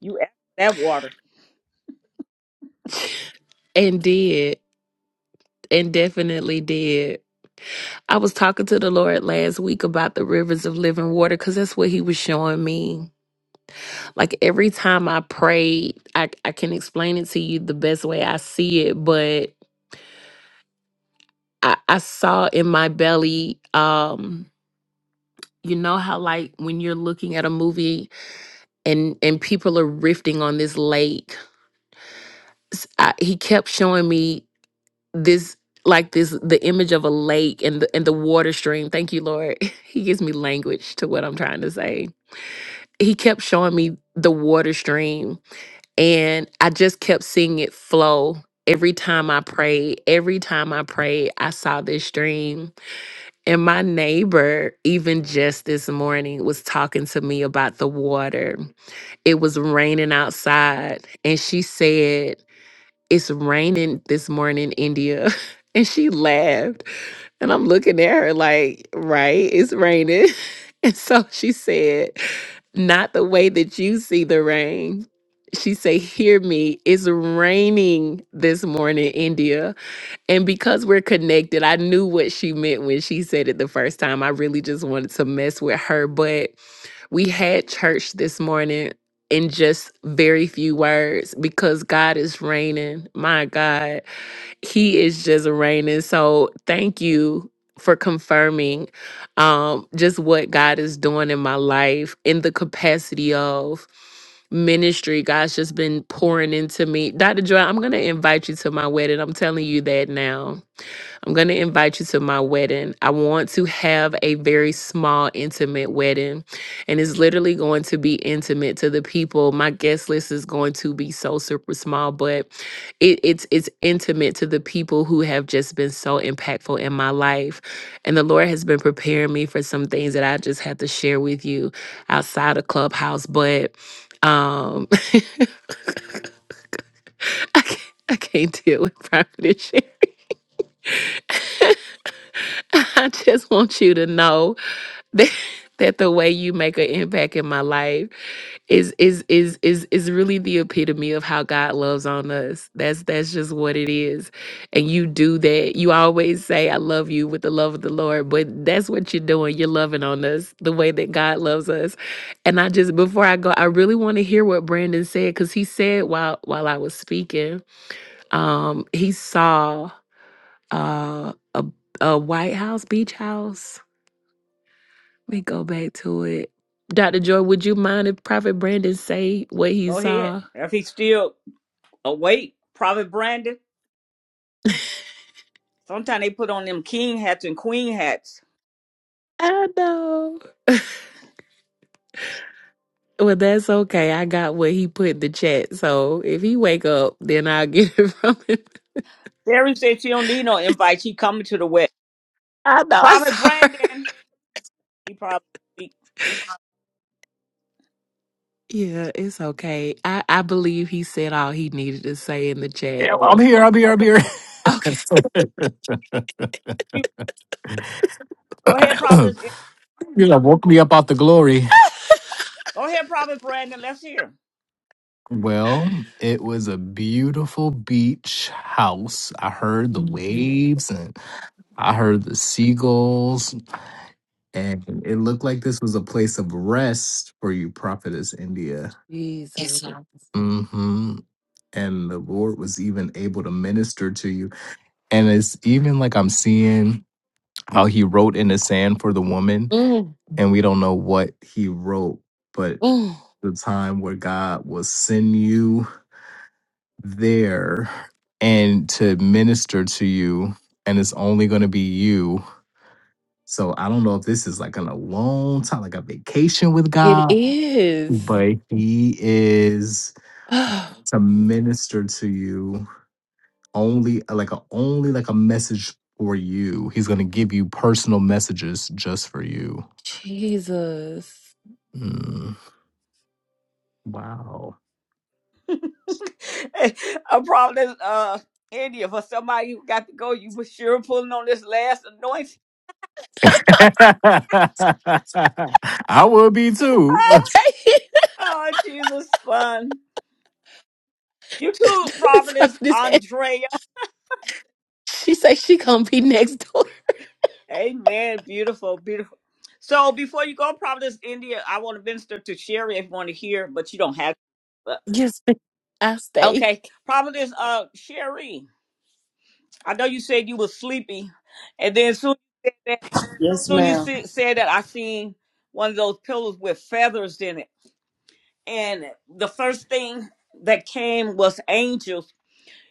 You asked for that water.
And did. And definitely did. I was talking to the Lord last week about the rivers of living water because that's what he was showing me. Like every time I prayed, I, I can explain it to you the best way I see it, but I, I saw in my belly, um, you know how like when you're looking at a movie and and people are rifting on this lake. S- I, he kept showing me this like this the image of a lake and the and the water stream. Thank you, Lord. <laughs> He gives me language to what I'm trying to say. He kept showing me the water stream and I just kept seeing it flow. Every time I prayed, every time I prayed, I saw this stream. And my neighbor, even just this morning, was talking to me about the water. It was raining outside. And she said, It's raining this morning, India. <laughs> And she laughed. And I'm looking at her like, Right, it's raining. <laughs> And so she said, Not the way that you see the rain. She said, Hear me, it's raining this morning, India. And because we're connected, I knew what she meant when she said it the first time. I really just wanted to mess with her. But we had church this morning in just very few words because God is reigning. My God, He is just reigning. So thank you for confirming um, just what God is doing in my life in the capacity of ministry. God's just been pouring into me. Dr. Joy, I'm going to invite you to my wedding. I'm telling you that now. I'm going to invite you to my wedding. I want to have a very small, intimate wedding. And it's literally going to be intimate to the people. My guest list is going to be so super small, but it, it's it's intimate to the people who have just been so impactful in my life. And the Lord has been preparing me for some things that I just have to share with you outside of Clubhouse. But um <laughs> I can't, I can't deal with private shit. <laughs> I just want you to know. that, <laughs> that the way you make an impact in my life is is is is is really the epitome of how God loves on us. That's that's just what it is. And you do that. You always say I love you with the love of the Lord, but that's what you're doing. You're loving on us the way that God loves us. And I just before I go, I really want to hear what Brandon said cuz he said while while I was speaking, um he saw uh a a White House beach house we go back to it. Dr. Joy, would you mind if Prophet Brandon say what he
Go ahead.
saw?
If he's still awake, Prophet Brandon. Sometimes they put on them king hats and queen hats.
I know. Well, that's okay. I got what he put in the chat. So if he wake up, then I'll <laughs> get it from him.
Terry said she don't need no invite. She coming to the West.
I know. I
Prophet
saw her.
Brandon. He probably speak.
Yeah, it's okay. I, I believe he said all he needed to say in the chat.
Yeah, well, I'm here. I'm here. I'm
Okay.
here.
Okay.
Go ahead, Prophet.
<laughs> you know, woke me up out the glory.
Go ahead, Prophet Brandon. Let's hear.
Well, it was a beautiful beach house. I heard the waves and I heard the seagulls, and it looked like this was a place of rest for you, Prophetess India.
Jesus.
hmm And the Lord was even able to minister to you. And it's even like I'm seeing how He wrote in the sand for the woman,
Mm,
and we don't know what He wrote, but
mm.
the time where God will send you there and to minister to you and it's only going to be you so i don't know if this is like an alone time like a vacation with
It
god
is.
but he is
Oh,
to minister to you only like a only like a message for you he's going to give you personal messages just for you
Jesus.
Mm. wow
<laughs> a Prophet uh India for somebody who got to go. You were sure pulling on this last anointing.
<laughs> i will be too
<laughs>
Oh Jesus fun. You too, Prophetess
Prophet is-
Andrea.
She say she gonna be next door.
Amen. Beautiful, beautiful. So before you go, Providence, India, I want to minister to Sherry if you want to hear, but you don't have. to. But
Yes, <laughs> I stay.
okay, Providence, uh, Sherry, I know you said you were sleepy, and then soon you said that.
Yes,
Soon you
ma'am.
see, said that I seen one of those pillows with feathers in it, and the first thing that came was angels.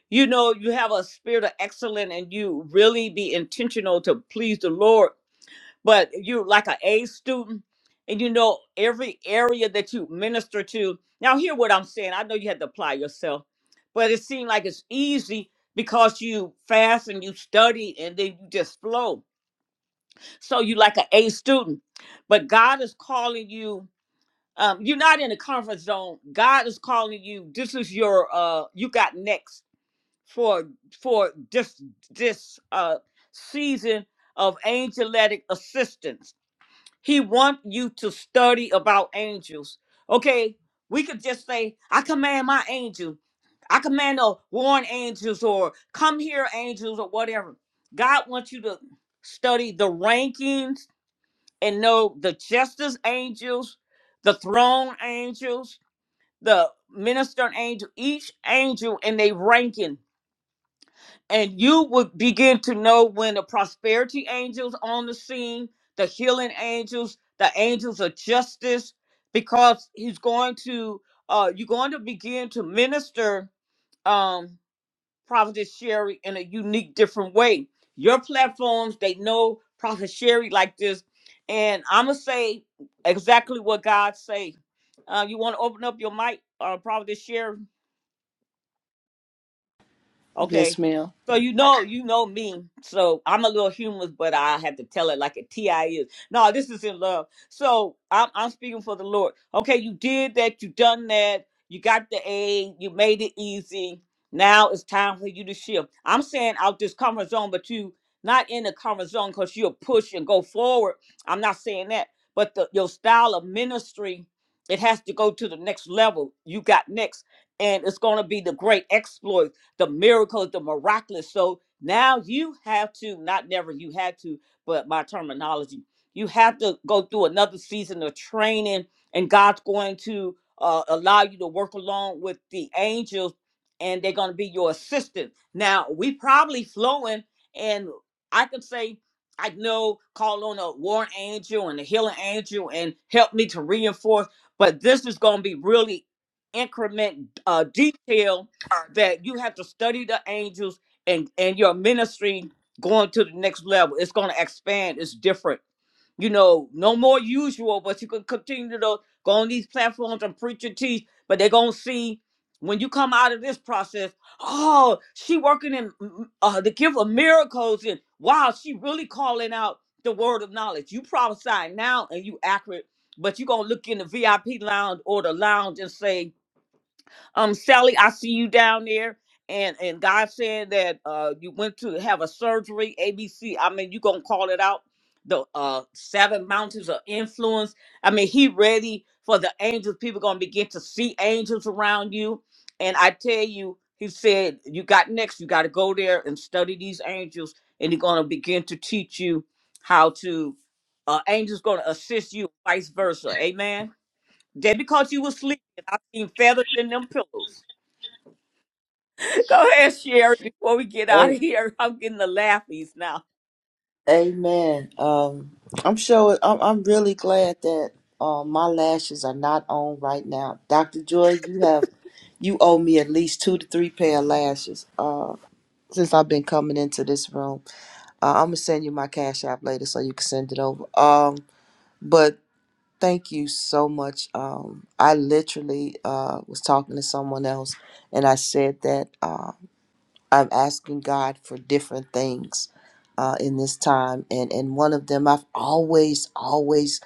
You know, you have a spirit of excellence, and you really be intentional to please the Lord but you're like an A student, and you know every area that you minister to. Now, hear what I'm saying. I know you had to apply yourself, but it seemed like it's easy because you fast and you study, and then you just flow. So you like an A student, but God is calling you. Um, you're not in the comfort zone. God is calling you. This is your. Uh, you got next for for this this uh season of angelic assistance he want you to study about angels. Okay, we could just say, I command my angel. I command the warn angels or come here angels or whatever. God wants you to study the rankings and know the justice angels, the throne angels, the minister angel, each angel and they ranking and you would begin to know when the prosperity angels on the scene the healing angels the angels of justice because he's going to uh you're going to begin to minister um prophet sherry in a unique different way your platforms they know prophet sherry like this and i'm gonna say exactly what god say uh you want to open up your mic uh prophet sherry
Yes,
Okay.
ma'am.
So you know you know me. So I'm a little humorous, but I have to tell it like a TI is. No, this is in love. So I'm I'm speaking for the Lord. Okay, you did that, you done that, you got the A, you made it easy. Now it's time for you to shift. I'm saying out this comfort zone, but you not in the comfort zone because you'll push and go forward. I'm not saying that, but the, your style of ministry, it has to go to the next level. You got next, and it's gonna be the great exploit the miracle, the miraculous. So now you have to, not never you had to, but my terminology, you have to go through another season of training, and God's going to uh, allow you to work along with the angels, and they're going to be your assistant. Now, we probably flowing, and I could say, I know, call on a warring angel and a healing angel and help me to reinforce, but this is going to be really increment uh, detail that you have to study the angels and and your ministry going to the next level it's going to expand it's different you know no more usual but you can continue to go on these platforms and preach and teach but they're going to see when you come out of this process oh she working in mm, uh, the gift of miracles and wow she really calling out the word of knowledge you prophesy now and you accurate but you're going to look in the vip lounge or the lounge and say um, Sally, I see you down there. And and God said that uh you went to have a surgery, ABC. I mean, you gonna call it out. The uh seven mountains of influence. I mean, he ready for the angels. People gonna begin to see angels around you. And I tell you, he said, You got next, you gotta go there and study these angels, and he's gonna begin to teach you how to uh angels gonna assist you, vice versa. Amen. Just because you were sleeping, I seen feathers in them pillows. <laughs> Go ahead, Sherry, before we get out of here. <laughs> I'm getting the laughies now.
Amen. Um, I'm sure. I'm, I'm really glad that uh, my lashes are not on right now, Doctor Joy. You have you owe me at least two to three pair of lashes. Uh, since I've been coming into this room, uh, I'm gonna send you my cash app later so you can send it over. Um, but thank you so much. Um, I literally uh was talking to someone else, and I said that. uh, I'm asking God for different things uh, in this time, and and one of them I've always always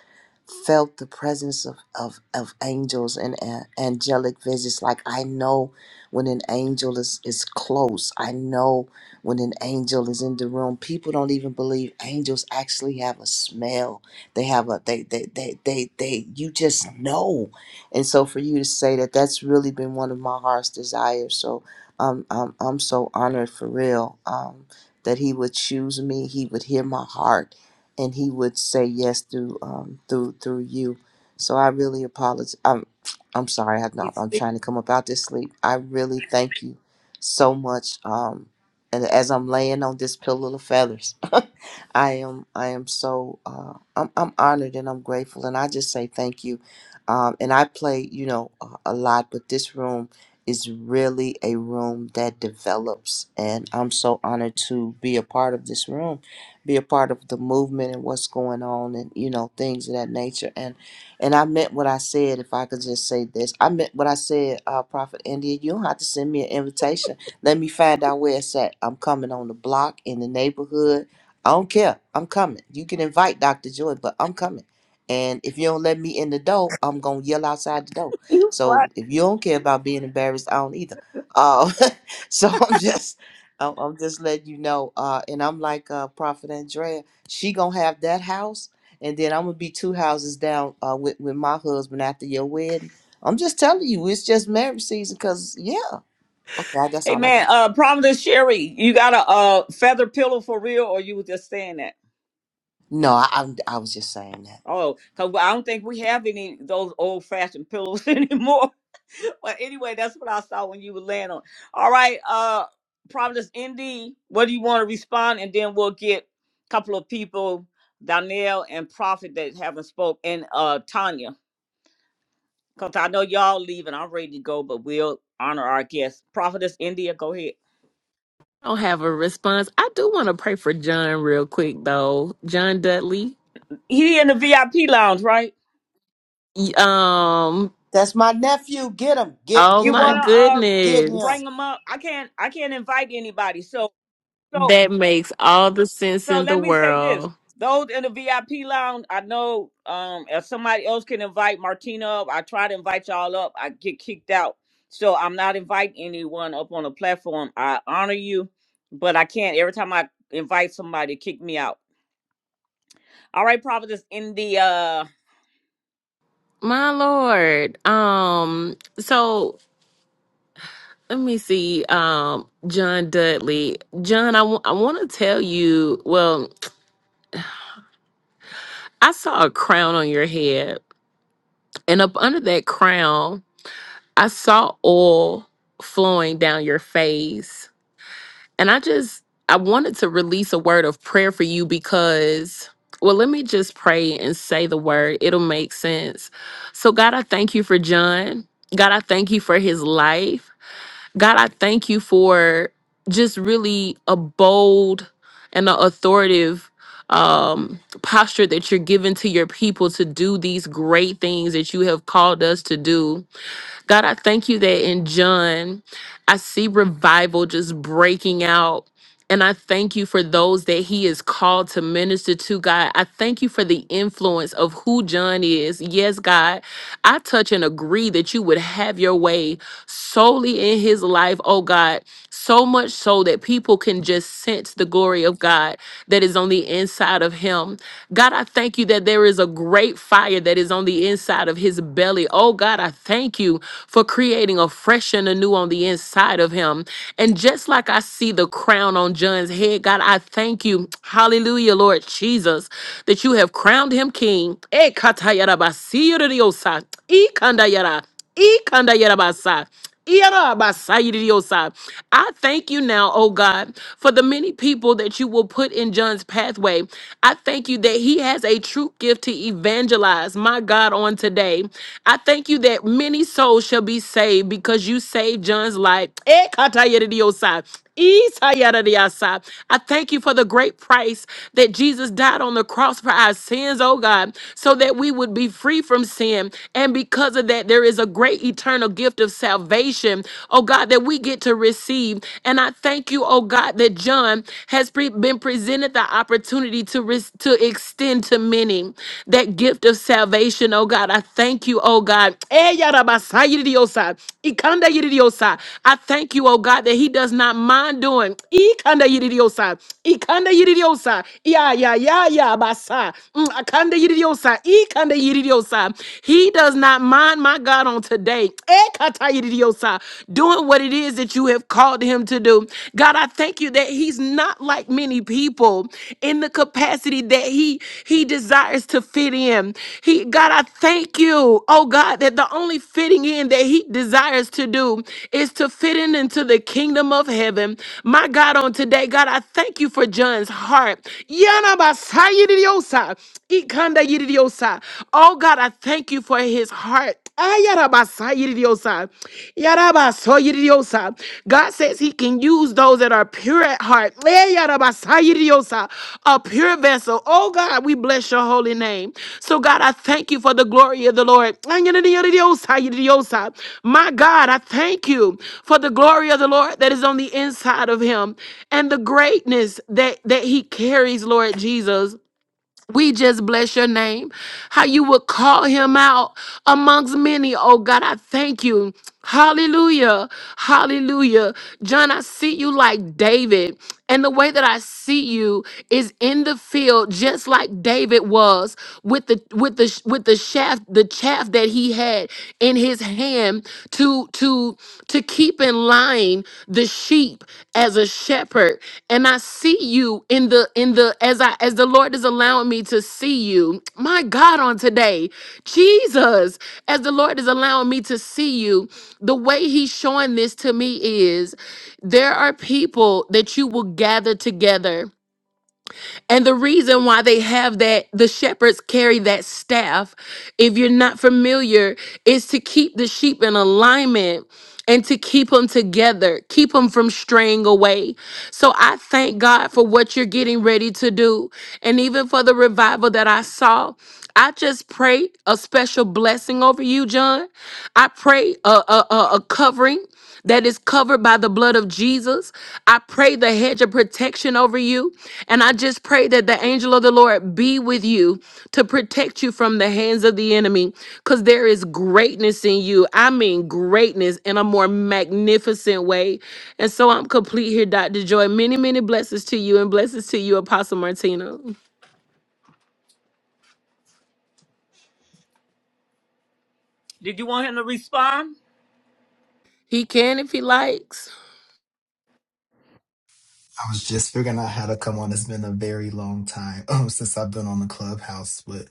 felt the presence of, of, of angels and uh, angelic visits. Like I know when an angel is, is close. I know when an angel is in the room. People don't even believe angels actually have a smell. They have a they they they they, they you just know. And so for you to say that that's really been one of my heart's desires. So um I'm I'm so honored for real. Um that he would choose me, he would hear my heart and he would say yes through um, through through you. So I really apologize. I'm I'm sorry. I'm not,
He's
I'm
sleeping.
trying
<laughs>
to come up out this sleep. I really thank you so much. Um, and as I'm laying on this pillow of feathers, <laughs> I am I am so uh, I'm I'm honored and I'm grateful. And I just say thank you. Um, and I play you know a, a lot, but this room is really a room that develops, and I'm so honored to be a part of this room be a part of the movement and what's going on and you know things of that nature and and i meant what i said if i could just say this i meant what i said uh prophet india you don't have to send me an invitation let me find out where it's at i'm coming on the block in the neighborhood i don't care i'm coming you can invite dr joy but i'm coming and if you don't let me in the door i'm gonna yell outside the door
You funny.
so if you don't care about being embarrassed i don't either uh, <laughs> so i'm just I'm, I'm just letting you know. Uh, and I'm like uh, Prophet Andrea. She gonna have that house, and then I'm gonna be two houses down uh, with with my husband after your wedding. I'm just telling you, it's just marriage season. Cause yeah, okay, that's
Hey
all I
man,
got.
uh Providence Sherry, you got a uh feather pillow for real or you were just saying that?
No, I, I I was just saying that.
Oh, 'cause I don't think we have any of those old fashioned pillows <laughs> anymore. But anyway, that's what I saw when you were laying on. All right, uh, Providence ND, what do you want to respond? And then we'll get a couple of people, Donnell and Prophet that haven't spoke, and uh Tanya. Because I know y'all leaving. I'm ready to go, but we'll honor our guests. Prophetess India, go ahead.
I don't have a response. I do want to pray for John real quick though. John Dudley.
He in the VIP lounge, right?
Y- Um,
That's my nephew. Get him. Get
oh
You
get
my
him.
wanna uh
Get him.
goodness.
bring him up? I can't I can't invite anybody. So so
That makes all the sense
So
in the
let me say this.
world.
Those in the VIP lounge, I know um if somebody else can invite Martina up, I try to invite y'all up. I get kicked out. So I'm not inviting anyone up on the platform. I honor you, but I can't every time I invite somebody kick me out. All right, Providence in the uh
My Lord. Um, so let me see. Um, John Dudley. John, I want to tell you, well, I saw a crown on your head. And up under that crown, I saw oil flowing down your face. And I just, I wanted to release a word of prayer for you because, well, let me just pray and say the word. It'll make sense. So, God, I thank you for John. God, I thank you for his life. God, I thank you for just really a bold and an authoritative um posture that you're giving to your people to do these great things that you have called us to do. God, I thank you that in John, I see revival just breaking out. And I thank you for those that he is called to minister to, God. I thank you for the influence of who John is. Yes, God, I touch and agree that you would have your way solely in his life, oh God, so much so that people can just sense the glory of God that is on the inside of him. God, I thank you that there is a great fire that is on the inside of his belly. Oh God, I thank you for creating a fresh and anew on the inside of him. And just like I see the crown on John's head, God, I thank you. Hallelujah, Lord Jesus, that you have crowned him king. Eh, katayara basiriosa, ikandayara, ikandayara basa. Iyarabasayiriosa. I thank you now, oh God, for the many people that you will put in John's pathway. I thank you that he has a true gift to evangelize, my God, on today. I thank you that many souls shall be saved because you saved John's life. Eh, katayedidiosai. Isayadadiasai. I thank you for the great price that Jesus died on the cross for our sins, oh God, so that we would be free from sin. And because of that, there is a great eternal gift of salvation, oh God, that we get to receive. And I thank you, oh God, that John has pre- been presented the opportunity to, res- to extend to many that gift of salvation, oh God. I thank you, oh God. Eh, yarabasa yididiosa, ikanda yididiosa. I thank you, oh God, that he does not mind doing. Ikanda yididiosa, ikanda yididiosa, ya, ya, ya, ya, basa, mm, akanda yididiosa, ikanda yididiosa. He does not mind, my God, on today. Eh, kata yididiosa, Doing what what it is that you have called him to do. God, I thank you that he's not like many people in the capacity that he he desires to fit in. He God, I thank you, oh God, that the only fitting in that he desires to do is to fit in into the kingdom of heaven. My God, on today, God, I thank you for John's heart. Yanabasayidiosa, ikandayidiosa. Oh God, I thank you for his heart. Ayarabasayidiosa. Yarabasoyiriosa. God says he can use those that are pure at heart. Eh, yarabasayiriosa. A pure vessel. Oh God, we bless your holy name. So God, I thank you for the glory of the Lord. Anyanadiyadidiyosayiriosa. My God, I thank you for the glory of the Lord that is on the inside of him and the greatness that, that he carries, Lord Jesus. We just bless your name. How you would call him out amongst many. Oh God, I thank you. Hallelujah. Hallelujah. John, I see you like David. And the way that I see you is in the field just like David was with the with the with the shaft the chaff that he had in his hand to to to keep in line the sheep as a shepherd and I see you in the in the as I as the Lord is allowing me to see you. My God, on today, Jesus, as the Lord is allowing me to see you, the way He's showing this to me is there are people that you will gather together and the reason why they have that, the shepherds carry that staff, if you're not familiar, is to keep the sheep in alignment and to keep them together, keep them from straying away. So I thank God for what you're getting ready to do. And even for the revival that I saw, I just pray a special blessing over you, John. I pray a, a, a a covering that is covered by the blood of Jesus. I pray the hedge of protection over you. And I just pray that the angel of the Lord be with you to protect you from the hands of the enemy. Because there is greatness in you. I mean, greatness in a more magnificent way. And so I'm complete here, Dr. Joy. Many, many blessings to you and blessings to you, Apostle Martina.
did you want him to respond?
He can if he likes.
I was just figuring out how to come on. It's been a very long time <laughs> um, since I've been on the clubhouse, but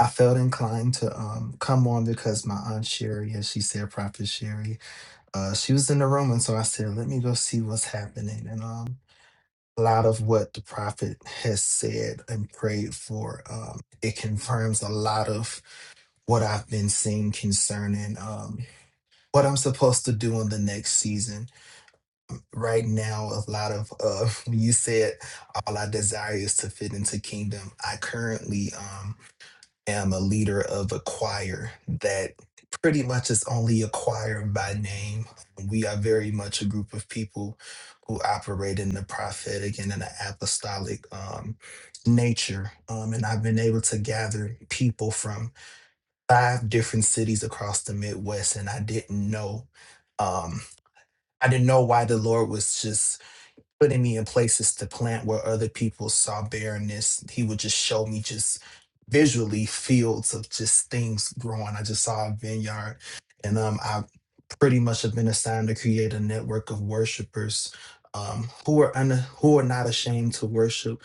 I felt inclined to um, come on because my aunt Sherry, as she said, Prophet Sherry, uh, she was in the room, and so I said, "Let me go see what's happening." And um, a lot of what the prophet has said and prayed for, um, it confirms a lot of what I've been seeing concerning um, what I'm supposed to do in the next season right now a lot of uh <laughs> when you said all i desire is to fit into kingdom i currently um am a leader of a choir that pretty much is only a choir by name we are very much a group of people who operate in the prophetic and in the apostolic um nature um and i've been able to gather people from five different cities across the midwest and i didn't know um I didn't know why the Lord was just putting me in places to plant where other people saw barrenness. He would just show me just visually fields of just things growing. I just saw a vineyard. And um, I pretty much have been assigned to create a network of worshipers um, who are un- who are not ashamed to worship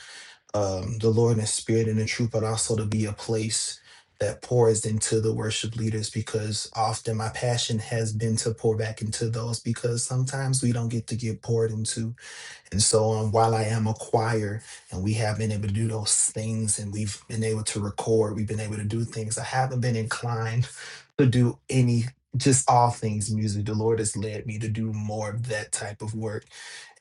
um, the Lord in spirit and in truth, but also to be a place that pours into the worship leaders because often my passion has been to pour back into those because sometimes we don't get to get poured into and so um, while I am a choir and we have been able to do those things and we've been able to record, we've been able to do things, I haven't been inclined to do any, just all things music. The Lord has led me to do more of that type of work.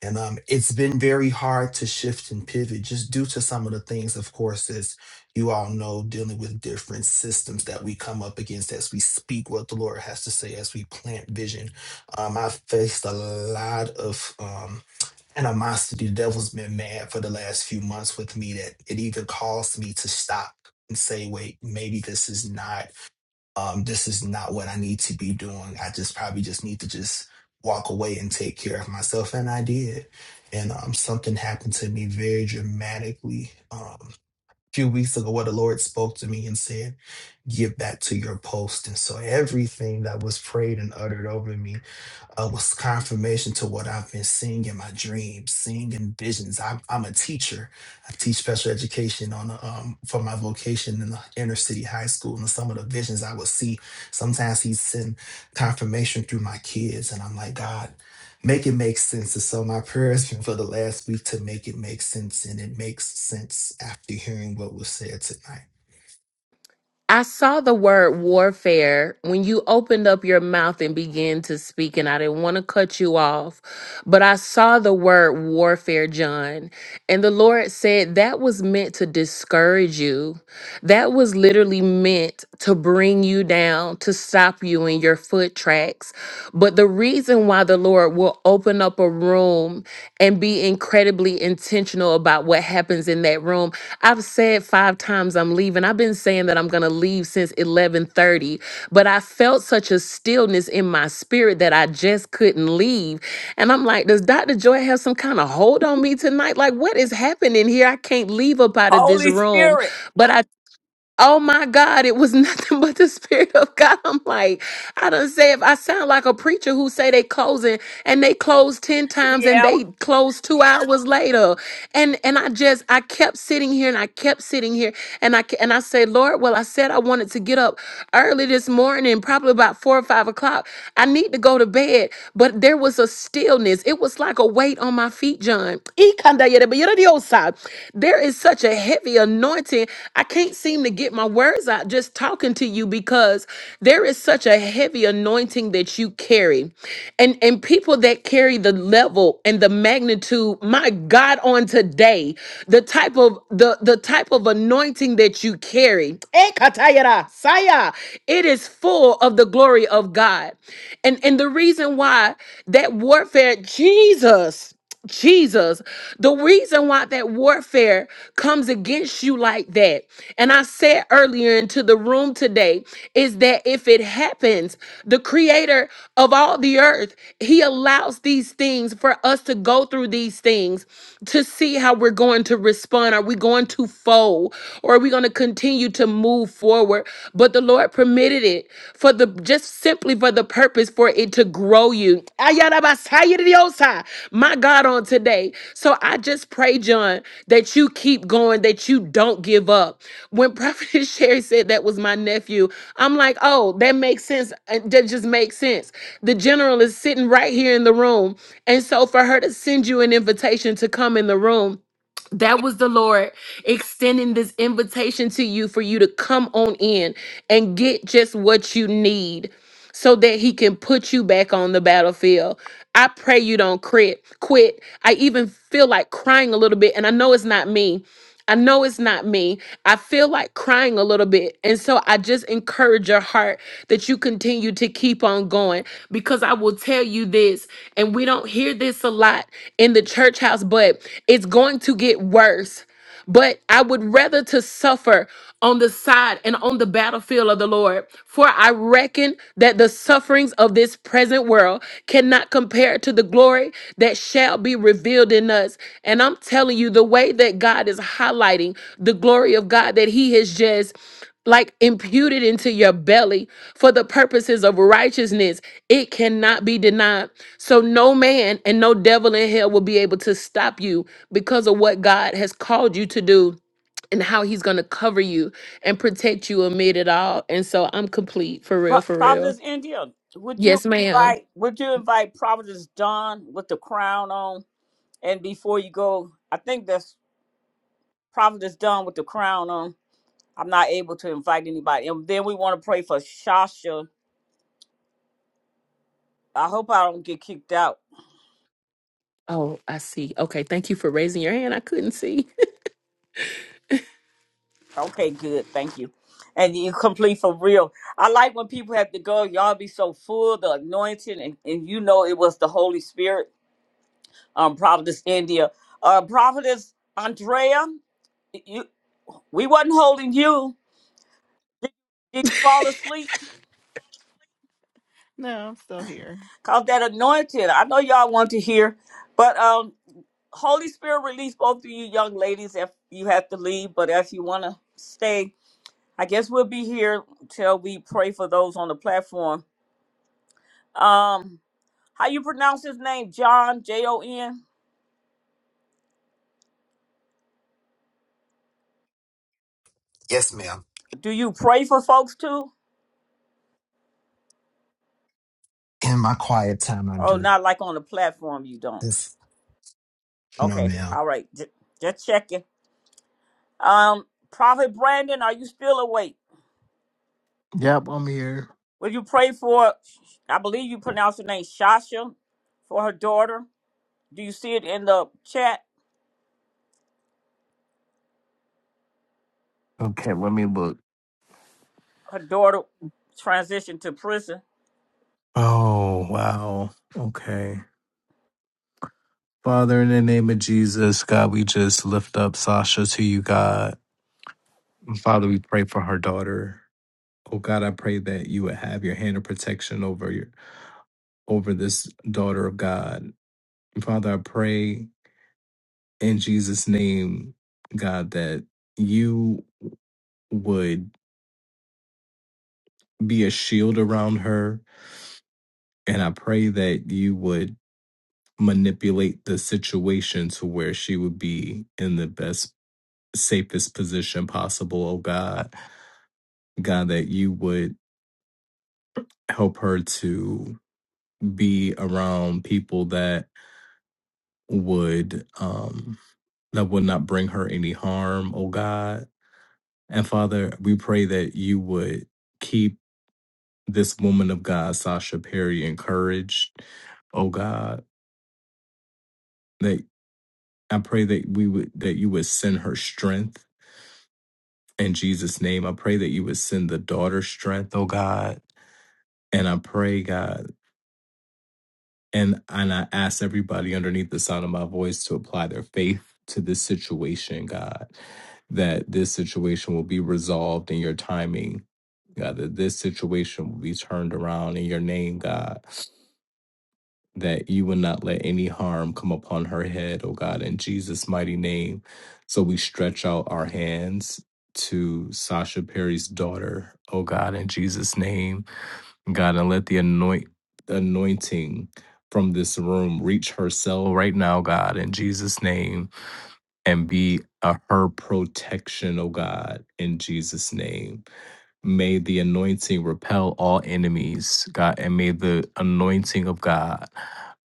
And um, it's been very hard to shift and pivot just due to some of the things, of course, as you all know, dealing with different systems that we come up against as we speak what the Lord has to say, as we plant vision. Um, I've faced a lot of. Um, animosity the devil's been mad for the last few months with me that it even caused me to stop and say wait maybe this is not um this is not what i need to be doing i just probably just need to just walk away and take care of myself and i did and um something happened to me very dramatically um a few weeks ago where the lord spoke to me and said get back to your post and so everything that was prayed and uttered over me uh, was confirmation to what I've been seeing in my dreams, seeing in visions. I'm, I'm a teacher. I teach special education on a, um, for my vocation in the inner city high school, and some of the visions I would see. Sometimes he'd send confirmation through my kids, and I'm like, God, make it make sense. And so my prayer has been for the last week to make it make sense, and it makes sense after hearing what was said tonight.
I saw the word warfare when you opened up your mouth and began to speak, and I didn't want to cut you off, but I saw the word warfare, John. And the Lord said that was meant to discourage you. That was literally meant to bring you down, to stop you in your foot tracks. But the reason why the Lord will open up a room and be incredibly intentional about what happens in that room I've said five times I'm leaving. I've been saying that I'm gonna leave since 11:30, but I felt such a stillness in my spirit that I just couldn't leave. And I'm like, does Dr. Joy have some kind of hold on me tonight? Like, what is happening here? I can't leave up out of this
Holy
room.
Spirit.
But I, oh my God, it was <laughs> nothing but the spirit of God. I'm like, I don't say if I sound like a preacher who say they closing and they close ten times and
Yeah.
they close two hours later and and I just I kept sitting here and I kept sitting here and I ke- and I said, Lord, well, I said I wanted to get up early this morning, probably about four or five o'clock. I need to go to bed, but there was a stillness. It was like a weight on my feet, John. Ikandayerebeyerediosa. There is such a heavy anointing. I can't seem to get my words out just talking to you because because there is such a heavy anointing that you carry. And and people that carry the level and the magnitude, my God, on today, the type of the the type of anointing that you carry. Ekatayara, saya, It is full of the glory of God. And and the reason why that warfare, Jesus. Jesus, the reason why that warfare comes against you like that, and I said earlier into the room today, is that if it happens, the creator of all the earth, he allows these things for us to go through these things to see how we're going to respond. Are we going to fold? Or are we going to continue to move forward. But the Lord permitted it for the just simply for the purpose for it to grow you. Ayarabasayiridiosai. My God, on today. So I just pray, John, that you keep going, that you don't give up. When Prophet <laughs> Sherry said that was my nephew, I'm like, oh, that makes sense. Uh, That just makes sense. The general is sitting right here in the room. And so for her to send you an invitation to come in the room, that was the Lord extending this invitation to you for you to come on in and get just what you need so that he can put you back on the battlefield. I pray you don't quit. Quit. I even feel like crying a little bit and I know it's not me. I know it's not me. I feel like crying a little bit. And so I just encourage your heart that you continue to keep on going because I will tell you this, and we don't hear this a lot in the church house, but it's going to get worse but I would rather to suffer on the side and on the battlefield of the Lord. For I reckon that the sufferings of this present world cannot compare to the glory that shall be revealed in us. And I'm telling you, the way that God is highlighting the glory of God that He has just like imputed into your belly for the purposes of righteousness, it cannot be denied. So no man and no devil in hell will be able to stop you because of what God has called you to do and how he's going to cover you and protect you amid it all. And so I'm complete for
Pro-
real, for real.
Providence India. Would you
Yes, ma'am.
invite would you invite Providence Don with the crown on? And before you go, I think that's Prophet is done with the crown on. I'm not able to invite anybody. And then we want to pray for Shasha. I hope I don't get kicked out.
Oh, I see. Okay. Thank you for raising your hand. I couldn't see.
Okay, good. Thank you. And you complete for real. I like when people have to go. Y'all be so full, the anointing, and, and you know it was the Holy Spirit. Um, Prophetess India, uh, Prophetess Andrea, you, we wasn't holding you. Did, did you fall asleep?
No, I'm still here.
Cause that anointing. I know y'all want to hear, but um, Holy Spirit release both of you young ladies if you have to leave, but if you want to stay, I guess we'll be here till we pray for those on the platform. Um, how you pronounce his name? John J O N.
Yes, ma'am.
Do you pray for folks too?
In my quiet time, I
Oh,
do.
not like on the platform. You don't.
Yes. No,
Okay.
ma'am.
All right. J- just checking. Um, Prophet Brandon, are you still awake?
<laughs> yep i'm here
Will you pray for? I believe you pronounce her name Shasha, for her daughter. Do you see it in the chat?
okay let me look
her daughter transitioned to prison.
Oh, wow. Okay. Father, in the name of Jesus, God, we just lift up Sasha to you, God. And Father, we pray for her daughter. Oh God, I pray that you would have your hand of protection over your over this daughter of God. Father, I pray in Jesus' name, God, that you would be a shield around her. And I pray that you would manipulate the situation to where she would be in the best safest position possible, oh God. God, that you would help her to be around people that would um that would not bring her any harm, oh God. And Father, we pray that you would keep this woman of God, Sasha Perry, encouraged, oh God, that I pray that we would that you would send her strength in Jesus' name. I pray that you would send the daughter strength, oh God. And I pray, God, and and I ask everybody underneath the sound of my voice to apply their faith to this situation, God, that this situation will be resolved in your timing. God, that this situation will be turned around in your name, God, that you will not let any harm come upon her head, oh God, in Jesus' mighty name. So we stretch out our hands to Sasha Perry's daughter, oh God, in Jesus' name God, and let the anoint anointing from this room reach her cell right now, God, in Jesus' name, and be a, her protection, oh God, in Jesus' name. May the anointing repel all enemies, God, and may the anointing of God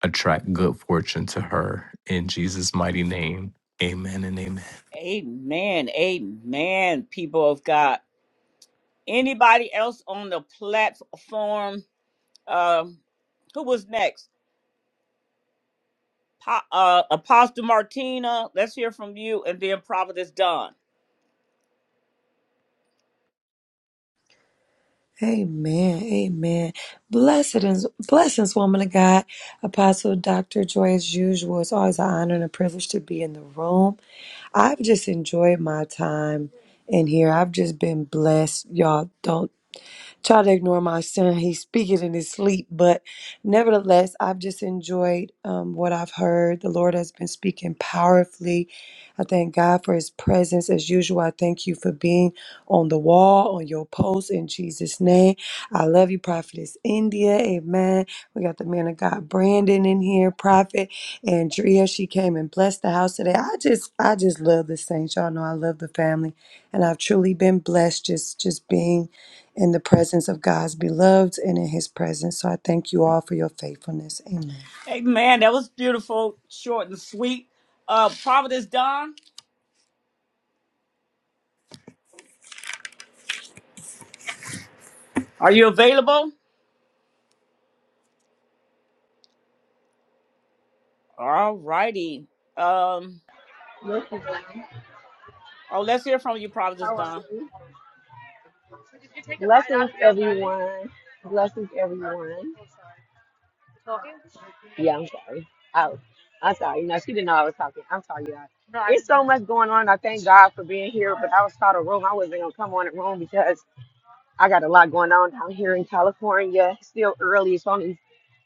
attract good fortune to her in Jesus' mighty name. Amen and amen.
Amen. Amen, people of God. Anybody else on the platform? Um, who was next? Po- uh, Apostle Martina, let's hear from you, and then Providence Don.
Amen. Amen. Blessings, blessings, woman of God. Apostle Dr. Joy, as usual, it's always an honor and a privilege to be in the room. I've just enjoyed my time in here. I've just been blessed. Y'all don't try to ignore my son. He's speaking in his sleep, but nevertheless, I've just enjoyed um, what I've heard. The Lord has been speaking powerfully. I thank God for His presence as usual. I thank you for being on the wall, on your post in Jesus' name. I love you, Prophetess India. Amen. We got the man of God, Brandon, in here, Prophet Andrea. She came and blessed the house today. I just, I just love the saints. Y'all know I love the family, and I've truly been blessed just, just being in the presence of God's beloved and in his presence. So I thank you all for your faithfulness. Amen.
Hey man, that was beautiful, short and sweet. Uh, Providence Don, are you available? All righty. Um, Oh, let's hear from you, Providence
How are
Don.
you? Blessings, everyone. Blessings, everyone. Yeah, I'm sorry. Oh, I'm sorry. No, she didn't know I was talking. I'm sorry, y'all. It's so much going on. I thank God for being here, but I was called a room. I wasn't gonna come on a room because I got a lot going on down here in California. It's still early. It's only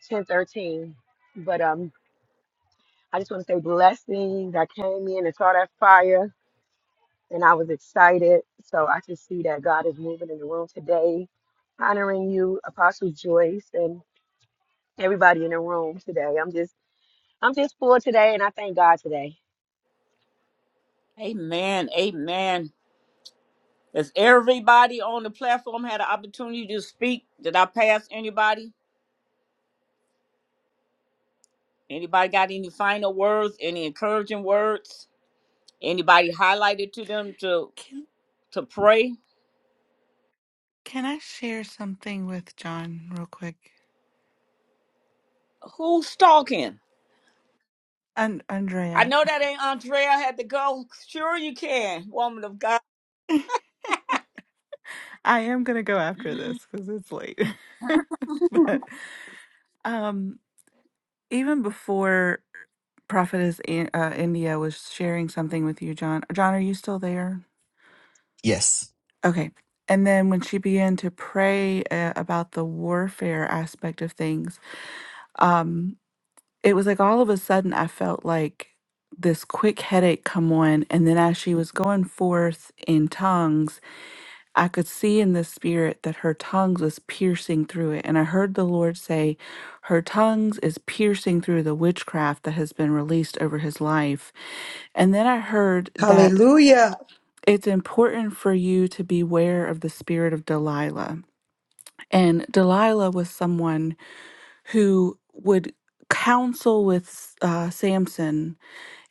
10:13. But um, I just want to say blessings. I came in and saw that fire. and I was excited. So I just see that God is moving in the room today, honoring you, Apostle Joyce, and everybody in the room today. I'm just I'm just full today, and I thank God today.
amen. Amen. Has everybody on the platform had an opportunity to speak? Did I pass anybody? Anybody got any final words, any encouraging words? Anybody highlighted to them to
Can,
to pray?
can I share something with John real quick?
Who's talking?
And
I
Andrea.
know that ain't Andrea had to go. Sure you can, woman of God.
<laughs> I am gonna go after this because it's late. <laughs> but um, even before Prophetess In- uh, India was sharing something with you, John. John, are you still there?
Yes.
Okay. And then when she began to pray uh, about the warfare aspect of things, um, it was like all of a sudden I felt like this quick headache come on. And then as she was going forth in tongues, I could see in the spirit that her tongues was piercing through it. And I heard the Lord say, Her tongues is piercing through the witchcraft that has been released over his life. And then I heard that
Hallelujah.
it's important for you to beware of the spirit of Delilah. And Delilah was someone who would counsel with uh, Samson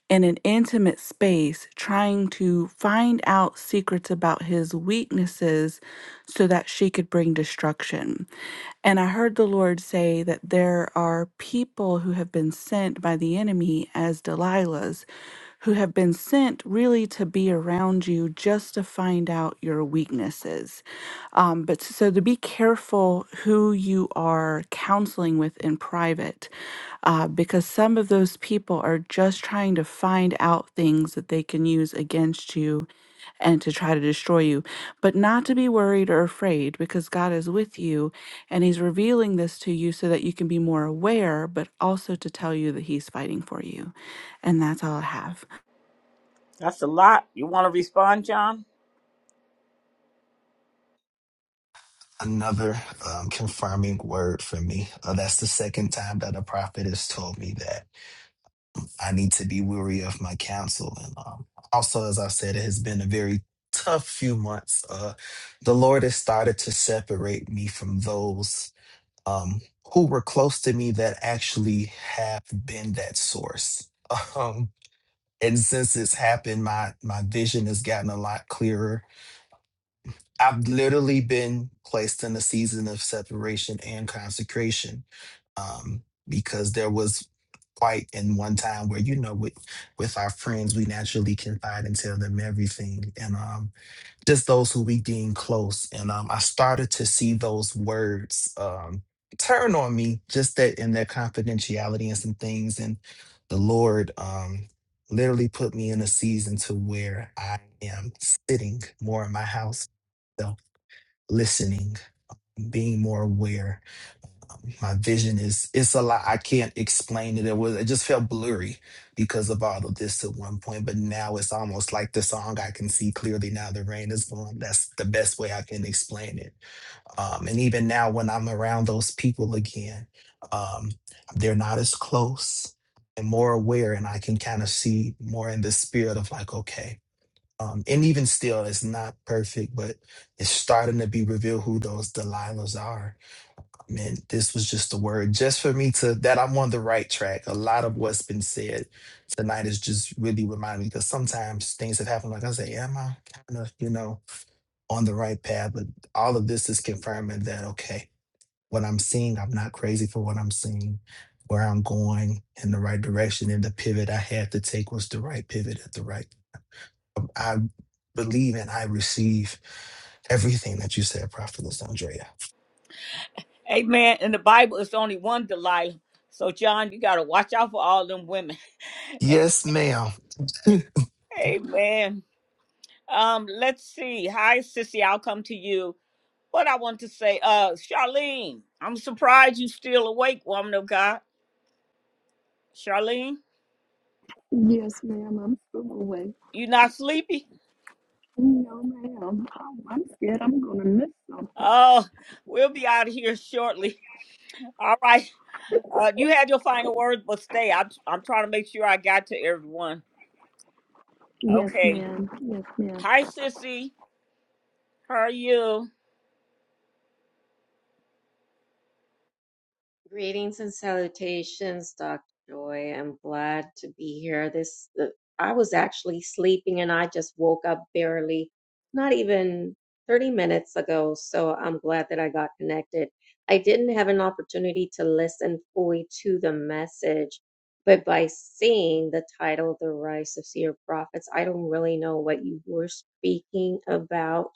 in an intimate space trying to find out secrets about his weaknesses so that she could bring destruction. And I heard the Lord say that there are people who have been sent by the enemy as Delilahs, who have been sent really to be around you just to find out your weaknesses. Um, but so to be careful who you are counseling with in private, uh, because some of those people are just trying to find out things that they can use against you and to try to destroy you. But not to be worried or afraid, because God is with you and He's revealing this to you so that you can be more aware, but also to tell you that He's fighting for you. And that's all I have.
That's a lot. You want to respond, John?
another um, confirming word for me. Uh, that's the second time that a prophet has told me that I need to be weary of my counsel. And um, also, as I said, it has been a very tough few months. Uh, the Lord has started to separate me from those um, who were close to me that actually have been that source. <laughs> Um, and since it's happened, my my vision has gotten a lot clearer I've literally been placed in a season of separation and consecration um, because there was quite in one time where you know with with our friends we naturally confide and tell them everything and um just those who we deem close and um I started to see those words um turn on me just that in their confidentiality and some things and the Lord um literally put me in a season to where I am sitting more in my house So, listening, being more aware. Um, My vision is it's a lot. I can't explain it. It was it just felt blurry because of all of this at one point, but now it's almost like the song I can see clearly now the rain is gone. That's the best way I can explain it. Um, and even now when I'm around those people again, um, they're not as close and more aware and I can kind of see more in the spirit of like, okay. Um, and even still, it's not perfect, but it's starting to be revealed who those Delilahs are. Man, this was just a word just for me to that I'm on the right track. A lot of what's been said tonight is just really reminding me because sometimes things have happened. Like I say, am I kind of, you know, on the right path? But all of this is confirming that, okay, what I'm seeing, I'm not crazy for what I'm seeing, where I'm going in the right direction. And the pivot I had to take was the right pivot at the right I believe and I receive everything that you said, Prophetess Andrea.
Amen. In the Bible, it's only one Delilah. So, John, you got to watch out for all them women.
Yes, ma'am.
<laughs> Amen. Um, let's see. Hi, Sissy. I'll come to you. What I want to say, uh, Charlene, I'm surprised you still awake, woman of God. Charlene,
Yes, ma'am, I'm still awake.
you not sleepy?
No, ma'am, I'm, I'm scared I'm gonna miss something.
Oh, we'll be out of here shortly. <laughs> All right. Uh, you had your final words, but stay. I, I'm trying to make sure I got to everyone.
Yes,
Okay.
ma'am. Yes, ma'am.
Hi, sissy. How are you?
Greetings and salutations, Dr. Joy. I'm glad to be here. This uh, I was actually sleeping and I just woke up barely, not even 30 minutes ago, so I'm glad that I got connected. I didn't have an opportunity to listen fully to the message, but by seeing the title, The Rise of Seer Prophets, I don't really know what you were speaking about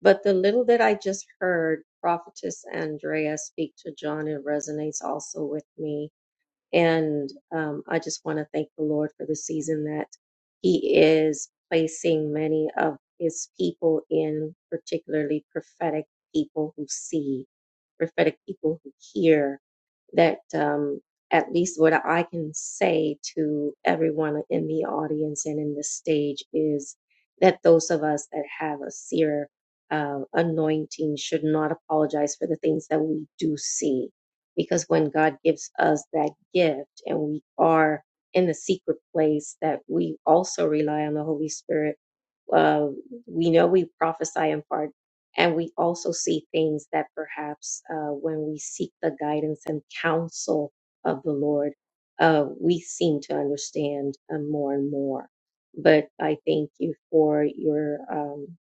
but the little that I just heard Prophetess Andrea speak to John, it resonates also with me. And um, I just want to thank the Lord for the season that He is placing many of His people in, particularly prophetic people who see, prophetic people who hear. That um, at least what I can say to everyone in the audience and in the stage is that those of us that have a seer uh, anointing should not apologize for the things that we do see because when God gives us that gift and we are in the secret place that we also rely on the Holy Spirit, uh, we know we prophesy in part and we also see things that perhaps uh, when we seek the guidance and counsel of the Lord, uh, we seem to understand uh, more and more. But I thank you for your um,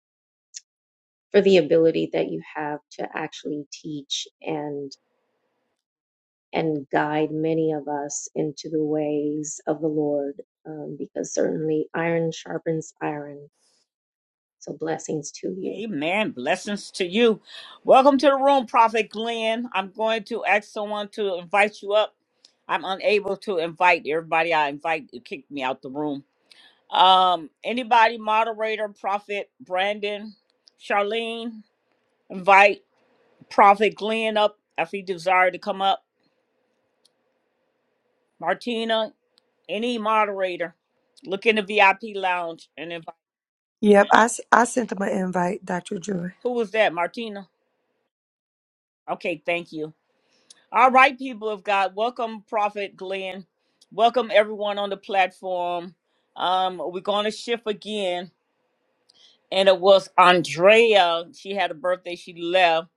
for the ability that you have to actually teach and and guide many of us into the ways of the Lord, um, because certainly iron sharpens iron. So blessings to you.
Amen. Blessings to you. Welcome to the room, Prophet Glenn. I'm going to ask someone to invite you up. I'm unable to invite everybody I invite to kick me out the room. Um, anybody, moderator, Prophet Brandon, Charlene, invite Prophet Glenn up if he desire to come up. Martina, any moderator, look in the VIP lounge and invite.
Yep, I, s- I sent them an invite, Dr. Joy.
Who was that, Martina? Okay, thank you. All right, people of God, welcome Prophet Glenn. Welcome everyone on the platform. Um, we're going to shift again, and it was Andrea. She had a birthday. She left.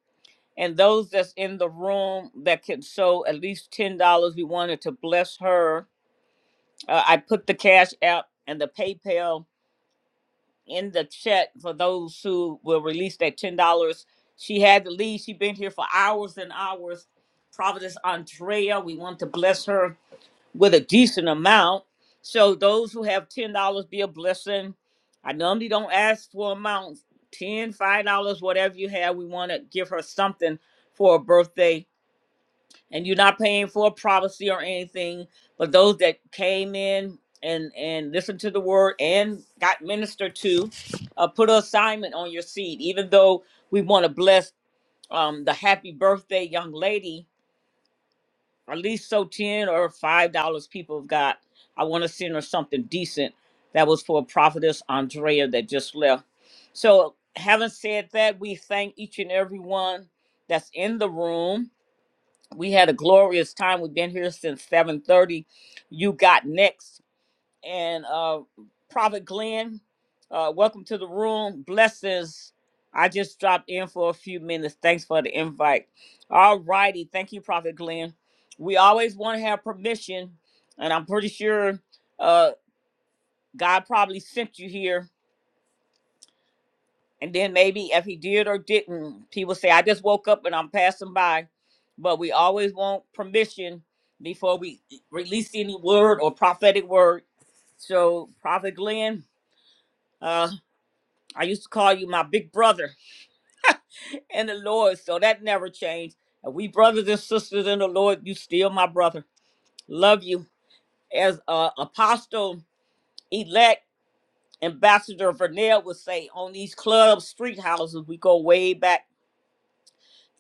And those that's in the room that can show at least ten dollars, we wanted to bless her. Uh, I put the cash app and the PayPal in the chat for those who will release that ten dollars. She had to leave. She been here for hours and hours. Providence Andrea, we want to bless her with a decent amount. So those who have ten dollars, be a blessing. I normally don't ask for amounts. Ten, dollars, five dollars, whatever you have, we want to give her something for a birthday and you're not paying for a prophecy or anything but those that came in and and listened to the word and got ministered to uh, put an assignment on your seed even though we want to bless um, the happy birthday young lady at least so 10 or 5 dollars people have got i want to send her something decent that was for prophetess andrea that just left so having said that we thank each and every one that's in the room we had a glorious time. We've been here since 7:30. You got next, and uh, Prophet Glenn, uh, welcome to the room. Blessings. I just dropped in for a few minutes. Thanks for the invite. All righty, thank you, Prophet Glenn. We always want to have permission, and I'm pretty sure uh, God probably sent you here And then maybe if he did or didn't, people say, I just woke up and I'm passing by. But we always want permission before we e, release any word or prophetic word. So, Prophet Glenn, uh, I used to call you my big brother <laughs> in the Lord. So that never changed. And we brothers and sisters in the Lord, you still my brother. Love you. As uh, Apostle elect Ambassador Vernell would say on these club street houses, we go way back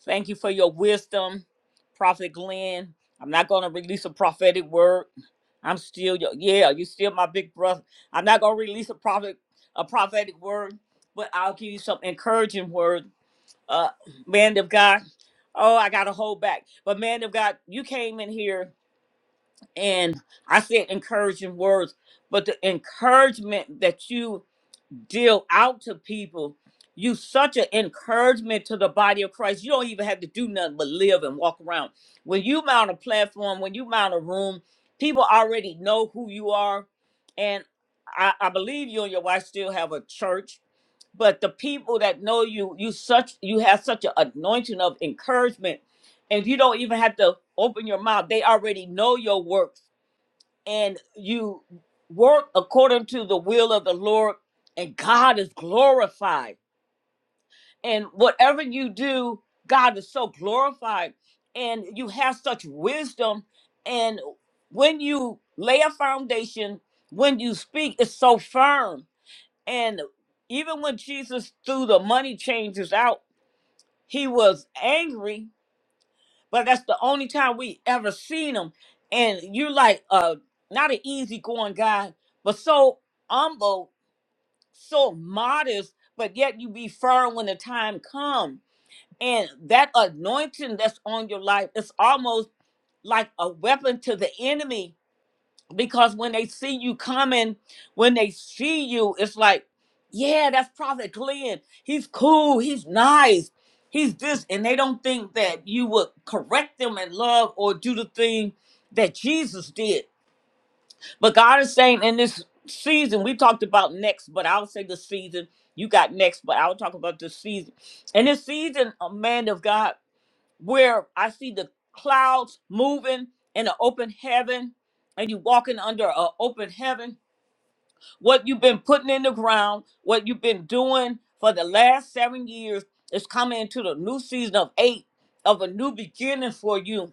Thank you for your wisdom, Prophet Glenn. I'm not going to release a prophetic word. I'm still your, yeah, you still my big brother. I'm not going to release a prophet a prophetic word, but I'll give you some encouraging word. Uh man of God. Oh, I got to hold back. But man of God, you came in here and I said encouraging words, but the encouragement that you deal out to people. You such an encouragement to the body of Christ. You don't even have to do nothing but live and walk around. When you mount a platform, when you mount a room, people already know who you are. And I, I believe you and your wife still have a church, but the people that know you, you such you have such an anointing of encouragement. And you don't even have to open your mouth. They already know your work and you work according to the will of the Lord, and God is glorified. And whatever you do, God is so glorified, and you have such wisdom. And when you lay a foundation, when you speak, it's so firm. And even when Jesus threw the money changers out, he was angry but that's the only time we ever seen him. And you like uh not an easygoing guy, but so humble, so modest, but yet you be firm when the time come. And that anointing that's on your life, it's almost like a weapon to the enemy because when they see you coming, when they see you, it's like, yeah, that's Prophet Glenn. He's cool. He's nice. He's this. And they don't think that you would correct them in love or do the thing that Jesus did. But God is saying in this season, we talked about next, but I'll say the season. You got next, but I'll talk about the season. And this season, a man of God where I see the clouds moving in an open heaven and you walking under an open heaven. What you've been putting in the ground, what you've been doing for the last seven years is coming into the new season of eight of a new beginning for you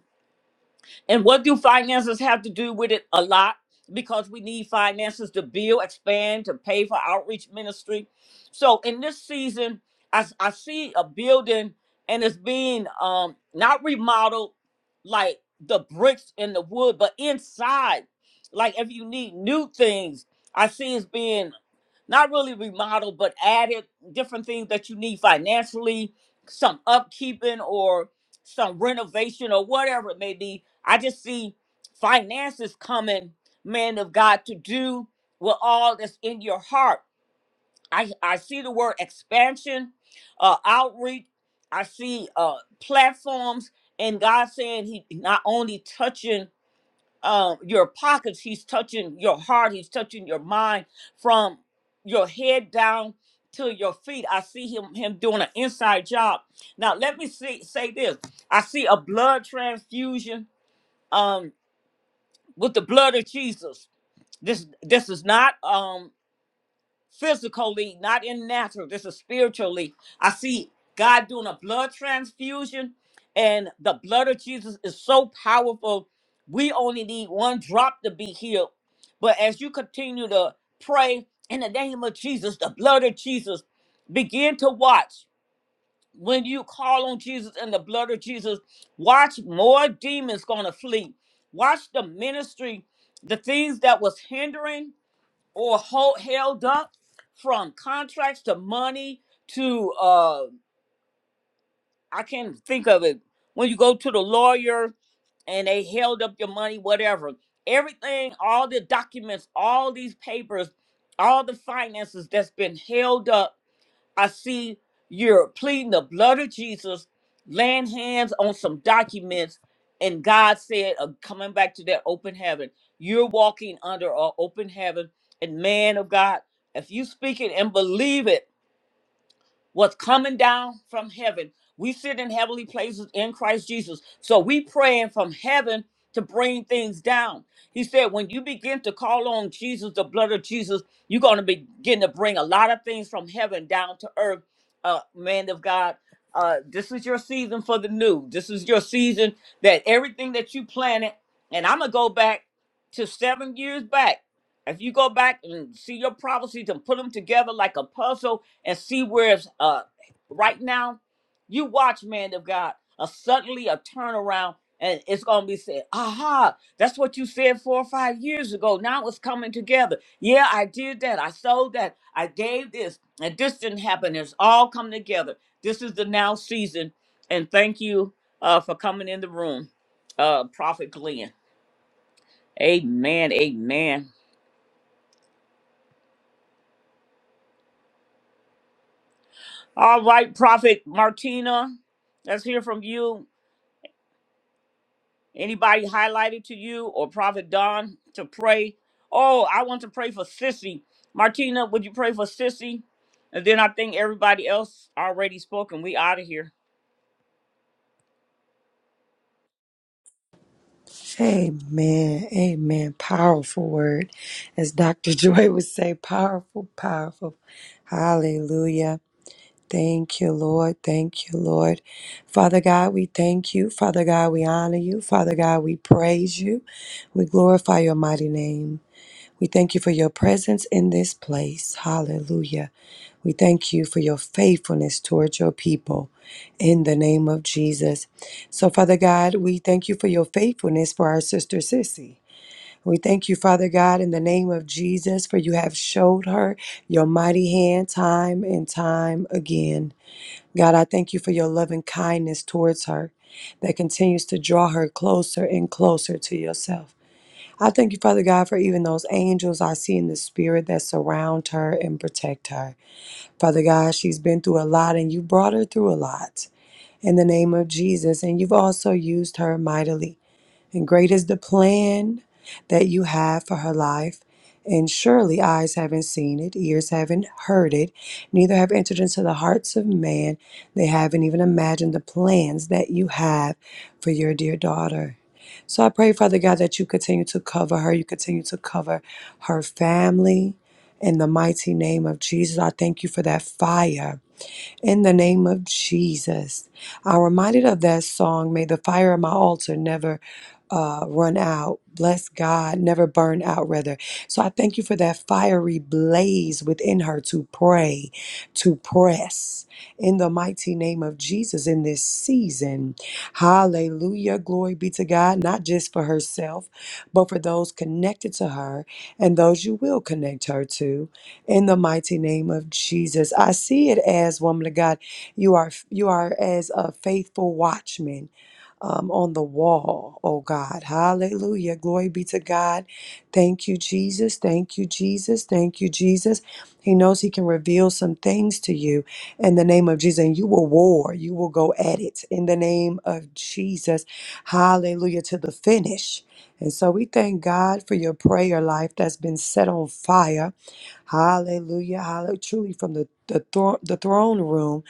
and what do finances have to do with it? A lot, because we need finances to build, expand, to pay for outreach ministry. So in this season, I, s- I see a building and it's being um not remodeled like the bricks and the wood, but inside. Like if you need new things, I see it's being not really remodeled, but added different things that you need financially, some upkeeping or some renovation or whatever it may be. I just see finances coming, man of God, to do with all that's in your heart. I, I see the word expansion, uh, outreach. I see uh, platforms, and God saying He not only touching uh, your pockets. He's touching your heart. He's touching your mind from your head down to your feet. I see him him doing an inside job. Now let me see, say this. I see a blood transfusion um, with the blood of Jesus. This this is not. Um physically, not in natural. This is spiritually. I see God doing a blood transfusion, and the blood of Jesus is so powerful. We only need one drop to be healed. But as you continue to pray in the name of Jesus, the blood of Jesus, begin to watch. When you call on Jesus and the blood of Jesus, watch more demons gonna flee. Watch the ministry, the things that was hindering or hold, held up from contracts to money to uh I can't think of it. When you go to the lawyer and they held up your money, whatever. Everything, all the documents, all these papers, all the finances that's been held up I see you're pleading the blood of Jesus, laying hands on some documents, and God said, uh, coming back to that open heaven, you're walking under an open heaven. And man of God, if you speak it and believe it, what's coming down from heaven. We sit in heavenly places in Christ Jesus. So we praying from heaven to bring things down. He said, when you begin to call on Jesus, the blood of Jesus, you're going to begin to bring a lot of things from heaven down to earth. Uh, man of God, uh, this is your season for the new. This is your season that everything that you planted, and I'm going to go back to seven years back. If you go back and see your prophecies and put them together like a puzzle, and see where it's uh right now. You watch, man of God, a suddenly a turnaround, and it's gonna be said, aha, that's what you said four or five years ago. Now it's coming together. Yeah, I did that, I sold that, I gave this, and this didn't happen. It's all come together. This is the now season, and thank you uh for coming in the room, uh Prophet Glenn. Amen, amen. All right, Prophet Martina, let's hear from you Anybody highlighted to you or Prophet Don to pray? Oh, I want to pray for Sissy. Martina, would you pray for Sissy? And then I think everybody else already spoken. We out of here.
Amen. Amen. Powerful word. As Dr. <laughs> Joy would say, powerful, powerful. Hallelujah. Thank you, Lord. Thank you, Lord. Father God, we thank you. Father God, we honor you. Father God, we praise you. We glorify your mighty name. We thank you for your presence in this place. Hallelujah. We thank you for your faithfulness towards your people in the name of Jesus. So, Father God, we thank you for your faithfulness for our sister Sissy. We thank you, Father God, in the name of Jesus, for you have showed her your mighty hand time and time again. God, I thank you for your loving kindness towards her that continues to draw her closer and closer to yourself. I thank you, Father God, for even those angels I see in the spirit that surround her and protect her. Father God, she's been through a lot and you brought her through a lot in the name of Jesus. And you've also used her mightily. And great is the plan that you have for her life. And surely eyes haven't seen it, ears haven't heard it, neither have entered into the hearts of man. They haven't even imagined the plans that you have for your dear daughter. So I pray, Father God, that you continue to cover her. You continue to cover her family. In the mighty name of Jesus, I thank you for that fire in the name of Jesus. I'm reminded of that song, May the Fire of My Altar Never uh, Run Out. Bless God, never burn out, rather. So I thank you for that fiery blaze within her to pray, to press in the mighty name of Jesus in this season. Hallelujah. Glory be to God, not just for herself, but for those connected to her and those you will connect her to in the mighty name of Jesus. I see it as woman of God, you are you are as a faithful watchman um, on the wall, oh God. Hallelujah. Glory be to God. Thank you, Jesus. Thank you, Jesus. Thank you, Jesus. He knows He can reveal some things to you in the name of Jesus, and you will war. You will go at it in the name of Jesus. Hallelujah to the finish. And so we thank God for your prayer life that's been set on fire. Hallelujah. Hallelujah. Truly from the, the, thro- the throne room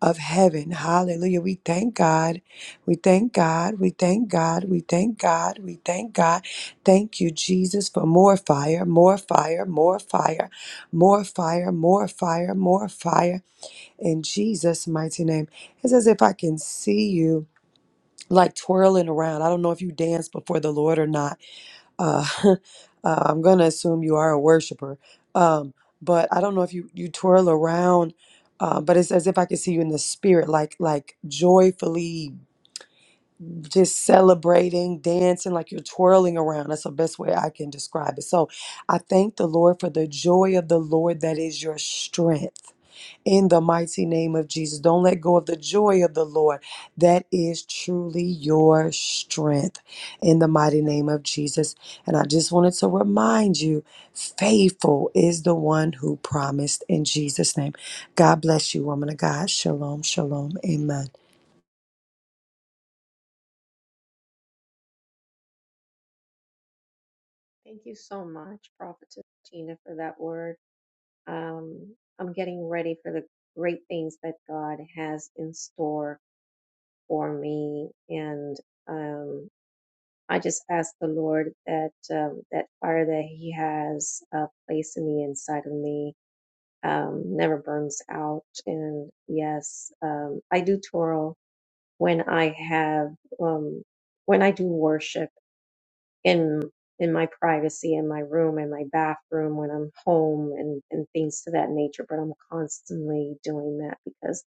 of heaven. Hallelujah. We thank God we thank God. We thank God. We thank God. We thank God. Thank you, Jesus, for more fire, more fire, more fire, more fire, more fire, more fire. In Jesus' mighty name. It's as if I can see you like twirling around. I don't know if you dance before the Lord or not. Uh, <laughs> uh, I'm going to assume you are a worshiper. Um, but I don't know if you, you twirl around. Uh, but it's as if I can see you in the spirit, like like joyfully just celebrating, dancing, like you're twirling around. That's the best way I can describe it. So I thank the Lord for the joy of the Lord that is your strength. In the mighty name of Jesus, don't let go of the joy of the Lord. That is truly your strength. In the mighty name of Jesus. And I just wanted to remind you faithful is the one who promised in Jesus' name. God bless you, woman of God. Shalom, shalom. Amen.
Thank you so much, Prophetess Gina, for that word. Um, I'm getting ready for the great things that God has in store for me, and um, I just ask the Lord that um, that fire that He has uh, placed in the inside of me um, never burns out. And yes, um, I do twirl when I have, um, when I do worship in, in my privacy, in my room, in my bathroom, when I'm home and, and things to that nature. But I'm constantly doing that because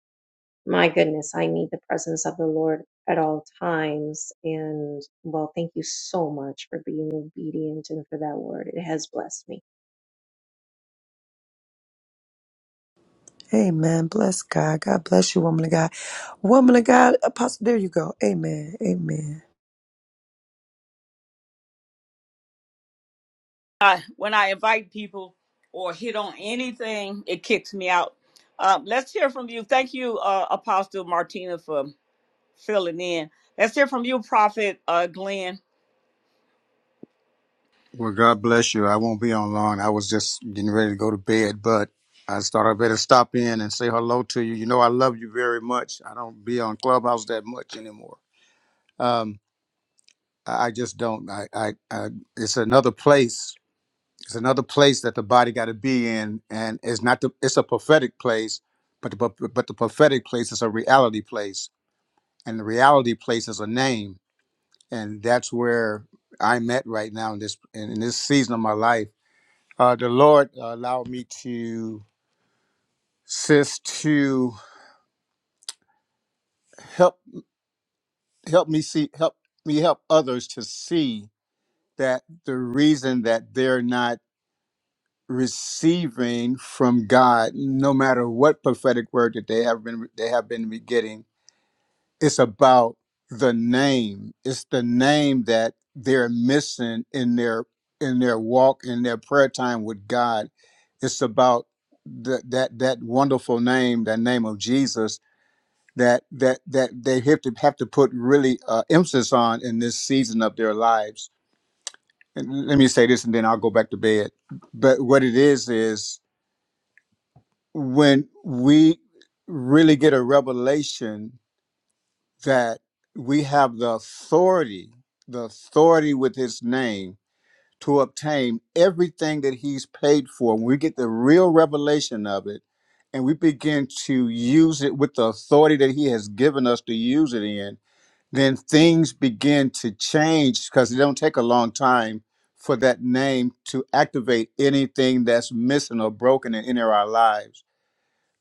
my goodness, I need the presence of the Lord at all times. And well, thank you so much for being obedient and for that word. It has blessed me.
Amen. Bless God. God bless you, woman of God. Woman of God, apostle. There you go. Amen. Amen.
I, when I invite people or hit on anything, it kicks me out. Uh, let's hear from you. Thank you, uh, Apostle Martina, for filling in. Let's hear from you, Prophet uh, Glenn.
Well, God bless you. I won't be on long. I was just getting ready to go to bed, but I thought I better stop in and say hello to you. You know, I love you very much. I don't be on Clubhouse that much anymore. Um, I I just don't. I, I, I, it's another place. It's another place that the body got to be in, and it's not the. It's a prophetic place, but the pro- but the prophetic place is a reality place, and the reality place is a name, and that's where I'm at right now in this in in this season of my life Uh, the Lord uh, allowed me to sis to help help me see help me help others to see that the reason that they're not receiving from God, no matter what prophetic word that they have been they have been getting, it's about the name. It's the name that they're missing in their in their walk in their prayer time with God. It's about that that that wonderful name, that name of Jesus that that that they have to have to put really uh, emphasis on in this season of their lives. And let me say this, and then I'll go back to bed. But what it is is when we really get a revelation that we have the authority, the authority with His name to obtain everything that He's paid for. When we get the real revelation of it, and we begin to use it with the authority that He has given us to use it in then things begin to change because it don't take a long time for that name to activate anything that's missing or broken in any of our lives.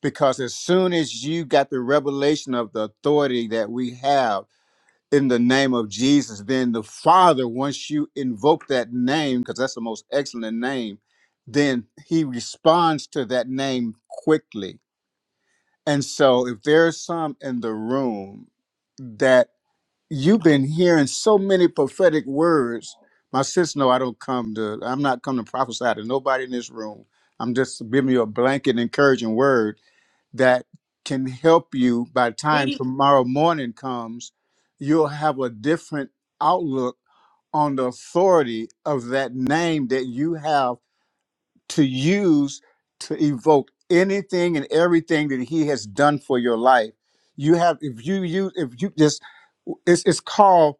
Because as soon as you got the revelation of the authority that we have in the name of Jesus, then the Father, once you invoke that name, because that's the most excellent name, then He responds to that name quickly. And so, if there's some in the room, that you've been hearing so many prophetic words. My sis, no, I don't come to. I'm not come to prophesy to nobody in this room. I'm just giving you a blanket encouraging word that can help you. By the time
Be,
tomorrow morning comes, you'll have a different outlook on the authority of that name that you have to use to evoke anything and everything that He has done for your life. You have, if you use, if you just, it's it's called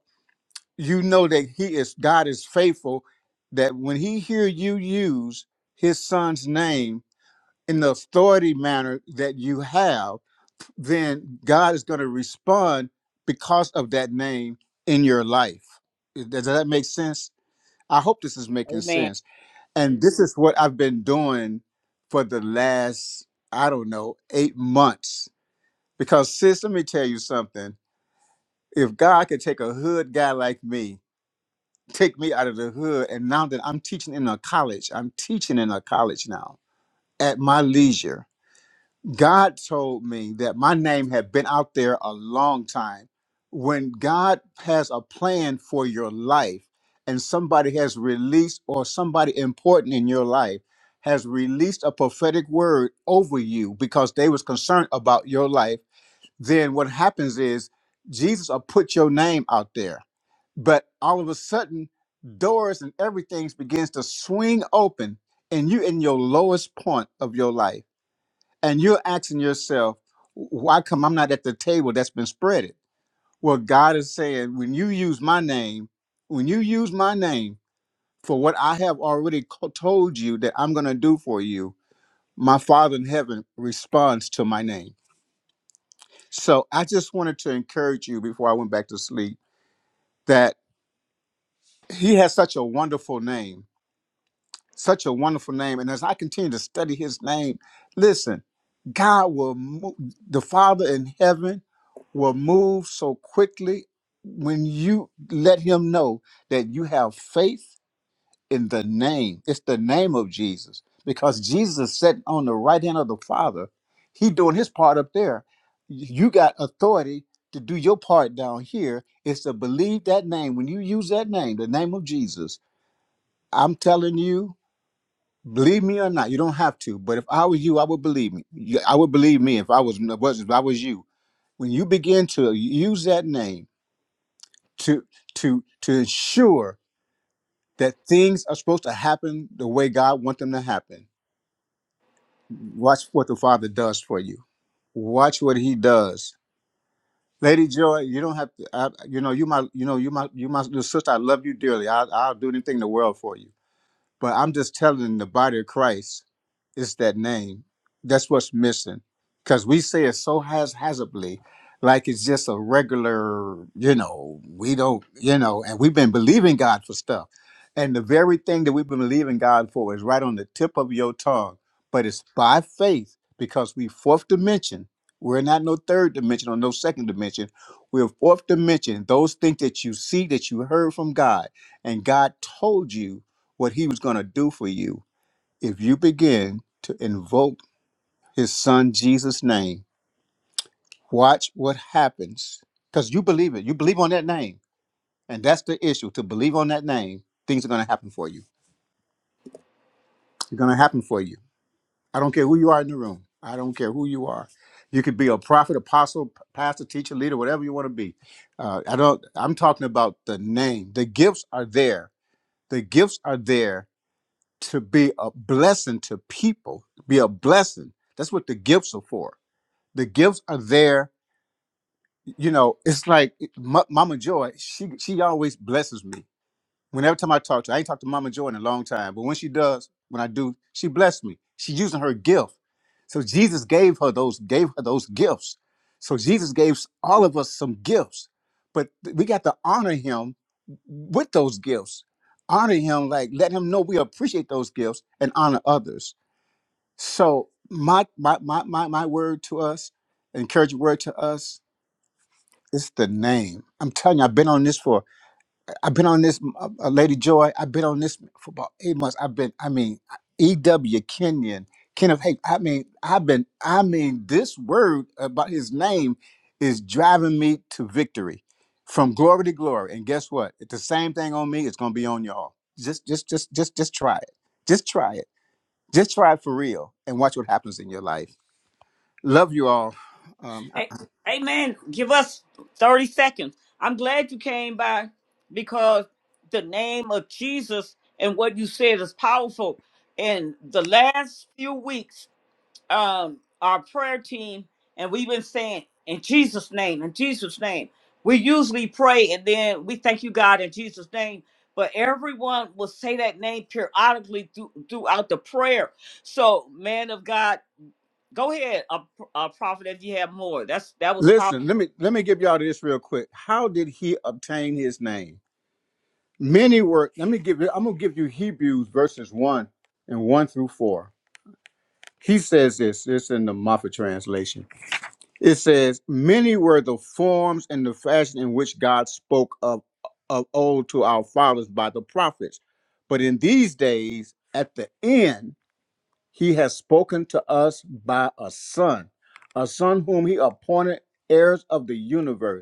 you know that he is God is faithful that when he hear you use his son's name in the authority manner that you have then God is going to respond because of that name in your life does does that make sense I hope this is making
amen.
sense and this is what I've been doing for the last I don't know 8 months because sis let me tell you something if God could take a hood guy like me take me out of the hood. And now that I'm teaching in a college, I'm teaching in a college now at my leisure. God told me that my name had been out there a long time. When God has a plan for your life and somebody has released, or somebody important in your life has released a prophetic word over you because they was concerned about your life, then what happens is Jesus will put your name out there but all of a sudden, doors and everything begins to swing open, and you are in your lowest point of your life. And you're asking yourself, why come I'm not at the table that's been spreaded? Well, God is saying, when you use my name, when you use my name for what I have already co- told you that I'm going to do for you, my Father in heaven responds to my name. So I just wanted to encourage you before I went back to sleep that He has such a wonderful name Such a wonderful name. And as I continue to study his name, listen, God will move, the Father in heaven will move so quickly when you let him know that you have faith in the name. It's the name of Jesus. Because Jesus is sitting on the right hand of the Father, he doing his part up there. You got authority to do your part down here. It's to believe that name. When you use that name, the name of Jesus, I'm telling you, Believe me or not, you don't have to. But if I was you, I would believe me. You- I would believe me if I was was- if I was you. When you begin to use that name to to to ensure that things are supposed to happen the way God wants them to happen, watch what the Father does for you. Watch what He does. Lady Joy, you don't have to. I, you know, you my, you know, you my, you my little sister. I love you dearly. I, I'll do anything in the world for you. But I'm just telling the body of Christ, it's that name. That's what's missing. Because we say it so haphazardly, like it's just a regular, you know, we don't, you know, and we've been believing God for stuff. And the very thing that we've been believing God for is right on the tip of your tongue. But it's by faith because we fourth dimension. We're not no third dimension or no second dimension. We're fourth dimension. Those things that you see that you heard from God and God told you what he was going to do for you if you begin to invoke his son Jesus' name. Watch what happens because you believe it. You believe on that name. And that's the issue. To believe on that name, things are going to happen for you. They're going to happen for you. I don't care who you are in the room. I don't care who you are. You could be a prophet, apostle, p- pastor, teacher, leader, whatever you want to be. Uh, I don't. I'm talking about the name. The gifts are there. The gifts are there to be a blessing to people, be a blessing. That's what the gifts are for. The gifts are there. You know, it's like M- Mama Joy. She she always blesses me Whenever time I talk to her, I ain't talked to Mama Joy in a long time, but when she does, when I do, she blessed me. She using her gift. So Jesus gave her those, gave her those gifts. So Jesus gave all of us some gifts, but we got to honor him with those gifts. Honor him, like let him know we appreciate those gifts and honor others. So my my my my, my word to us, encouraging word to us, is the name. I'm telling you, I've been on this for I've been on this, uh, uh, Lady Joy. I've been on this for about eight months. I've been, I mean, E.W. Kenyon, Kenneth Hake. I mean, I've been, I mean, this word about his name is driving me to victory, from glory to glory. And guess what? It's the same thing on me. It's gonna be on y'all. Just, just, just, just, just try it. Just try it. Just try it for real, and watch what happens in your life. Love you all. Um,
Hey, hey man, give us 30 seconds. I'm glad you came by because the name of Jesus and what you said is powerful. And the last few weeks, um, our prayer team, and we've been saying, in Jesus' name, in Jesus' name. We usually pray and then we thank you, God, in Jesus' name. But everyone will say that name periodically through, throughout the prayer. So, man of God, Go ahead, a, a prophet, if you have more. That's that was powerful.
listen, let me let me give y'all this real quick. How did he obtain his name? Many were, let me give you, I'm going to give you Hebrews verses 1 and 1 through 4. He says this, it's in the Moffat translation. It says, Many were the forms and the fashion in which God spoke of, of old to our fathers by the prophets. But in these days, at the end, he has spoken to us by a son, a son whom he appointed heirs of the universe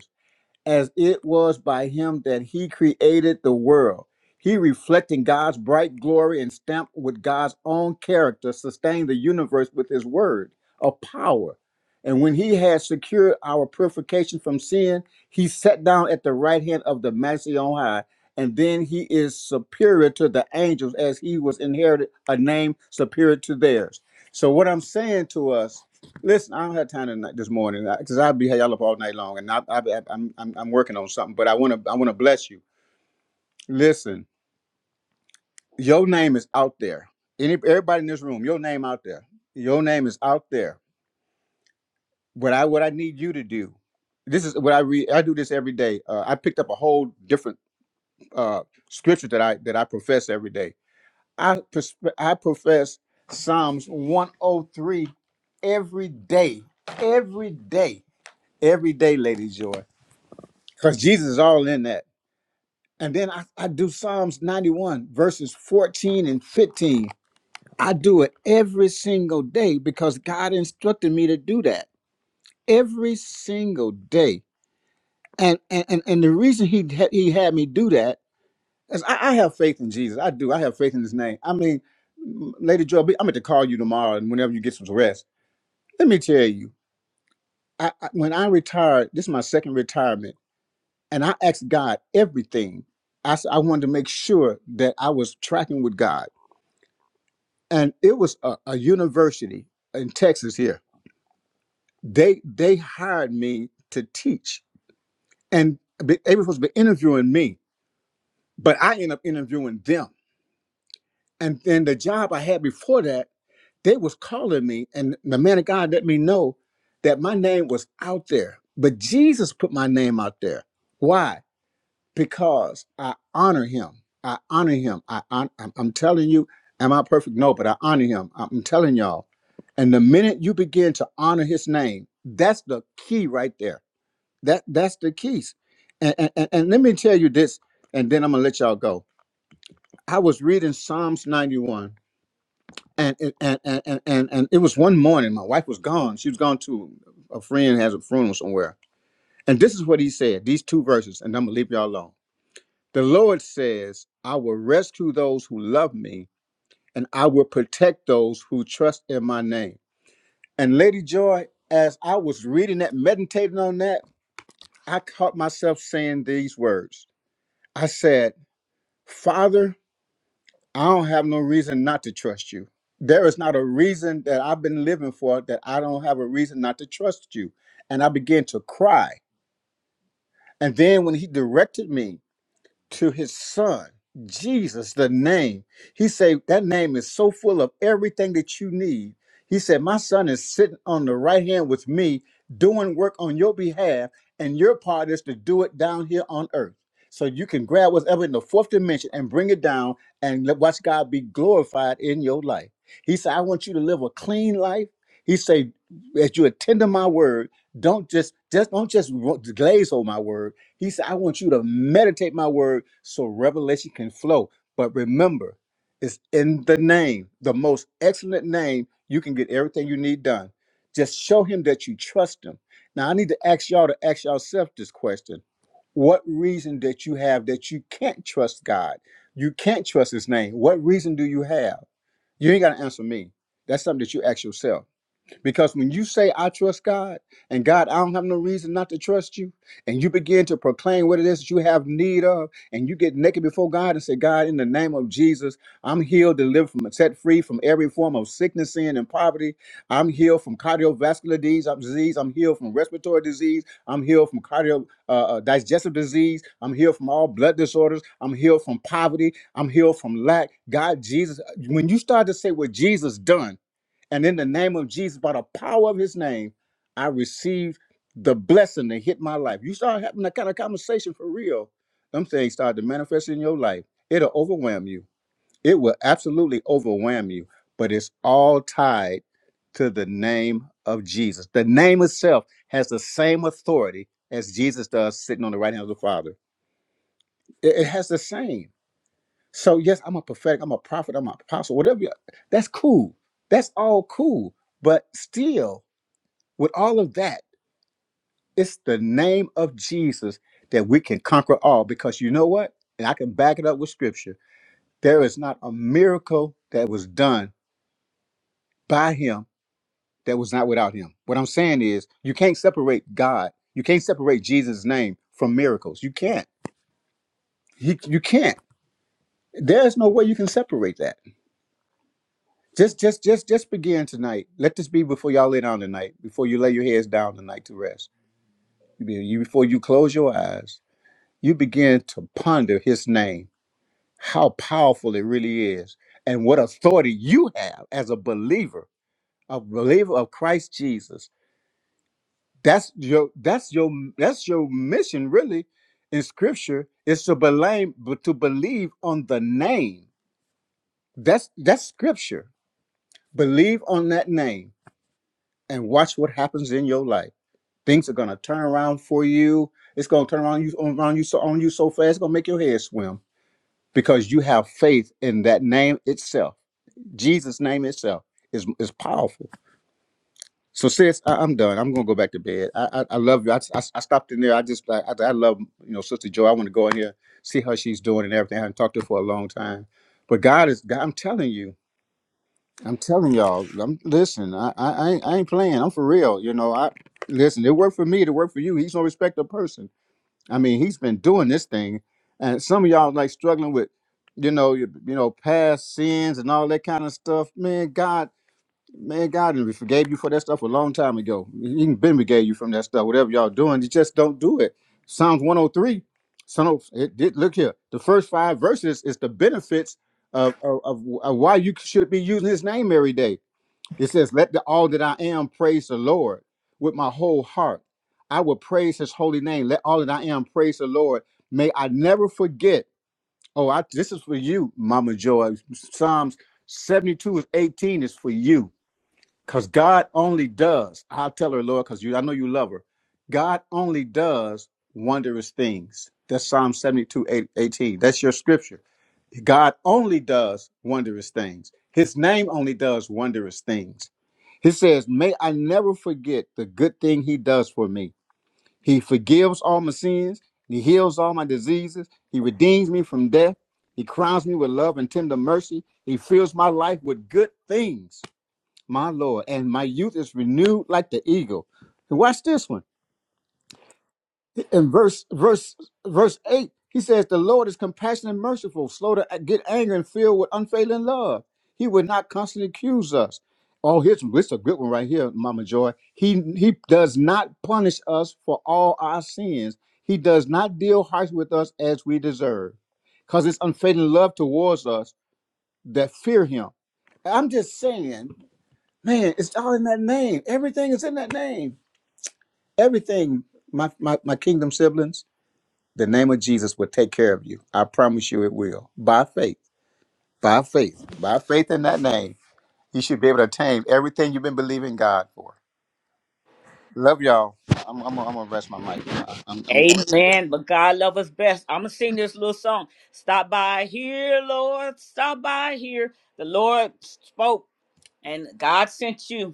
as it was by him that he created the world. He, reflecting God's bright glory and stamped with God's own character, sustained the universe with his word of power. And when he had secured our purification from sin, he sat down at the right hand of the Majesty on high. And then he is superior to the angels as he was inherited a name superior to theirs. So, what I'm saying to us Listen, I don't have time tonight this morning because I'll be y'all up all night long, and I, I, I, I'm I'm I'm working on something. But I want to I want to bless you. Listen, your name is out there. Any everybody in this room, your name out there. Your name is out there. But I what I need you to do. This is what I read. I do this every day. Uh, I picked up a whole different uh, scripture that I that I profess every day. I pers- I profess Psalms 103 every day, every day, every day, Lady Joy. because Jesus is all in that. And then I, I do Psalms 91, verses 14 and 15. I do it every single day because God instructed me to do that every single day. And and, and, and the reason he, had- he had me do that is I, I have faith in Jesus. I do. I have faith in his name. I mean, m- Lady Joe, B, I'm going to call you tomorrow and whenever you get some rest. Let me tell you, I, I, when I retired, this is my second retirement. and I asked God everything. I I wanted to make sure that I was tracking with God, and it was a, a university in Texas here. They they hired me to teach, and they were supposed to be interviewing me, but I ended up interviewing them. And then the job I had before that, they was calling me, and the man of God let me know that my name was out there. But Jesus put my name out there. Why? because I honor him. I honor him. I hon- I'm, I'm telling you, am I perfect? No, but I honor him. I'm I'm telling y'all. And the minute you begin to honor his name, that's the key right there. That that's the keys. And and, and and let me tell you this, and then I'm gonna let y'all go. I was reading Psalms 91, and it- and and and and, and it was one morning. My wife was gone. She was gone to a friend has a funeral somewhere. And this is what he said. These two verses, and I'm gonna leave y'all alone. The Lord says, I will rescue those who love me, and I will protect those who trust in my name. And Lady Joy, as I was reading that, meditating on that, I caught myself saying these words. I said, Father, I don't have no reason not to trust you. There is not a reason that I've been living for that I don't have a reason not to trust you. And I began to cry. And then when he directed me to his son jesus the name he said that name is so full of everything that you need he said my son is sitting on the right hand with me doing work on your behalf and your part is to do it down here on earth so you can grab whatever in the fourth dimension and bring it down and let- watch god be glorified in your life he said i want you to live a clean life he said as you attend to my word don't just just don't just glaze over my word he said, I want you to meditate my word so revelation can flow. But remember, it's in the name, the most excellent name. You can get everything you need done. Just show him that you trust him. Now, I need to ask y'all to ask yourself this question What reason that you have that you can't trust God? You can't trust his name. What reason do you have? You ain't got to answer me. That's something that you ask yourself. Because when you say, I trust God, and God, I don't have no reason not to trust you, and you begin to proclaim what it is that you have need of, and you get naked before God and say, God, in the name of Jesus, I'm healed, delivered from, set free from every form of sickness, sin, and poverty. I'm healed from cardiovascular disease. I'm disease. I'm healed from respiratory disease. I'm healed from cardio uh, uh, digestive disease. I'm healed from all blood disorders. I'm healed from poverty. I'm healed from lack. God, Jesus, when you start to say what Jesus done, and in the name of Jesus, by the power of his name, I received the blessing that hit my life. You start having that kind of conversation for real, them things start to manifest in your life. It'll overwhelm you. It will absolutely overwhelm you, but it's all tied to the name of Jesus. The name itself has the same authority as Jesus does sitting on the right hand of the Father. It, it has the same. So, yes, I'm a prophetic, I'm a prophet, I'm an apostle, whatever. you- That's cool. That's all cool. But still, with all of that, it's the name of Jesus that we can conquer all because you know what? And I can back it up with scripture. There is not a miracle that was done by him that was not without him. What I'm saying is, you can't separate God, you can't separate Jesus' name from miracles. You can't. You, you can't. There's no way you can separate that. Just, just, just, just begin tonight. Let this be before y'all lay down tonight, before you lay your heads down tonight to rest. Be- You, before you close your eyes you begin to ponder his name, how powerful it really is, and what authority you have as a believer, a believer of Christ Jesus. That's your that's your that's your mission really in scripture is to believe but to believe on the name. That's that's scripture. Believe on that name and watch what happens in your life. Things are gonna turn around for you. It's gonna turn around you on around you so on you so fast, it's gonna make your head swim because you have faith in that name itself. Jesus' name itself is is powerful. So, sis, I, I'm done. I'm gonna go back to bed. I I, I love you. I, I, I stopped in there. I just like I, I love you know Sister Joy. I want to go in here see how she's doing and everything. I haven't talked to her for a long time, but God is. God, I'm telling you. I'm telling y'all. I'm listen. I I, I ain't I ain't playing. I'm for real. You know. I listen. It worked for me. It worked for you. He's no respecter of person. I mean, he's been doing this thing, and some of y'all like struggling with, you know, you, you know, past sins and all that kind of stuff. Man, God, man, God, and we forgave you for that stuff a long time ago. Even been forgave you from that stuff. Whatever y'all doing, you just don't do it. Psalms one hundred three. So it did. Look here, the first five verses is the benefits of, of of of why you should be using His name every day. It says, Let the, all that I am praise the Lord with my whole heart. I will praise his holy name. Let all that I am praise the Lord. May I never forget. Oh, I, this is for you, Mama Joy. Psalms 72 is 18 is for you. Because God only does, I'll tell her, Lord, because you I know you love her. God only does wondrous things. That's Psalm 72, 8, That's your scripture. God only does wondrous things. His name only does wondrous things. He says, May I never forget the good thing he does for me. He forgives all my sins, he heals all my diseases, he redeems me from death, he crowns me with love and tender mercy, he fills my life with good things my Lord, and my youth is renewed like the eagle. And watch this one. In verse verse verse eight, he says, "The Lord is compassionate and merciful, slow to get angry, and filled with unfailing love. He would not constantly accuse us." Oh, here's this a good one right here, Mama Joy. He he does not punish us for all our sins. He does not deal harsh with us as we deserve, because it's unfailing love towards us that fear Him. I'm just saying Man, it's all in that name. Everything is in that name. Everything, my, my, my kingdom siblings, the name of Jesus will take care of you. I promise you it will. By faith, by faith, by faith in that name, you should be able to attain everything you've been believing God for. Love y'all. I'm, I'm, I'm gonna rest my mic. I- I'm, I'm going to.
Amen. But God love us best. I'm gonna sing this little song. Stop by here, Lord. Stop by here. The Lord spoke. and God sent you.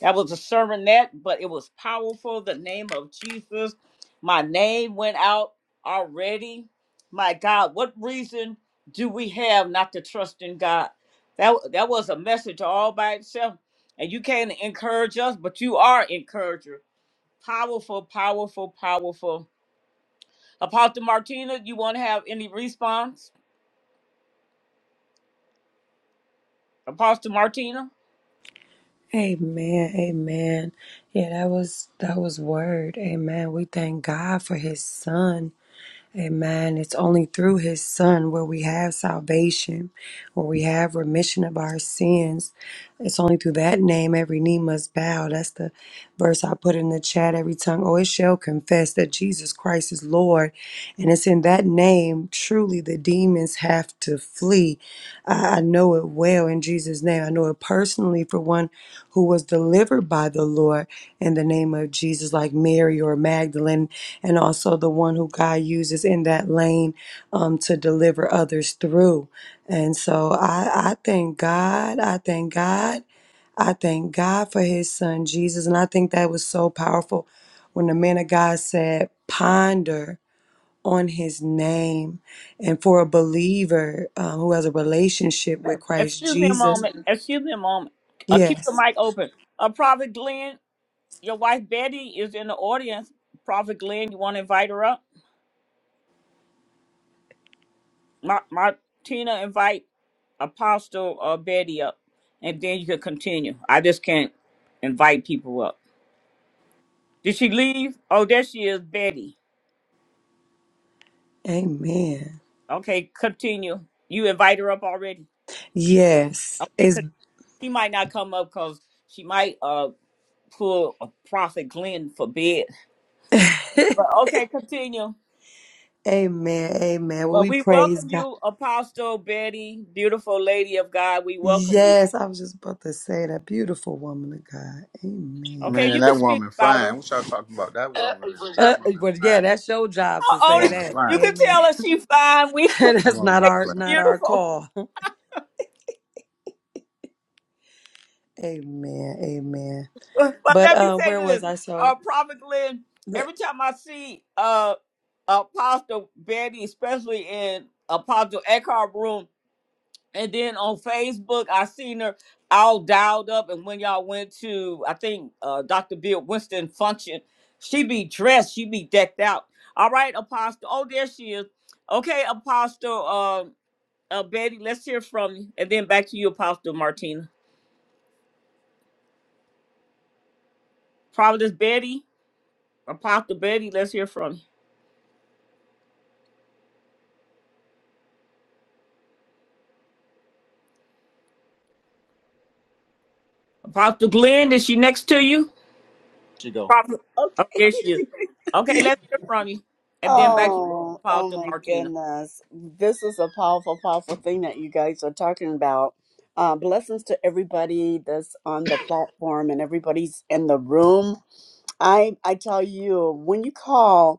That was a sermonette, but it was powerful. The name of Jesus. My name went out already. My God, what reason do we have not to trust in God? That that was a message all by itself. And you can't encourage us, but you are encourager. Powerful, powerful, powerful. Apostle Martina, you want to have any response? Apostle Martina?
Amen. Amen. Yeah, that was that was word. Amen. We thank God for his son. Amen. It's only through his son where we have salvation, where we have remission of our sins. It's only through that name every knee must bow. That's the verse I put in the chat every tongue. Oh, it shall confess that Jesus Christ is Lord. And it's in that name truly the demons have to flee. I, I know it well in Jesus' name. I know it personally for one who was delivered by the Lord in the name of Jesus, like Mary or Magdalene and also the one who God uses in that lane um, to deliver others through. And so I, I thank God. I thank God. I thank God for his son Jesus. And I think that was so powerful when the man of God said, ponder on his name. And for a believer um, who has a relationship with Christ
Excuse me a
Jesus,
moment. Excuse me a moment. Uh, keep the
yes,
mic open. Uh, Prophet Glenn, your wife Betty is in the audience. Prophet Glenn, you want to invite her up? Ma- Martina, invite Apostle uh, Betty up, and then you can continue. I just can't invite people up. Did she leave? Oh, there she is, Betty.
amen.
Okay, continue. You invite her up already.
Yes,
Okay,
it's.
'cause she might not come up because she might uh pull a Prophet Glenn for bed.
<laughs>
But okay, continue.
Amen. Amen. Well,
Well,
we
we
praise
welcome
God.
you, Apostle Betty, beautiful lady of God. We welcome you.
Yes, I was just about to say that beautiful woman of God.
Okay,
Amen.
Man,
you can
that
speak
woman
about
fine.
her. <laughs>
What y'all talking about? That woman,
Uh,
that woman
well,
fine.
yeah,
That
that's your job
Oh,
to say
oh,
woman
that.
you
fine.
can
Amen.
tell us she's fine. We
<laughs>
That
that's not
woman
our
fine.
<laughs>
not our
beautiful.
call. <laughs> Amen. Amen.
But
But
let me
uh,
say
where was
this,
I?
uh,
So,
Prophet Glenn.
the,
Every time I see uh, Apostle Betty, especially in Apostle Eckhart room, And then on Facebook, I seen her all dialed up. And when y'all went to, I think uh, Dr. Bill Winston function, she be dressed, she be decked out. All right, Apostle. Oh, there she is. Okay, Apostle uh, uh, Betty, let's hear from you. And then back to you, Apostle Martina. Prophetess Betty, Apostle Betty, let's hear from you. Apostle Glenn, is she next to you?
She go.
Prophet.
Okay.
Oh, there she is.
<laughs>
Okay, let's hear from you. And then back to you,
oh, oh
Apostle
my
Martina.
goodness. This is a powerful, powerful thing that you guys are talking about. Uh, blessings to everybody that's on the platform and everybody's in the room. I I tell you, when you call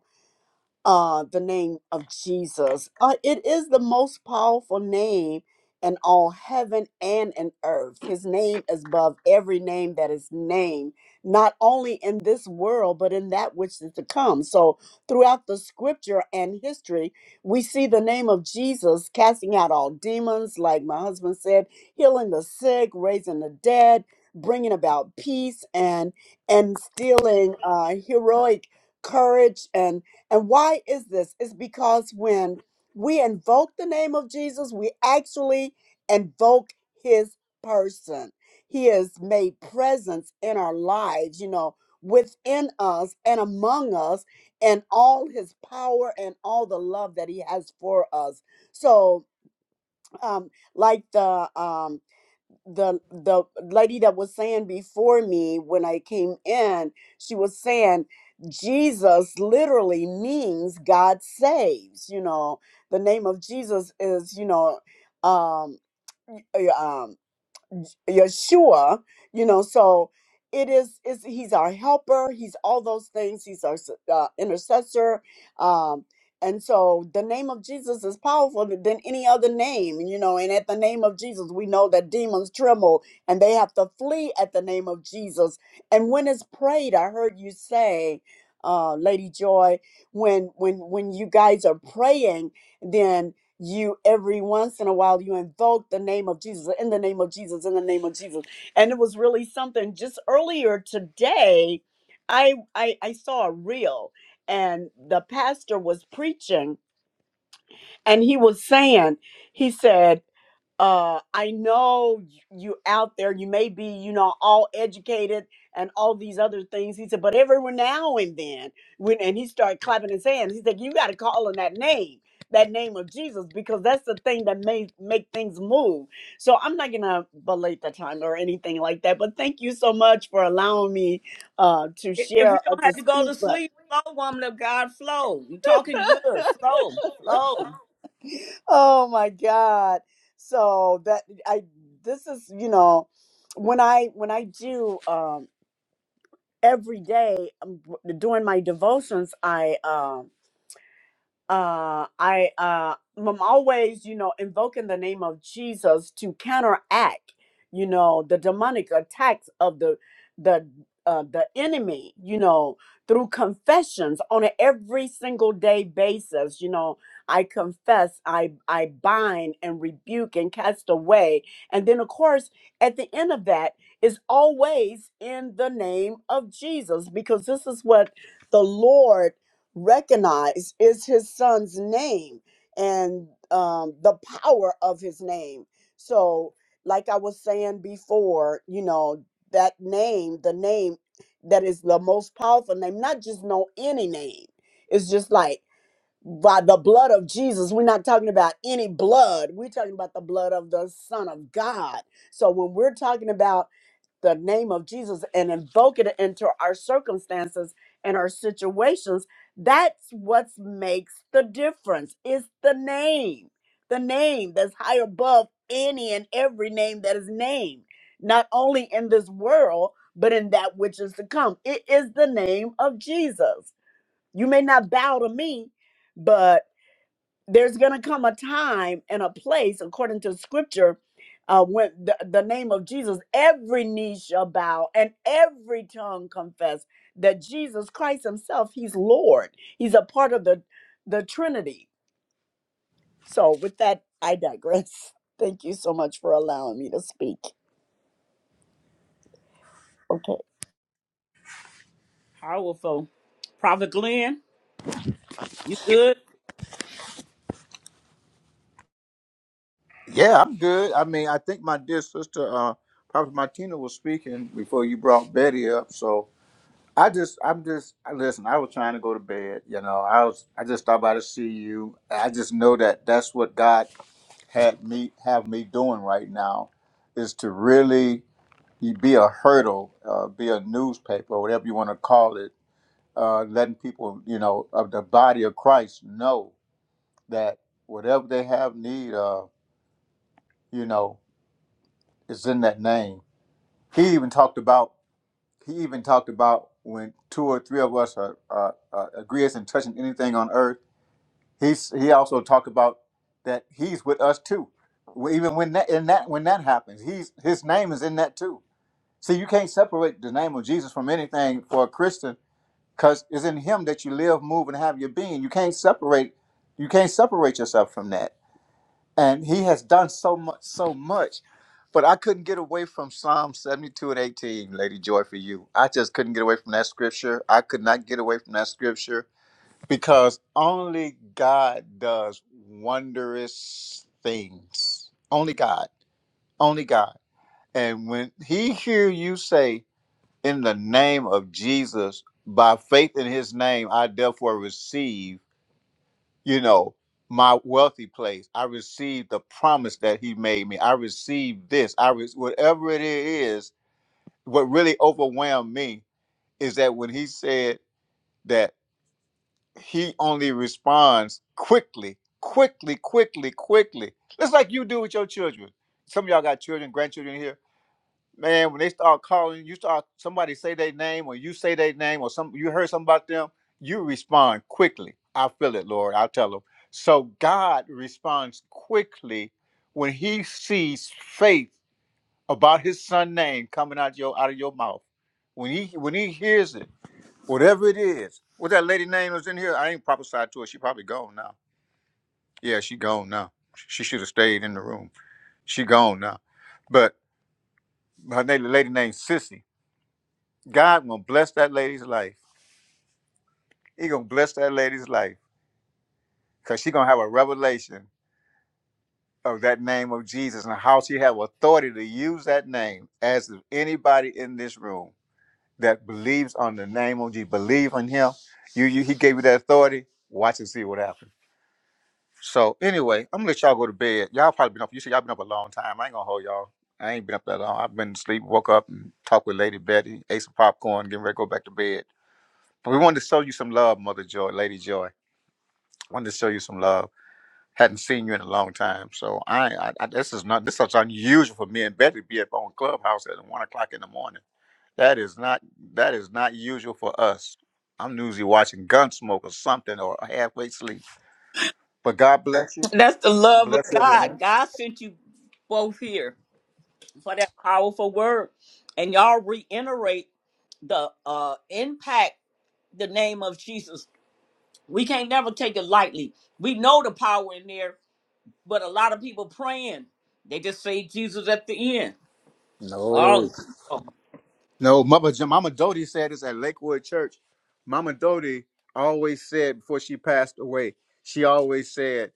uh, the name of Jesus. Uh, it is the most powerful name in all heaven and in earth. His name is above every name that is named, not only in this world, but in that which is to come. So, throughout the scripture and history, we see the name of Jesus casting out all demons, like my husband said, healing the sick, raising the dead bringing about peace and and instilling uh, heroic courage and. And why is this? It's because when we invoke the name of Jesus, we actually invoke his person. He is made presence in our lives, you know, within us and among us, and all his power and all the love that he has for us. So, um, like the um, the the lady that was saying before me when I came in, she was saying Jesus literally means God saves. You know, the name of Jesus is you know, um, Yeshua, you know, so it is is he's our helper, he's all those things, he's our s- uh, intercessor. Um and so the name of Jesus is powerful than any other name, you know, and at the name of Jesus we know that demons tremble and they have to flee at the name of Jesus. And when it's prayed, I heard you say uh, Lady Joy, when when when you guys are praying, then you every once in a while you invoke the name of Jesus in the name of Jesus in the name of Jesus and it was really something just earlier today I I, I saw a reel and the pastor was preaching and he was saying he said uh i know y- you out there you may be you know all educated and all these other things he said but every now and then when and he started clapping his hands he said you got to call on that name that name of jesus because that's the thing that may make things move so i'm not gonna belate the time or anything like that but thank you so much for allowing me uh to
If you
share or
don't
to
have to go
speak
to
but
sleep, flow, woman of God, flow. You talking good.
<laughs>
Flow, flow.
Oh my God. So that I this is, you know, when I when I do um every day um, doing my devotions, I um uh i uh i'm always you know invoking the name of jesus to counteract you know the demonic attacks of the the uh, the enemy you know through confessions on an every single day basis you know i confess i i bind and rebuke and cast away and then of course at the end of that is always in the name of jesus because this is what the lord recognize is his son's name and um, the power of his name. So, like I was saying before, you know, that name, the name that is the most powerful name, not just know any name. It's just like by the blood of Jesus, we're not talking about any blood. We're talking about the blood of the Son of God. So, when we're talking about the name of Jesus and invoke it into our circumstances and our situations, that's what makes the difference. It's the name, the name that's high above any and every name that is named, not only in this world, but in that which is to come. It is the name of Jesus. You may not bow to me, but there's going to come a time and a place, according to scripture, uh, when the, the name of Jesus, every knee shall bow and every tongue confess that Jesus Christ Himself, He's Lord. He's a part of the, the Trinity. So, with that, I digress. <laughs> Thank you so much for allowing me to speak. Okay.
Powerful. Prophet Glenn, you good?
Yeah, I'm good. I mean, I think my dear sister, uh, Prophet Martina, was speaking before you brought Betty up. So I just, I'm just, I listen. I was trying to go to bed. You know, I was, I just stopped by to see you. I just know that that's what God had me have me doing right now, is to really you be a hurdle, uh, be a newspaper, whatever you want to call it, uh, letting people, you know, of the body of Christ know that whatever they have need of, you know. is in that name. He even talked about he even talked about when two or three of us are, are, are agree as in touching anything on earth. He's he also talked about that he's with us too. Well, Even when that in that when that happens, he's his name is in that too. See, you can't separate the name of Jesus from anything for a Christian because it's in Him that you live, move, and have your being. You can't separate you can't separate yourself from that and he has done so much so much but i couldn't get away from psalm 72 and 18 lady joy for you i just couldn't get away from that scripture i could not get away from that scripture because only god does wondrous things only god only god and when he hear you say in the name of jesus by faith in his name i therefore receive you know my wealthy place i received the promise that he made me i received this i was whatever it is what really overwhelmed me is that when he said that he only responds quickly quickly quickly quickly it's like you do with your children some of y'all got children grandchildren here man, when they start calling, you start somebody say their name or you say their name or some you heard something about them, you respond quickly. I feel it, Lord. I tell them. So God responds quickly when He sees faith about His Son name coming out your out of your mouth. When He when He hears it, whatever it is, what that lady name was in here, I ain't prophesied to her. She probably gone now. Yeah, she gone now. She should have stayed in the room. She gone now. But her name, the lady named Sissy God gonna bless that lady's life. He gonna bless that lady's life because she gonna have a revelation of that name of Jesus and how she have authority to use that name as if anybody in this room that believes on the name of Jesus, believe on him. You, you he gave you that authority. Watch and see what happens. So anyway, I'm gonna let y'all go to bed. Y'all probably been up. You said y'all been up a long time. I ain't gonna hold y'all. I ain't been up that long. I've been asleep, woke up and talked with Lady Betty, ate some popcorn, getting ready to go back to bed. But we wanted to show you some love, Mother Joy, Lady Joy. wanted to show you some love. Hadn't seen you in a long time, so I, I, I this is not this is unusual for me and Betty to be up on Clubhouse at one o'clock in the morning. That is not that is not usual for us. I'm usually watching Gunsmoke or something or halfway sleep. But God bless you.
That's the love of
Bless everyone.
God. God sent you both here for that powerful word. And y'all reiterate the uh impact the name of Jesus. We can't never take it lightly. We know the power in there, but a lot of people praying. They just say Jesus at the end. Oh,
No.
no.
No, Mama, Mama Dodie said this at Lakewood Church. Mama Dodie always said before she passed away, she always said,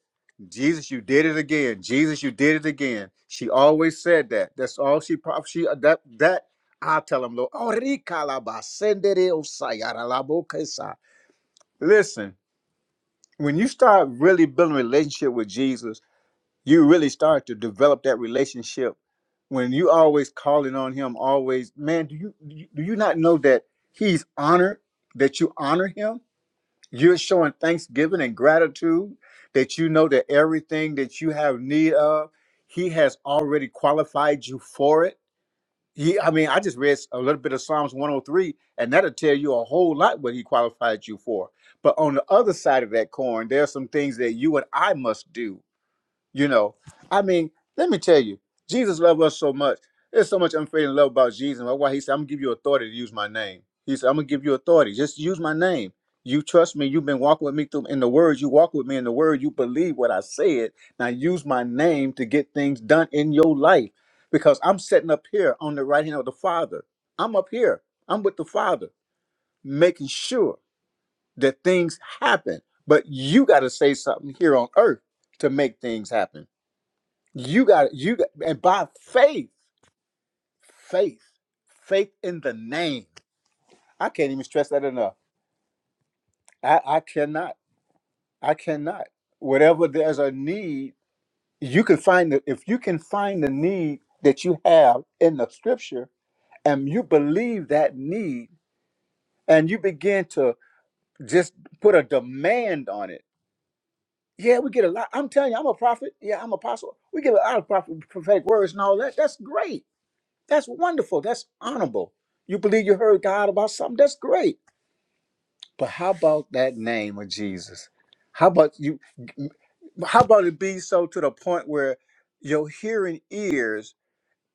"Jesus, you did it again. Jesus, you did it again." She always said that. That's all she prof- she uh, that that I tell them, Lord, "Oh, rikalaba, sendere osaya, ralabo kesa." Listen, when you start really building a relationship with Jesus you really start to develop that relationship when you always calling on him always man do you do you do you not know that he's honored that you honor him you're showing thanksgiving and gratitude that you know that everything that you have need of he has already qualified you for it he i mean i just read a little bit of psalms 103 and that'll tell you a whole lot what he qualified you for but on the other side of that coin there are some things that you and i must do you know, I mean, let me tell you, Jesus loved us so much. There's so much unfailing love about Jesus. That's why he said, I'm gonna give you authority to use my name. He said, I'm gonna give you authority. Just use my name. You trust me. You've been walking with me through in the word. You walk with me in the word. You believe what I said. Now use my name to get things done in your life. Because I'm sitting up here on the right hand of the Father. I'm up here. I'm with the Father, making sure that things happen. But you got to say something here on earth to make things happen you got you got, and by faith, faith, faith in the name. I can't even stress that enough. I, I cannot. I cannot. Whatever there's a need, you can find it. If you can find the need that you have in the scripture and you believe that need and you begin to just put a demand on it. Yeah, we get a lot. I'm telling you, I'm a prophet. Yeah, I'm an apostle. We get a lot of prophet, prophetic words and all that. That's great That's wonderful. That's honorable. You believe you heard God about something. That's great. But how about that name of Jesus? How about you? How about it be so to the point where your hearing ears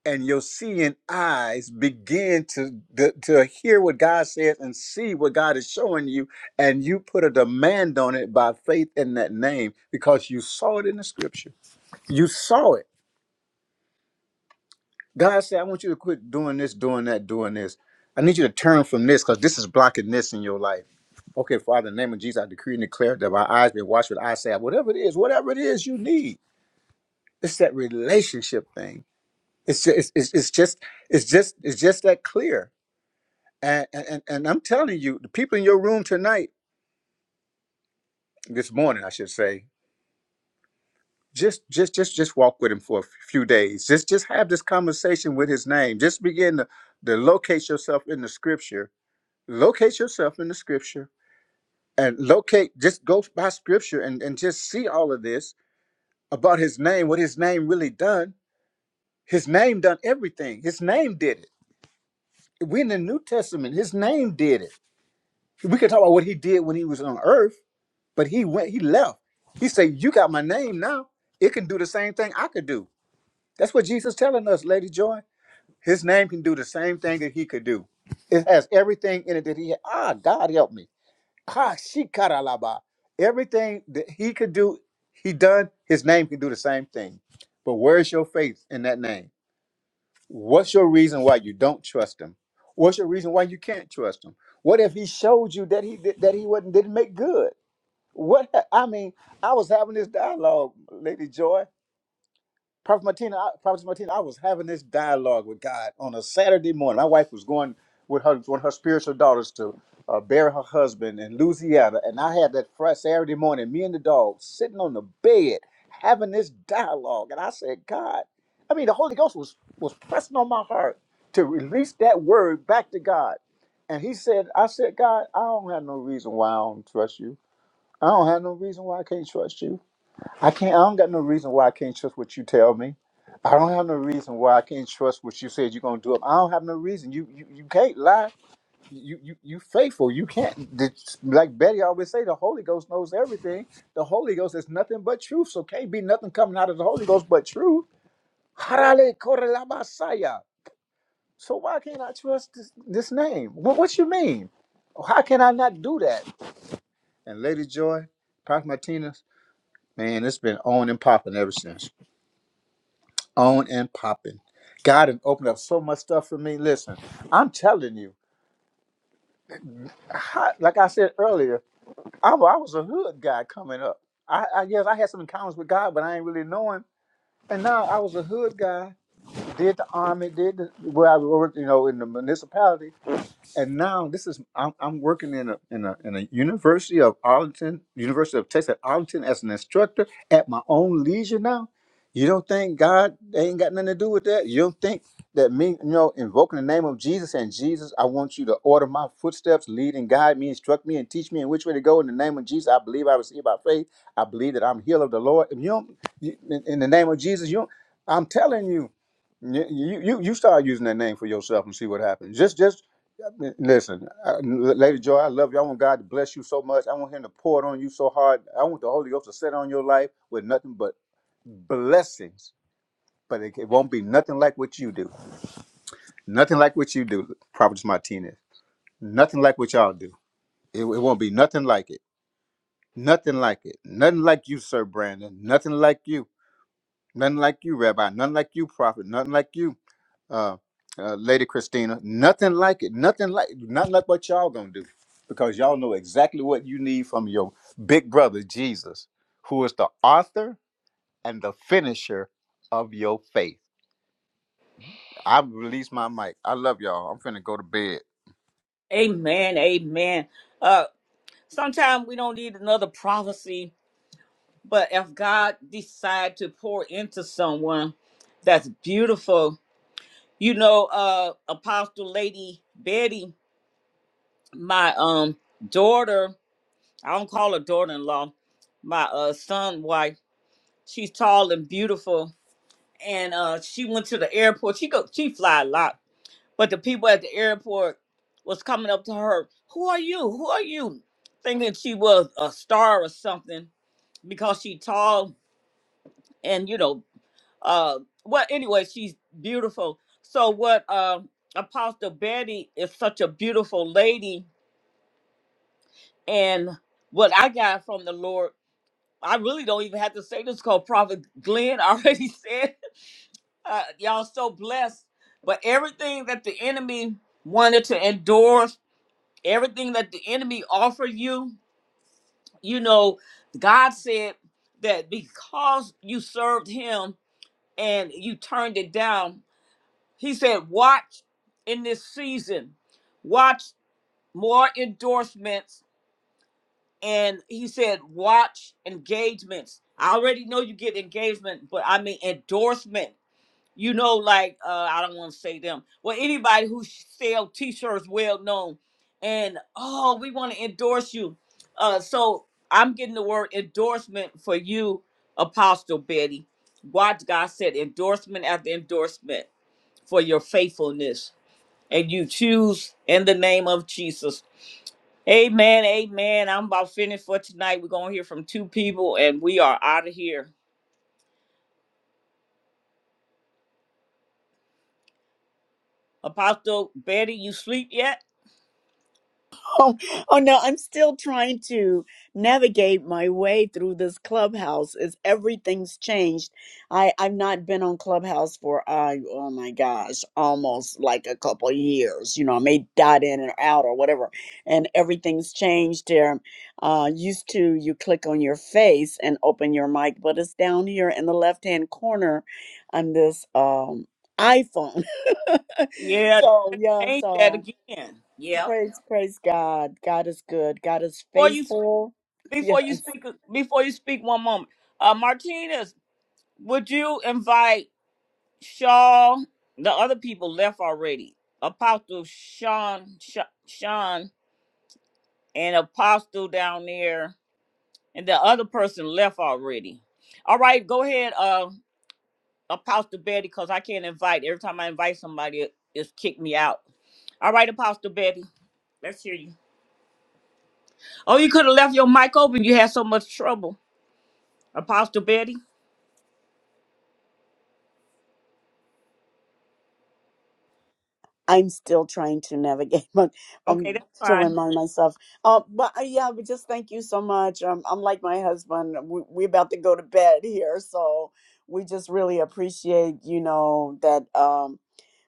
and your seeing eyes begin to, to to hear what God says and see what God is showing you, and you put a demand on it by faith in that name because you saw it in the Scripture. You saw it. God said, I want you to quit doing this, doing that, doing this. I need you to turn from this because this is blocking this in your life. Okay, Father, in the name of Jesus, I decree and declare that my eyes be watched with eye salve. Whatever it is, whatever it is you need, it's that relationship thing. It's just, it's, it's, it's just, it's just, it's just that clear. And, and and and I'm telling you, the people in your room tonight, this morning, I should say, just, just, just, just walk with him for a few days. Just, just have this conversation with his name. Just begin to, to locate yourself in the Scripture locate yourself in the scripture and locate just go by scripture and, and just see all of this about his name what his name really done his name done everything his name did it we in the new testament his name did it we can talk about what he did when he was on earth but he went he left he said you got my name now it can do the same thing i could do that's what jesus telling us lady joy his name can do the same thing that he could do it has everything in it that he had. ah god help me Ha shikaralaba. Everything that he could do, he done, his name can do the same thing. But where's your faith in that name? What's your reason why you don't trust him? What's your reason why you can't trust him? What if he showed you that he did, that he wasn't didn't make good? What I mean, I was having this dialogue, Lady Joy. Prophet Martina, I, Prophet Martina, I was having this dialogue with God on a Saturday morning. My wife was going with her one of her spiritual daughters to uh, bury her husband in Louisiana, and I had that Friday, Saturday morning, me and the dog sitting on the bed having this dialogue, and I said, God, I mean, the Holy Ghost was was pressing on my heart to release that word back to God, and He said, I said, God, I don't have no reason why I don't trust you. I don't have no reason why I can't trust you. I can't. I don't got no reason why I can't trust what you tell me. I don't have no reason why I can't trust what you said you're gonna do. I don't have no reason. You you, you can't lie. You you you faithful. You can't. the- Like Betty always say, the Holy Ghost knows everything. The Holy Ghost is nothing but truth. So can't be nothing coming out of the Holy Ghost but truth. Harale korelabasaya. So why can't I trust this, this name? What what you mean? How can I not do that? And Lady Joy, Prophet Martinez, man, it's been on and popping ever since. on and popping. God has opened up so much stuff for me. Listen, I'm telling you, I, like I said earlier, I, wa- I was a hood guy coming up. I, I yes, I had some encounters with God, but I ain't really know Him. And now I was a hood guy. Did the army, did the, where I worked, you know, in the municipality and now this is I'm, I'm working in a in a in a University of Arlington, University of Texas at Arlington as an instructor at my own leisure now. You don't think God ain't got nothing to do with that? You don't think that me, you know, invoking the name of Jesus and Jesus, I want you to order my footsteps, lead and guide me, instruct me, and teach me in which way to go. In the name of Jesus, I believe I receive by faith. I believe that I'm healed of the Lord. If you don't, you, in, in the name of Jesus, you don't, I'm telling you, you, you you you start using that name for yourself and see what happens. Just just Listen, uh, Lady Joy, I love you. I want God to bless you so much. I want Him to pour it on you so hard. I want the Holy Ghost to set on your life with nothing but blessings. But it, it won't be nothing like what you do. Nothing like what you do, Prophet Martinez. Nothing like what y'all do. It, it won't be nothing like it. Nothing like it. Nothing like you, Sir Brandon. Nothing like you. Nothing like you, Rabbi. Nothing like you, Prophet. Nothing like you. uh, uh, Lady Christina. Nothing like it. Nothing like not like what y'all gonna do, because y'all know exactly what you need from your big brother Jesus, who is the author and the finisher of your faith. I release my mic. I love y'all. I'm finna go to bed.
Amen. Amen. Uh sometimes we don't need another prophecy, but if God decide to pour into someone, that's beautiful. You know, uh Apostle Lady Betty, my um daughter, I don't call her daughter-in-law, my uh son wife, she's tall and beautiful. And uh she went to the airport. She go she fly a lot But the people at the airport was coming up to her, "Who are you? Who are you?" Thinking she was a star or something because she tall and you know, uh, well, anyway, she's beautiful. So what, uh, Apostle Betty is such a beautiful lady, and what I got from the Lord, I really don't even have to say this because Prophet Glenn already <laughs> said, uh, "Y'all so blessed." But everything that the enemy wanted to endorse everything that the enemy offered you, you know, God said that because you served him and you turned it down, he said, watch in this season, watch more endorsements. And he said, watch engagements. I already know you get engagement, but I mean endorsement. you know, like uh, I don't want to say them. Well, anybody who sh- sell T-shirts, well known, and oh, we want to endorse you. Uh, so I'm getting the word endorsement for you, Apostle Betty. Watch God said endorsement after endorsement for your faithfulness, and you choose in the name of Jesus. Amen, amen. I'm about finished for tonight. We're gonna hear from two people, and we are out of here. Apostle Betty, you sleep yet?
<laughs> Oh, oh no, I'm still trying to navigate my way through this clubhouse as everything's changed. I, I've not been on Clubhouse for uh, oh my gosh, almost like a couple of years. You know, I may dot in and out or whatever. And everything's changed here. Uh used to you click on your face and open your mic, but it's down here in the left hand corner on this um iPhone. <laughs>
Yeah.
so yeah,
change
so
that again. Yep.
Praise, praise God. God is good. God is
Before you speak,
faithful. <laughs> Yeah.
before you speak, before you speak, one moment. Uh, Martinez, would you invite Shaw? The other people left already. Apostle Sean, Sha- Sean, and Apostle down there, and the other person left already. All right, go ahead, uh, Apostle Betty, because I can't invite. Every time I invite somebody, it- it's kicked me out. All right, Apostle Betty. Let's hear you. Oh, you could have left your mic open. You had so much trouble. Apostle Betty?
I'm still trying to navigate, <laughs> but
Okay,
um,
that's
to
fine.
remind myself. Uh, but uh, yeah, but just thank you so much. Um, I'm like my husband. We, we about to go to bed here, so we just really appreciate, you know, that. Um,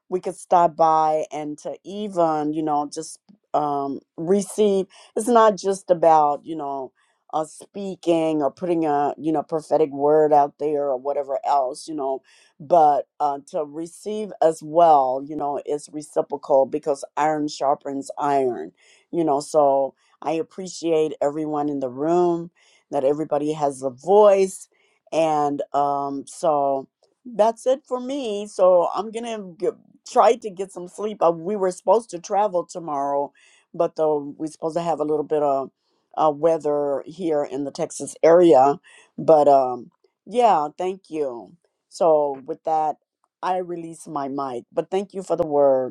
we could stop by and to even, you know, just um, receive. It's not just about, you know, uh, speaking or putting a, you know, prophetic word out there or whatever else, you know, but uh, to receive as well, you know, is reciprocal because iron sharpens iron, you know. So I appreciate everyone in the room, that everybody has a voice. And um, so, that's it for me. So I'm gonna g- tried to get some sleep. Uh, we were supposed to travel tomorrow, but the, we're supposed to have a little bit of uh, weather here in the Texas area. But um, yeah, thank you. So with that, I release my mic. But thank you for the word.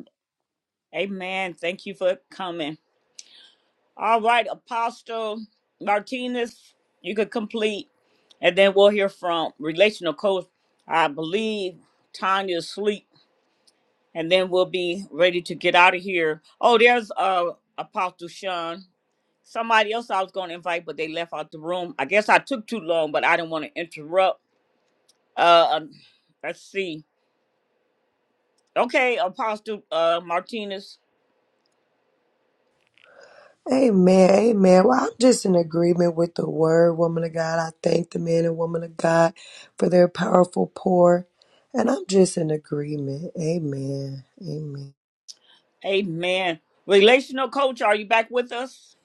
Amen. Thank you for coming. All right, Apostle Martinez, you could complete, and then we'll hear from relational coach. I believe Tanya's asleep, and then we'll be ready to get out of here. Oh, there's uh Apostle Sean. Somebody else I was going to invite, but they left out the room. I guess I took too long, but I didn't want to interrupt. Uh, um, let's see. Okay, Apostle uh, Martinez.
Amen. Amen. Well, I'm just in agreement with the word, woman of God. I thank the men and woman of God for their powerful pour, and I'm just in agreement. Amen. Amen.
Amen. Relational coach, are you back with us?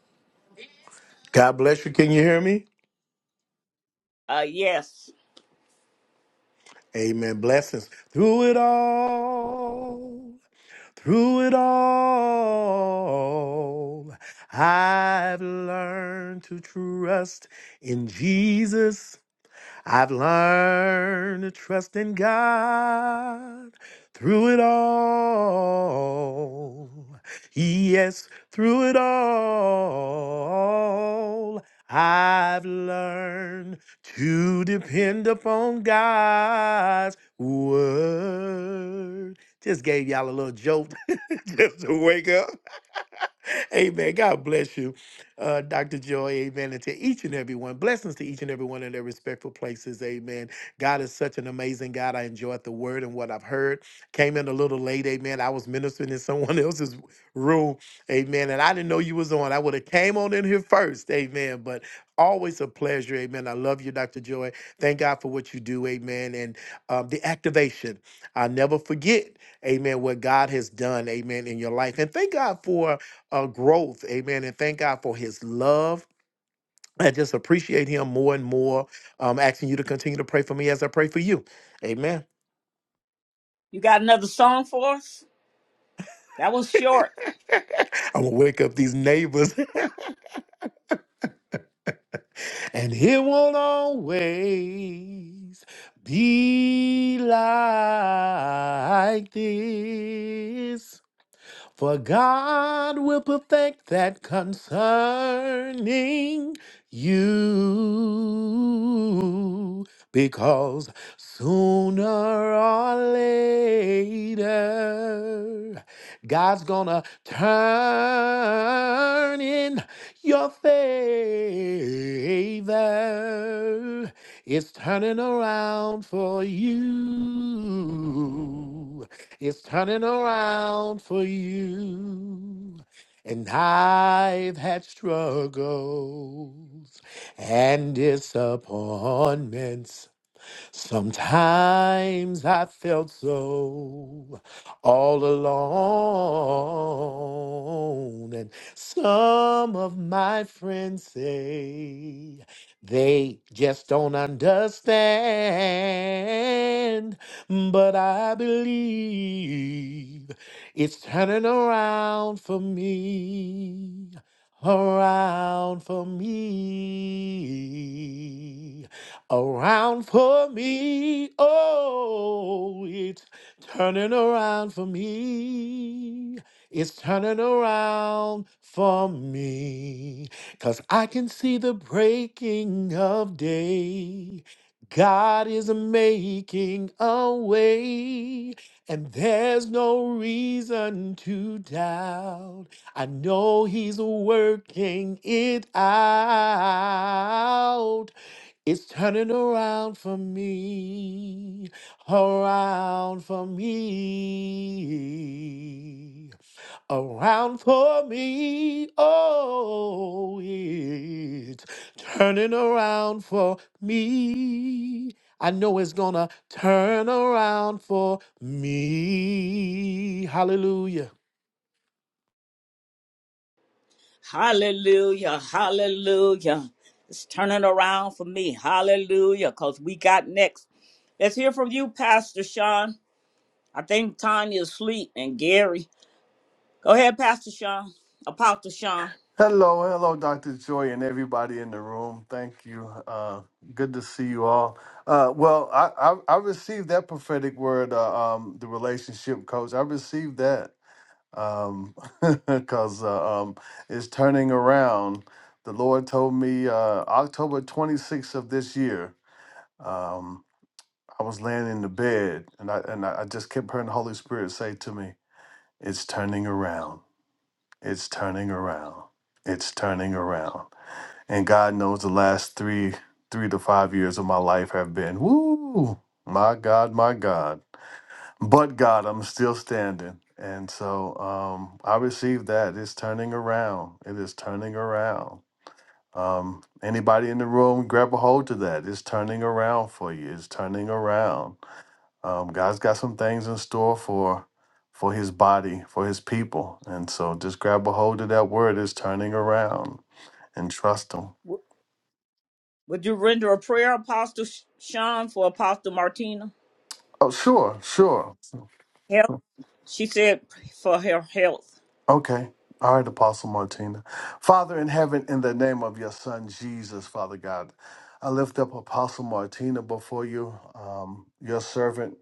God bless you. Can you hear me?
Uh yes.
Amen. Blessings. Through it all, through it all, I've learned to trust in Jesus. I've learned to trust in God through it all. Yes, through it all. I've learned to depend upon God's word. Just gave y'all a little jolt <laughs> just to wake up amen. God bless you, uh, Dr. Joy. Amen. And to each and every one, blessings to each and every one in their respectful places. Amen. God is such an amazing God. I enjoyed the word and what I've heard. Came in a little late. Amen. I was ministering in someone <laughs> else's room. Amen. And I didn't know you was on. I would have came on in here first. Amen. But always a pleasure. Amen. I love you, Dr. Joy. Thank God for what you do. Amen. And um, the activation. I'll never forget. Amen. What God has done. Amen. In your life. And thank God for uh, growth. Amen. And thank God for his love. I just appreciate him more and more. Um, asking you to continue to pray for me as I pray for you. Amen.
You got another song for us? That was short.
I'm going to wake up these neighbors, <laughs> and he won't always be like this. For God will perfect that concerning you. Because sooner or later, God's gonna turn in your favor. It's turning around for you. It's turning around for you. And I've had struggles and disappointments. Sometimes I felt so all alone, and some of my friends say they just don't understand, but I believe it's turning around for me, around for me around for me. Oh, it's turning around for me. It's turning around for me. Cause I can see the breaking of day. God is making a way, and there's no reason to doubt. I know He's working it out. It's turning around for me, around for me, around for me. Oh, it's turning around for me. I know it's gonna turn around for me. Hallelujah.
Hallelujah. Hallelujah. It's turning around for me. Hallelujah. Cause we got next. Let's hear from you, Pastor Sean. I think Tanya's asleep and Gary. Go ahead, Pastor Sean. Apostle Sean.
Hello, hello, Dr. Joy, and everybody in the room. Thank you. Uh, good to see you all. Uh, well, I, I, I received that prophetic word, uh, um, the relationship coach. I received that um, <laughs> because uh, um, it's turning around. The Lord told me uh, October 26th of this year, um, I was laying in the bed and I, and I I just kept hearing the Holy Spirit say to me, It's turning around. It's turning around. It's turning around. And God knows the last three three to five years of my life have been woo, my God, my God. But God, I'm still standing. And so um, I received that. It's turning around. It is turning around. Um, anybody in the room, grab a hold to that. It's turning around for you. It's turning around. Um, God's got some things in store for for His body, for His people. And so just grab a hold of that word. It's turning around and trust Him.
W- Would you render a prayer, Apostle Sh- Sean, for Apostle Martina?
Oh, sure, sure.
Help. She said for her health.
Okay. All right, Apostle Martina. Father in heaven, in the name of your son Jesus, Father God, I lift up Apostle Martina before you, um, your servant.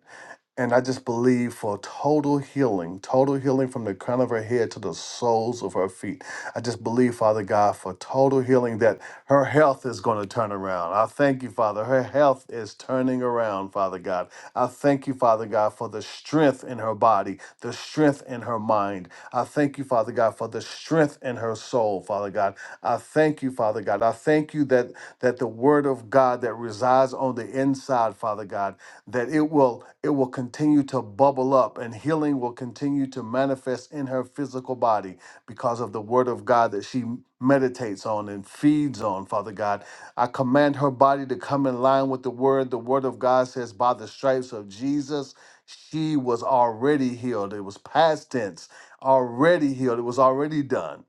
And I just believe for total healing, total healing from the crown of her head to the soles of her feet. I just believe, Father God, for total healing that her health is going to turn around. I thank you, Father. Her health is turning around, Father God. I thank you, Father God, for the strength in her body, the strength in her mind. I thank you, Father God, for the strength in her soul, Father God. I thank you, Father God. I thank you that that the word of God that resides on the inside, Father God that it will it will continue to bubble up and healing will continue to manifest in her physical body because of the word of God that she meditates on and feeds on father god i command her body to come in line with the word the word of god says by the stripes of jesus she was already healed it was past tense already healed it was already done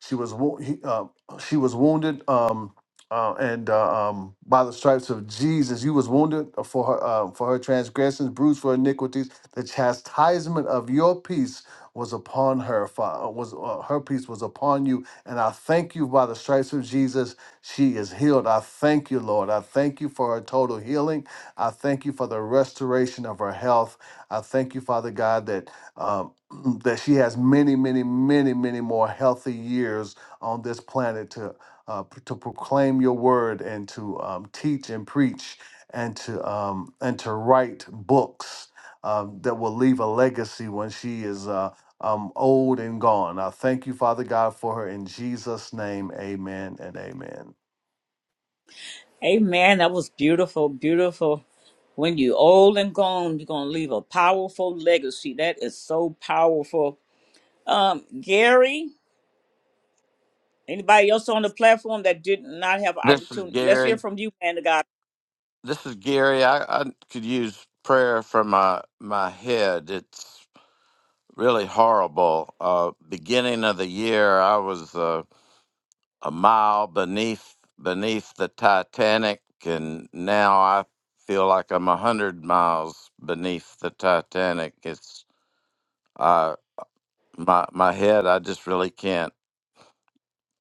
she was wo- he- uh, she was wounded um uh, and uh, um, by the stripes of Jesus, you was wounded for her uh, for her transgressions, bruised for iniquities. The chastisement of your peace was upon her. Fa- uh, Was uh, her peace was upon you, and I thank you by the stripes of Jesus, she is healed. I thank you, Lord. I thank you for her total healing. I thank you for the restoration of her health. I thank you, Father God, that um, <clears throat> that she has many, many, many, many more healthy years on this planet to uh, p- to proclaim your word and to um, teach and preach and to um, and to write books um, that will leave a legacy when she is uh, um, old and gone. I thank you, Father God, for her in Jesus' name. Amen and amen.
Amen. That was beautiful, beautiful. When you old and gone, you're gonna leave a powerful legacy. That is so powerful. Um, Gary, anybody else on the platform that did not have
This is
opportunity? Let's hear
Gary.
from you, man of God.
This is Gary. I, I could use prayer for my my head. It's really horrible. Uh, beginning of the year, I was uh, a mile beneath beneath the Titanic, and now I feel like I'm a hundred miles beneath the Titanic. It's uh, my my head. I just really can't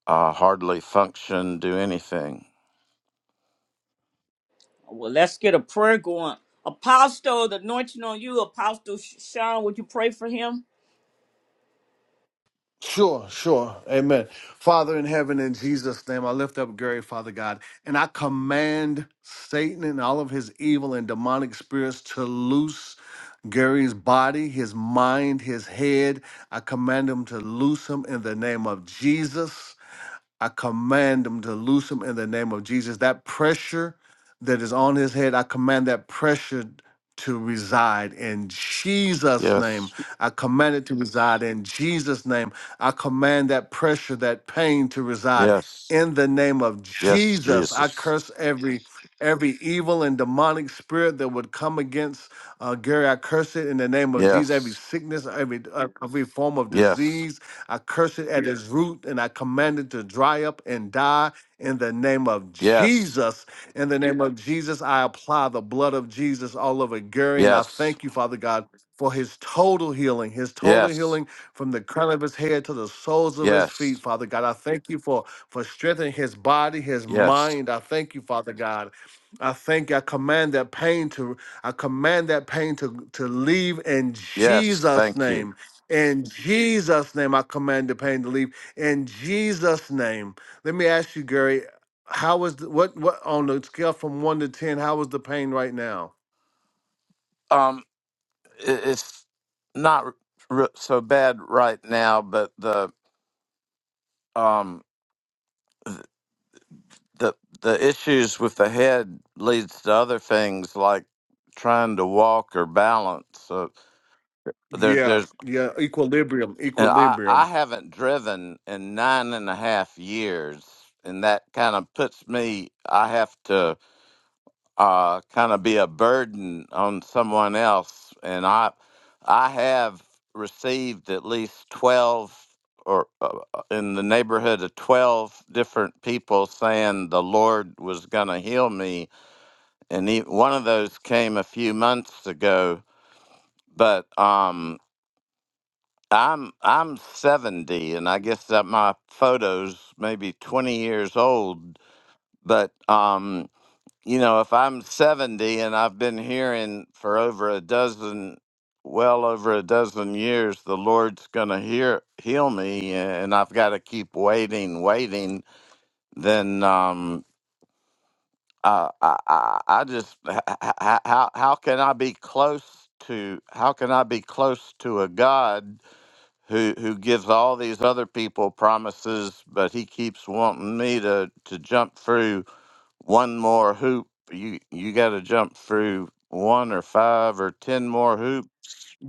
uh, hardly function, do anything.
Well, let's get a prayer going. Apostle, the anointing on you, Apostle Sean, would you pray for him?
Sure, sure. Amen. Father in heaven, in Jesus' name, I lift up Gary, Father God, and I command Satan and all of his evil and demonic spirits to loose Gary's body, his mind, his head. I command him to loose him in the name of Jesus. I command them to loose him in the name of Jesus. That pressure that is on his head, I command that pressure to reside in Jesus' name.
Yes,
I command it to reside in Jesus' name. I command that pressure, that pain to reside
yes,
in the name of
yes,
Jesus. I
Jesus.
curse every every evil and demonic spirit that would come against uh, Gary. I curse it in the name of Jesus.
Yes.
Every sickness, every uh, every form of
Yes.
disease I curse it at its root and I command it to dry up and die in the name of
Yes.
Jesus. In the name of Jesus, I apply the blood of Jesus all over Gary. And I
Yes.
thank you, Father God, for his total healing, his total
Yes.
healing from the crown of his head to the soles of his feet,
Yes.
Father God. I thank you for, for strengthening his body, his
Yes.
mind. I thank you, Father God. I thank you. I command that pain to I command that pain to, to leave in
Yes.
Jesus'
Thank you.
name. In Jesus' name, I command the pain to leave. In Jesus' name, let me ask you, Gary, how was the, what what on the scale from one to ten? How is the pain right now?
Um, i- it's not r- r- so bad right now, but the um the the issues with the head leads to other things like trying to walk or balance. So there
Yeah,
there's
yeah, equilibrium,
and I I
equilibrium.
haven't driven in nine and a half years, and that kind of puts me. I have to. uh, kind of be a burden on someone else. And I, I have received at least twelve or uh, uh, in the neighborhood of twelve different people saying the Lord was going to heal me, and he, one of those came a few months ago. But um, I'm I'm seventy, and I guess that my photos maybe twenty years old. But um, you know, if I'm 70 and I've been hearing for over a dozen, well over a dozen years, the Lord's going to hear heal me, and I've got to keep waiting, waiting, then um, I, I, I I just h- h- h- how how can I be close to how can I be close to a God who who gives all these other people promises, but He keeps wanting me to to jump through one more hoop. You you got to jump through one or five or ten more hoop.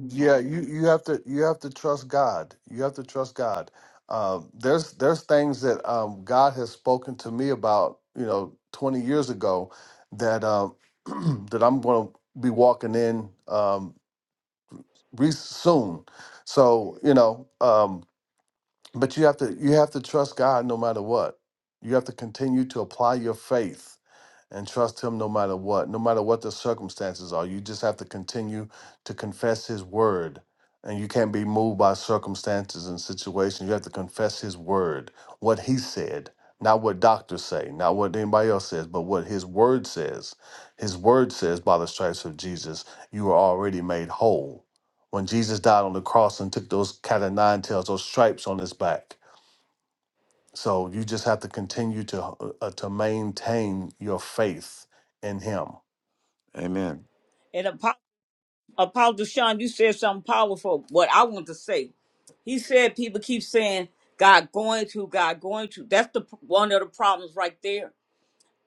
Yeah, you you have to you have to trust God. You have to trust God. Um, there's there's things that um, God has spoken to me about, you know, 20 years ago, that um, <clears throat> that I'm going to be walking in. Um, re- soon. So you know, um, but you have to you have to trust God no matter what. You have to continue to apply your faith and trust him no matter what, no matter what the circumstances are. You just have to continue to confess his word. And you can't be moved by circumstances and situations. You have to confess his word, what he said, not what doctors say, not what anybody else says, but what his word says. His word says, by the stripes of Jesus, you are already made whole. When Jesus died on the cross and took those cat of nine tails, those stripes on his back, so you just have to continue to uh, to maintain your faith in Him.
Amen.
And Apo- Apostle Sean, you said something powerful. What I want to say, he said people keep saying God going to, God going to. That's the one of the problems right there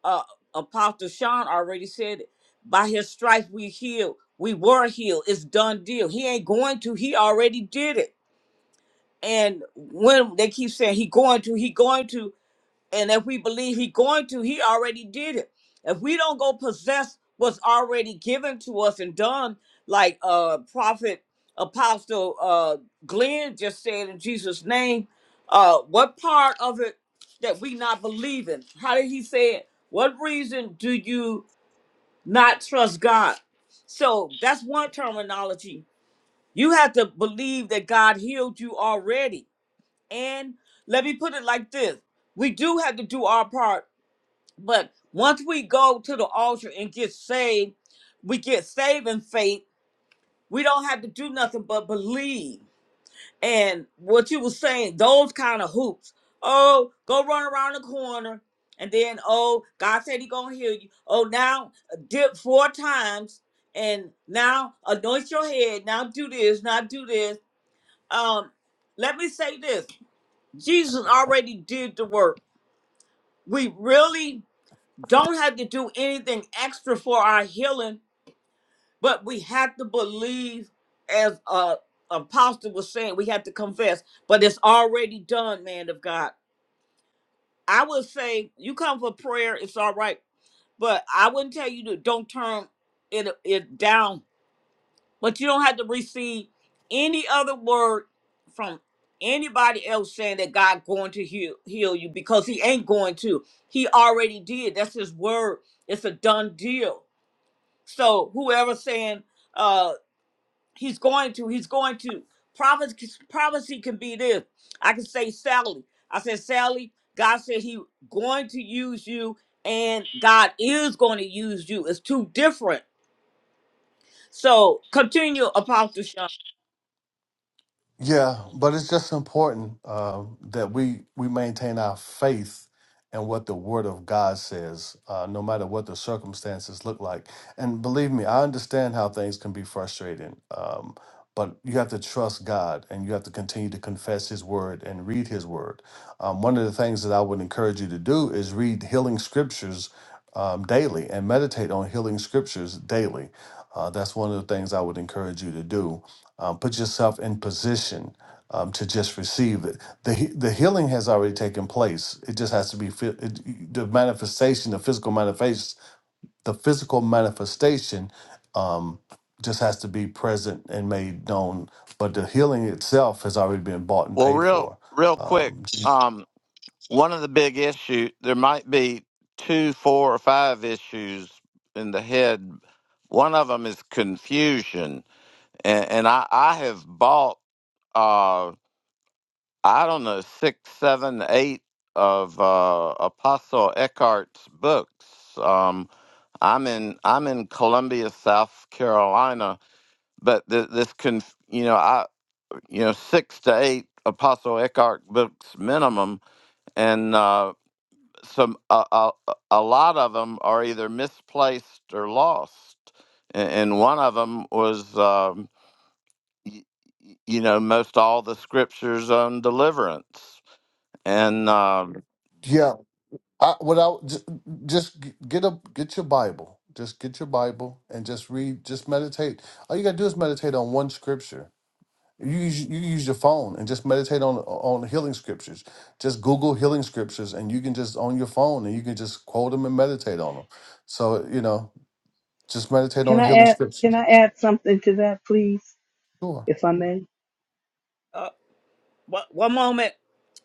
uh, Apostle Sean already said it. By his stripes we healed. We were healed. It's done deal. He ain't going to. He already did it. And when they keep saying he going to, he going to. And if we believe he going to, he already did it. If we don't go possess what's already given to us and done, like uh prophet apostle uh Glenn just said in Jesus' name, uh what part of it that we not believing? How did he say it? What reason do you not trust God? So that's one terminology. You have to believe that God healed you already. And let me put it like this. We do have to do our part but once we go to the altar and get saved, we get saved in faith. We don't have to do nothing but believe. And what you were saying, those kind of hoops. Oh, go run around the corner. And then, oh, God said he gonna heal you. Oh, now uh, dip four times and now anoint your head. Now do this, now do this. Um, let me say this. Jesus already did the work. We really don't have to do anything extra for our healing, but we have to believe, as uh, Apostle was saying, we have to confess. But it's already done, man of God. I would say you come for prayer, it's all right, but I wouldn't tell you to don't turn it it down. But you don't have to receive any other word from anybody else saying that God going to heal heal you because He ain't going to. He already did. That's His word. It's a done deal So whoever saying uh he's going to, he's going to prophecy prophecy can be this. I can say Sally. I said Sally, God said he going to use you and God is going to use you. It's two different. So continue Apostle Sean.
Yeah, but it's just important um, that we we maintain our faith in what the Word of God says, uh, no matter what the circumstances look like. And believe me, I understand how things can be frustrating, um, but you have to trust God and you have to continue to confess His Word and read His Word. Um, one of the things that I would encourage you to do is read healing scriptures um, daily and meditate on healing scriptures daily. Uh, that's one of the things I would encourage you to do um, put yourself in position um, to just receive it. The he- the healing has already taken place. It just has to be fi- it, the manifestation, the physical manifest, the physical manifestation, um, just has to be present and made known. But the healing itself has already been bought and
Well,
paid
real
for.
real quick,
Um,
um, one of the big issue there might be two, four, or five issues in the head. One of them is confusion, and, and I I have bought uh I don't know six, seven, eight of uh, Apostle Eckhart's books. um. I'm in I'm in Columbia, South Carolina, but th- this can you know I you know six to eight Apostle Eckhart books minimum, and uh, some a, a a lot of them are either misplaced or lost, and, and one of them was um, y- y- you know most all the scriptures on deliverance, and um,
yeah, I, without just, just g- get a get your Bible. Just get your Bible and just read. Just meditate. All you gotta do is meditate on one scripture You use, you use your phone and just meditate on on healing scriptures. Just Google healing scriptures, and you can just on your phone and you can just quote them and meditate on them. So you know, just meditate
Can
on
I
healing
add can
scriptures.
I add something to that, please,
Sure.
if I may?
Uh, one, one moment.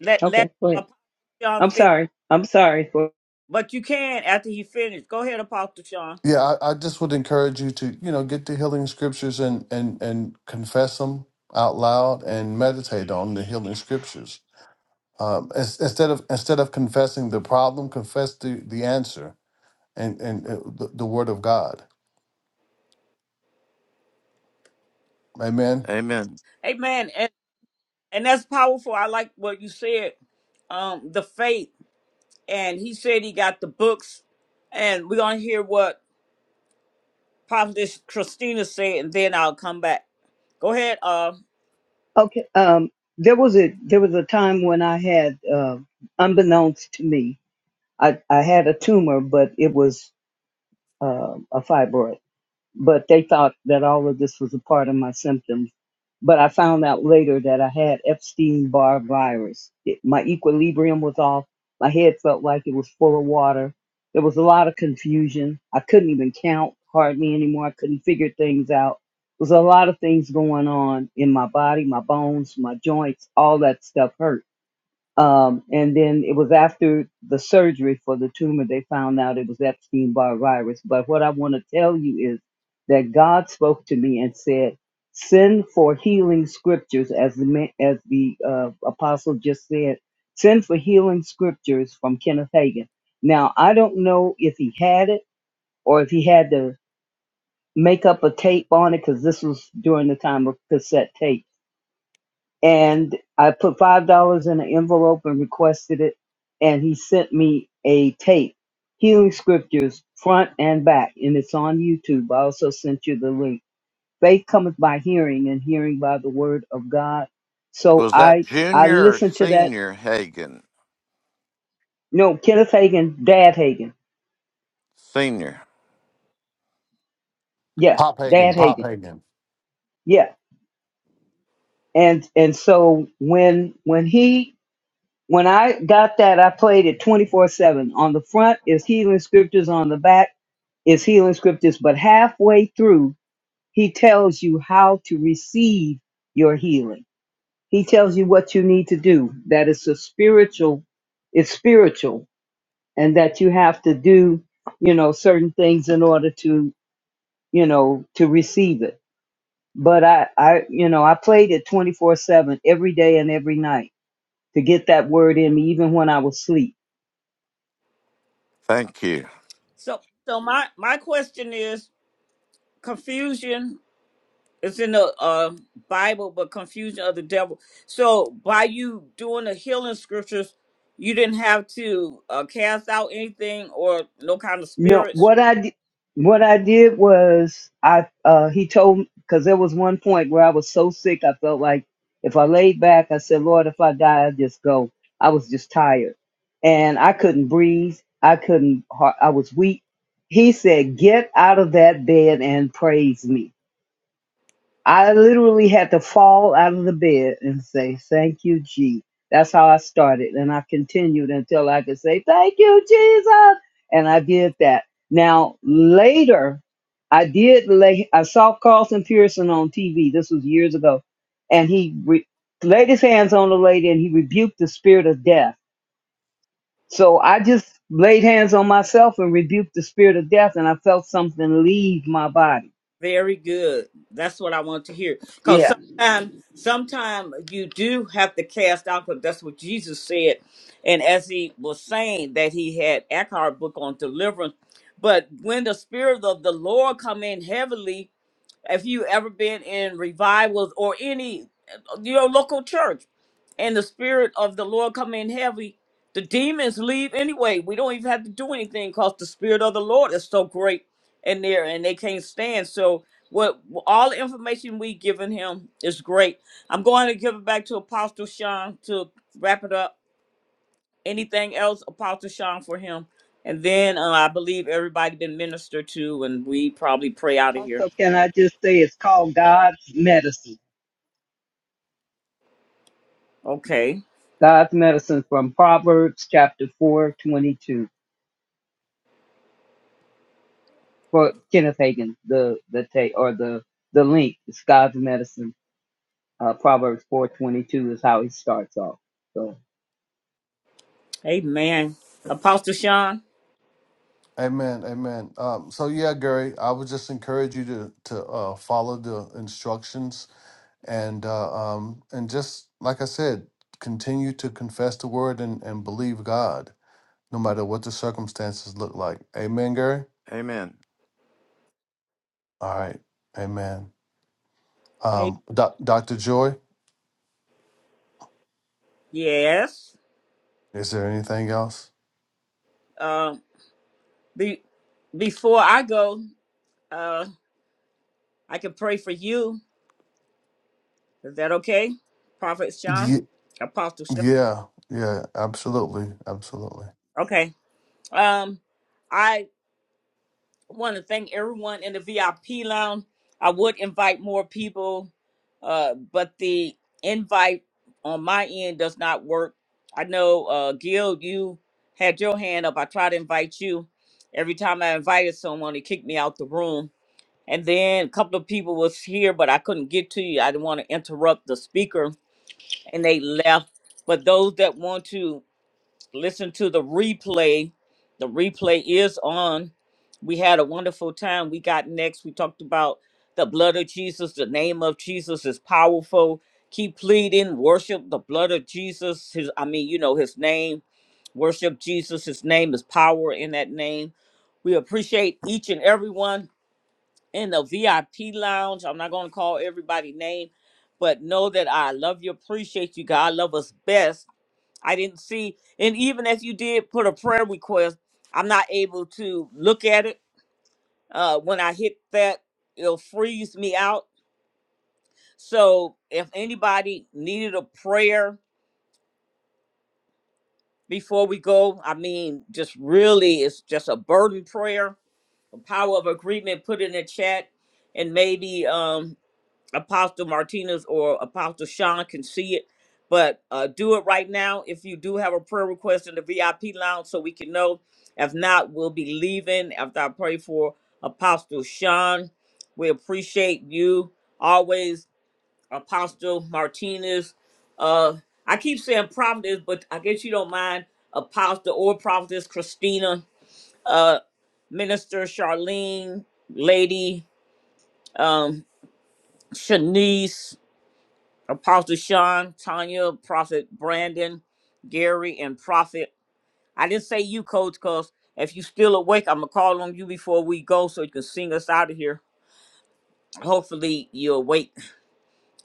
Let let
Okay, go ahead.
Apostle Sean
I'm
finish.
sorry. I'm sorry for
But you can after he finished. Go ahead, Apostle Sean.
Yeah, I, I just would encourage you to you know get the healing scriptures and and and confess them out loud and meditate on the healing scriptures. Um, ins- instead of instead of confessing the problem, confess the the answer and and uh, the, the word of God. Amen.
Amen.
Amen. And and that's powerful. I like what you said. Um, the faith. and he said he got the books, and we're gonna hear what Prophetess Christina said, and then I'll come back. Go ahead. Uh,
okay. Um there was a there was a time when I had uh, unbeknownst to me, I, I had a tumor, but it was uh, a fibroid. but they thought that all of this was a part of my symptoms. But I found out later that I had Epstein Barr virus. It, my equilibrium was off. My head felt like it was full of water. There was a lot of confusion. I couldn't even count hardly anymore. I couldn't figure things out. There was a lot of things going on in my body, my bones, my joints, all that stuff hurt um, and then it was after the surgery for the tumor, they found out it was Epstein Barr virus. But what I want to tell you is that God spoke to me and said, Send for healing scriptures, as the, ma- as the uh, apostle just said, send for healing scriptures from Kenneth Hagin. Now, I don't know if he had it or if he had to make up a tape on it because this was during the time of cassette tape and I put five dollars in an envelope and requested it, and he sent me a tape, Healing Scriptures, front and back, and it's on YouTube. I also sent you the link. Faith cometh by hearing, and hearing by the word of God. So
Was that
I I
junior or
listened to that.
senior Hagen?
No, Kenneth Hagin, Dad Hagin,
Senior.
yeah,
Pop Hagen.
Dad
Pop
Hagin,
Hagen.
yeah, and and so when when he when I got that, I played it 24 7. On the front is Healing Scriptures, on the back is healing scriptures, but halfway through, he tells you how to receive your healing. He tells you what you need to do. That is a spiritual, it's spiritual, and that you have to do, you know, certain things in order to, you know, to receive it. But I, I, you know, I played it 24 7 every day and every night to get that word in me, even when I was asleep
Thank you.
so so my my question is confusion is in the uh Bible, but confusion of the devil. So by you doing the healing scriptures, you didn't have to uh, cast out anything or no kind of
No,
spirits.
what I di- what I did was I uh he told because there was one point where I was so sick I felt like if I laid back I said Lord if I die I just go I was just tired and I couldn't breathe I couldn't har- I was weak. He said get out of that bed and praise me I literally had to fall out of the bed and say, Thank you, G. That's how I started. And I continued until I could say, Thank you, Jesus. And I did that. Now, later, I did lay, I saw Carlton Pearson on TV. This was years ago. And he re- laid his hands on the lady and he rebuked the spirit of death. So I just laid hands on myself and rebuked the spirit of death. And I felt something leave my body.
Very good. That's what I want to hear. Because
Yeah.
sometimes, sometimes you do have to cast out, because that's what Jesus said. And as he was saying that he had Eckhart book on deliverance, but when the spirit of the Lord come in heavily, if you ever been in revivals or any uh, your local church and the spirit of the lord come in heavy the demons leave anyway we don't even have to do anything because the spirit of the lord is so great in there and they can't stand so what all the information we given him is great i'm going to give it back to apostle sean to wrap it up anything else apostle sean for him and then uh, i believe everybody been ministered to and we probably pray out of here
Also, can I just say it's called God's Medicine?
okay
God's Medicine from Proverbs chapter four twenty two for Kenneth Hagin. The the ta- or the the link is God's Medicine. Uh, Proverbs four twenty two is how he starts off. So.
Amen. Apostle Sean.
Amen, amen. Um, so yeah, Gary, I would just encourage you to to uh, follow the instructions and uh, um, and just like I said, continue to confess the word and, and believe God, no matter what the circumstances look like. Amen, Gary.
Amen.
All right, amen.
Hey.
Um, Doc Doctor Joy,
Yes.
is there anything else?
Uh, be, before I go, uh, I can pray for you. Is that okay, Prophet Sean?
Ye-
Apostle Sean.
Yeah, yeah, absolutely, absolutely.
Okay. Um, I want to thank everyone in the VIP lounge. I would invite more people, uh, but the invite on my end does not work. I know, uh, Gil, you had your hand up. I tried to invite you. Every time I invited someone, it kicked me out the room. And then a couple of people was here, but I couldn't get to you. I didn't want to interrupt the speaker, and they left. But those that want to listen to the replay. The replay is on. We had a wonderful time. We got next. We talked about the blood of Jesus. The name of Jesus is powerful. Keep pleading, worship the blood of Jesus. His, I mean, you know, his name. Worship Jesus. His name is power in that name. We appreciate each and everyone in the VIP lounge. I'm not going to call everybody name, but know that I love you, appreciate you. God love us best I didn't see. And even as you did put a prayer request, I'm not able to look at it. Uh, when I hit that, it'll freeze me out. So if anybody needed a prayer before we go, I mean, just really, it's just a burden prayer. The power of agreement, put in the chat. And maybe um, Apostle Martinez or Apostle Sean can see it. But uh, do it right now if you do have a prayer request in the VIP lounge so we can know. If not, we'll be leaving after I pray for Apostle Sean. We appreciate you always, Apostle Martinez. Uh, I keep saying prophetess, but I guess you don't mind Apostle or prophetess Christina, uh, Minister Charlene, Lady um, Shanice, Apostle Sean, Tanya, Prophet Brandon, Gary, and Prophet. I didn't say you, Coach, because if you still awake, I'm going to call on you before we go so you can sing us out of here. Hopefully, you're awake.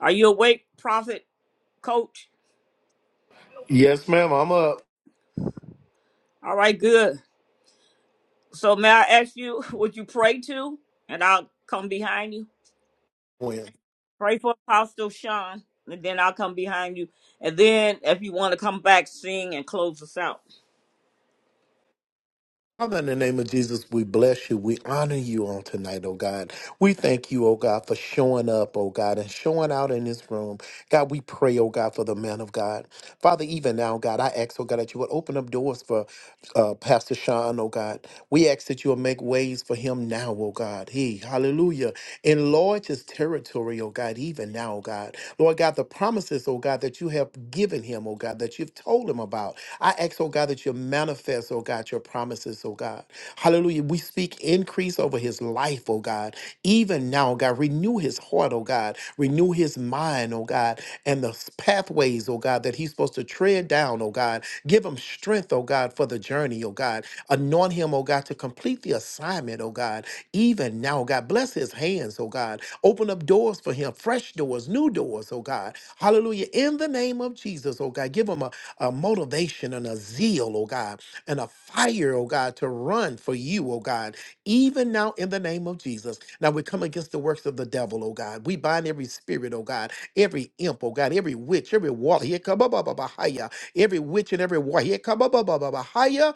Are you awake, Prophet, Coach?
Yes, ma'am. I'm up.
All right, good. So, may I ask you, <laughs> would you pray to? And I'll come behind you. Pray for Apostle Sean, and then I'll come behind you. And then, if you want to come back, sing and close us out.
Father, in the name of Jesus, we bless you. We honor you on tonight, oh God. We thank you, oh God, for showing up, oh God, and showing out in this room. God, we pray, oh God, for the man of God. Father, even now, God, I ask, oh God, that you would open up doors for uh, Pastor Sean, oh God. We ask that you will make ways for him now, oh God. He, hallelujah. Enlarge his territory, oh God, even now, oh God. Lord God, the promises, oh God, that you have given him, oh God, that you've told him about. I ask, oh God, that you manifest, oh God, your promises, oh God. Hallelujah. We speak increase over his life, oh God. Even now, oh God, renew his heart, oh God. Renew his mind, oh God, and the s- pathways, oh God, that he's supposed to tread down, oh God. Give him strength, oh God, for the journey, oh God. Anoint him, oh God, to complete the assignment, oh God. Even now, oh God, bless his hands, oh God. Open up doors for him, fresh doors, new doors, oh God. Hallelujah. In the name of Jesus, oh God, give him a a motivation and a zeal, oh God, and a fire, oh God, to run for you, oh God, even now in the name of Jesus. Now we come against the works of the devil, oh God. We bind every spirit, oh God, every imp, oh God, every witch, every warlock, Here come wall, every witch and every war, in the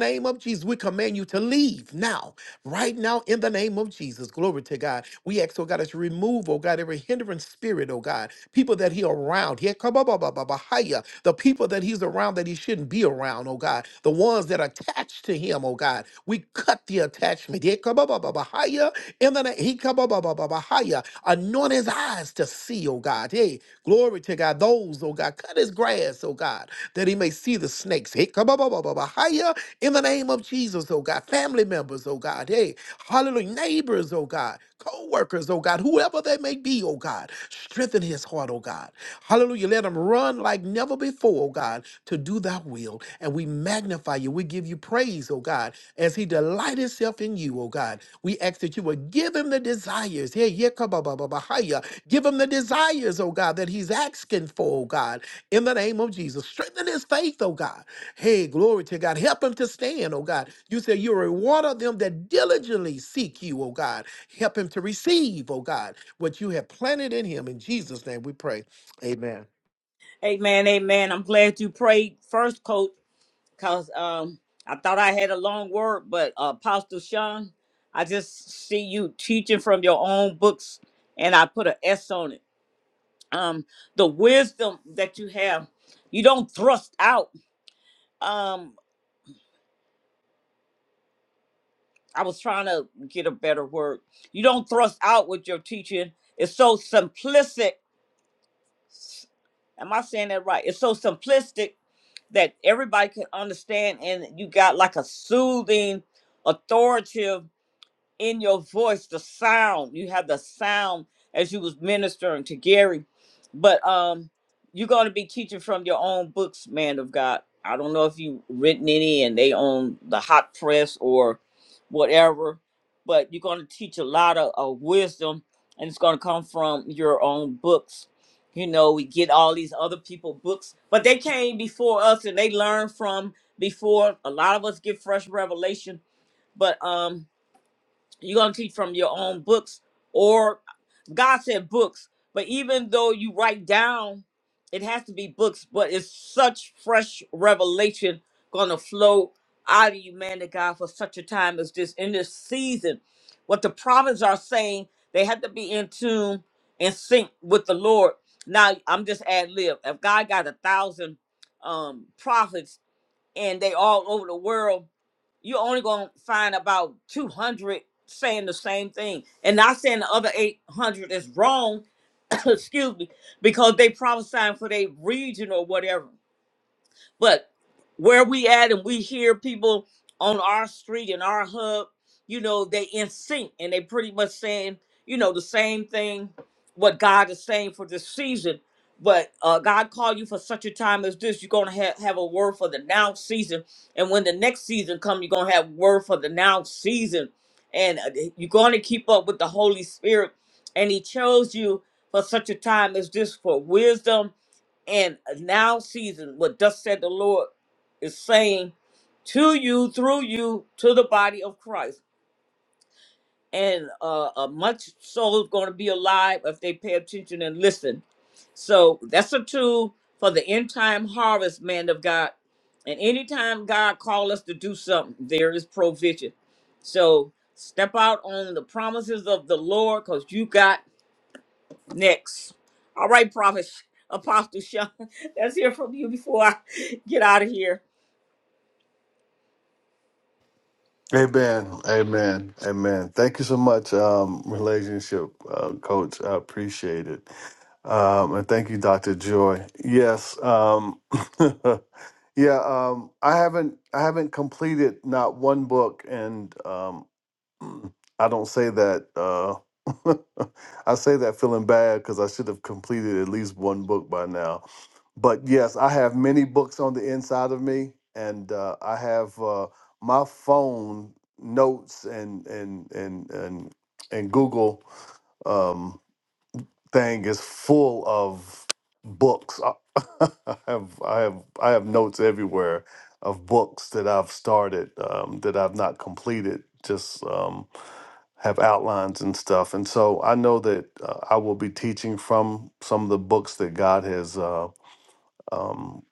name of Jesus. We command you to leave now, right now, in the name of Jesus. Glory to God. We ask, oh God, that you remove, oh God, every hindering spirit, oh God people that he around. Yeah, come on, bah, bah, bah, bah, hiya. The people that he's around that he shouldn't be around, oh God. The ones that are attached to him, oh God. We cut the attachment. Yeah, come on, bah, bah, bah, hiya. In the name, he come on, bah, bah, bah, bah, hiya. Anoint his eyes to see, oh God. Hey, glory to God. Those, oh God, cut his grass, oh God that he may see the snakes. Hey, come on, blah, blah, blah, blah, higher in the name of Jesus, oh God. Family members, oh God. Hey, hallelujah. Neighbors, oh God. Co workers, oh God. Whoever they may be, oh God. Strengthen his heart, oh God. Hallelujah. Let him run like never before, oh God, to do thy will. And we magnify you. We give you praise, oh God, as he delight himself in you, oh God. We ask that you would give him the desires. Hey, yeah, come on, blah, blah, blah, higher. Give him the desires, oh God, that he's asking for, oh God in the name of Jesus. Strengthen his faith, oh God. Hey, glory to God. Help him to stand, oh God. You say you're a reward of them that diligently seek you, oh God. Help him to receive, oh God, what you have planted in him. In Jesus' name we pray. Amen.
Amen, amen. I'm glad you prayed first, Coach. Cause um, I thought I had a long word, but uh, Apostle Sean, I just see you teaching from your own books, and I put an S on it. Um, the wisdom that you have, you don't thrust out. Um, I was trying to get a better word. You don't thrust out with your teaching. It's so simplistic. Am I saying that right? It's so simplistic that everybody can understand, and you got like a soothing, authoritative in your voice the sound you have the sound as you was ministering to gary but um you're going to be teaching from your own books man of god i don't know if you have written any and they on the hot press or whatever but you're going to teach a lot of, of wisdom and it's going to come from your own books you know we get all these other people books but they came before us and they learned from before a lot of us get fresh revelation but um you're going to teach from your own books, or God said books. But even though you write down, it has to be books, but it's such fresh revelation going to flow out of you, man, to God, for such a time as this in this season. What the prophets are saying, they have to be in tune and sync with the Lord. Now, I'm just ad lib. If God got a thousand um, prophets, and they all over the world, you're only gonna find about 200 saying the same thing. And not saying the other 800 is wrong, <coughs> excuse me, because they prophesying for their region or whatever. But where we at and we hear people on our street and our hub, you know, they in sync and they pretty much saying, you know, the same thing what God is saying for this season. But uh, God called you for such a time as this. You're gonna have, have a word for the now season, and when the next season comes, you're gonna have word for the now season, and uh, you're gonna keep up with the Holy Spirit. And He chose you for such a time as this for wisdom, and now season what thus said the Lord is saying to you through you to the body of Christ. And uh, a much soul is going to be alive if they pay attention and listen. So that's a tool for the end time harvest, man of God. And anytime God call us to do something, there is provision. So step out on the promises of the Lord because you got next. All right, Prophet Sh- Apostle Sean, <laughs> let's hear from you before I <laughs> get out of here.
Amen. Amen. Amen. Thank you so much, um, relationship uh, coach. I appreciate it. Um, and thank you, Dr. Joy. Yes. Um, <laughs> yeah. Um, I haven't, I haven't completed not one book and, um, <clears throat> I don't say that, uh, <laughs> I say that feeling bad cause I should have completed at least one book by now but yes, I have many books on the inside of me, and uh, I have uh, my phone notes and and and and and Google um, thing is full of books. I <laughs> I have I have I have notes everywhere of books that I've started um, that I've not completed. Just um, have outlines and stuff, and so I know that uh, I will be teaching from some of the books that God has. Uh, um,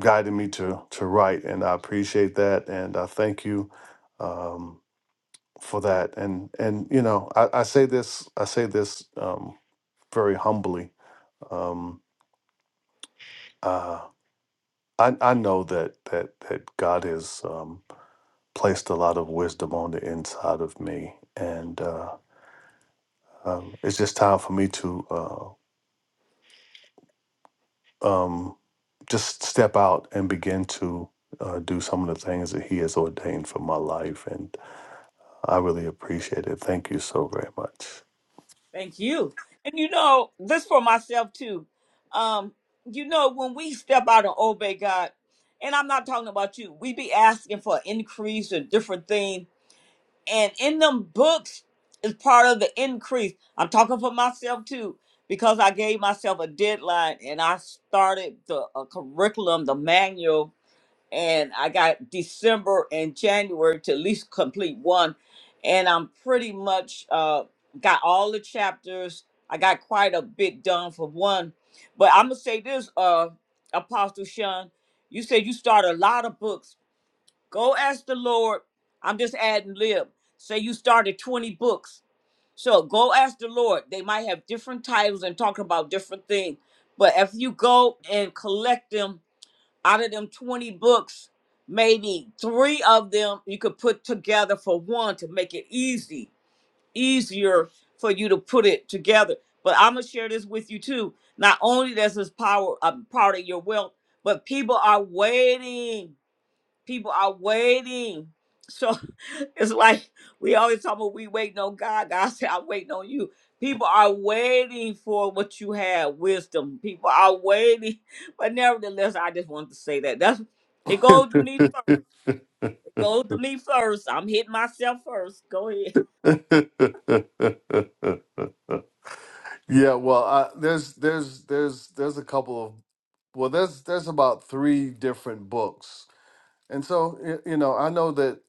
guided me to to write, and I appreciate that, and I thank you um, for that. And and you know, I, I say this, I say this um, very humbly. Um, uh, I I know that that that God has um, placed a lot of wisdom on the inside of me, and uh, um, it's just time for me to uh, um, just step out and begin to. Uh, do some of the things that he has ordained for my life, and. I really appreciate it. Thank you so very much.
Thank you. And you know, this for myself too. Um, you know, when we step out and obey God, and I'm not talking about you, we be asking for increase and different things. And in them books is part of the increase. I'm talking for myself too, because I gave myself a deadline and I started the a curriculum, the manual and I got December and January to at least complete one. And I'm pretty much uh, got all the chapters. I got quite a bit done for one. But I'm going to say this, uh, Apostle Sean, you said you start a lot of books. Go ask the Lord. I'm just adding lib. Say you started 20 books. So go ask the Lord. They might have different titles and talking about different things. But if you go and collect them out of them 20 books, maybe three of them you could put together for one to make it easy, easier for you to put it together. But I'm gonna share this with you too. Not only does this power a part of your wealth, but people are waiting people are waiting. So <laughs> it's like we always talk about we waiting on God. God said, I'm waiting on you. People are waiting for what you have, wisdom. People are waiting. <laughs> But nevertheless, I just wanted to say that. That's it goes to me first. It goes to me first. I'm hitting myself first. Go ahead.
<laughs> yeah, well, I, there's there's there's there's a couple of well, there's there's about three different books, and so y- you know, I know that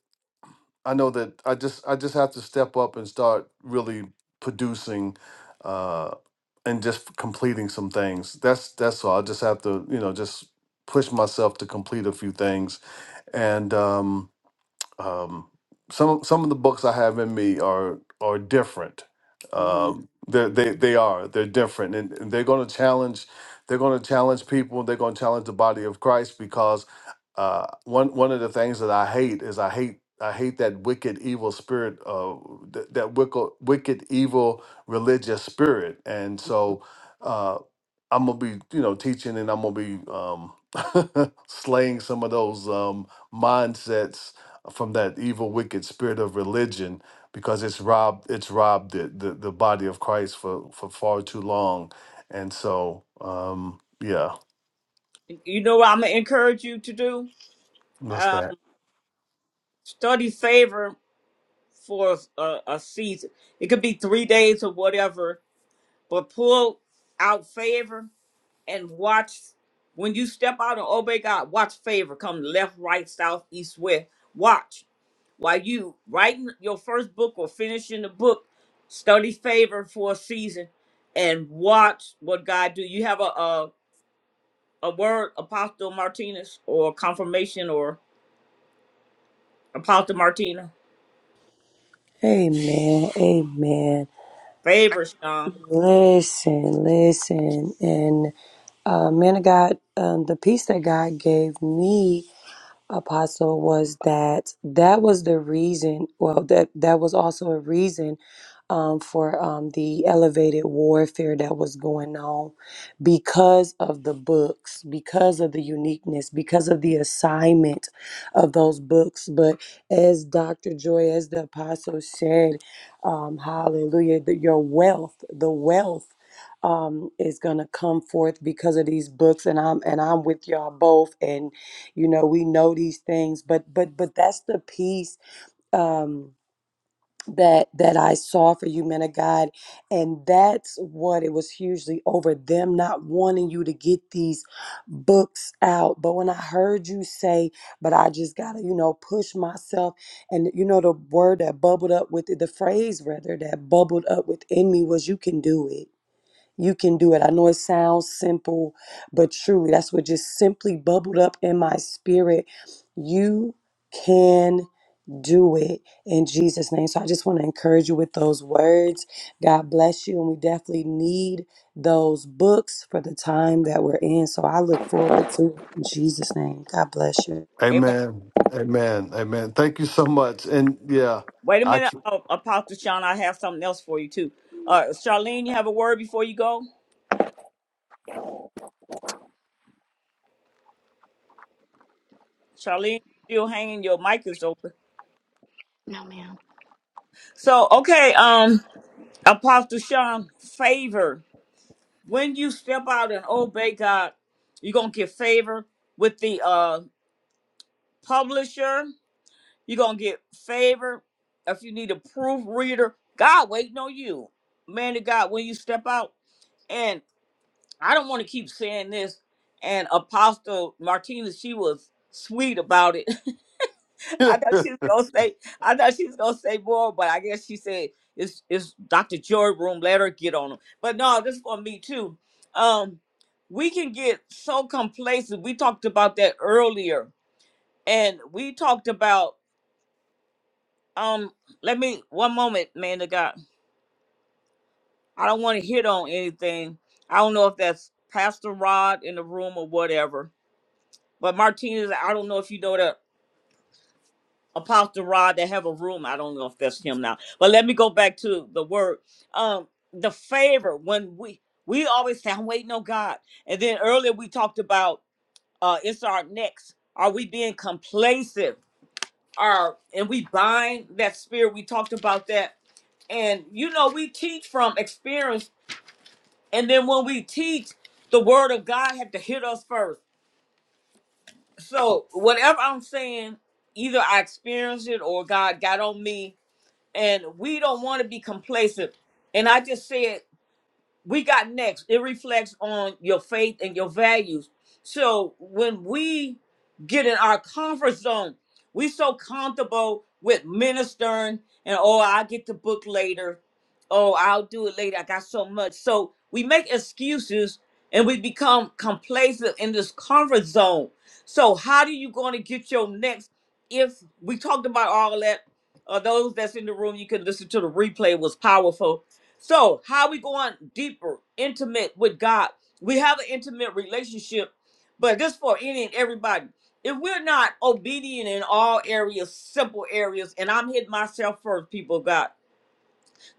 I know that I just I just have to step up and start really producing, uh, and just completing some things. That's that's all. I just have to you know just push myself to complete a few things, and um um, some some of the books I have in me are are different.
Mhm.
Um, they they they are they're different, and, and they're going to challenge. They're going to challenge people. They're going to challenge the body of Christ because uh, one one of the things that I hate is I hate I hate that wicked evil spirit uh, th- that wicked wicked evil religious spirit, and so. Uh, I'm gonna be, you know, teaching, and I'm gonna be um, <laughs> slaying some of those um, mindsets from that evil, wicked spirit of religion because it's robbed it's robbed the the, the body of Christ for for far too long, and so um, yeah,
You know what I'm gonna encourage you to do?
that's
Um,
that.
study favor for a, a season. It could be three days or whatever, but pull out favor and watch when you step out and obey God, watch favor come left, right, south, east, west. Watch. While you writing your first book or finishing the book, study favor for a season and watch what God do. You have a a, a word, Apostle Martinez, or confirmation or Apostle Martina.
Amen. Amen.
Favor, Sean.
Listen, listen. And uh, man of God, um, the peace that God gave me apostle was that that was the reason well that that was also a reason um, for um, the elevated warfare that was going on because of the books because of the uniqueness because of the assignment of those books but as dr joy as the apostle said um, hallelujah that your wealth the wealth um, is gonna come forth because of these books and i'm and i'm with y'all both and you know we know these things but but but that's the piece um that that i saw for you men of god and that's what it was hugely over them not wanting you to get these books out but when i heard you say but i just gotta you know push myself and you know the word that bubbled up with it the phrase rather that bubbled up within me was you can do it you can do it. I know it sounds simple, but truly, that's what just simply bubbled up in my spirit. You can do it in Jesus' name. So I just want to encourage you with those words. God bless you. And we definitely need those books for the time that we're in. So I look forward to it in Jesus' name. God bless you.
Amen.
Amen. Amen. Amen. Thank you so much. And yeah,
Wait a
I
minute,
can,
uh, Apostle Sean. I have something else for you too. Uh, Charlene, you have a word before you go. Charlene, still hanging. Your mic is open. So okay, um, Apostle Sean, favor. When you step out and obey God, you're gonna get favor with the uh publisher. You're gonna get favor if you need a proofreader. God waiting on you, man of God. When you step out, and I don't want to keep saying this. And Apostle Martinez, she was sweet about it. <laughs> I thought she was gonna say I thought she was gonna say more, but I guess she said it's it's Dr. Joy room, let her get on them. But no, this is for me too. Um we can get so complacent. We talked about that earlier. And we talked about um let me one moment, man of God. I don't want to hit on anything. I don't know if that's Pastor Rod in the room or whatever. But Martinez, I don't know if you know that Apostle Rod that have a room. I don't know if that's him now, but let me go back to the word. Um, the favor when we we always say, "I'm waiting on God," and then earlier we talked about uh, it's our next. Are we being complacent? Are and we bind that spirit? We talked about that, and you know we teach from experience, and then when we teach, the word of God had to hit us first. So whatever I'm saying, either I experienced it or God got on me and we don't want to be complacent. And I just said we got next. It reflects on your faith and your values. So when we get in our comfort zone, we so comfortable with ministering and oh, I'll get the book later. Oh, I'll do it later. I got so much. So we make excuses and we become complacent in this comfort zone. So how do you going to get your next if we talked about all that uh, those that's in the room, you can listen to the replay. It was powerful so, how we going deeper, intimate with God? We have an intimate relationship, but this for any and everybody. If we're not obedient in all areas, simple areas, and I'm hitting myself first, people, of God.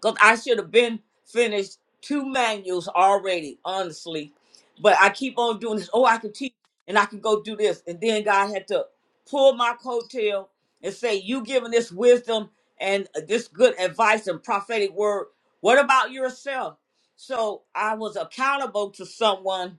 Because I should have been finished two manuals already, honestly. But I keep on doing this. Oh, I can teach and I can go do this. And then God had to pull my coattail and say, You giving this wisdom and uh, this good advice and prophetic word. What about yourself? So I was accountable to someone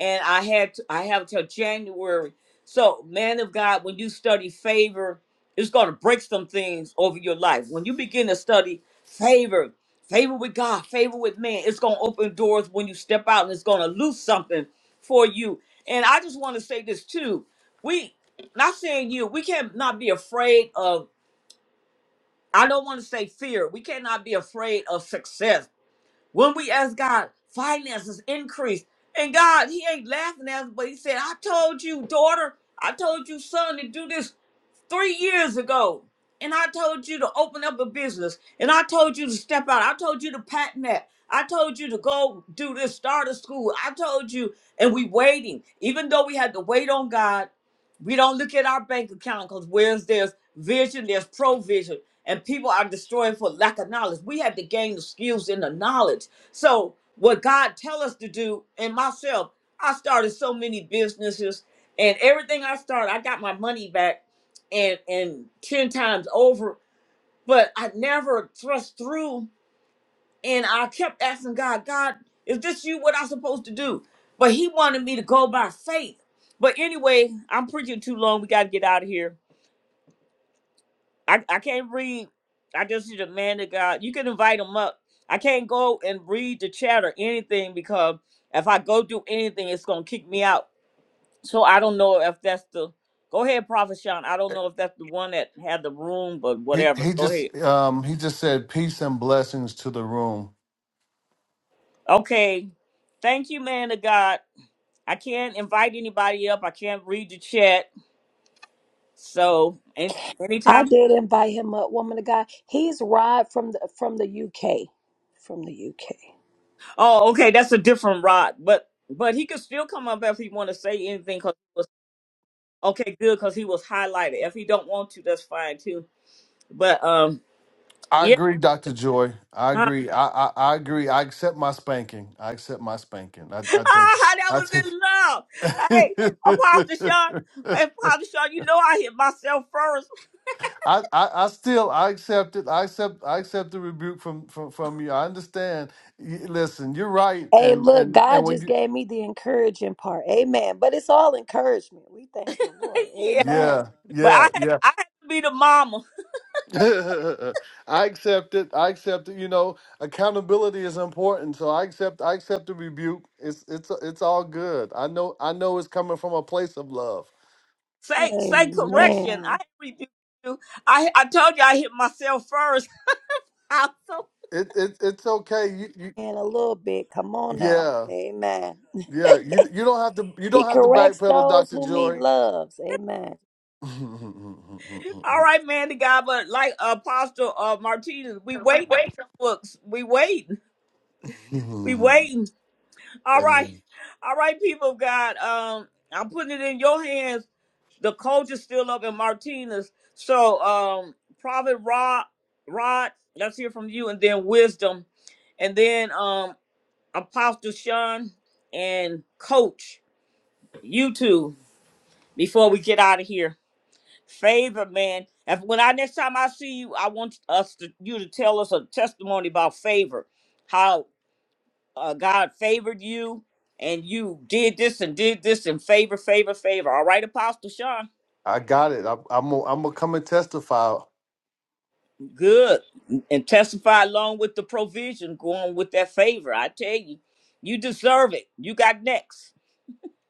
and I had to, I have till January. So, man of God, when you study favor, it's going to break some things over your life. When you begin to study favor, favor with God, favor with man, it's going to open doors when you step out, and it's going to loose something for you. And I just want to say this too: we, not saying you, we can't not be afraid of. I don't want to say fear. We cannot be afraid of success when we ask God, finances increase. And God, He ain't laughing at us, but He said, I told you, daughter, I told you, son, to do this three years ago. And I told you to open up a business. And I told you to step out. I told you to patent that. I told you to go do this, start a school. I told you, and we waiting. Even though we had to wait on God, we don't look at our bank account because where's there's vision, there's provision. And people are destroyed for lack of knowledge. We have to gain the skills and the knowledge. So what God tell us to do, and myself, I started so many businesses, and everything I started, I got my money back, and and ten times over. But I never thrust through, and I kept asking God, God, is this you? What I supposed to do? But He wanted me to go by faith. But anyway, I'm preaching too long. We got to get out of here. I, I can't read. I just see the man of God. You can invite him up. I can't go and read the chat or anything because if I go do anything, it's gonna kick me out. So I don't know if that's the. Go ahead, Prophet Sean. I don't know if that's the one that had the room, but
<laughs> he
whatever.
he
Go ahead.
just um he just said peace and blessings to the room.
Okay. Thank you, man of God. I can't invite anybody up. I can't read the chat. So and
I
anytime.
did invite him up, woman of God. He's Rod from the from the UK. From the UK.
Oh, okay. That's a different rod, but but he could still come up if he want to say anything. Okay, good, because he was highlighted. If he don't want to, that's fine too. But um,
I
yeah,
agree, Doctor Joy. I
huh? <laughs>
agree. I, I I agree. I accept my spanking. I accept my spanking. I
ah, that
I
was
take
in love. Hey,
I
Apostle Sean,
take. <laughs>
hey, Apostle Sean, you know I hit myself first.
I, I, I still I accept it. I accept I accept the rebuke from from from you. I understand. Y listen, you're right,
Hey,
and
look,
and and
God
when
just
you
gave me the encouraging part. Amen. But it's all encouragement. We thank the Lord.
<laughs> yeah,
Amen.
yeah
but I
yeah
had
yeah,
I had to be the mama.
<laughs> I accept it. I accept it. You know, accountability is important. So I accept I accept the rebuke. It's it's it's all good. I know I know it's coming from a place of love.
Say say correction. I
Amen.
rebuke you. I I told you I hit myself first. <laughs> I'm so-
It it it's okay. You, you
And a little bit. Come on now.
yeah
Amen. <laughs>
yeah. You you don't have to you
He
don't have to
corrects
backpedal,
those
Doctor
whom he
Joy.
loves. Amen.
All right, man, the guy. But like Apostle uh, Martinez, we waiting
<laughs>
on books. We waiting.
<laughs>
We
Mhm.
waiting. All right.
Amen.
All right, people of God. Um, I'm putting it in your hands. The coach is still up in Martinez. So um Prophet Rod Rod, let's hear from you, and then wisdom. And then um Apostle Sean and Coach, you two, before we get out of here. Favor, man. If when I next time I see you, I want us to you to tell us a testimony about favor. How? uh, God favored you and you did this and did this and favor, favor, favor. All right, Apostle Sean,
I got it. I, I'm gonna- I'm gonna come and testify.
good. And testify along with the provision going with that favor. I tell you, you deserve it. You got next.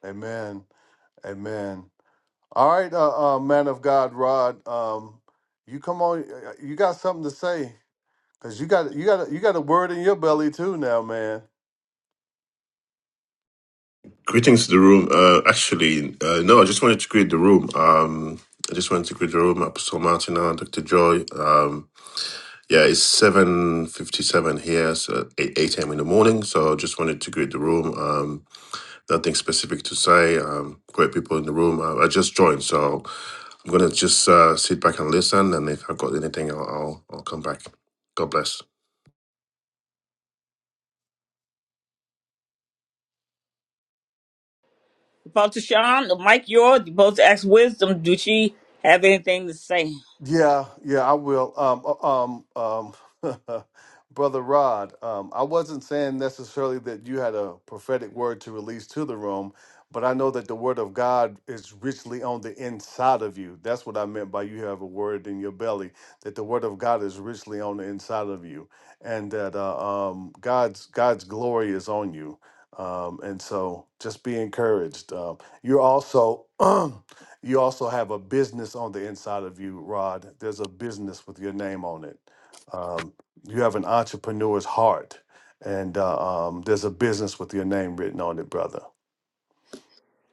Amen. Amen. All right, uh, uh, man of God, Rod. Um, you come on. uh, uh, You got something to say because you got you got you got a word in your belly too now, man.
Greetings to the room. Uh, actually, uh, no, I just wanted to greet the room. Um, I just wanted to greet the room, Apostle Martina, Dr. Joy. Um, yeah, it's seven fifty-seven here, so eight eight a.m. in the morning. So I just wanted to greet the room. Um, nothing specific to say. Um, great people in the room. Uh, I just joined, so I'm gonna just uh, sit back and listen. And if I've got anything, I'll I'll, I'll come back. God bless.
Apostle Sean, the mic yours. You're supposed to ask wisdom. Do she have anything to say?
Yeah, yeah, I will. Um, uh, um, um, <laughs> Brother Rod, um, I wasn't saying necessarily that you had a prophetic word to release to the room, but I know that the word of God is richly on the inside of you. That's what I meant by you have a word in your belly, that the word of God is richly on the inside of you, and that uh, um, God's God's glory is on you. Um, and so just be encouraged. Um, you're also <clears throat> You also have a business on the inside of you, Rod. There's a business with your name on it. Um, you have an entrepreneur's heart, and uh, um, there's a business with your name written on it, brother.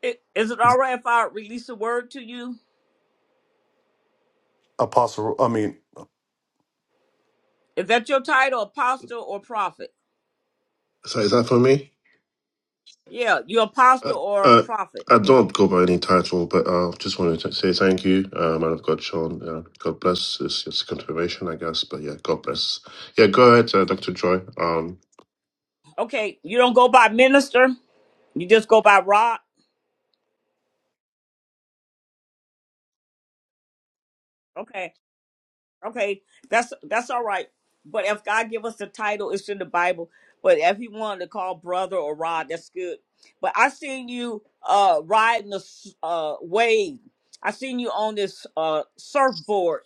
I- Is it all right if I release a word to you?
Apostle, I mean,
Is that your title, apostle or prophet?
So is that for me?
Yeah, you
Uh,
apostle or a
uh,
prophet.
I don't go by any title, but uh, just wanted to say thank you, uh, man of God, Sean. Uh, God bless. It's just a confirmation, I guess, but yeah, God bless. Yeah, go ahead, uh, Dr. Joy. Um,
Okay, you don't go by minister. You just go by Rod. Okay, okay, that's that's all right. But if God give us the title, it's in the Bible. But if He wanted to call brother or Rod, that's good. But I seen you uh riding the s- uh wave. I seen you on this uh surfboard,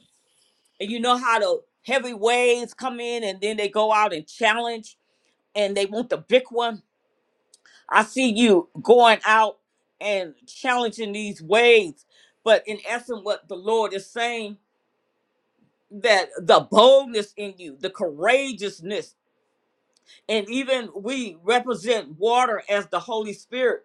and you know how the heavy waves come in, and then they go out and challenge, and they want the big one. I see you going out and challenging these waves. But in essence, what the Lord is saying. that the boldness in you, the courageousness and even we represent water as the Holy Spirit.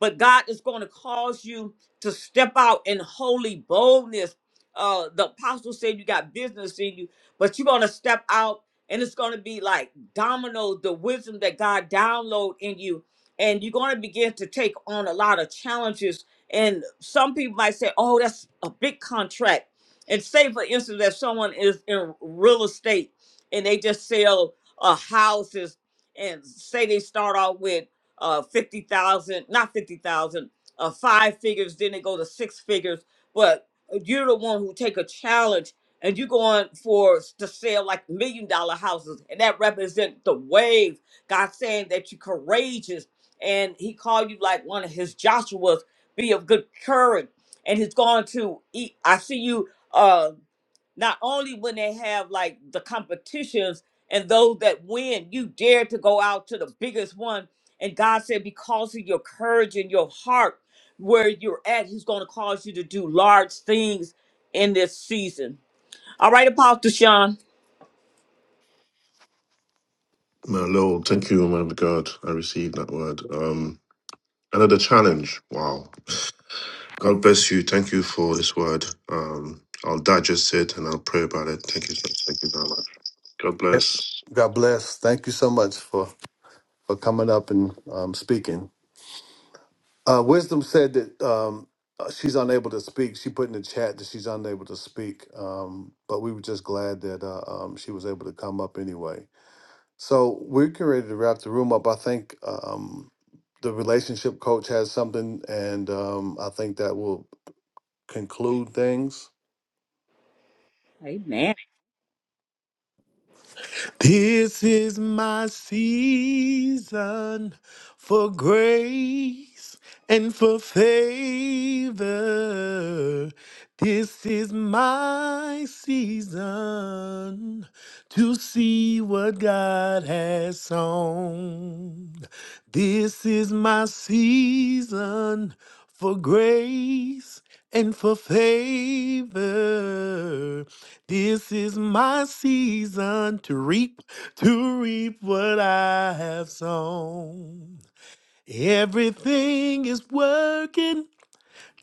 But God is going to cause you to step out in holy boldness. Uh, the apostle said you got business in you, but you're going to step out and it's going to be like dominoes, the wisdom that God download in you. And you're going to begin to take on a lot of challenges. And some people might say, oh, that's a big contract. And say, for instance, that someone is in real estate and they just sell uh, houses and say they start out with uh 50,000, not 50,000, uh five figures, then they go to six figures, but you're the one who take a challenge and you're going for to sell like million dollar houses and that represent the wave god saying that you're courageous and he called you like one of his joshuas be of good courage and he's going to eat i see you uh, not only when they have like the competitions and those that win, you dare to go out to the biggest one. And God said, because of your courage and your heart, where you're at, He's going to cause you to do large things in this season. All right, Apostle Sean.
my Lord, thank you, man of God. I received that word. Um, another challenge. Wow. God bless you. Thank you for this word. Um, I'll digest it and I'll pray about it. Thank you. so- Thank you very much. God bless.
it's, God bless. Thank you so much for, for coming up and um, speaking. Uh, Wisdom said that um, uh, she's unable to speak. She put in the chat that she's unable to speak, um, but we were just glad that uh, um, she was able to come up anyway. So we're getting ready to wrap the room up. I think um, the relationship coach has something, and um, I think that will conclude things.
Amen.
This is my season for grace and for favor. This is my season to see what God has sown. This is my season for grace and for favor. This is my season to reap, to reap what I have sown. Everything is working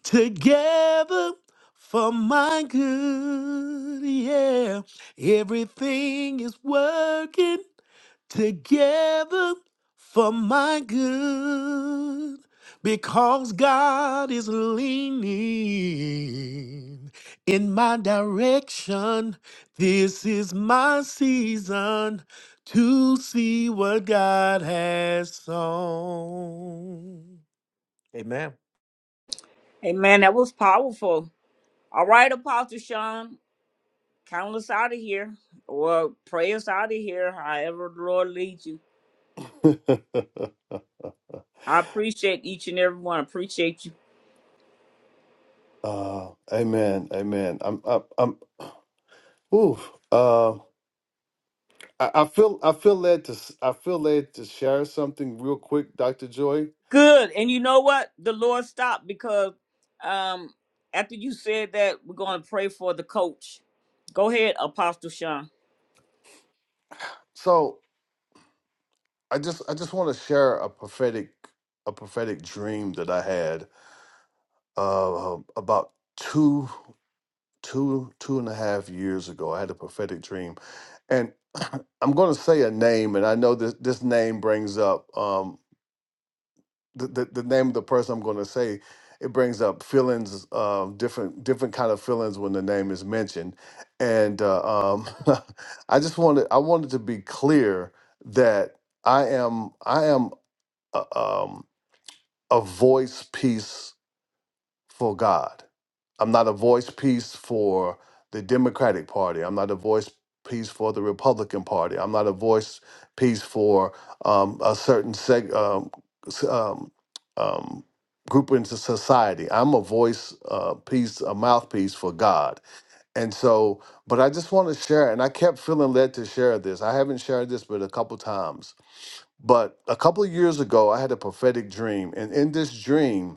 together for my good. Yeah, everything is working together for my good because God is leaning in my direction. This is my season to see what God has sown. Amen.
Amen. That was powerful. All right, Apostle Sean. Count us out of here. Or pray us out of here, however the Lord leads you.
<laughs>
I appreciate each and every one. Appreciate you.
uh, amen, amen. I'm, I'm, I'm. Ooh, uh, I, I feel, I feel led to, s- I feel led to share something real quick, Doctor Joy.
Good. And you know what? The Lord stopped because um after you said that, we're going to pray for the coach. Go ahead, Apostle Sean.
So I just, I just want to share a prophetic, a prophetic dream that I had uh, about two two two and a half years ago. I had a prophetic dream, and <clears throat> I'm going to say a name, and I know this this name brings up um the the, the name of the person I'm going to say. It brings up feelings, um, different different kind of feelings when the name is mentioned, and uh, um, <laughs> I just wanted I wanted to be clear that I am I am a, um, a voice piece for God. I'm not a voice piece for the Democratic Party. I'm not a voice piece for the Republican Party. I'm not a voice piece for um, a certain seg- um, s- um, um, group into society. I'm a voice uh, piece, a mouthpiece for God. And so, but I just want to share, and I kept feeling led to share this. I haven't shared this, but a couple times. But a couple of years ago, I had a prophetic dream, and in this dream,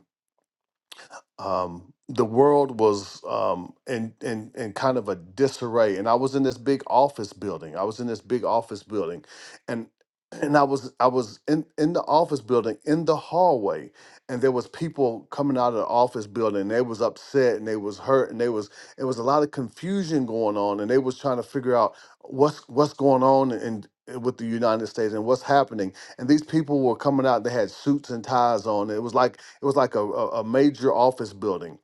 um, the world was um, in, in in kind of a disarray, and I was in this big office building. I was in this big office building, and and I was I was in in the office building in the hallway, and there was people coming out of the office building. And they was upset, and they was hurt, and they was it was a lot of confusion going on, and they was trying to figure out what's what's going on and. With the United States and what's happening, and these people were coming out. They had suits and ties on. It was like it was like a, a, a major office building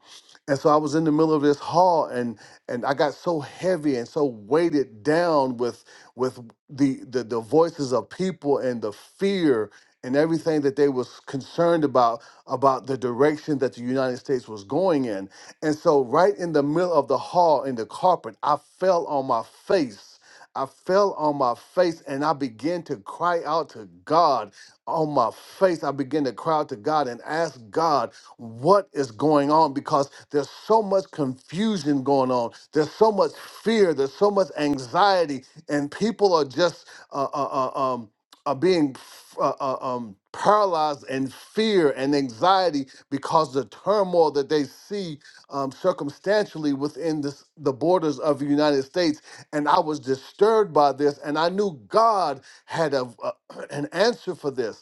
and so I was in the middle of this hall and and I got so heavy and so weighted down with with the the, the voices of people and the fear and everything that they was concerned about about the direction that the United States was going in. And so right in the middle of the hall in the carpet, I fell on my face. I fell on my face and I began to cry out to God on my face. I began to cry out to God and ask God what is going on because there's so much confusion going on. There's so much fear. There's so much anxiety, and people are just uh, uh, uh, um, are being uh, uh, um, paralyzed in fear and anxiety because the turmoil that they see um, circumstantially within this, the borders of the United States. And I was disturbed by this, and I knew God had a, a, <clears throat> an answer for this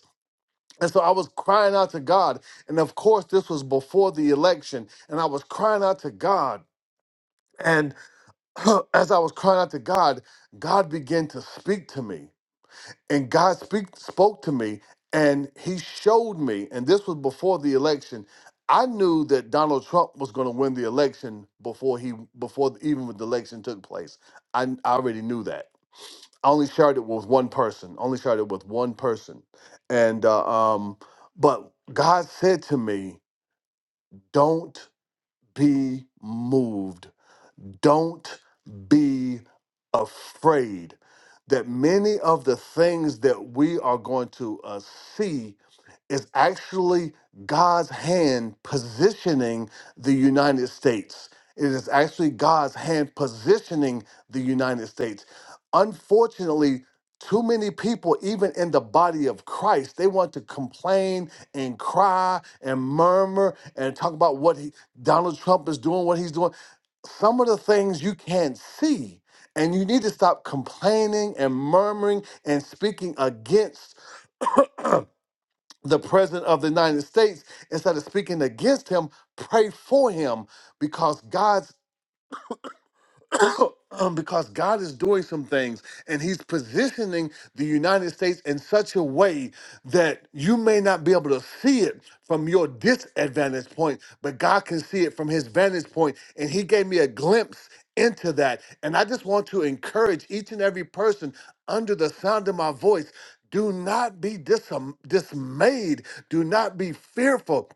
and so I was crying out to God. And of course, this was before the election. And I was crying out to God. And <clears throat> as I was crying out to God, God began to speak to me. And God speak, spoke to me and he showed me, and this was before the election. I knew that Donald Trump was going to win the election before he before even the election took place. I, I already knew that. I only shared it with one person. Only shared it with one person, and uh, um, but God said to me, "Don't be moved. Don't be afraid." That many of the things that we are going to uh, see is actually God's hand positioning the United States. It is actually God's hand positioning the United States. Unfortunately, too many people, even in the body of Christ, they want to complain and cry and murmur and talk about what he, Donald Trump is doing, what he's doing some of the things you can't see. And you need to stop complaining and murmuring and speaking against the president of the United States, instead of speaking against him, pray for him because God's <coughs> um, because God is doing some things and He's positioning the United States in such a way that you may not be able to see it from your disadvantage point, but God can see it from His vantage point. And He gave me a glimpse into that. And I just want to encourage each and every person under the sound of my voice do not be dis- dismayed. Do not be fearful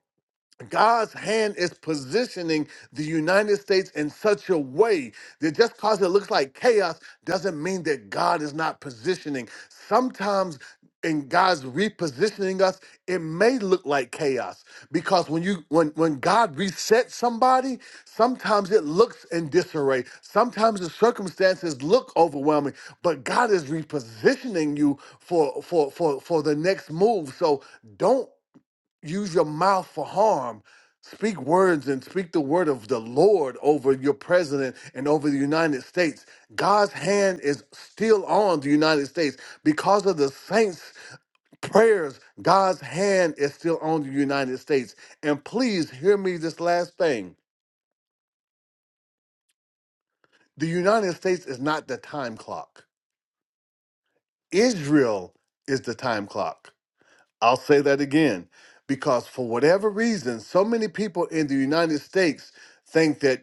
God's hand is positioning the United States in such a way that just because it looks like chaos doesn't mean that God is not positioning. Sometimes in God's repositioning us, it may look like chaos because when you when when God resets somebody, sometimes it looks in disarray. Sometimes the circumstances look overwhelming, but God is repositioning you for for for for the next move. So don't use your mouth for harm. Speak words and speak the word of the Lord over your president and over the United States. God's hand is still on the United States because of the saints' prayers. God's hand is still on the United States. And please hear me this last thing the United States is not the time clock, Israel is the time clock. I'll say that again because for whatever reason, so many people in the United States think that.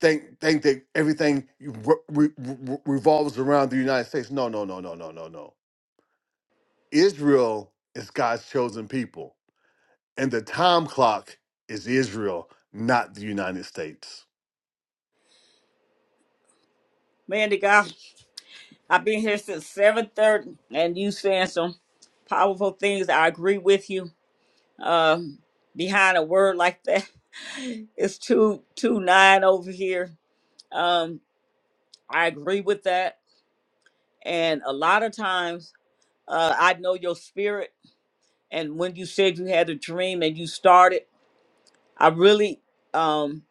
think think that everything re- re- re- revolves around the United States. No, no, no, no, no, no, no. Israel is God's chosen people, and the time clock is Israel, not the United States.
Man, the God, I've been here since 7.30, and you saying some powerful things. I agree with you. Um, behind a word like that, <laughs> it's two two nine over here. Um, I agree with that. And a lot of times, uh, I know your spirit. And when you said you had a dream and you started. I really um,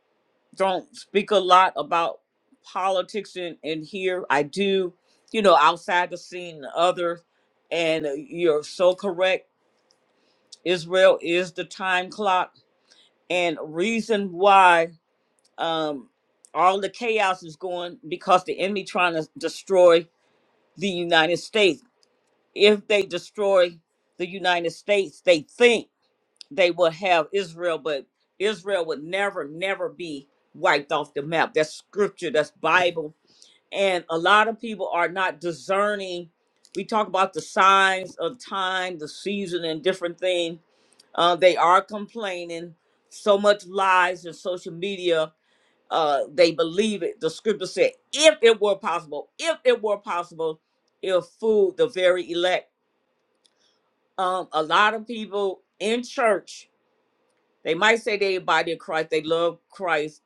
don't speak a lot about politics in, in here. I do, you know, outside the scene, and others. And you're so correct. Israel is the time clock. And reason why um, all the chaos is going because the enemy trying to destroy the United States. If they destroy the United States, they think they will have Israel, but Israel would never, never be wiped off the map. That's scripture, that's Bible. And a lot of people are not discerning. We talk about the signs of time, the season, and different things. Uh, they are complaining so much lies in social media. Uh, they believe it. The scripture said, if it were possible, if it were possible, it'll fool the very elect. Um, a lot of people in church they might say they a body of Christ, they love Christ.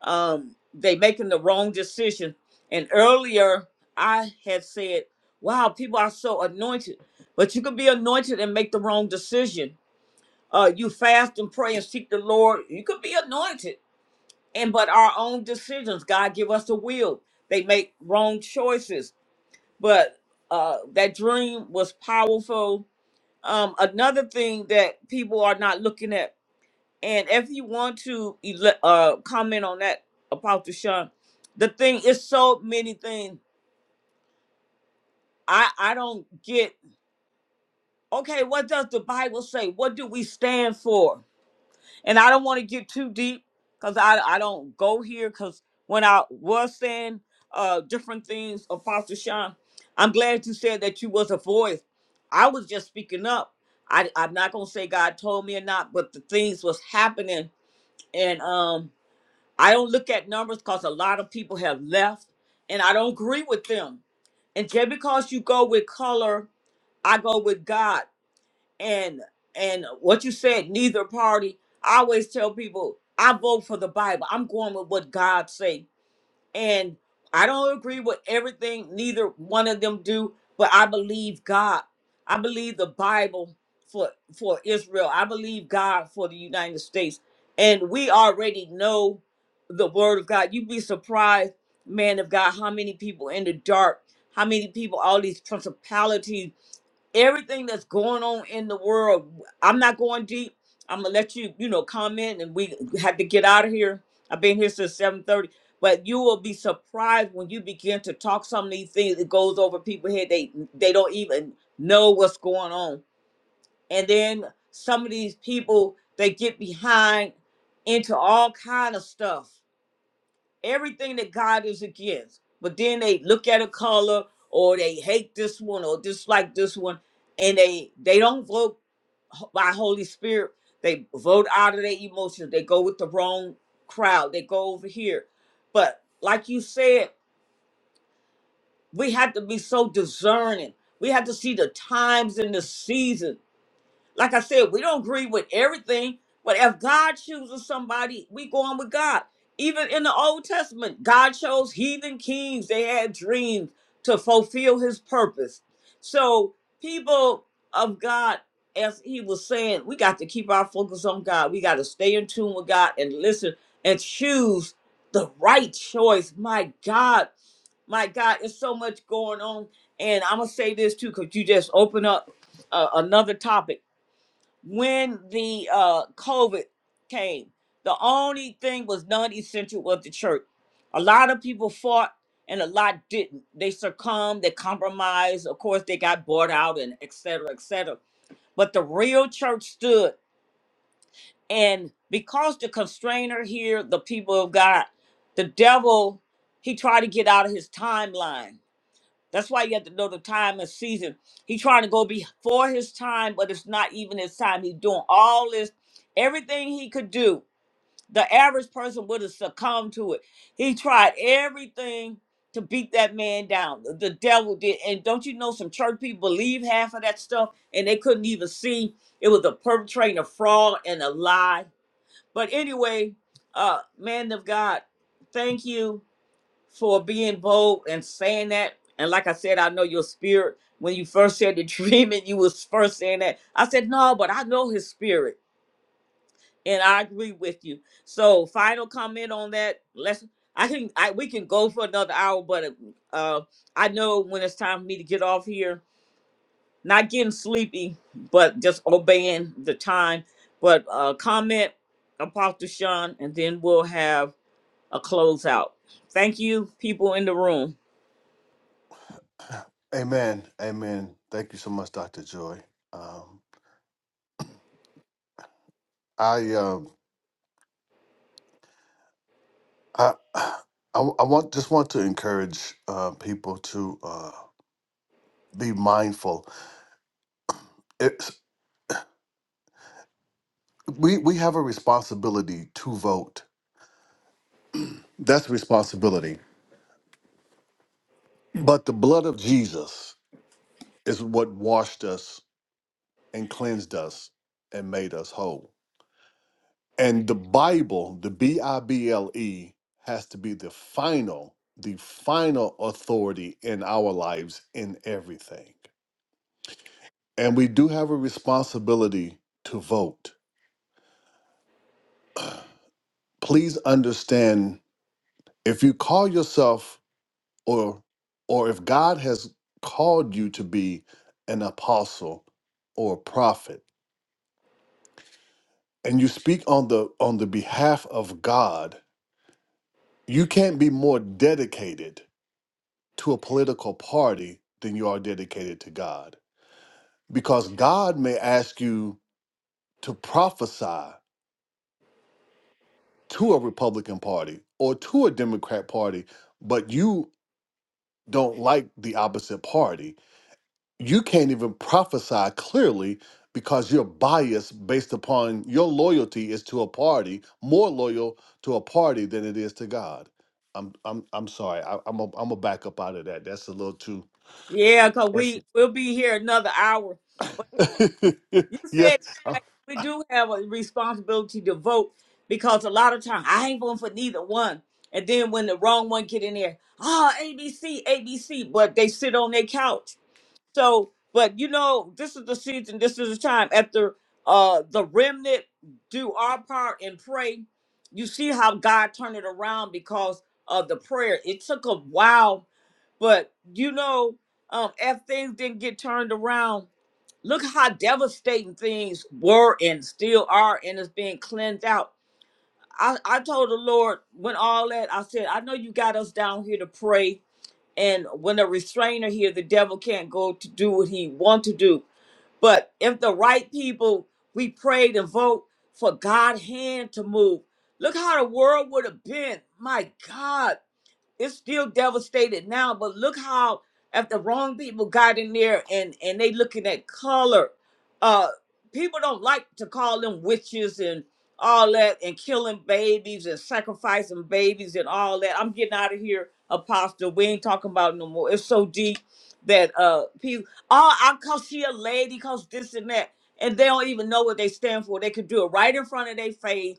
Um, they making the wrong decision. And earlier I had said, Wow, people are so anointed. But you could be anointed and make the wrong decision. Uh, you fast and pray and seek the Lord. You could be anointed. And but our own decisions, God give us the will. They make wrong choices. But uh that dream was powerful. Um, another thing that people are not looking at and if you want to ele- uh, comment on that, Apostle Sean, the thing is so many things. I, I don't get, okay, what does the Bible say? What do we stand for? And I don't want to get too deep because I, I don't go here because when I was saying uh, different things, Apostle Sean, I'm glad you said that you was a voice. I was just speaking up. I, I'm not going to say God told me or not, but the things was happening. And um, I don't look at numbers because a lot of people have left and I don't agree with them. And just because you go with color, I go with God. And and what you said, neither party. I always tell people I vote for the Bible. I'm going with what God say. And I don't agree with everything neither one of them do, but I believe God. I believe the Bible for for Israel. I believe God for the United States. And we already know the word of God. You'd be surprised, man of God, how many people in the dark, how many people, all these principalities everything that's going on in the world. I'm not going deep. I'm gonna let you, you know, comment, and we have to get out of here. I've been here since 7:30, but you will be surprised when you begin to talk some of these things It goes over people's head. They they don't even know what's going on, and then some of these people they get behind into all kind of stuff everything that God is against. But then they look at a color or they hate this one or dislike this one and they they don't vote ho- by Holy Spirit. They vote out of their emotions. They go with the wrong crowd. They go over here. But like you said, we have to be so discerning. We have to see the times and the seasons like I said, we don't agree with everything, but if God chooses somebody, we go on with God. Even in the Old Testament, God chose heathen kings. They had dreams to fulfill his purpose. So, people of God, as he was saying, we got to keep our focus on God. We got to stay in tune with God and listen and choose the right choice. My God, my God, there's so much going on. And I'm going to say this too, because you just open up uh, another topic when the uh COVID came, the only thing was non-essential was the church. A lot of people fought and a lot didn't. They succumbed, they compromised, of course they got bought out and et cetera, et cetera. But the real church stood. And because the constrainer here, the people of God, the devil, he tried to get out of his timeline that's why you have to know the time and season. He trying to go before his time, but it's not even his time. He's doing all this, everything he could do. The average person would have succumbed to it. He tried everything to beat that man down. The the devil did. And don't you know some church people believe half of that stuff and they couldn't even see it was a perpetrating a fraud and a lie. But anyway, uh man of God, thank you for being bold and saying that. And like I said, I know your spirit. When you first said the <laughs> dream and you was first saying that, I said, no, but I know his spirit. And I agree with you. So final comment on that. Let's I can I we can go for another hour, but uh I know when it's time for me to get off here, not getting sleepy, but just obeying the time. But uh comment Apostle Sean, and then we'll have a closeout. Thank you, people in the room.
Amen. Amen. Thank you so much, Doctor Joy. Um, I um I. <sighs> I, I want just want to encourage uh, people to uh, be mindful. It's, we we have a responsibility to vote. That's responsibility. But the blood of Jesus is what washed us and cleansed us and made us whole. And the Bible, the B I B L E, has to be the final, the final authority in our lives in everything. And we do have a responsibility to vote. Please understand if you call yourself or or if God has called you to be an apostle or a prophet and you speak on the on the behalf of God, you can't be more dedicated to a political party than you are dedicated to God. Because God may ask you to prophesy to a Republican party or to a Democrat party, but you don't like the opposite party you can't even prophesy clearly because you're biased based upon your loyalty is to a party more loyal to a party than it is to god i'm i'm i'm sorry I, i'm a, i'm gonna back up out of that that's a little too
Yeah, because
That's
we, we'll be here another hour. But
<laughs>
you
Yeah.
said right, we do have a responsibility to vote because a lot of times I ain't voting for neither one. And then when the wrong one get in there, oh, ABC, ABC, but they sit on their couch. So, but you know, this is the season, this is the time after uh the remnant do our part and pray. You see how God turned it around because of the prayer. It took a while, but you know, um, if things didn't get turned around, look how devastating things were and still are, and it's being cleansed out. I, I told the Lord when all that I said, I know you got us down here to pray and when a restrainer here the devil can't go to do what he want to do but if the right people we prayed and vote for god hand to move look how the world would have been my god it's still devastated now but look how if the wrong people got in there and and they looking at color uh people don't like to call them witches and all that and killing babies and sacrificing babies and all that i'm getting out of here apostle we ain't talking about it no more it's so deep that uh people oh i cause she a lady cause this and that and they don't even know what they stand for they could do it right in front of their face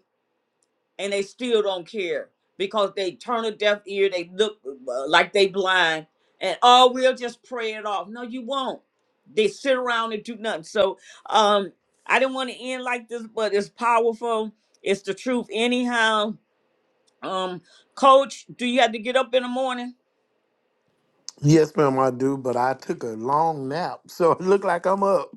and they still don't care because they turn a deaf ear. They look uh, like they blind, and oh, we'll just pray it off. No, you won't. They sit around and do nothing. So um, I didn't want to end like this, but it's powerful. It's the truth, anyhow. Um, Coach, do you have to get up in the morning?
Yes, ma'am, I do, but I took a long nap, <laughs> so it looked like I'm up.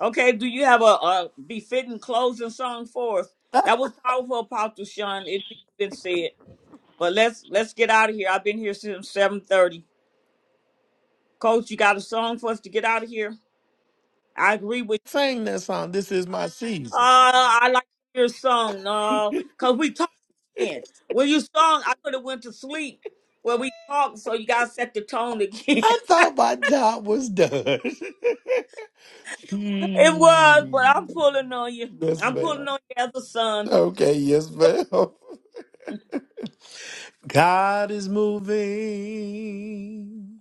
Okay. Do you have a, a befitting closing song for us? That was powerful, Apostle Sean. It's been said, but let's let's get out of here. I've been here since seven thirty. Coach, you got a song for us to get out of here? I agree with
Sang that song, This Is My
you.
Season.
Uh, I like your song,
<laughs> I
no, because we talking. When you song, I could have went to sleep. Well, we talked, so you got to set the tone again. <laughs> it
thought my job was done. <laughs>
was, but
Mm.
I'm pulling on you.
Yes,
I'm pulling
ma'am.
on you as a son.
Okay, yes, ma'am. <laughs> God is moving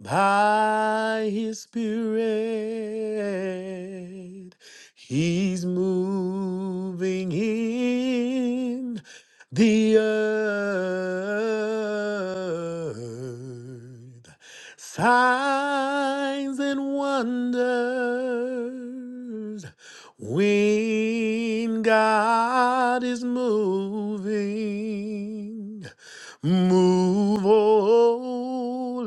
by his spirit. He's moving in The earth signs and wonders when God is moving. Move, oh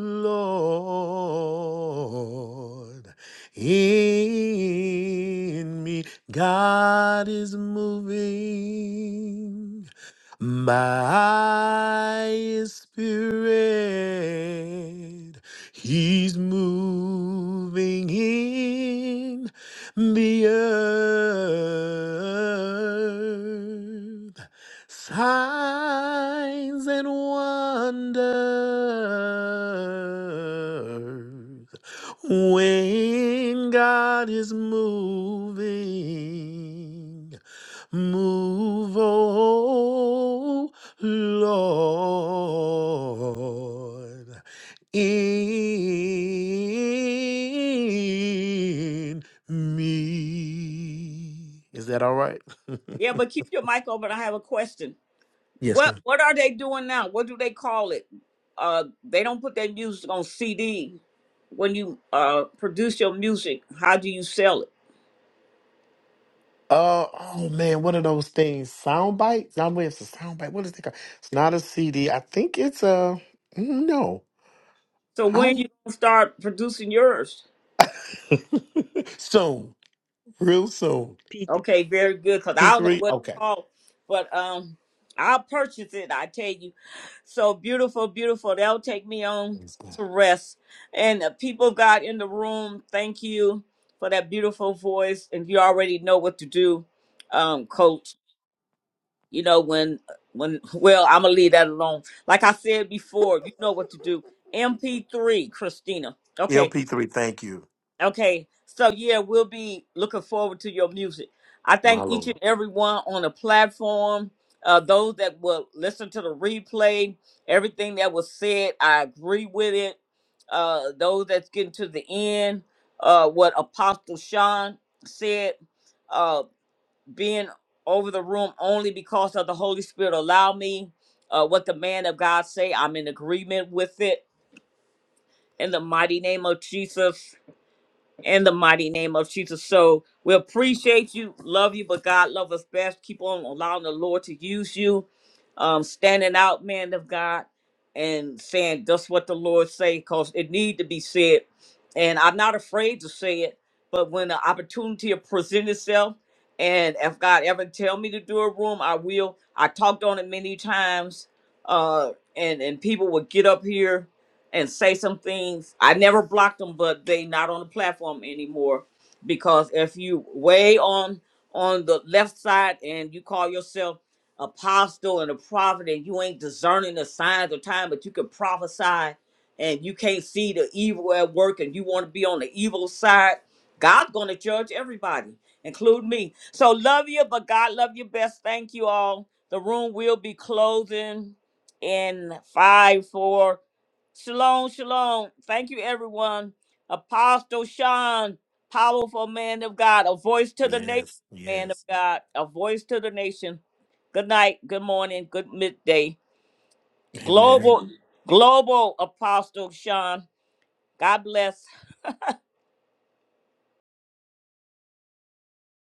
Lord, in me. God is moving. My spirit, he's moving in the earth. Signs and wonders when God is moving. Move, oh Lord, in me. Is that all right? <laughs>
Yeah, but keep your mic open. I have a question.
Yes,
What
ma'am.
What are they doing now? What do they call it? Uh, they don't put their music on CD. When you uh produce your music, how do you sell it?
Uh oh man, one of those things? Sound bites? Not wait, it's a sound bite. What is it called? It's not a CD. I think it's a mm, no.
So
I
when you
don't
gonna start producing yours?
<laughs> soon. Real soon.
Okay, very good. Cause I don't know
P3.
what it's
Okay.
called, but um, I'll purchase it. I tell you, so beautiful, beautiful. That'll take me on to rest. And the people got in the room. Thank you for that beautiful voice. And you already know what to do, um, Coach. You know when when well, I'm gonna leave that alone. Like I said before, you know what to do. MP3, Christina. Okay,
LP3, thank you.
Okay, so yeah, we'll be looking forward to your music. I
My
thank each and
Lord.
every one on the platform, uh, those that will listen to the replay, everything that was said, I agree with it. Uh, those that's getting to the end, uh, what Apostle Sean said, uh, being over the room only because of the Holy Spirit allow me, uh, what the man of God say, I'm in agreement with it in the mighty name of Jesus in the mighty name of Jesus. So we appreciate you, love you, but God love us best. Keep on allowing the Lord to use you, um, standing out, man of God, and saying just what the Lord say, cause it need to be said. And I'm not afraid to say it, but when the opportunity present itself, and if God ever tell me to do a room, I will. I talked on it many times, uh, and and people would get up here and say some things. I never blocked them, but they not on the platform anymore because if you way on on the left side and you call yourself apostle and a prophet and you ain't discerning the signs of time, but you can prophesy and you can't see the evil at work and you want to be on the evil side, God's gonna judge everybody, including me. So love you, but God love you best. Thank you all. The room will be closing in five, four, Shalom, shalom. Thank you, everyone. Apostle Sean, powerful man of God, a voice to the nation,
Yes,
man of
yes.
God, a voice to the nation. Good night, good morning, good midday.
Amen.
Global, global apostle Sean. God bless.